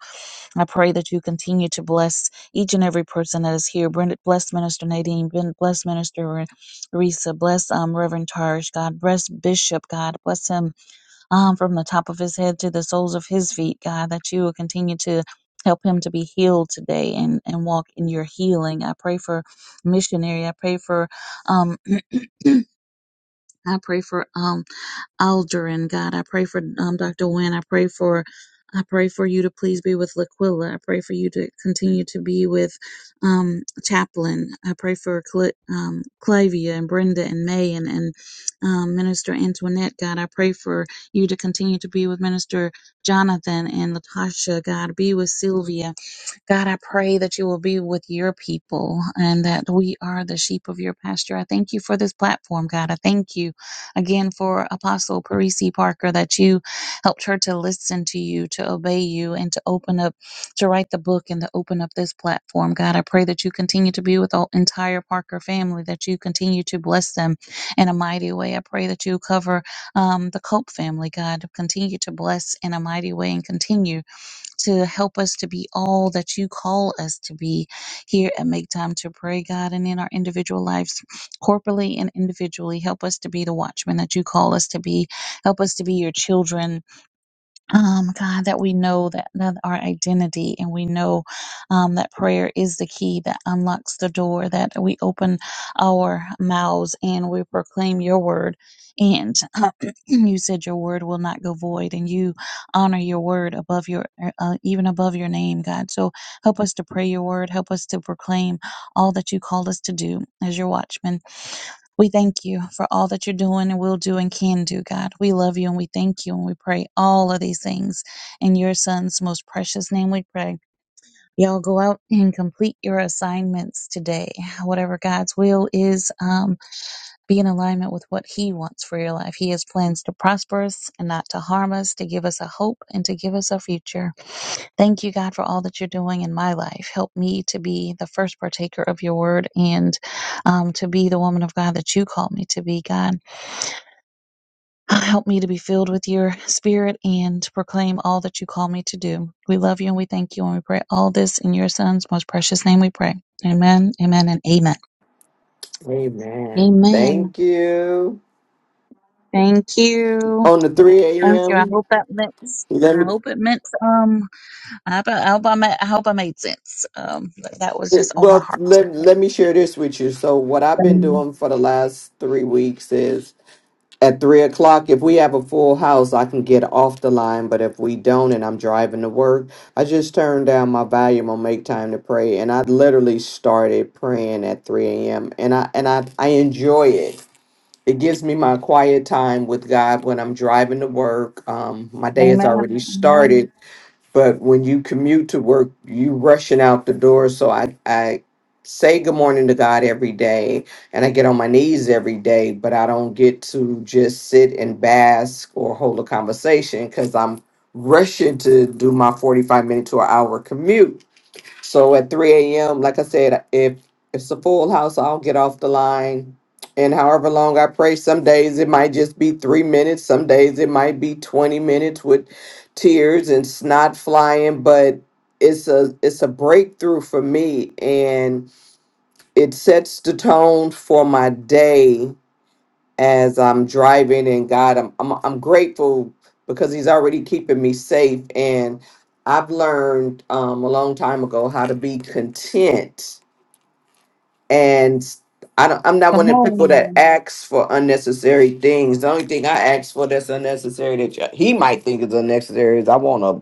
H: I pray that you continue to bless each and every person that is here. Brenda, bless Minister Nadine. Ben- Bless Minister Re- Risa. Bless um, Reverend Tarish. God bless Bishop. God bless him um, from the top of his head to the soles of his feet. God, that you will continue to help him to be healed today and, and walk in your healing. I pray for missionary. I pray for um, *clears throat* I pray for um Aldrin, God. I pray for um, Dr. Wynne. I pray for I pray for you to please be with Laquilla. I pray for you to continue to be with um, Chaplain. I pray for Cl- um, Clavia and Brenda and May and, and um, Minister Antoinette, God. I pray for you to continue to be with Minister Jonathan and Latasha, God. Be with Sylvia. God, I pray that you will be with your people and that we are the sheep of your pasture. I thank you for this platform, God. I thank you again for Apostle Parisi Parker that you helped her to listen to you, to obey you, and to open up, to write the book and to open up this platform, God. I pray that you continue to be with the entire Parker family, that you continue to bless them in a mighty way. I pray that you cover um, the Cope family, God. Continue to bless in a mighty way and continue to help us to be all that you call us to be here and Make Time to Pray, God, and in our individual lives, corporately and individually. Help us to be the watchmen that you call us to be. Help us to be your children um, God, that we know that, that our identity and we know um, that prayer is the key that unlocks the door, that we open our mouths and we proclaim your word. And *clears throat* you said your word will not go void, and you honor your word above your, uh, even above your name, God. So help us to pray your word. Help us to proclaim all that you called us to do as your watchmen we thank you for all that you're doing and will do and can do, God. We love you and we thank you and we pray all of these things. In your son's most precious name we pray. Y'all go out and complete your assignments today. Whatever God's will is, Um be in alignment with what He wants for your life. He has plans to prosper us and not to harm us, to give us a hope and to give us a future. Thank you, God, for all that you're doing in my life. Help me to be the first partaker of your word and um, to be the woman of God that you call me to be, God. Help me to be filled with your spirit and to proclaim all that you call me to do. We love you and we thank you and we pray all this in your son's most precious name we pray. Amen, amen, and amen.
D: Amen.
H: Amen.
D: Thank you.
H: Thank you.
D: On the 3
H: Thank you. I
D: a.m.
H: hope that makes.
D: Let
H: I
D: me
H: hope it makes. Um, I hope I, I hope I, ma- I hope I made sense. Um, but that was just on my
D: well
H: heart.
D: let,
H: today.
D: let me share this with you. So what I've been
H: Um,
D: doing for the last three weeks is at three o'clock, if we have a full house, I can get off the line. But if we don't and I'm driving to work, I just turn down my volume on make time to pray. And I literally started praying at 3 a.m. And I and I, I enjoy it. It gives me my quiet time with God when I'm driving to work. Um, my day has
H: Amen.
D: already started
H: Amen.
D: but when you commute to work, you rushing out the door. So I, I say good morning to God every day and I get on my knees every day, but I don't get to just sit and bask or hold a conversation because I'm rushing to do my 45 minute to an hour commute. So at 3 a.m., like I said, if if it's a full house, I'll get off the line. And however long I pray, some days it might just be three minutes, some days it might be 20 minutes with tears and snot flying, but it's a it's a breakthrough for me and it sets the tone for my day as I'm driving and God I'm I'm I'm grateful because he's already keeping me safe and I've learned um a long time ago how to be content and I don't I'm not
H: Come
D: one of the people
H: on.
D: that asks for unnecessary things. The only thing I ask for that's unnecessary that y- he might think is unnecessary is I want a,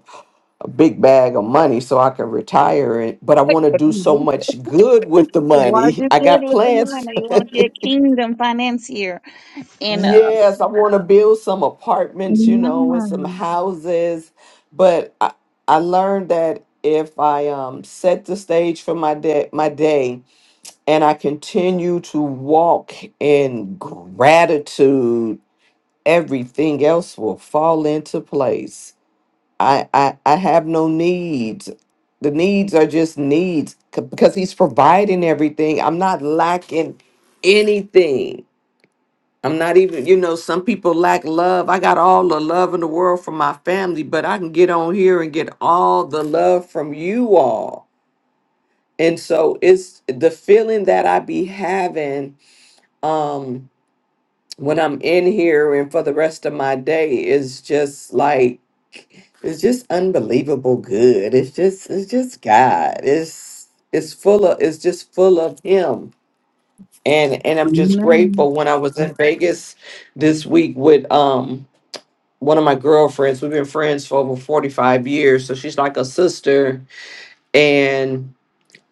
D: a big bag of money so I can retire it, but I want to do so much good with the
H: What
D: money.
H: you
D: *laughs* I
H: good
D: got
H: with the
D: plans
H: money? You want to be a kingdom financier? And uh,
D: Yes, I want to build some apartments, you know, and some
H: Amen.
D: houses. But I, I learned that if I um, set the stage for my day, my day, and I continue to walk in gratitude, everything else will fall into place. I, I, I have no needs. The needs are just needs c- because he's providing everything. I'm not lacking anything I'm not even, you know, some people lack love. I got all the love in the world from my family, but I can get on here and get all the love from you all. And so it's the feeling that I be having um when I'm in here and for the rest of my day is just like it's just unbelievable good. It's just it's just God. It's it's full of it's just full of him. And and I'm just
H: Amen.
D: grateful when I was in Vegas this week with um one of my girlfriends. We've been friends for over 45 years. So she's like a sister. And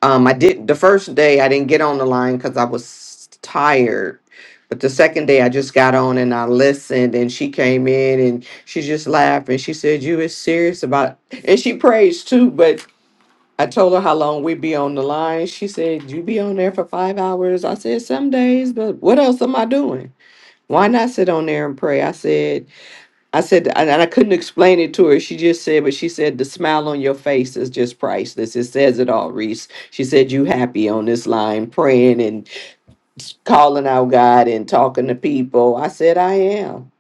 D: um, I did the first day I didn't get on the line because I was tired. But the second day I just got on and I listened and she came in and she just laughed and she said, You is serious about and she prays too, but I told her how long we'd be on the line. She said, You be on there for five hours. I said, Some days, but what else am I doing? Why not sit on there and pray? I said, I said, and and I couldn't explain it to her. She just said, but she said, the smile on your face is just priceless. It says it all, Reese. She said, you happy on this line, praying and calling out God and talking to people. I said, I am.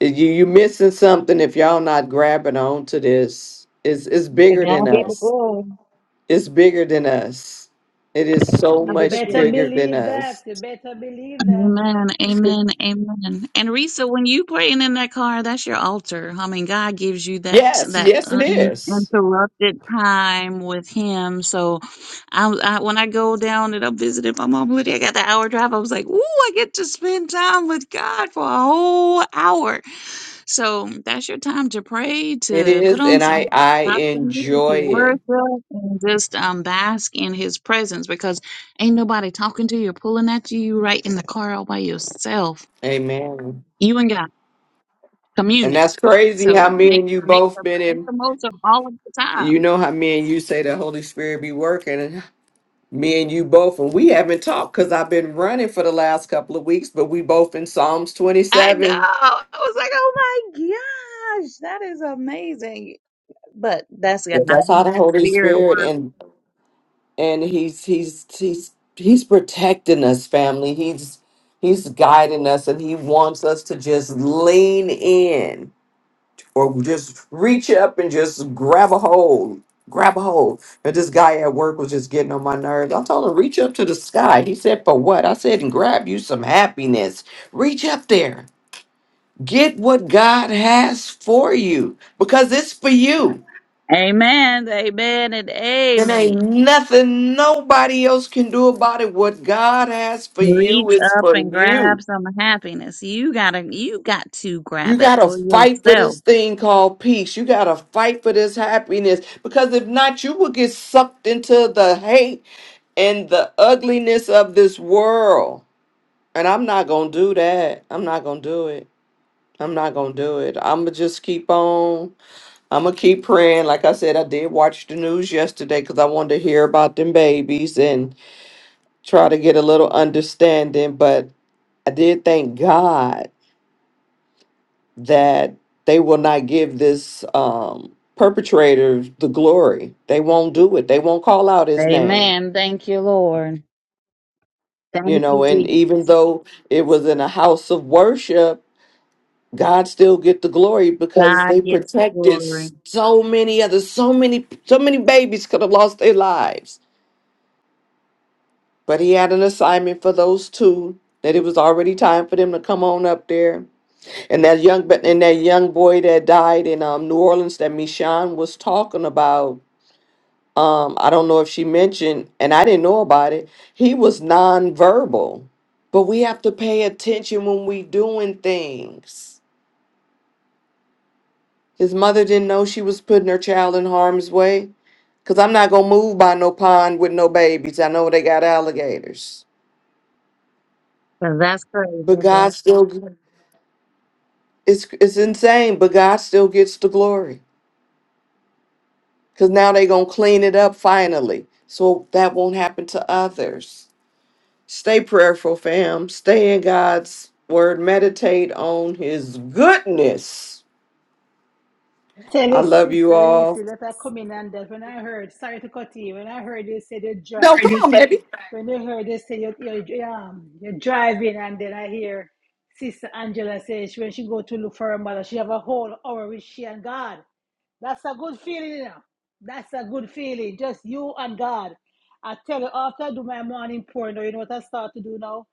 D: You you missing something if y'all not grabbing on to this. It's it's
H: To
D: bigger than
H: God
D: Yeah.
H: be the
D: us.
H: glory.
D: It's bigger than us. It is so
H: God
A: You
H: be the
D: much
H: glory.
A: better
D: bigger than
A: believe that.
D: us.
A: You better believe that.
H: Amen. Amen. Amen. And Risa, when you praying in that car, that's your altar. I mean, God gives you that
D: Yes,
H: that
D: yes, it is.
H: uninterrupted time with Him. So, I, I when I go down and I'm visiting my mom, Lydia, I got the hour drive. I was like, "Ooh, I get to spend time with God for a whole hour." So that's your time to pray,
D: It
H: to put
D: is,
H: on
D: and
H: some
D: I I
H: gospel music, to
D: enjoy it.
H: worship, and just um, bask in His presence because Ain't nobody talking to you or pulling at you. You right in the car all by yourself.
D: Amen.
H: You ain't got
D: And
H: community.
D: that's crazy
H: So
D: how me
H: make
D: and you
H: make
D: both
H: the
D: been
H: make
D: in.
H: the most of all of the time.
D: You know how me and you say the Holy Spirit be working, and me and you both, and we haven't talked because I've been running for the last couple of weeks. But we both in Psalms twenty
H: I know.
D: seven.
H: I was like, oh my gosh, that is amazing. But that's God.
D: But that's how the
H: The
D: Holy
H: spirit
D: Spirit
H: work.
D: and and he's he's he's he's protecting us, family. He's he's guiding us, and he wants us to just lean in or just reach up and just grab a hold. Grab a hold. And this guy at work was just getting on my nerves. I told him, reach up to the sky. He said, for what? I said, and grab you some happiness. Reach up there. Get what God has for you because it's for you.
H: Amen. Amen and
D: And
H: amen.
D: ain't nothing nobody else can do about it. What God has for you
H: Reach
D: is
H: up
D: for
H: and
D: you.
H: grab some happiness. You gotta you got to
D: You
H: grab it
D: got to
H: for
D: fight for
H: yourself.
D: this thing called peace. You got to fight for this happiness because if not, you will get sucked into the hate and the ugliness of this world. And I'm not going to do that. I'm not going to do it. I'm not going to do it. I'm going to just keep on. I'm going to keep praying. Like I said, I did watch the news yesterday because I wanted to hear about them babies and try to get a little understanding. But I did thank God that they will not give this um, perpetrator the glory. They won't do it. They won't call out his name.
H: Amen. Thank you, Lord.
D: You
H: Thank you,
D: know, and
H: Jesus.
D: even though it was in a house of worship, God still get the glory because they
H: God gets the
D: protected
H: glory.
D: so many others. So many, so many babies could have lost their lives. But he had an assignment for those two that it was already time for them to come on up there. And that young, but and that young boy that died in um, New Orleans that Michon was talking about um, I don't know if she mentioned, and I didn't know about it, he was nonverbal. But we have to pay attention when we doing things. His mother didn't know she was putting her child in harm's way. Cause I'm not gonna move by no pond with no babies. I know they got alligators.
H: 'Cause that's crazy,
D: But God
H: bro.
D: still it's it's insane, but God still gets the glory. Cause now they gonna clean it up finally. So that won't happen to others. Stay prayerful, fam. Stay in God's word. Meditate on his goodness.
A: Tell
D: I
A: us,
D: love you
A: Sister Reese,
D: all.
A: let her come in and that. When I heard, sorry to cut you, when I heard you say you drive, when you heard you say you you you, um, you're driving, and then I hear Sister Angela says when she go to look for her mother, she have a whole hour with she and God. That's a good feeling, you know. That's a good feeling. Just you and God. I tell you, after I do my morning prayer, now, you know what I start to do now?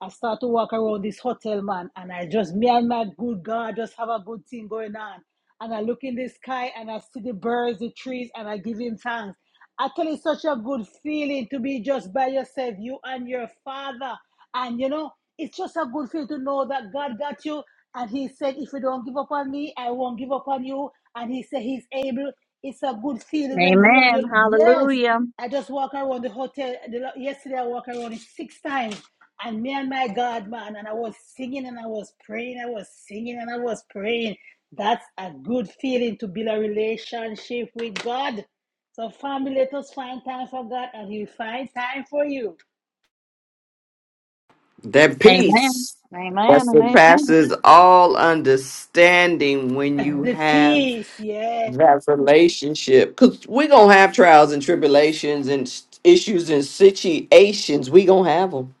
A: I start to walk around this hotel, man, and I just, me and my good God, just have a good thing going on. And I look in the sky and I see the birds, the trees, and I give him thanks. I tell you, it's such a good feeling to be just by yourself, you and your father. And you know, it's just a good feeling to know that God got you. And he said, If you don't give up on me, I won't give up on you. And he said, He's able. It's a good feeling when you and your.
H: Amen.
A: Yes.
H: Hallelujah.
A: I just walk around the hotel. The, lo- yesterday, I walked around it six times. And me and my God, man, and I was singing and I was praying. I was singing and I was praying. That's a good feeling to build a relationship with God. So, family, let us find time for God and He'll find time for you.
D: That
H: Amen.
D: peace that
H: Amen and amen.
D: surpasses all understanding when
A: That's
D: you
A: the
D: have
A: peace, yeah.
D: that relationship. Because we're going to have trials and tribulations and s- issues and situations. we going to have them.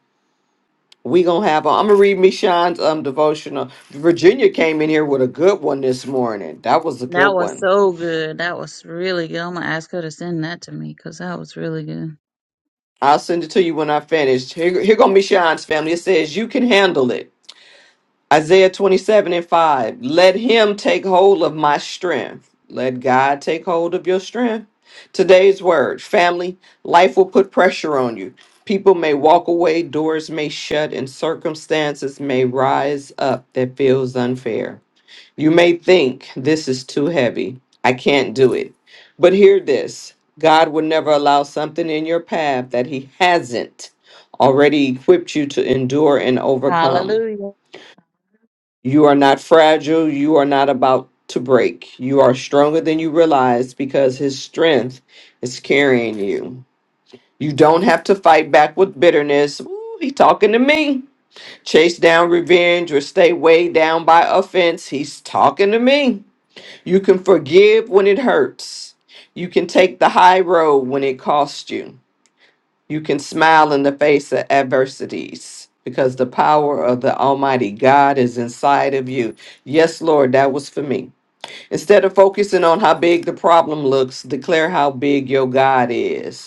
D: we going to have them. I'm going to read Michonne's um, devotional. Virginia came in here with a good one this morning. That was a
H: That
D: good
H: was
D: one.
H: so good. That was really good. I'm gonna ask her to send that to me because that was really good.
D: I'll send it to you when I finish. Here, here gonna be Sean's family. It says, You can handle it. Isaiah 27 and 5. Let him take hold of my strength. Let God take hold of your strength. Today's word, family, life will put pressure on you. People may walk away, doors may shut, and circumstances may rise up that feels unfair. You may think this is too heavy. I can't do it. But hear this God would never allow something in your path that He hasn't already equipped you to endure and overcome.
H: Hallelujah.
D: You are not fragile. You are not about to break. You are stronger than you realize because His strength is carrying you. You don't have to fight back with bitterness. Ooh, he talking to me. Chase down revenge or stay weighed down by offense. He's talking to me. You can forgive when it hurts. You can take the high road when it costs you. You can smile in the face of adversities because the power of the Almighty God is inside of you. Yes, Lord, that was for me. Instead of focusing on how big the problem looks, declare how big your God is.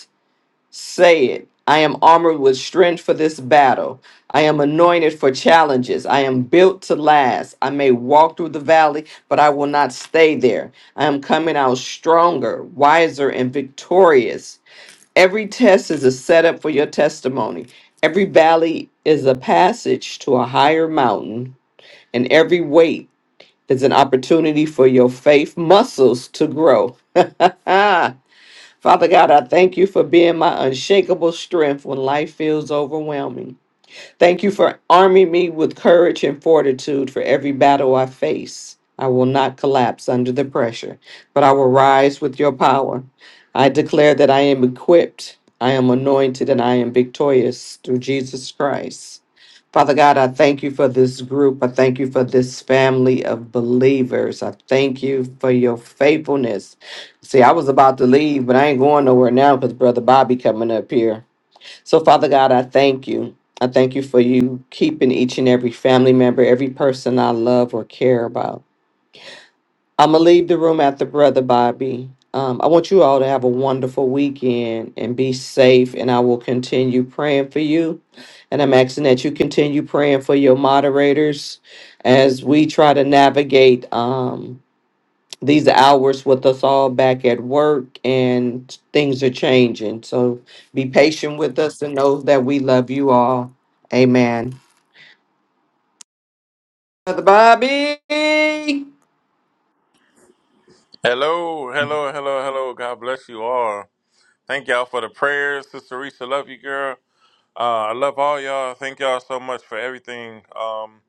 D: Say it. I am armored with strength for this battle. I am anointed for challenges. I am built to last. I may walk through the valley, but I will not stay there. I am coming out stronger, wiser, and victorious. Every test is a setup for your testimony. Every valley is a passage to a higher mountain, and every weight is an opportunity for your faith muscles to grow. *laughs* Father God, I thank you for being my unshakable strength when life feels overwhelming. Thank you for arming me with courage and fortitude for every battle I face. I will not collapse under the pressure, but I will rise with your power. I declare that I am equipped, I am anointed, and I am victorious through Jesus Christ. Father God, I thank you for this group. I thank you for this family of believers. I thank you for your faithfulness. See, I was about to leave, but I ain't going nowhere now because Brother Bobby coming up here. So, Father God, I thank you. I thank you for you keeping each and every family member, every person I love or care about. I'm gonna leave the room after Brother Bobby. Um, I want you all to have a wonderful weekend and be safe. And I will continue praying for you. And I'm asking that you continue praying for your moderators as we try to navigate um, these hours with us all back at work and things are changing. So be patient with us and know that we love you all. Amen. Brother Bobby.
K: Hello, hello, hello, hello. God bless you all. Thank y'all for the prayers. Sister Risa, love you, girl. Uh, I love all y'all. Thank y'all so much for everything. Um,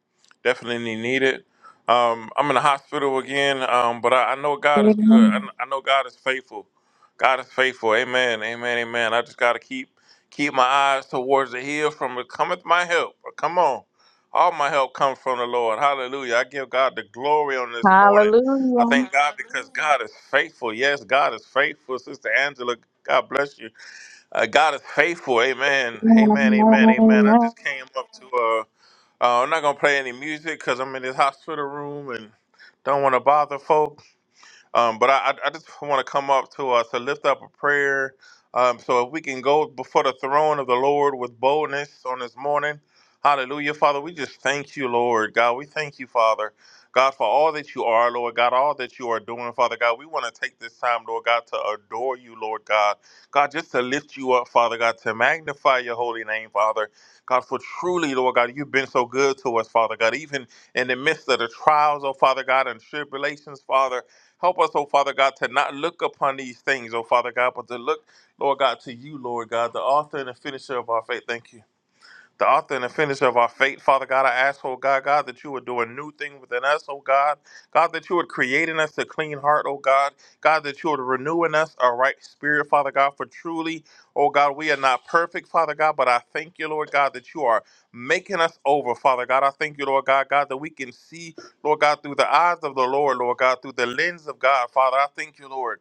K: definitely needed. Um, I'm in the hospital again, um, but I, I know God is good. I,
H: Amen.
K: kn- I know God is faithful. God is faithful. Amen. Amen. Amen. I just gotta keep keep my eyes towards the hill from it cometh my help. Uh, Come on. All my help comes from the Lord. Hallelujah. I give God the glory on this morning. I
H: Hallelujah.
K: thank God because God is faithful. Yes, God is faithful. Sister Angela, God bless you. Uh, God is faithful. Amen. Amen. Amen. Amen. I
H: Amen.
K: just came up to. Uh, uh, I'm not gonna play any music because I'm in this hospital room and don't want to bother folk. Um, but I, I just want to come up to us to lift up a prayer. Um, so if we can go before the throne of the Lord with boldness on this morning. Hallelujah, Father. We just thank you, Lord God. We thank you, Father. God, for all that you are, Lord God, all that you are doing, Father God, we want to take this time, Lord God, to adore you, Lord God. God, just to lift you up, Father God, to magnify your holy name, Father. God, for truly, Lord God, you've been so good to us, Father God, even in the midst of the trials, oh Father God, and tribulations, Father. Help us, oh Father God, to not look upon these things, oh Father God, but to look, Lord God, to you, Lord God, the author and the finisher of our faith. Thank you the author and the finisher of our faith. Father God, I ask, oh God, God, that you would do a new thing within us, oh God. God, that you would create in us a clean heart, oh God. God, that you would renew in us a right spirit, Father God, for truly, oh God, we are not perfect, Father God, but I thank you, Lord God, that you are making us over, Father God. I thank you, Lord God, God, that we can see, Lord God, through the eyes of the Lord, Lord God, through the lens of God, Father. I thank you, Lord.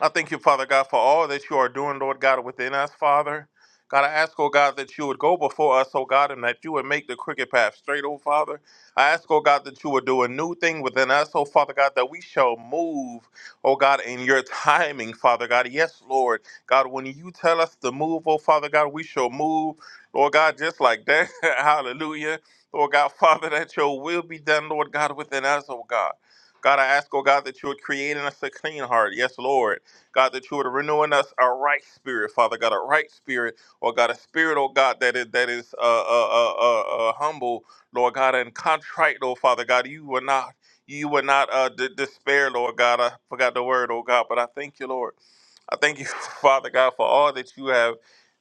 K: I thank you, Father God, for all that you are doing, Lord God, within us, Father. God, I ask, oh God, that you would go before us, oh God, and that you would make the crooked path straight, oh Father. I ask, oh God, that you would do a new thing within us, oh Father God, that we shall move, oh God, in your timing, Father God. Yes, Lord. God, when you tell us to move, oh Father God, we shall move, Lord God, just like that. *laughs* Hallelujah. Lord God, *laughs* Father, that your will be done, Lord God, within us, oh God. God, I ask, oh God, that you would create in us a clean heart. Yes, Lord. God, that you would renew in us a right spirit, Father God, a right spirit or God, a spirit, oh God, that is that is uh, uh, uh, uh, uh, humble, Lord God, and contrite, oh Father God. You will not, you will not uh, d- despair, Lord God. I forgot the word, oh God, but I thank you, Lord. I thank you, *laughs* Father God, for all that you have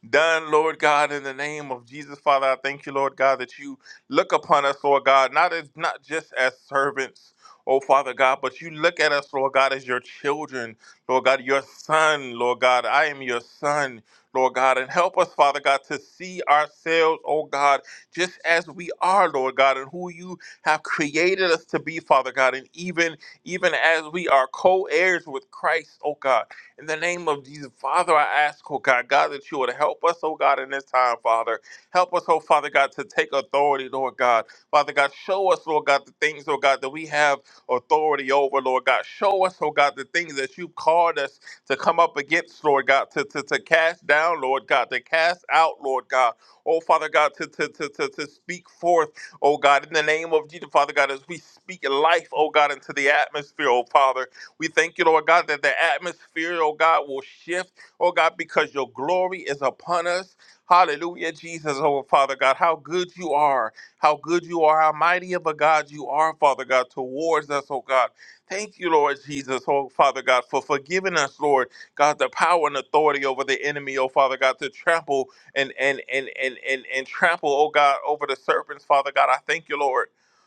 K: done, Lord God, in the name of Jesus, Father. I thank you, Lord God, that you look upon us, Lord God, not as not just as servants. Oh, Father God, but you look at us, Lord God, as your children, Lord God, your son, Lord God. I am your son, Lord God. And help us, Father God, to see ourselves, oh God, just as we are, Lord God, and who you have created us to be, Father God. And even even as we are co-heirs with Christ, oh God. In the name of Jesus, Father, I ask, oh God, God, that you would help us, oh God, in this time, Father. Help us, oh Father God, to take authority, Lord God. Father God, show us, Lord God, the things, oh God, that we have authority over, Lord God. Show us, oh God, the things that you've called us to come up against, Lord God, to, to, to cast down, Lord God, to cast out, Lord God. Oh, Father God, to, to, to, to, to speak forth, oh God, in the name of Jesus, Father God, as we speak life, oh God, into the atmosphere, oh Father. We thank you, Lord God, that the atmosphere, oh God, will shift, oh God, because your glory is upon us. Hallelujah, Jesus, oh Father God, how good you are, how good you are, how mighty of a God you are, Father God, towards us, oh God. Thank you, Lord Jesus, oh Father God, for forgiving us, Lord God, the power and authority over the enemy, oh Father God, to trample and and and and and, and trample, oh God, over the serpents, Father God. I thank you, Lord.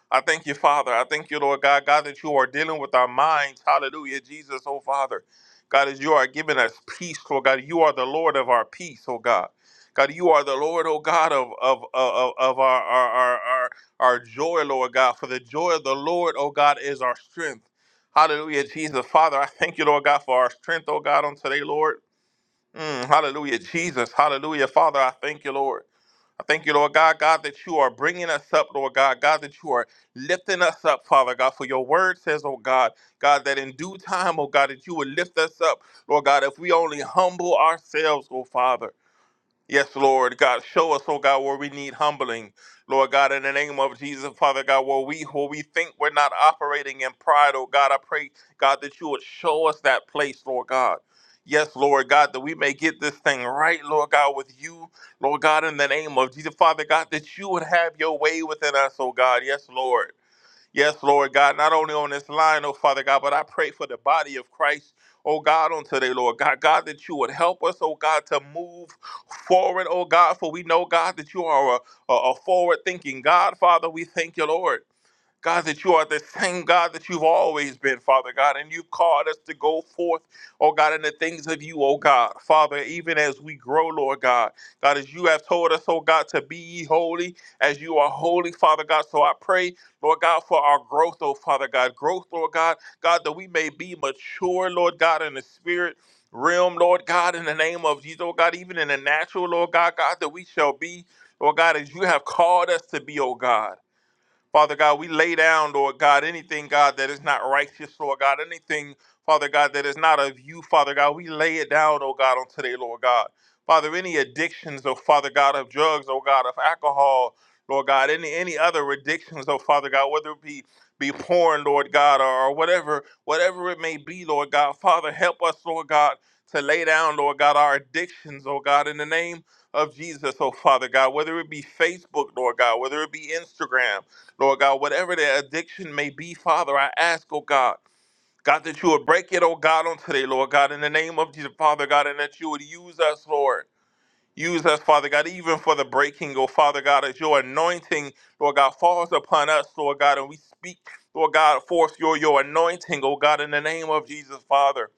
K: I thank you, Father. I thank you, Lord God, God, that you are dealing with our minds. Hallelujah, Jesus, oh Father. God, as you are giving us peace, Lord God, you are the Lord of our peace, oh God. God, you are the Lord, oh God, of of of, of our, our our our our joy, Lord God. For the joy of the Lord, oh God, is our strength. Hallelujah, Jesus. Father, I thank you, Lord God, for our strength, oh God, on today, Lord. Mm, hallelujah, Jesus. Hallelujah. Father, I thank you, Lord. I thank you, Lord God, God, that you are bringing us up, Lord God, God, that you are lifting us up, Father God, for your word says, oh God, God, that in due time, oh God, that you would lift us up, Lord God, if we only humble ourselves, oh Father. Yes, Lord God, show us, oh God, where we need humbling. Lord God, in the name of Jesus, Father God, where we where we think we're not operating in pride, oh God, I pray, God, that you would show us that place, Lord God. Yes, Lord God, that we may get this thing right, Lord God, with you, Lord God, in the name of Jesus, Father God, that you would have your way within us, oh God. Yes, Lord. Yes, Lord God, not only on this line, oh Father God, but I pray for the body of Christ, oh God, on today, Lord God. God, that you would help us, oh God, to move forward, oh God, for we know, God, that you are a, a, a forward thinking God. Father, we thank you, Lord. God, that you are the same God that you've always been, Father God, and you've called us to go forth, oh God, in the things of you, oh God. Father, even as we grow, Lord God, God, as you have told us, oh God, to be ye holy as you are holy, Father God. So I pray, Lord God, for our growth, oh Father God. Growth, Lord God, God, that we may be mature, Lord God, in the spirit. Realm, Lord God, in the name of Jesus, oh God, even in the natural, Lord God, God, that we shall be, Lord God, as you have called us to be, oh God. Father God, we lay down, Lord God, anything, God, that is not righteous, Lord God, anything, Father God, that is not of you, Father God, we lay it down, oh God, on today, Lord God. Father, any addictions, oh Father God, of drugs, oh God, of alcohol, Lord God, any any other addictions, oh Father God, whether it be be porn, Lord God, or, or whatever, whatever it may be, Lord God. Father, help us, Lord God, to lay down, Lord God, our addictions, oh God, in the name of Jesus, oh Father God, whether it be Facebook, Lord God, whether it be Instagram. Lord God, whatever their addiction may be, Father, I ask, oh God, God, that you would break it, oh God, on today, Lord God, in the name of Jesus, Father God, and that you would use us, Lord. Use us, Father God, even for the breaking, oh Father God, as your anointing, Lord God, falls upon us, Lord God, and we speak, Lord God, forth your, your anointing, oh God, in the name of Jesus, Father.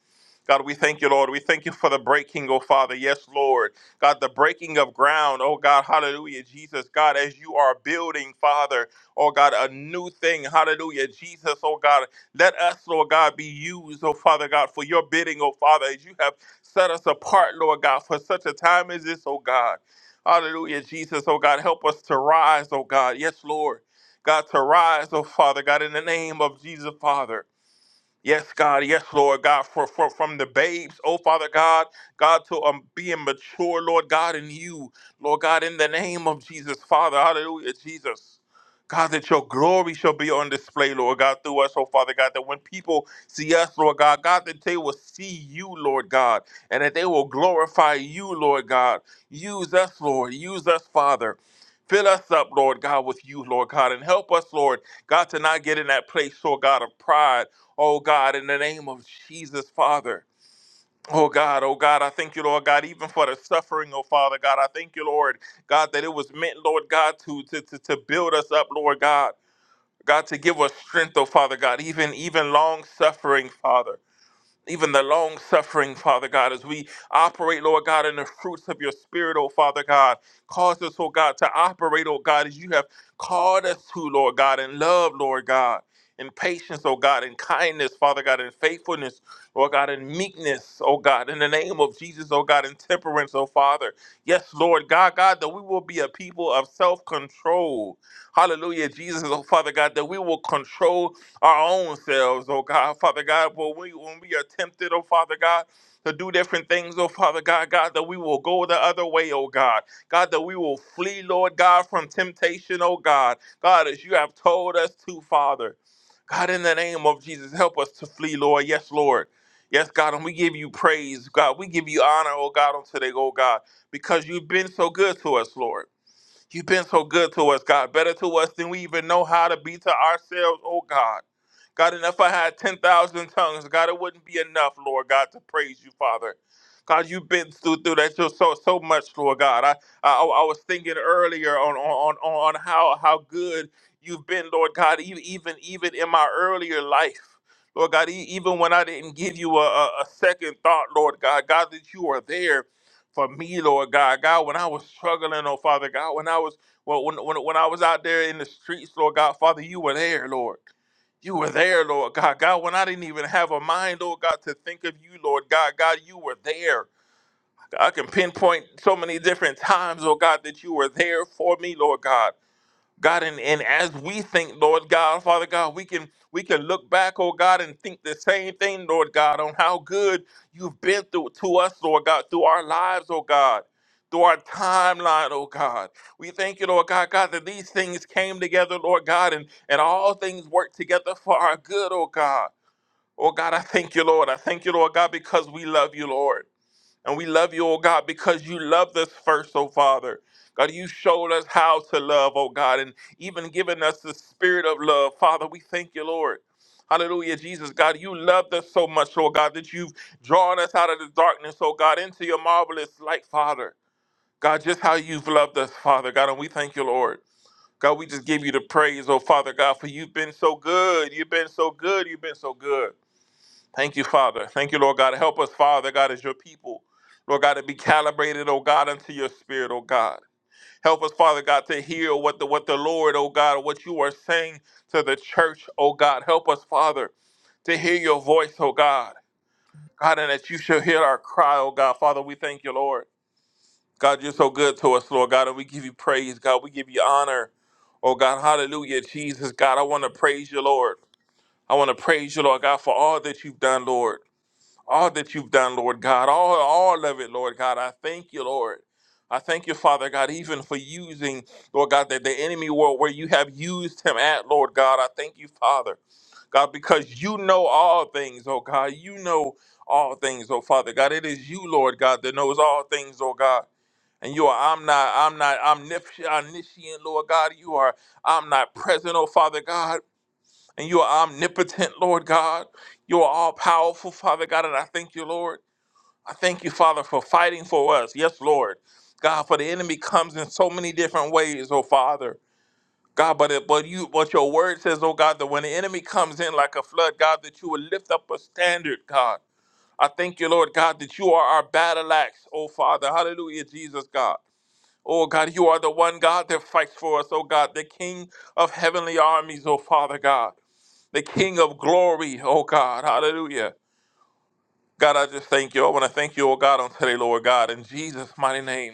K: God, we thank you, Lord. We thank you for the breaking, oh Father. Yes, Lord. God, the breaking of ground, oh God, hallelujah, Jesus. God, as you are building, Father, oh God, a new thing, hallelujah, Jesus, oh God. Let us, Lord God, be used, oh Father God, for your bidding, oh Father, as you have Set us apart, Lord God, for such a time as this, oh God. Hallelujah, Jesus, oh God. Help us to rise, oh God. Yes, Lord. God, to rise, oh Father, God, in the name of Jesus, Father. Yes, God. Yes, Lord God. For, for from the babes, oh Father God, God to um, being mature, Lord God, in you, Lord God, in the name of Jesus, Father, Hallelujah, Jesus. God, that your glory shall be on display, Lord God, through us, oh Father God, that when people see us, Lord God, God, that they will see you, Lord God, and that they will glorify you, Lord God. Use us, Lord. Use us, Father. Fill us up, Lord God, with you, Lord God, and help us, Lord God, to not get in that place, Lord God, of pride. Oh God, in the name of Jesus, Father. Oh God, oh God, I thank you, Lord God, even for the suffering, oh Father God. I thank you, Lord God, that it was meant, Lord God, to to to, to build us up, Lord God. God, to give us strength, oh Father God, even even long suffering, Father even the long suffering, Father God, as we operate, Lord God, in the fruits of your spirit, oh Father God. Cause us, oh God, to operate, oh God, as you have called us to, Lord God, in love, Lord God, in patience, oh God, in kindness, Father God, in faithfulness, Lord God, in meekness, oh God, in the name of Jesus, oh God, in temperance, oh Father. Yes, Lord God, God, that we will be a people of self control. Hallelujah, Jesus, oh Father God, that we will control our own selves, oh God, Father God, when we when we are tempted, oh Father God, to do different things, oh Father God, God, that we will go the other way, oh God. God, that we will flee, Lord God, from temptation, oh God. God, as you have told us to, Father. God, in the name of Jesus, help us to flee, Lord. Yes, Lord. Yes, God, and we give you praise, God. We give you honor, oh God, on today, oh God, because you've been so good to us, Lord. You've been so good to us, God, better to us than we even know how to be to ourselves, oh God. God, and if I had 10,000 tongues, God, it wouldn't be enough, Lord God, to praise you, Father. God, you've been through, through that so, so so much, Lord God. I, I I was thinking earlier on on on on how how good you've been, Lord God, e- even even in my earlier life. Lord God, e- even when I didn't give you a, a, a second thought, Lord God, God, that you are there for me, Lord God. God, when I was struggling, oh Father God, when I was well, when, when, when I was out there in the streets, Lord God, Father, you were there, Lord. You were there, Lord God. God, when I didn't even have a mind, Lord God, to think of you, Lord God. God, you were there. I can pinpoint so many different times, Lord God, that you were there for me, Lord God. God, and, and as we think, Lord God, Father God, we can we can look back, oh God, and think the same thing, Lord God, on how good you've been through to us, Lord God, through our lives, oh God, through our timeline, oh God. We thank you, Lord God, God, that these things came together, Lord God, and, and all things work together for our good, oh God. Oh God, I thank you, Lord. I thank you, Lord God, because we love you, Lord. And we love you, oh God, because you loved us first, oh Father. God, you showed us how to love, oh God, and even given us the spirit of love. Father, we thank you, Lord. Hallelujah, Jesus. God, you loved us so much, oh God, that you've drawn us out of the darkness, oh God, into your marvelous light, Father. God, just how you've loved us, Father, God, and we thank you, Lord. God, we just give you the praise, oh Father God, for you've been so good. You've been so good. You've been so good. Thank you, Father. Thank you, Lord God. Help us, Father God, as your people. Lord God, to be calibrated, oh God, unto your spirit, oh God. Help us, Father God, to hear what the what the Lord, oh God, what you are saying to the church, oh God. Help us, Father, to hear your voice, oh God. God, and that you shall hear our cry, oh God. Father, we thank you, Lord. God, you're so good to us, Lord God, and we give you praise, God. We give you honor. Oh God, hallelujah, Jesus, God. I want to praise you, Lord. I want to praise you, Lord God, for all that you've done, Lord all that you've done, Lord God, all, all of it, Lord God. I thank you, Lord. I thank you, Father God, even for using, Lord God, that the enemy world where you have used him at, Lord God. I thank you, Father, God, because you know all things, oh God. You know all things, oh Father God. It is you, Lord God, that knows all things, oh God. And you are I'm not, I'm not omniscient, omniscient, Lord God. You are I'm not present, oh Father God. And you are omnipotent, Lord God. You are all powerful, Father God. And I thank you, Lord. I thank you, Father, for fighting for us. Yes, Lord. God, for the enemy comes in so many different ways, oh Father. God, but it, but you but your word says, oh God, that when the enemy comes in like a flood, God, that you will lift up a standard, God. I thank you, Lord God, that you are our battle axe, oh Father. Hallelujah, Jesus God. Oh God, you are the one God that fights for us, oh God, the King of heavenly armies, oh Father God the King of glory, oh God, hallelujah. God, I just thank you. I want to thank you, oh God, on today, Lord God. In Jesus' mighty name,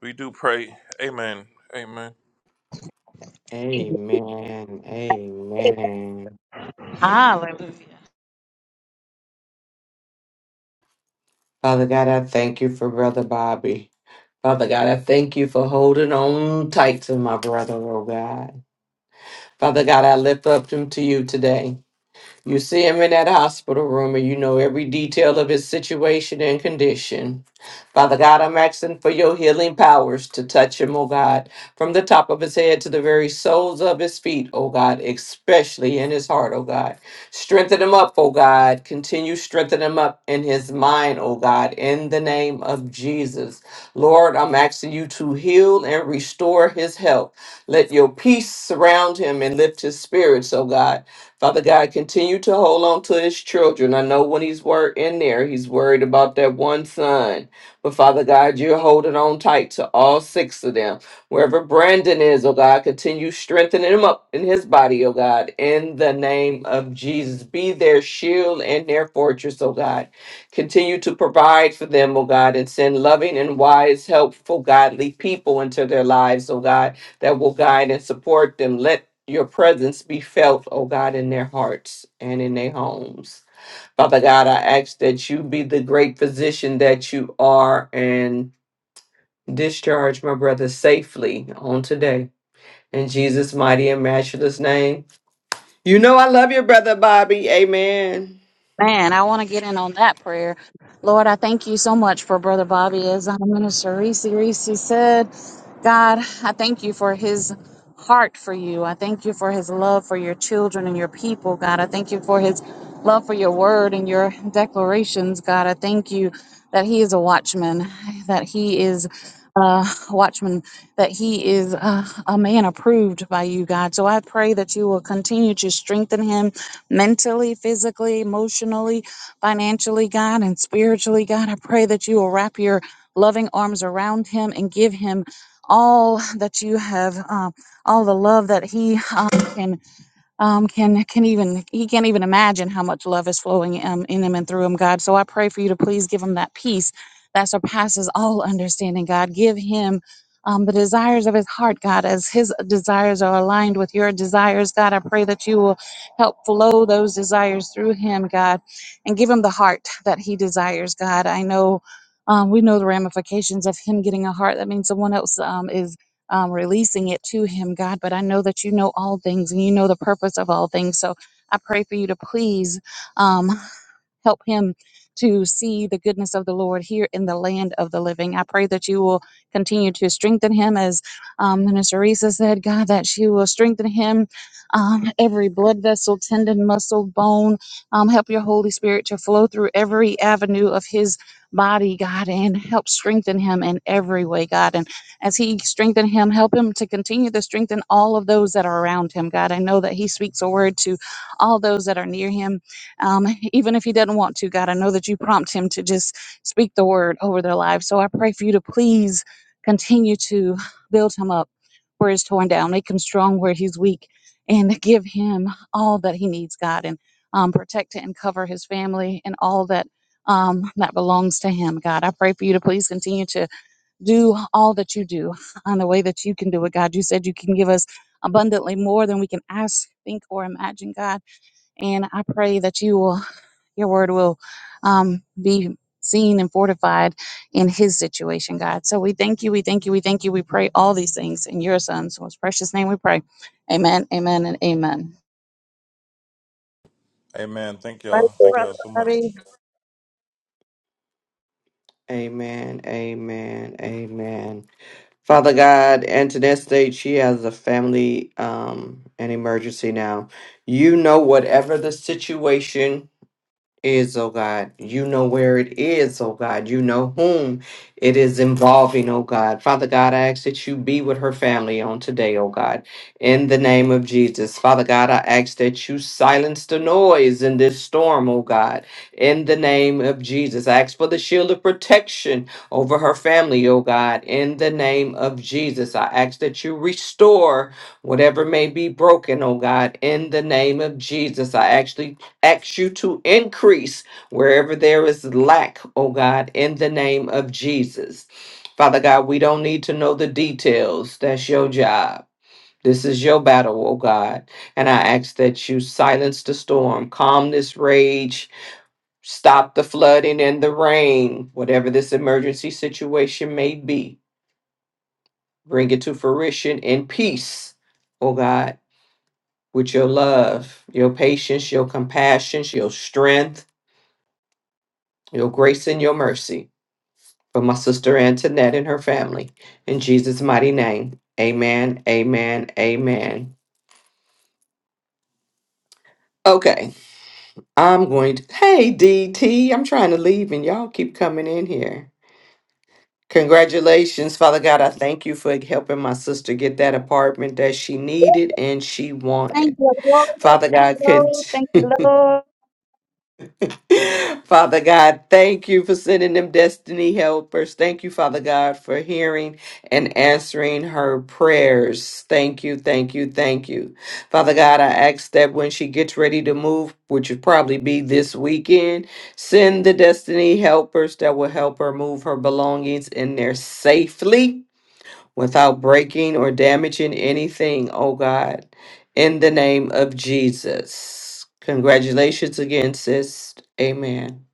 K: we do pray. Amen. Amen.
D: Amen. Amen.
H: Hallelujah.
D: Father God, I thank you for Brother Bobby. Father God, I thank you for holding on tight to my brother, oh God. Father God, I lift up him to you today. You see him in that hospital room and you know every detail of his situation and condition. Father God, I'm asking for your healing powers to touch him, oh God, from the top of his head to the very soles of his feet, oh God, especially in his heart, oh God. Strengthen him up, oh God. Continue strengthening him up in his mind, oh God, in the name of Jesus. Lord, I'm asking you to heal and restore his health. Let your peace surround him and lift his spirits, oh God. Father God, continue to hold on to his children. I know when he's wor- in there, he's worried about that one son. But Father God, you're holding on tight to all six of them. Wherever Brandon is, oh God, continue strengthening him up in his body, oh God, in the name of Jesus. Be their shield and their fortress, oh God. Continue to provide for them, oh God, and send loving and wise, helpful, godly people into their lives, oh God, that will guide and support them. Let your presence be felt, O God, in their hearts and in their homes. Father God, I ask that you be the great physician that you are and discharge my brother safely on today. In Jesus' mighty and matchless name. You know I love your brother Bobby. Amen.
H: Man, I want to get in on that prayer. Lord, I thank you so much for Brother Bobby as our minister. Reese, Reese said, God, I thank you for his heart for you. I thank you for his love for your children and your people, God. I thank you for his love for your word and your declarations, God. I thank you that he is a watchman, that he is a watchman, that he is a, a man approved by you, God. So I pray that you will continue to strengthen him mentally, physically, emotionally, financially, God, and spiritually, God. I pray that you will wrap your loving arms around him and give him all that you have, um, all the love that he um, can um, can can even he can't even imagine how much love is flowing um, in him and through him, God. So I pray for you to please give him that peace that surpasses all understanding, God. Give him um, the desires of his heart, God, as his desires are aligned with your desires, God. I pray that you will help flow those desires through him, God, and give him the heart that he desires, God. I know. Um, we know the ramifications of him getting a heart. That means someone else um, is um, releasing it to him, God. But I know that you know all things and you know the purpose of all things. So I pray for you to please. Um, Help him to see the goodness of the Lord here in the land of the living. I pray that you will continue to strengthen him, as um, Minister Risa said, God, that you will strengthen him, um, every blood vessel, tendon, muscle, bone. Um, help your Holy Spirit to flow through every avenue of his body, God, and help strengthen him in every way, God. And as he strengthen him, help him to continue to strengthen all of those that are around him, God. I know that he speaks a word to all those that are near him um, even if he doesn't want to, God, I know that you prompt him to just speak the word over their lives. So I pray for you to please continue to build him up where he's torn down, make him strong where he's weak, and give him all that he needs, God, and um, protect and cover his family and all that. Um, that belongs to him, God. I pray for you to please continue to do all that you do in the way that you can do it, God. You said you can give us abundantly more than we can ask, think, or imagine, God. And I pray that you will your word will um, be seen and fortified in his situation, God. So we thank you, we thank you, we thank you. We pray all these things in your son's most precious name we pray. Amen, amen, and amen.
K: Amen. Thank y'all.
H: Thank you,
K: Thank
H: Brother
K: y'all so much.
H: Bobby.
D: Amen. Amen. Amen. Father God, and to that state, she has a family um, an emergency now. You know whatever the situation is, oh God. You know where it is, oh God. You know whom it is involving, oh God. Father God, I ask that you be with her family on today, oh God. In the name of Jesus. Father God, I ask that you silence the noise in this storm, oh God. In the name of Jesus. I ask for the shield of protection over her family, oh God. In the name of Jesus. I ask that you restore whatever may be broken, oh God. In the name of Jesus. I actually ask you to increase wherever there is lack, oh God, in the name of Jesus. Father God, we don't need to know the details. That's your job. This is your battle, oh God. And I ask that you silence the storm, calm this rage, stop the flooding and the rain, whatever this emergency situation may be. Bring it to fruition in peace, oh God, with your love, your patience, your compassion, your strength your grace and your mercy for my sister Antoinette and her family. In Jesus' mighty name, amen, amen, amen. Okay, I'm going to. Hey, DT, I'm trying to leave and y'all keep coming in here. Congratulations, Father God. I thank you for helping my sister get that apartment that she needed and she wanted.
H: Thank you, Lord.
D: Father
H: Thank you,
D: God, could.
H: Lord. Thank you, Lord.
D: Father God, thank you for sending them destiny helpers. Thank you, Father God, for hearing and answering her prayers. Thank you, thank you, thank you. Father God, I ask that when she gets ready to move, which would probably be this weekend, send the destiny helpers that will help her move her belongings in there safely without breaking or damaging anything, oh God, in the name of Jesus. Congratulations again, sis. Amen.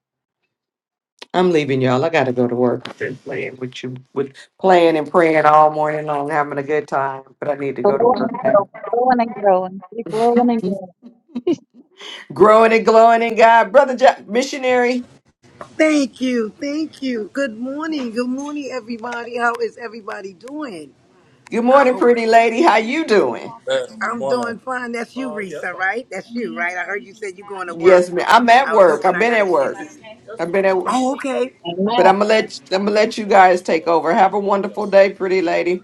D: I'm leaving y'all. I gotta go to work. I've been playing with you with playing and praying all morning long, having a good time. But I need to go to
H: Glowing
D: work
H: and growing,
D: now.
H: glowing and growing, keep glowing and growing. *laughs*
D: Growing and glowing in God. Brother jo- missionary.
L: Thank you. Thank you. Good morning. Good morning, everybody. How is everybody doing?
D: Good
L: I
D: morning,
L: hope
D: pretty lady. How you doing?
K: Yes, good
L: I'm
K: morning.
L: doing fine. That's you, Risa, right? That's you, right? I heard you said you're going to work.
D: Yes, ma'am. I'm at
L: I was
D: work.
L: hoping
D: I've
L: I
D: been
L: got a
D: at
L: chance
D: work.
L: to.
D: I've been at work.
L: Oh, okay.
H: Amen.
D: But I'm gonna let I'm gonna let you guys take over. Have a wonderful day, pretty lady.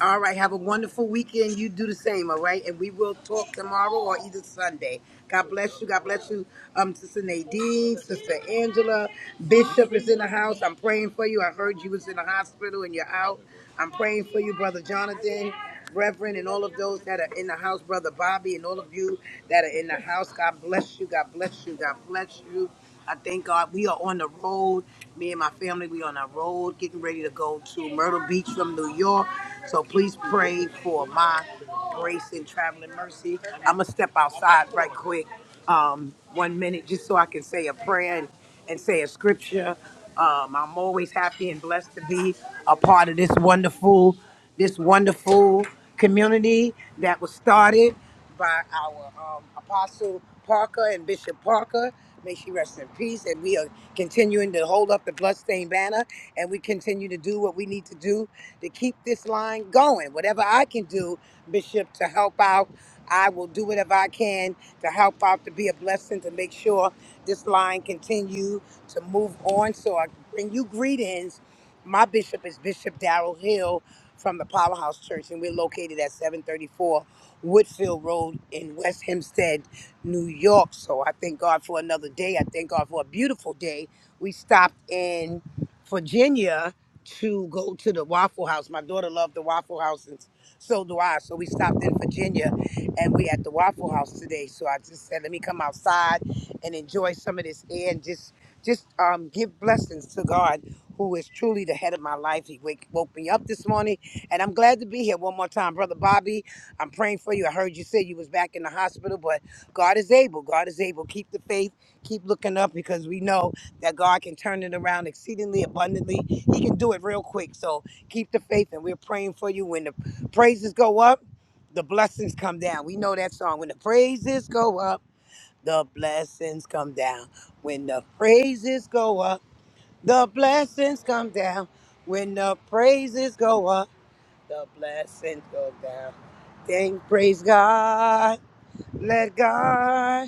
L: All right. Have a wonderful weekend. You do the same. All right. And we will talk tomorrow or either Sunday. God bless you. God bless you. Um, Sister Nadine, Sister Angela, Bishop is in the house. I'm praying for you. I heard you was in the hospital and you're out. I'm praying for you, Brother Jonathan, Reverend, and all of those that are in the house, Brother Bobby, and all of you that are in the house. God bless you. God bless you. God bless you. I thank God we are on the road. Me and my family, we on the road, getting ready to go to Myrtle Beach from New York. So please pray for my grace and traveling mercy. I'm gonna step outside right quick, um, one minute, just so I can say a prayer and, and say a scripture. Um, I'm always happy and blessed to be a part of this wonderful, this wonderful community that was started by our um, Apostle Parker and Bishop Parker. May she rest in peace. And we are continuing to hold up the bloodstained banner and we continue to do what we need to do to keep this line going. Whatever I can do, Bishop, to help out, I will do whatever I can to help out, to be a blessing, to make sure this line continue to move on. So I bring you greetings my bishop is Bishop Darrell Hill from the Powerhouse Church, and we're located at 734 Woodfield Road in West Hempstead, New York. So I thank God for another day. I thank God for a beautiful day. We stopped in Virginia to go to the Waffle House. My daughter loved the Waffle House, and so do I. So we stopped in Virginia, and we at the Waffle House today. So I just said, let me come outside and enjoy some of this air and just just um, give blessings to God who is truly the head of my life. He wake, woke me up this morning, and I'm glad to be here one more time, brother Bobby. I'm praying for you. I heard you say you was back in the hospital, but God is able. God is able. Keep the faith. Keep looking up because we know that God can turn it around exceedingly abundantly. He can do it real quick. So keep the faith, and we're praying for you. When the praises go up, the blessings come down. We know that song. When the praises go up, the blessings come down. When the praises go up the blessings come down when the praises go up. The blessings go down. Then praise God. Let God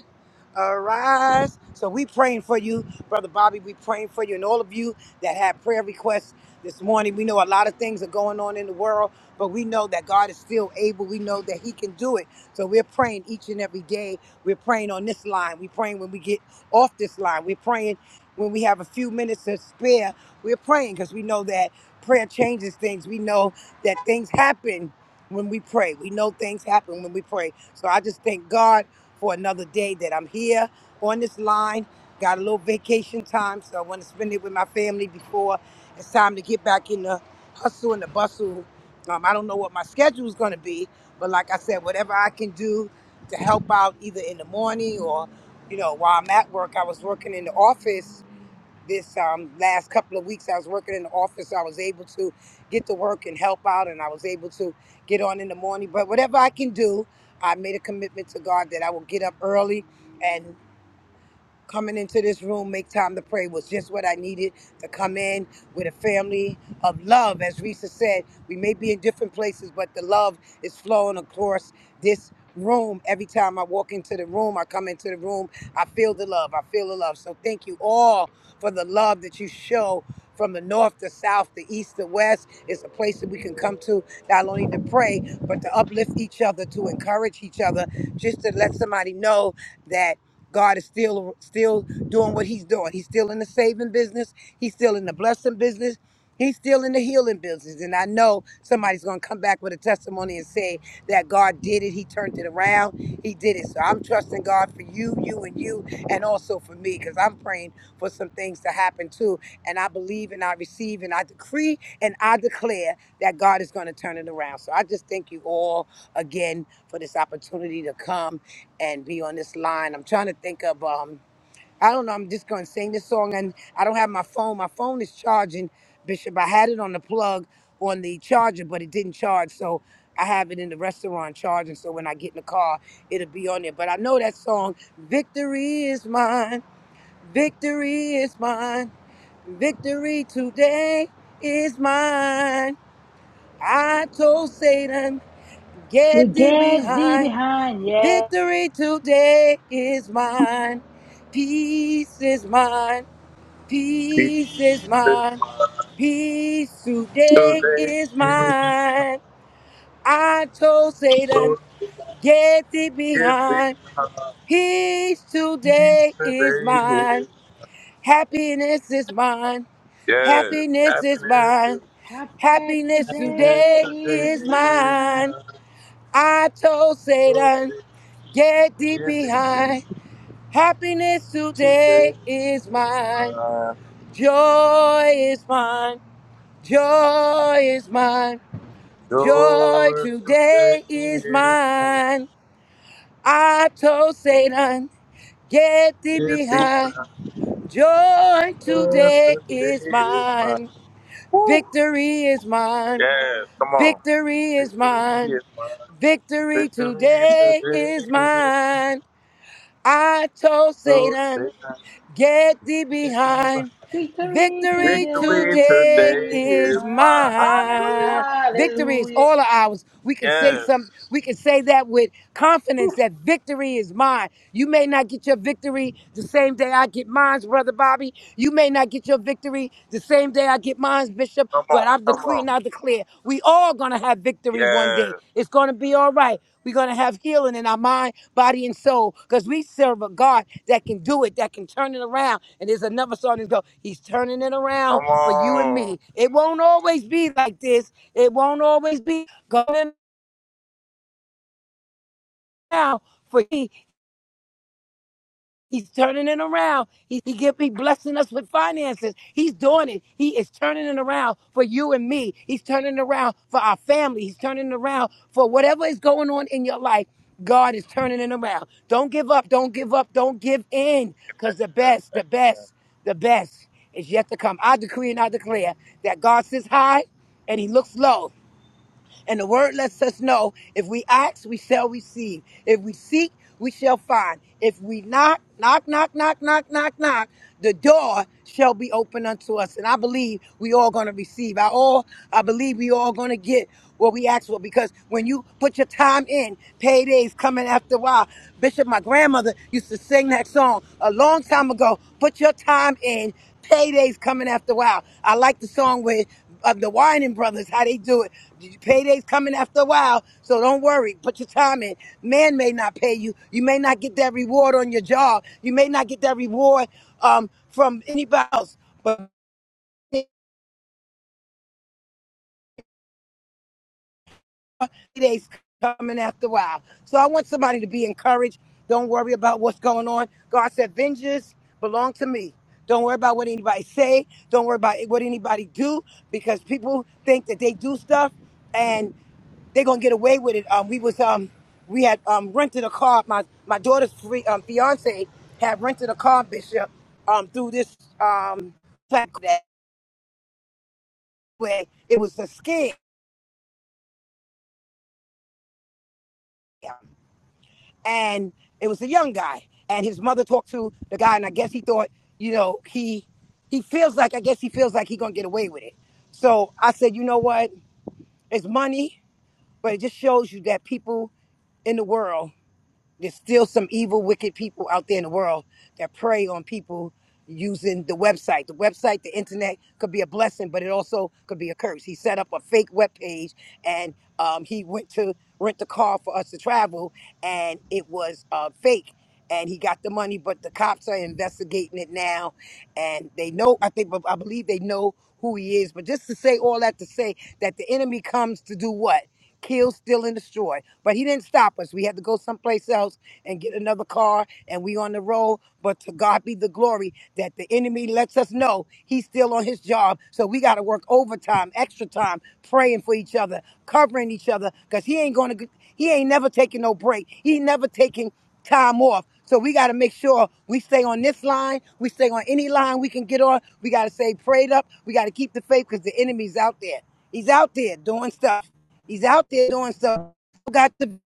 L: arise. So we praying for you, Brother Bobby. We praying for you and all of you that have prayer requests this morning. We know a lot of things are going on in the world, but we know that God is still able. We know that He can do it. So we're praying each and every day. We're praying on this line. We're praying when we get off this line. We're praying when we have a few minutes to spare. We're praying because we know that prayer changes things. We know that things happen when we pray. We know things happen when we pray. So I just thank God for another day that I'm here on this line. Got a little vacation time, so I want to spend it with my family before it's time to get back in the hustle and the bustle. Um, I don't know what my schedule is going to be, but like I said, whatever I can do to help out either in the morning or, you know, while I'm at work, I was working in the office this um, last couple of weeks. I was working in the office. I was able to get to work and help out, and I was able to get on in the morning. But whatever I can do, I made a commitment to God that I will get up early. and coming into this room, make time to pray was just what I needed to come in with a family of love. As Risa said, we may be in different places, but the love is flowing across this room. Every time I walk into the room, I come into the room, I feel the love. I feel the love. So thank you all for the love that you show from the north to south, the east to west. It's a place that we can come to not only to pray, but to uplift each other, to encourage each other, just to let somebody know that. God is still still doing what he's doing. He's still in the saving business. He's still in the blessing business. He's still in the healing business. And I know somebody's going to come back with a testimony and say that God did it. He turned it around. He did it. So I'm trusting God for you, you, and you, and also for me, because I'm praying for some things to happen too. And I believe and I receive and I decree and I declare that God is going to turn it around. So I just thank you all again for this opportunity to come and be on this line. I'm trying to think of um I don't know, I'm just gonna sing this song and I don't have my phone. My phone is charging, Bishop. I had it on the plug on the charger, but it didn't charge. So I have it in the restaurant charging. So when I get in the car, it'll be on there. But I know that song, Victory is mine, victory is mine, victory today is mine. I told Satan,
A: To
L: get thee
A: get thee
L: behind.
A: behind, yeah.
L: Victory today is mine. Peace is mine. Peace is mine. Peace today is mine. I told Satan, get thee behind. Peace
K: Peace
L: today is
K: today
L: mine.
K: is
L: Happiness is mine.
K: yes.
L: Happiness is mine.
K: Happiness,
A: Our
L: Happiness
K: happiness
A: today
L: today
K: today
A: is
L: is
K: is
A: mine.
L: mine.
K: my
L: I told
K: joy.
L: Satan, get thee
K: Give it
L: behind. Happiness
K: today,
L: today is mine.
K: my
L: Joy is mine. Joy is mine. Joy
K: joy
L: today
K: today
L: is
K: is my.
L: mine. I told Satan, get thee
K: Give thee
L: behind.
K: my
L: Joy
K: joy
L: today
K: today
L: is
K: is my.
L: mine.
K: woo.
L: Victory is mine.
K: Yes, come on.
L: Victory is
K: Victory
L: mine.
K: is mine.
L: Victory
K: Victory
L: today
K: today
L: is
K: is
L: mine. I told
K: so
L: Satan.
K: safe.
L: Get thee behind.
A: Victory
L: Victory
K: Victory
A: today
L: today
K: today
A: is
L: is
K: is mine.
A: mine.
K: Hallelujah.
L: mine. Victory is
A: Hallelujah.
L: all of ours. We can say
K: Yes.
L: some we can say that with confidence that victory is mine. You may not get your victory the same day I get mine, brother Bobby. You may not get your victory the same day I get mine, Bishop,
K: Come
L: but
K: on.
L: I'm
K: Come on.
L: decreeing, I declare we all gonna have victory one
K: Yes.
L: day. It's going to be all right. We're going to have healing in our mind, body, and soul because we serve a God that can do it, that can turn it around. And there's another song that goes, He's turning it around
K: Come
L: for you and
K: on.
L: me. It won't always be like this. It won't always be going around for you. He's turning it around. He, he give me blessing us with finances. He's doing it. He is turning it around for you and me. He's turning it around for our family. He's turning it around for whatever is going on in your life. God is turning it around. Don't give up. Don't give up. Don't give in. Because the best, the best, the best is yet to come. I decree and I declare that God sits high and he looks low. And the word lets us know if we ask, we shall receive. If we seek, we shall find. If we knock, knock, knock, knock, knock, knock, knock, the door shall be open unto us. And I believe we all gonna receive. I all I believe we all gonna get what we ask for because when you put your time in, paydays coming after a while. Bishop, my grandmother used to sing that song a long time ago. Put your time in, paydays coming after a while. I like the song where of the whining brothers, how they do it. Payday's coming after a while, so don't worry. Put your time in. Man may not pay you. You may not get that reward on your job. You may not get that reward um, from anybody else, but days coming after a while. So I want somebody to be encouraged. Don't worry about what's going on. God said, vengeance belong to me. Don't worry about what anybody say. Don't worry about what anybody do because people think that they do stuff and they're gonna get away with it. Um, we was um, we had um rented a car. My my daughter's free um fiance had rented a car, Bishop, um through this um platform. That way, it was a scam. and it was a young guy and his mother talked to the guy and i guess he thought you know he he feels like i guess he feels like he gonna get away with it so i said you know what it's money but it just shows you that people in the world there's still some evil, wicked people out there in the world that prey on people using the website. The website, the internet could be a blessing, but it also could be a curse. He set up a fake web page and um, he went to rent a car for us to travel, and it was uh, fake. And he got the money, but the cops are investigating it now, and they know. I think, I believe they know who he is. But just to say all that to say that the enemy comes to do what? kill, steal, and destroy. But he didn't stop us. We had to go someplace else and get another car, and we on the road. But to God be the glory that the enemy lets us know he's still on his job. So we got to work overtime, extra time, praying for each other, covering each other, because he ain't going to, he ain't never taking no break. He never taking time off. So we got to make sure we stay on this line. We stay on any line we can get on. We got to stay prayed up. We got to keep the faith because the enemy's out there. He's out there doing stuff. He's out there doing stuff. Got the.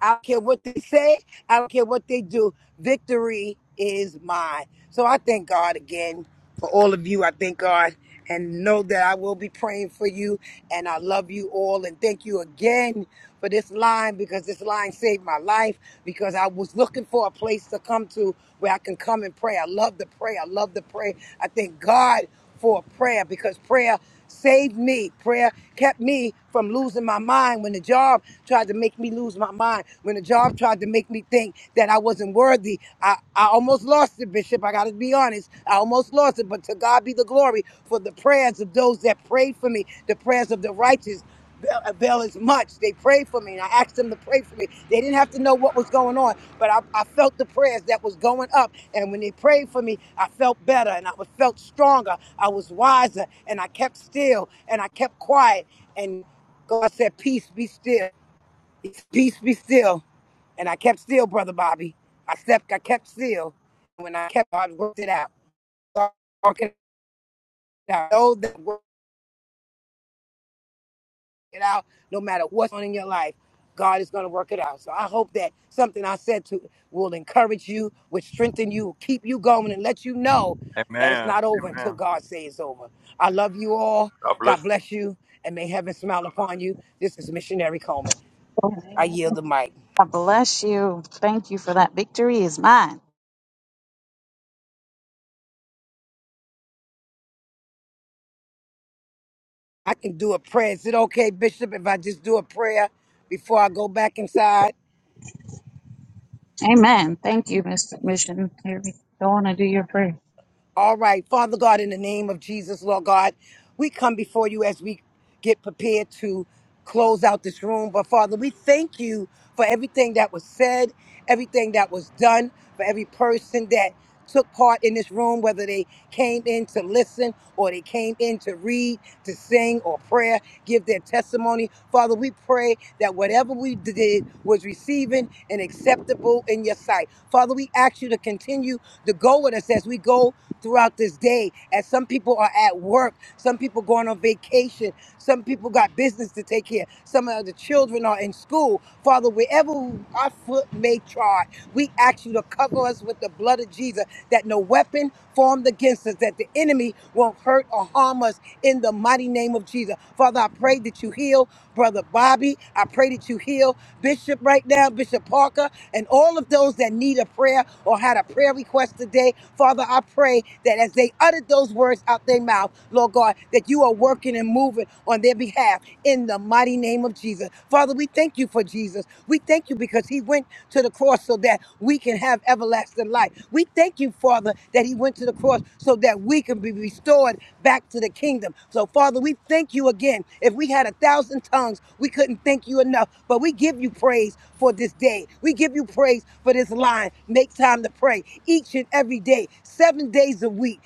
L: I don't care what they say. I don't care what they do. Victory is mine. So I thank God again for all of you. I thank God and know that I will be praying for you. And I love you all. And thank you again for this line because this line saved my life because I was looking for a place to come to where I can come and pray. I love to pray. I love to pray. I thank God for prayer because prayer saved me. Prayer kept me from losing my mind when the job tried to make me lose my mind. When the job tried to make me think that I wasn't worthy. I, I almost lost it, Bishop. I got to be honest. I almost lost it. But to God be the glory for the prayers of those that prayed for me, the prayers of the righteous avail as much. They prayed for me, and I asked them to pray for me. They didn't have to know what was going on, but I, I felt the prayers that was going up. And when they prayed for me, I felt better, and I was- felt stronger. I was wiser, and I kept still, and I kept quiet. And God said, "Peace, be still. Peace, be still." And I kept still, brother Bobby. I slept. I kept still. When I kept, I worked it out. So I worked it out. Know that it out no matter what's on in your life god is going to work it out so i hope that something i said to will encourage you will strengthen you keep you going and let you know that it's
K: Amen.
L: not over
K: Amen.
L: until god says it's over i love you all
K: God
L: god
K: bless.
L: bless you and may heaven smile upon you this is missionary coleman i yield the mic
H: God bless you. Thank you for that. Victory is mine.
L: i can do a prayer is it okay bishop if i just do a prayer before i go back inside
H: Amen. Thank you, Mr. Mission. Here we go on and do your prayer.
L: All right, Father God, in the name of Jesus, Lord God, we come before you as we get prepared to close out this room. But Father, we thank you for everything that was said, everything that was done, for every person that took part in this room, whether they came in to listen or they came in to read, to sing or prayer, give their testimony. Father, we pray that whatever we did was receiving and acceptable in your sight. Father, we ask you to continue to go with us as we go throughout this day as some people are at work some people going on vacation some people got business to take care some of the children are in school father wherever our foot may trod we ask you to cover us with the blood of jesus that no weapon formed against us that the enemy won't hurt or harm us in the mighty name of jesus father i pray that you heal brother bobby i pray that you heal bishop right now bishop parker and all of those that need a prayer or had a prayer request today. Father, I pray that as they uttered those words out their mouth, Lord God, that you are working and moving on their behalf in the mighty name of Jesus. Father, we thank you for Jesus. We thank you because he went to the cross so that we can have everlasting life. We thank you, Father, that he went to the cross so that we can be restored back to the kingdom. So, Father, we thank you again. If we had a thousand tongues, we couldn't thank you enough. But we give you praise for this day. We give you praise for this line. Make time to pray each and every day, seven days a week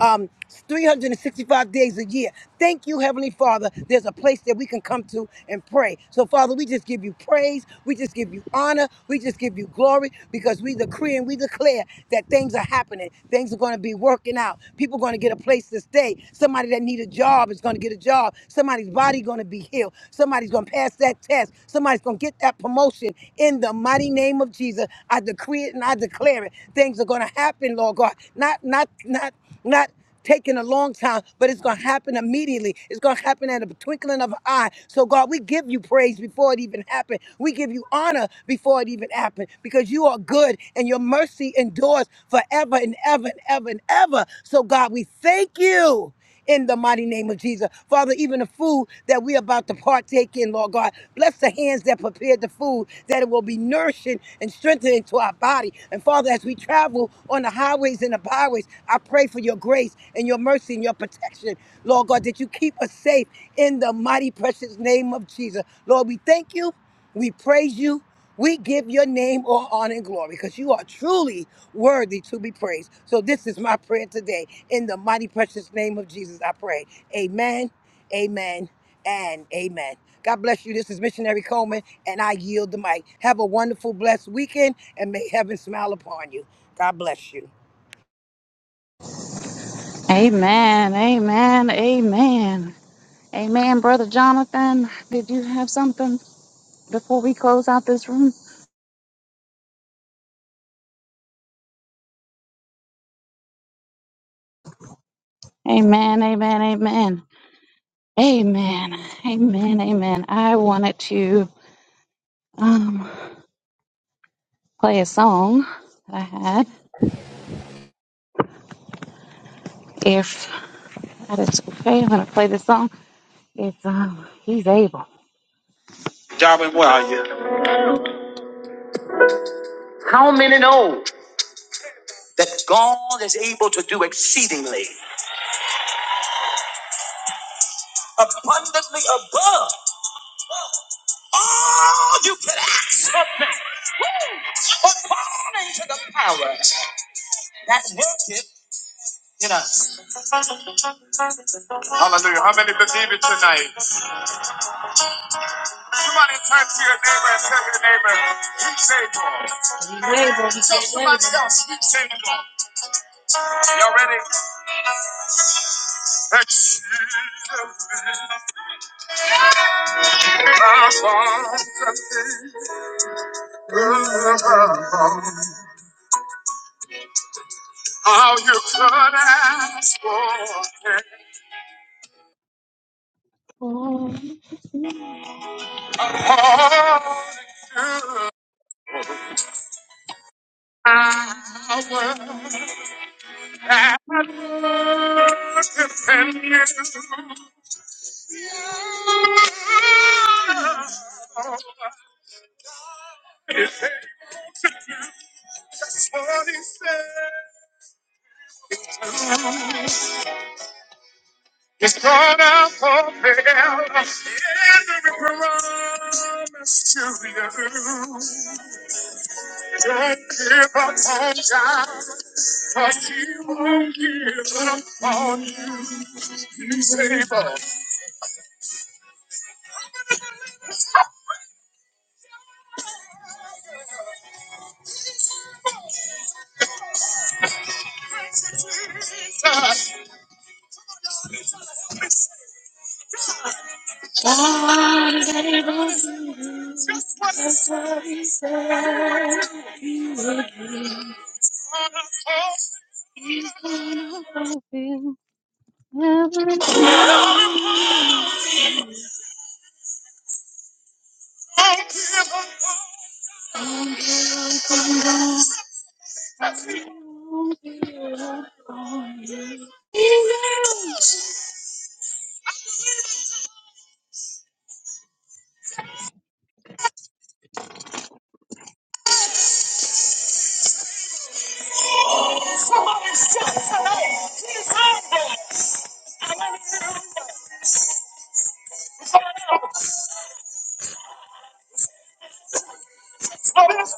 L: um, 365 days a year. Thank you, Heavenly Father. There's a place that we can come to and pray. So, Father, we just give you praise. We just give you honor. We just give you glory because we decree and we declare that things are happening. Things are going to be working out. People are going to get a place to stay. Somebody that need a job is going to get a job. Somebody's body going to be healed. Somebody's going to pass that test. Somebody's going to get that promotion. In the mighty name of Jesus, I decree it and I declare it. Things are going to happen, Lord God. Not not not not not taking a long time, but it's going to happen immediately. It's going to happen at a twinkling of an eye. So, God, we give you praise before it even happened. We give you honor before it even happened because you are good and your mercy endures forever and ever and ever and ever. So, God, we thank you in the mighty name of Jesus. Father, even the food that we're about to partake in, Lord God, bless the hands that prepared the food, that it will be nourishing and strengthening to our body. And Father, as we travel on the highways and the byways, I pray for your grace and your mercy and your protection, Lord God, that you keep us safe in the mighty, precious name of Jesus. Lord, we thank you, we praise you. We give your name all honor and glory because you are truly worthy to be praised. So this is my prayer today. In the mighty precious name of Jesus, I pray. Amen, amen, and amen. God bless you. This is Missionary Coleman, and I yield the mic. Have a wonderful, blessed weekend, and may heaven smile upon you. God bless you.
H: Amen. Amen. Amen. Amen, Brother Jonathan. Did you have something before we close out this room? Amen. Amen. Amen. Amen. Amen. Amen. I wanted to um, play a song that I had. If that is okay, I'm going to play this song. It's um, He's Able. Darwin, where are you? That God is able to do exceedingly. abundantly above all you could ask or think, woo, according to the power that worketh in us. Hallelujah. How many believe it tonight? Somebody turn to your neighbor and tell your neighbor, you faithful. Tell Somebody else, you faithful. Y'all ready? Exceedingly abundantly above All you could ask for. it. It's gonna fulfill every promise to you. Don't give up on God, cause He won't give up on you. You save us. God, Don't give up. Somebody shout tonight. He's humble. Hallelujah. So this,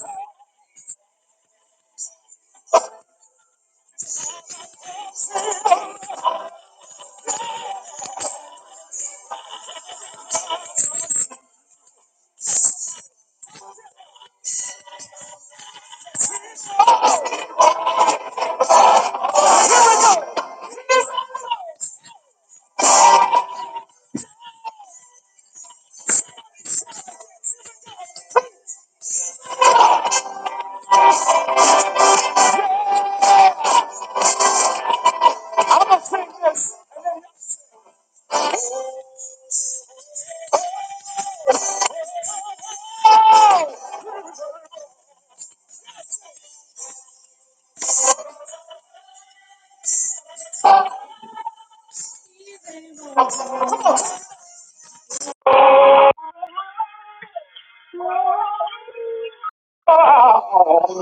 H: this, I'm gonna sing this. Oh!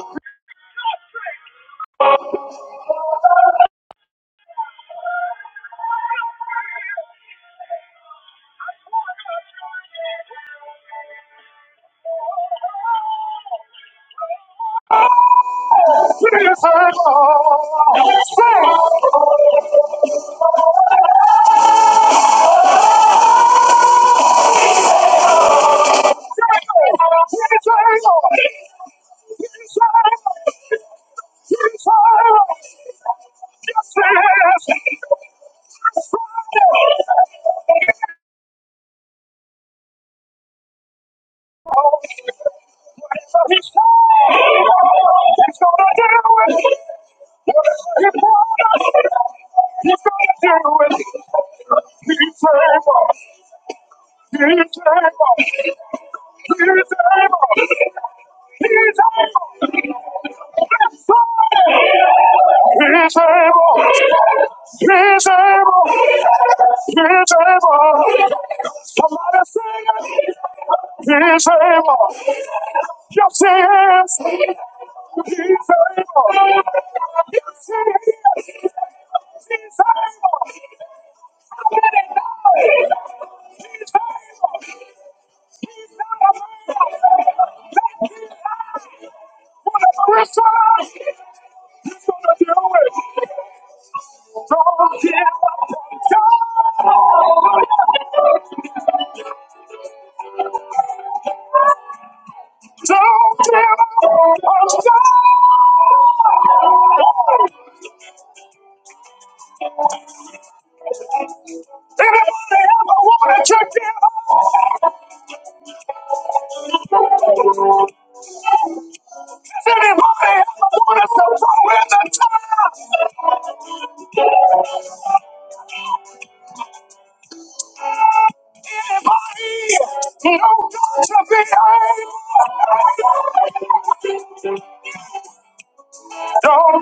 H: He's able. He's able. Yes, he is. He's able. He's able. Don't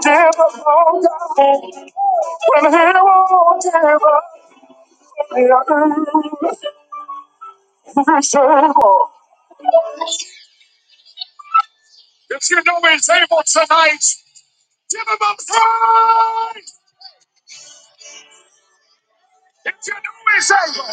H: give up on God. When he won't give up, yeah, he's able. If you know he's able tonight, give him a prize. If you know he's able.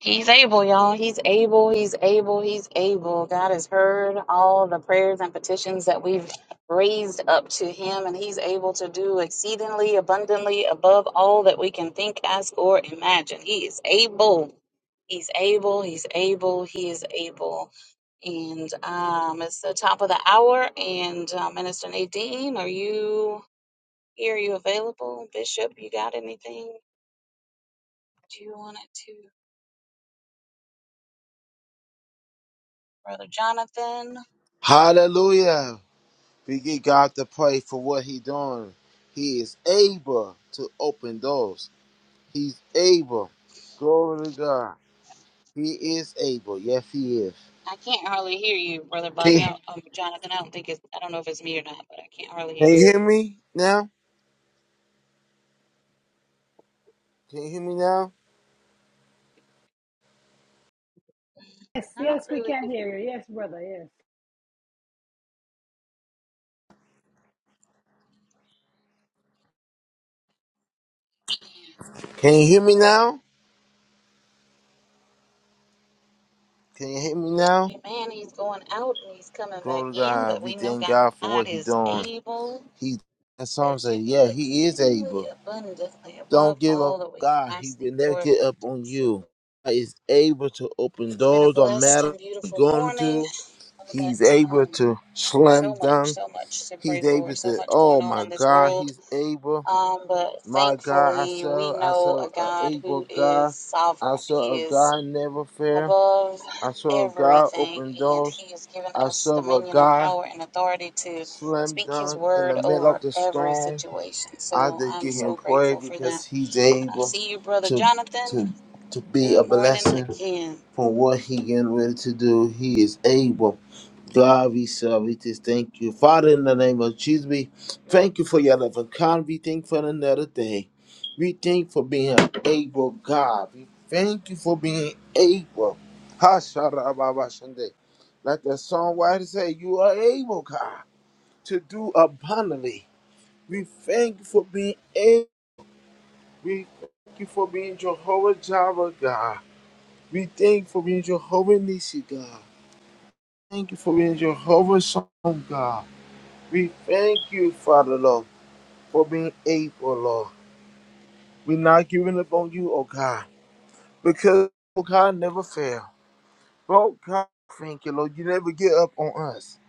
H: He's able, y'all. He's able. He's able. He's able. God has heard all the prayers and petitions that we've raised up to Him, and He's able to do exceedingly abundantly above all that we can think, ask, or imagine. He is able. He's able. He's able. He is able. And um, it's the top of the hour. And uh, Minister Nadine, are you here? Are you available? Bishop, you got anything? Do you want it to? Brother Jonathan?
M: Hallelujah. We give God to pray for what He doing. He is able to open doors. He's able. Glory to God. He is able. Yes, He is.
H: I can't hardly hear you, Brother
M: Can
H: Bobby.
M: you,
H: I, um, Jonathan, I don't think it's, I don't know if it's me or not, but I can't hardly
M: can
H: hear
M: you
H: you.
M: hear me now? Can you hear me now?
A: Yes,
H: Not
A: yes, we
H: really.
A: can hear you. Yes, brother. Yes.
M: Can you hear me now? Can you hear me now?
H: good. Man, he's going out and he's coming back
M: Glory to
H: in,
M: God.
H: but
M: We
H: we know
M: thank
H: God
M: God for what
H: God
M: He
H: is
M: doing.
H: able
M: He that song
H: to
M: said,
H: do
M: Yeah, He is able.
H: exceedingly abundantly
M: Don't
H: above
M: give
H: all
M: up
H: that we
M: God.
H: can
M: He
H: ask, think,
M: will never
H: or imagine.
M: get up on
H: So
M: you. God is able to open
H: it's been a
M: doors, don't
H: blessed
M: matter
H: and
M: what
H: beautiful
M: you're going
H: morning.
M: to. He's
H: That
M: able
H: um,
M: to slam
H: so much,
M: dunk.
H: so much to pray
M: He's
H: for,
M: able
H: so
M: to,
H: much
M: oh
H: going on
M: my
H: in this
M: God,
H: world
M: he's able.
H: Um, but
M: My God, I
H: thankfully, we
M: saw, I
H: know a
M: saw a
H: God
M: able
H: who is
M: God.
H: sovereign.
M: I
H: He
M: saw a
H: is
M: God never fail.
H: above
M: I saw a God
H: everything,
M: open
H: and
M: doors.
H: He has given
M: I
H: us
M: saw a
H: dominion and
M: God
H: power and authority to
M: slam
H: speak His
M: dunk in the
H: word
M: middle of
H: over
M: the
H: every
M: storm.
H: situation.
M: I
H: So
M: just
H: I'm
M: give him
H: so
M: praise
H: grateful for that.
M: because he's
H: I
M: able
H: see you, Brother
M: to
H: Jonathan.
M: to to be a
H: Good morning
M: blessing
H: again.
M: for what he getting ready to do. He is able. God, we serve. We just thank you, Father, in the name of Jesus. We thank you for your love and kind. We thank you for another day. We thank you for being able, God. We thank you for being able. Ha-sha-ra-ba-ba-shande. Like the songwriter said, you are able, God, to do abundantly. We thank you for being able. We thank you for being Jehovah Jireh, God. We thank you for being Jehovah Nissi God. Thank you for being Jehovah Son, God. We thank you, Father, Lord, for being able, Lord. We're not giving up on you, oh God, because oh God never fail. Oh God, thank you, Lord. You never give up on us.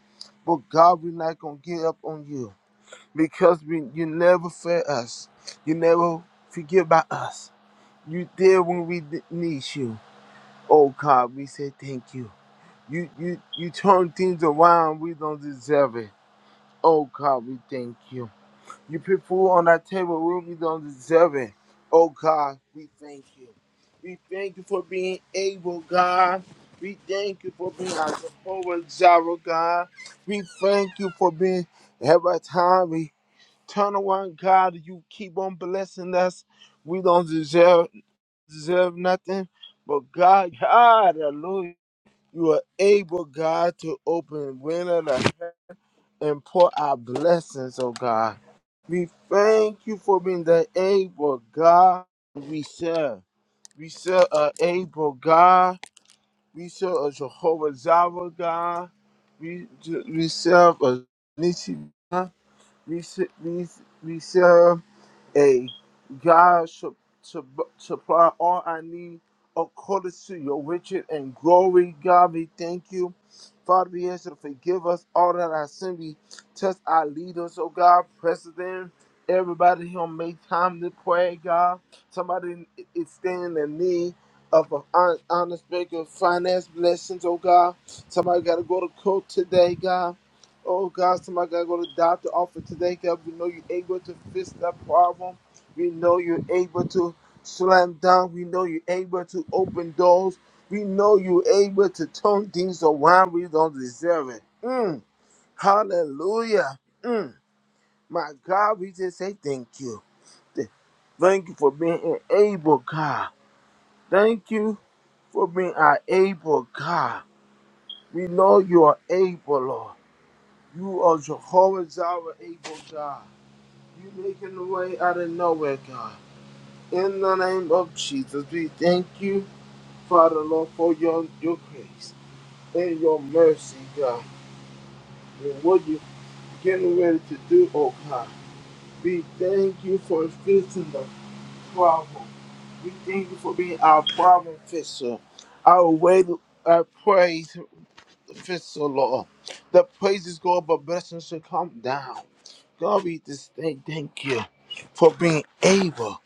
M: But God, we're not gonna give up on you because we, you never fail us. You never forget about us. You there when we d- need you. Oh God, we say thank you. You you you turn things around, we don't deserve it. Oh God, we thank you. You put food on our table, we we don't deserve it. Oh God, we thank you. We thank you for being able, God. We thank you for being our Jehovah Jireh, God. We thank you for being every time we turn around, God. You keep on blessing us. We don't deserve deserve nothing, but God, *laughs* God, hallelujah. You are able, God, to open window the heaven and pour out blessings, oh God. We thank you for being the able God we serve. We serve a able God. We serve a Jehovah Jireh God. We, we serve a Nisi God. We, se- we, we serve a God should to supply all I need according to your riches and glory. God, we thank you. Father, we ask you to forgive us all that our sin. We touch our leaders, oh God, president, everybody here on make time to pray, God. Somebody is standing in need of an hon- honest break of finance blessings, oh God. Somebody got to go to court today, God. Oh God, somebody gotta go to the doctor office today, God. We know you're able to fix that problem. We know you're able to slam down. We know you're able to open doors. We know you're able to turn things around. We don't deserve it. Mm. Hallelujah. Mm. My God, we just say thank you. Th- Thank you for being an able God. Thank you for being our able God. We know you are able, Lord. You are Jehovah Jireh, able God. You making the way out of nowhere, God. In the name of Jesus, we thank you, Father Lord, for your, your grace and your mercy, God. And what you're getting ready to do, oh God. We thank you for fixing the problem. We thank you for being our problem fixer, our way, our praise fixer, Lord. The praises go up, but blessings should come down. God, we just thank, thank you for being able.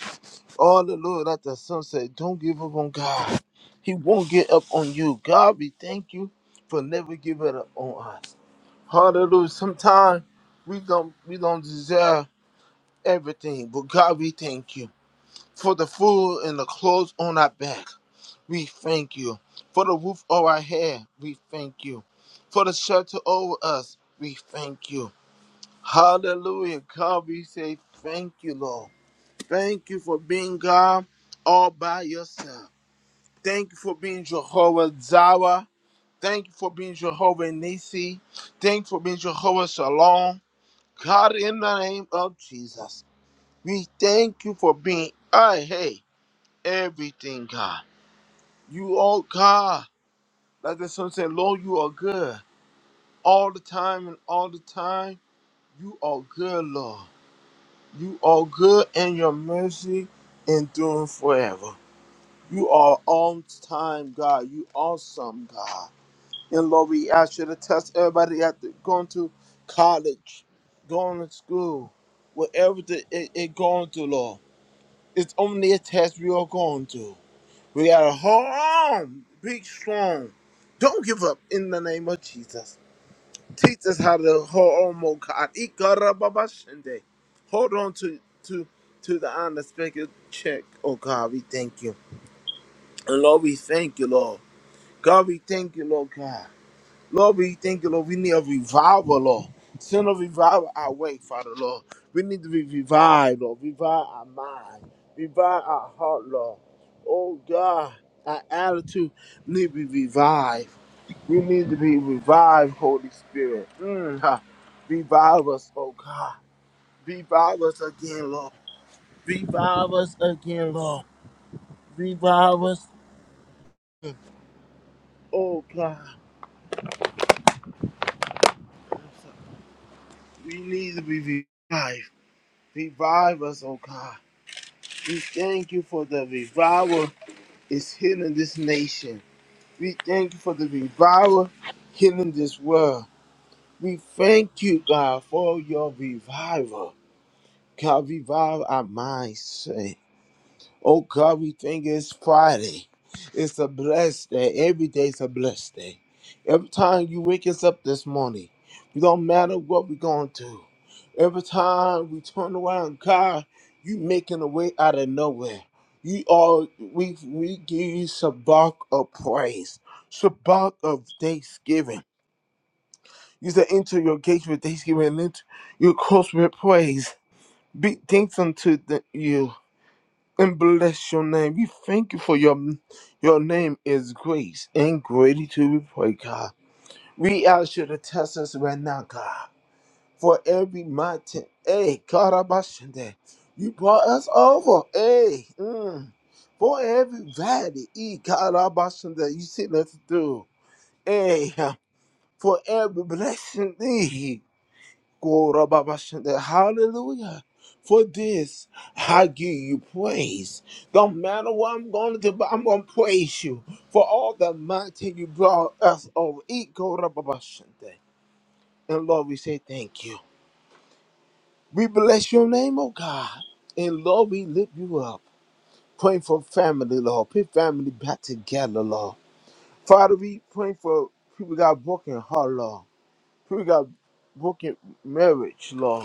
M: All the Lord at the sunset. Don't give up on God. He won't get up on you. God, we thank you for never giving up on us. Hallelujah. Sometimes we don't we don't deserve everything, but God, we thank you for the food and the clothes on our back. We thank you for the roof over our head. We thank you for the shelter over us. We thank you. Hallelujah. God, we say thank you, Lord. Thank you for being God all by yourself. Thank you for being Jehovah Zawa. Thank you for being Jehovah Nisi. Thank you for being Jehovah Shalom. God, in the name of Jesus, we thank you for being I hey everything, God. You are God. Like the son said, Lord, you are good all the time and all the time. You are good, Lord. You are good, and your mercy endures forever. You are on time, God. You awesome, God. And Lord, we ask you to touch everybody after going to college, going to school, whatever the, it, it going to, Lord. It's only a test we are going to. We gotta hold on, be strong. Don't give up in the name of Jesus. Teach us how to hold on, oh God. Ikarababashende. Hold on to to to the unexpected check. Oh God, we thank you. And Lord, we thank you, Lord. God, we thank you, Lord God. Lord, we thank you, Lord. We need a revival, Lord. Send a revival our way, Father, Lord. We need to be revived, Lord. Revive our mind. Revive our heart, Lord. Oh, God, our attitude need to be revived. We need to be revived, Holy Spirit. Mm, ha. Revive us, oh, God. Revive us again, Lord. Revive us again, Lord. Revive us, oh, God. We need to be revived. Revive us, oh, God. We thank you for the revival is healing this nation. We thank you for the revival healing this world. We thank you, God, for your revival. God, revive our minds. Oh God, we think it's Friday. It's a blessed day. Every day's a blessed day. Every time you wake us up this morning, it don't matter what we're going through. Every time we turn around, God, you making a way out of nowhere. You are we we give you shabak of praise, shabak of thanksgiving. You said enter your gates with thanksgiving and enter your courts with praise. Be thankful to the, you and bless your name. We thank you for your your name is grace and greatly to be praised, God. We ask you to test us right now, God. For every mountain, hey, God, I bless you you brought us over, hey. mm. For every valley, eh, God, I bless you you sent us through, hey. uh, For every blessing, Hey, Gorabashande. Hallelujah. For this, I give you praise. Don't matter what I'm going to do, but I'm going to praise you for all the mighty you brought us over. E gorabashande. And Lord, we say thank you. We bless your name, oh God. And Lord, we lift you up. Praying for family, Lord. Put family back together, Lord. Father, we praying for people got broken heart, Lord. People got broken marriage, Lord.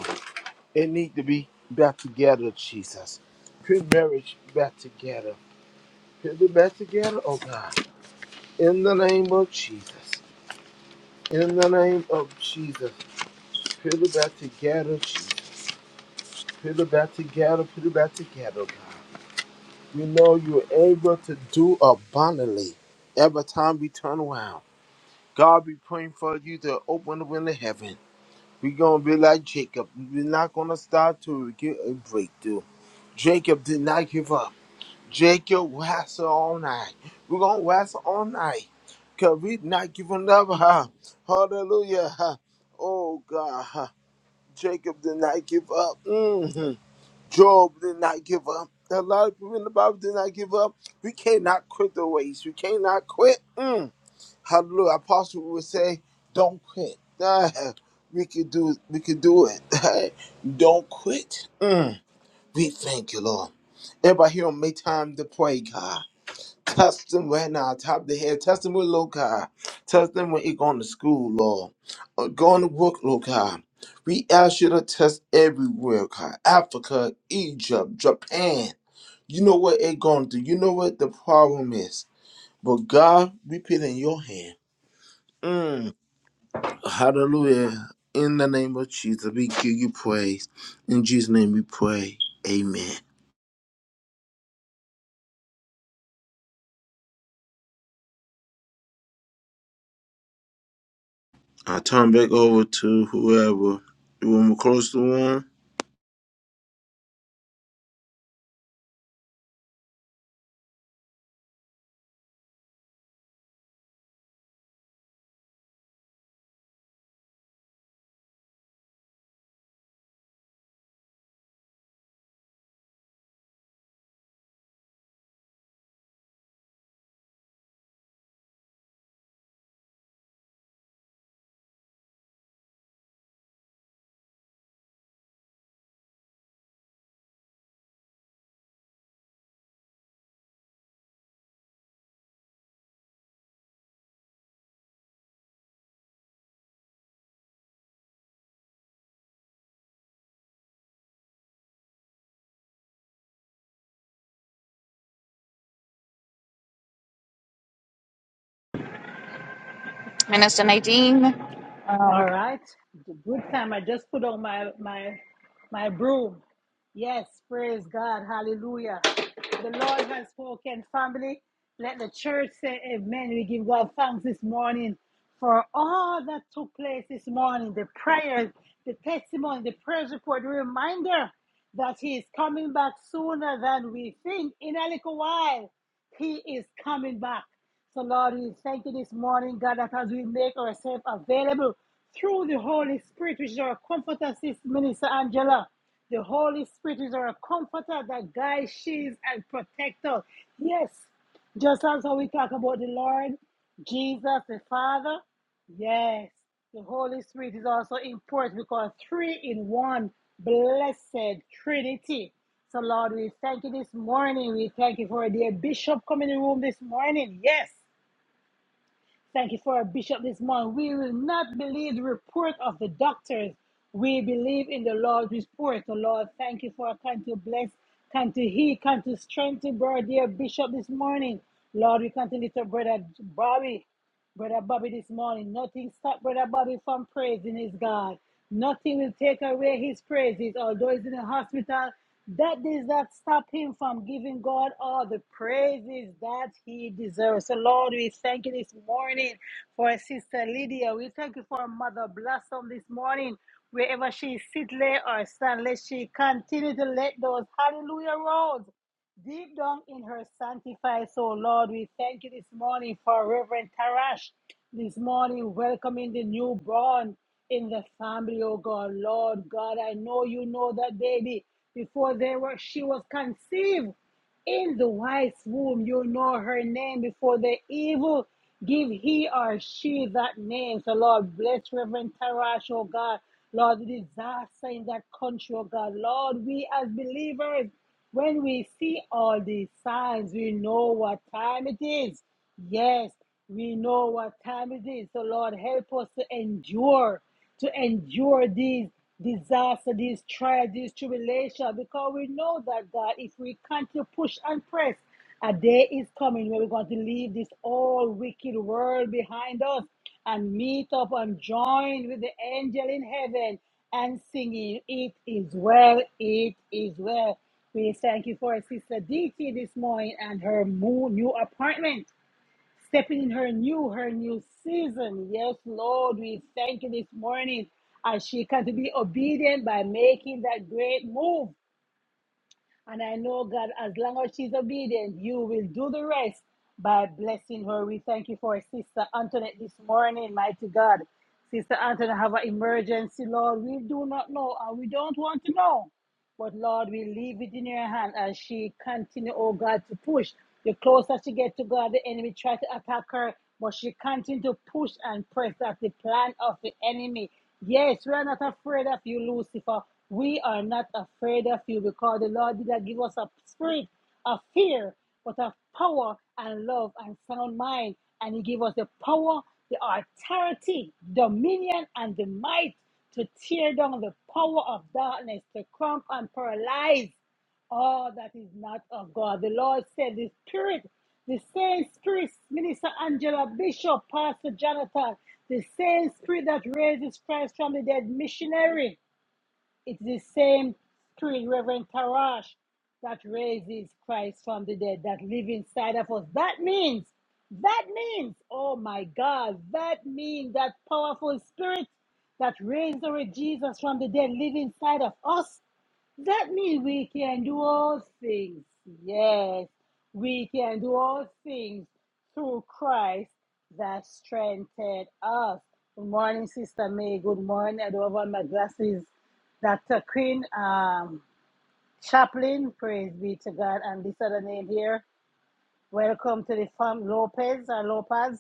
M: It need to be back together, Jesus. Put marriage back together. Put it back together, oh God. In the name of Jesus. In the name of Jesus. Put it back together, Jesus. Put it back together. Put it back together, oh God. We know you're able to do abundantly every time we turn around. God we praying for you to open the window of heaven. We're gonna be like Jacob. We're not gonna stop till we get a breakthrough. Jacob did not give up. Jacob your wrestle all night. We're gonna wrestle all night. Cause we not giving up, huh? Hallelujah. Huh? Oh God. Huh? Jacob did not give up. hmm Job did not give up. A lot of people in the Bible did not give up. We cannot quit the race. We cannot quit. Mm. Hallelujah. Apostle would say, don't quit. *laughs* Ah, we could do we could do it. *laughs* don't quit. Mm. We thank you, Lord. Everybody here on make time to pray, God. Touch them right now, top of the head. Touch them with Lord God. Touch them when they going to school, Lord. Or going to work, Lord God. We ask you to touch everywhere, God. Africa, Egypt, Japan. You know what they going to do. You know what the problem is. But God, we put it in your hand. Mm. Hallelujah. In the name of Jesus, we give you praise. In Jesus' name we pray. Amen. I turn back over to whoever. You want me to close the room?
H: Minister Nadine.
A: All right. Good time. I just put on my my my broom. Yes, praise God. Hallelujah. The Lord has spoken, family. Let the church say amen. We give God thanks this morning for all that took place this morning the prayers, the testimony, the praise report, the reminder that He is coming back sooner than we think in a little while. He is coming back. So, Lord, we thank you this morning, God, that as we make ourselves available through the Holy Spirit, which is our comforter, Sister Minister Angela. The Holy Spirit is our comforter that guides, shields, and protects us. Yes, just as how we talk about the Lord, Jesus, the Father. Yes, the Holy Spirit is also important because three in one, blessed Trinity. So, Lord, we thank you this morning. We thank you for a dear bishop coming in the room this morning. Yes, thank you for a bishop this morning. We will not believe the report of the doctors. We believe in the Lord's report. So, Lord, thank you for kind to bless, kind to heal, kind to strengthen, brother, dear bishop this morning. Lord, we continue to lift up brother Bobby. Brother Bobby this morning. Nothing stopped Brother Bobby from praising his God. Nothing will take away his praises. Although he's in the hospital, that does not stop him from giving God all the praises that he deserves. So, Lord, we thank you this morning for Sister Lydia. We thank you for Mother Blossom this morning. Wherever she sit, lay, or stand, let she continue to let those hallelujah rolls Deep down in her sanctified soul, Lord, we thank you this morning for Reverend Tarash. This morning, welcoming the newborn in the family, oh God. Lord God, I know you know that baby. Before they were she was conceived. In the wife's womb, you know her name before the evil. Give he or she that name. So, Lord, bless Reverend Tarash, oh God. Lord, the disaster in that country, oh God. Lord, we as believers, when we see all these signs, we know what time it is. Yes, we know what time it is. So, Lord, help us to endure to endure these disaster, these trials, these tribulations, because we know that God, if we continue to push and press, a day is coming where we're going to leave this all wicked world behind us and meet up and join with the angel in heaven and singing, It is well, it is well. We thank you for Sister DT this morning and her mo- new appointment stepping in her new, her new season. Yes, Lord, we thank you this morning as she can to be obedient by making that great move. And I know, God, as long as she's obedient, you will do the rest by blessing her. We thank you for Sister Antoinette this morning, mighty God. Sister Antoinette have an emergency, Lord. We do not know and we don't want to know. But Lord, we leave it in your hand as she continue, oh God, to push. The closer she gets to God, the enemy tries to attack her, but she continues to push and press at the plan of the enemy. Yes, we are not afraid of you, Lucifer. We are not afraid of you because the Lord did not give us a spirit of fear, but of power and love and sound mind. And He gave us the power, the authority, dominion, and the might to tear down the power of darkness, to cramp and paralyze all that is not of God. The Lord said, The Spirit, the same Spirit, Minister Angela Bishop, Pastor Jonathan, the same Spirit that raises Christ from the dead, missionary, it's the same Spirit, Reverend Tarash, that raises Christ from the dead, that live inside of us. That means, that means, oh my God, that means that powerful Spirit that raised our Jesus from the dead live inside of us. That means we can do all things. Yes, we can do all things through Christ that strengthened us. Good morning, Sister May. Good morning. I don't have on my glasses. Dr. Queen um, Chaplain, praise be to God. And this other name here, welcome to the farm, Lopez or Lopez.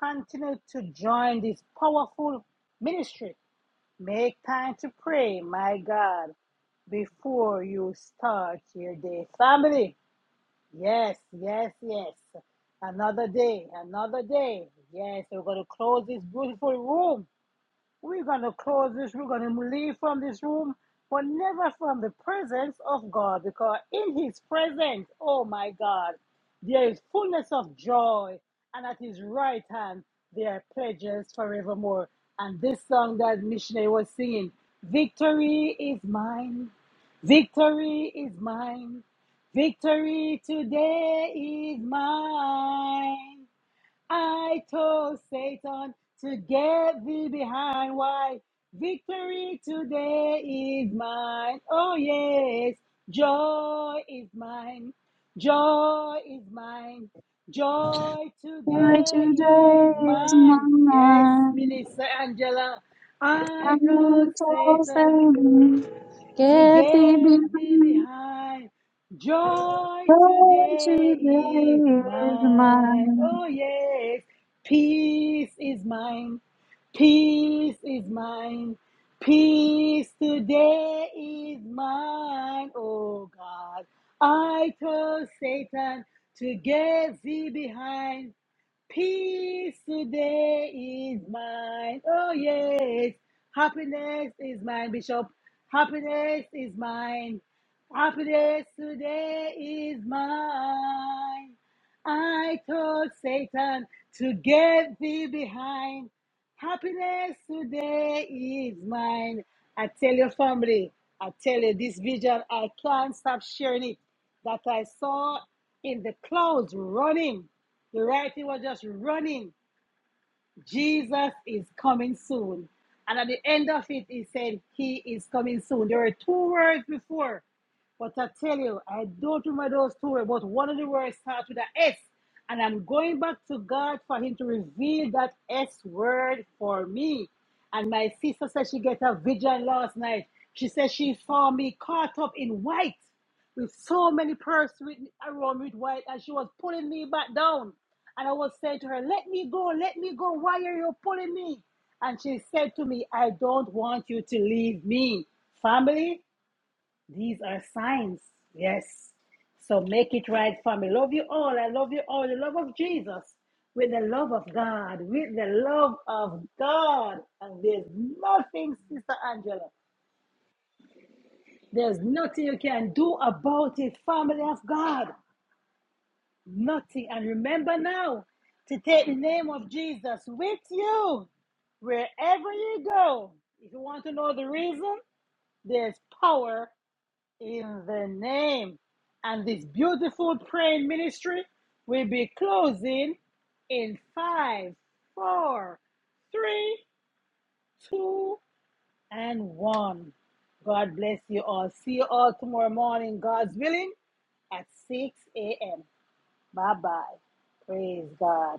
A: Continue to join this powerful ministry. Make time to pray, my God before you start your day. Family, yes, yes, yes. Another day, another day. Yes, we're going to close this beautiful room. We're going to close this. We're going to leave from this room, but never from the presence of God, because in His presence, oh my God, there is fullness of joy, and at His right hand, there are pledges forevermore. And this song that missionary was singing, Victory is mine, victory is mine, victory today is mine. I told Satan to get thee behind. Why? Victory today is mine. Oh, yes. Joy is mine. Joy is mine. Joy
H: Why
A: today is
H: today is
A: mine. Yes,
H: mine.
A: Minister Angela. I
H: I
A: told
H: will toss
A: Satan
H: and
A: to
H: Get thee
A: get thee
H: behind.
A: behind. Joy
H: Lord,
A: today is
H: today is
A: mine.
H: mine.
A: Oh, yes. Peace is mine. Peace is mine. Peace today is mine. Oh, God. I told Satan to get thee behind. Peace today is mine. Oh, yes. Happiness is mine, Bishop. Happiness is mine. Happiness today is mine. I told Satan to get thee behind. Happiness today is mine. I tell your family, I tell you this vision, I can't stop sharing it that I saw in the clouds running. The writing was just running. Jesus is coming soon. And at the end of it, he said, He is coming soon. There were two words before. But I tell you, I don't remember those two words, but one of the words starts with an S, And I'm going back to God for Him to reveal that S word for me. And my sister said she got a vision last night. She said she saw me caught up in white with so many persons around me with white, and she was pulling me back down. And I was saying to her, Let me go, let me go. Why are you pulling me? And she said to me, I don't want you to leave me. Family, these are signs. Yes. So make it right, family. Love you all. I love you all. The love of Jesus with the love of God, with the love of God. And there's nothing, Sister Angela. There's nothing you can do about it, family of God. Nothing. And remember now to take the name of Jesus with you wherever you go. If you want to know the reason, there's power in the name. And this beautiful praying ministry will be closing in five, four, three, two, and one. God bless you all. See you all tomorrow morning, God's willing, at 6 a.m. Bye bye. Praise God.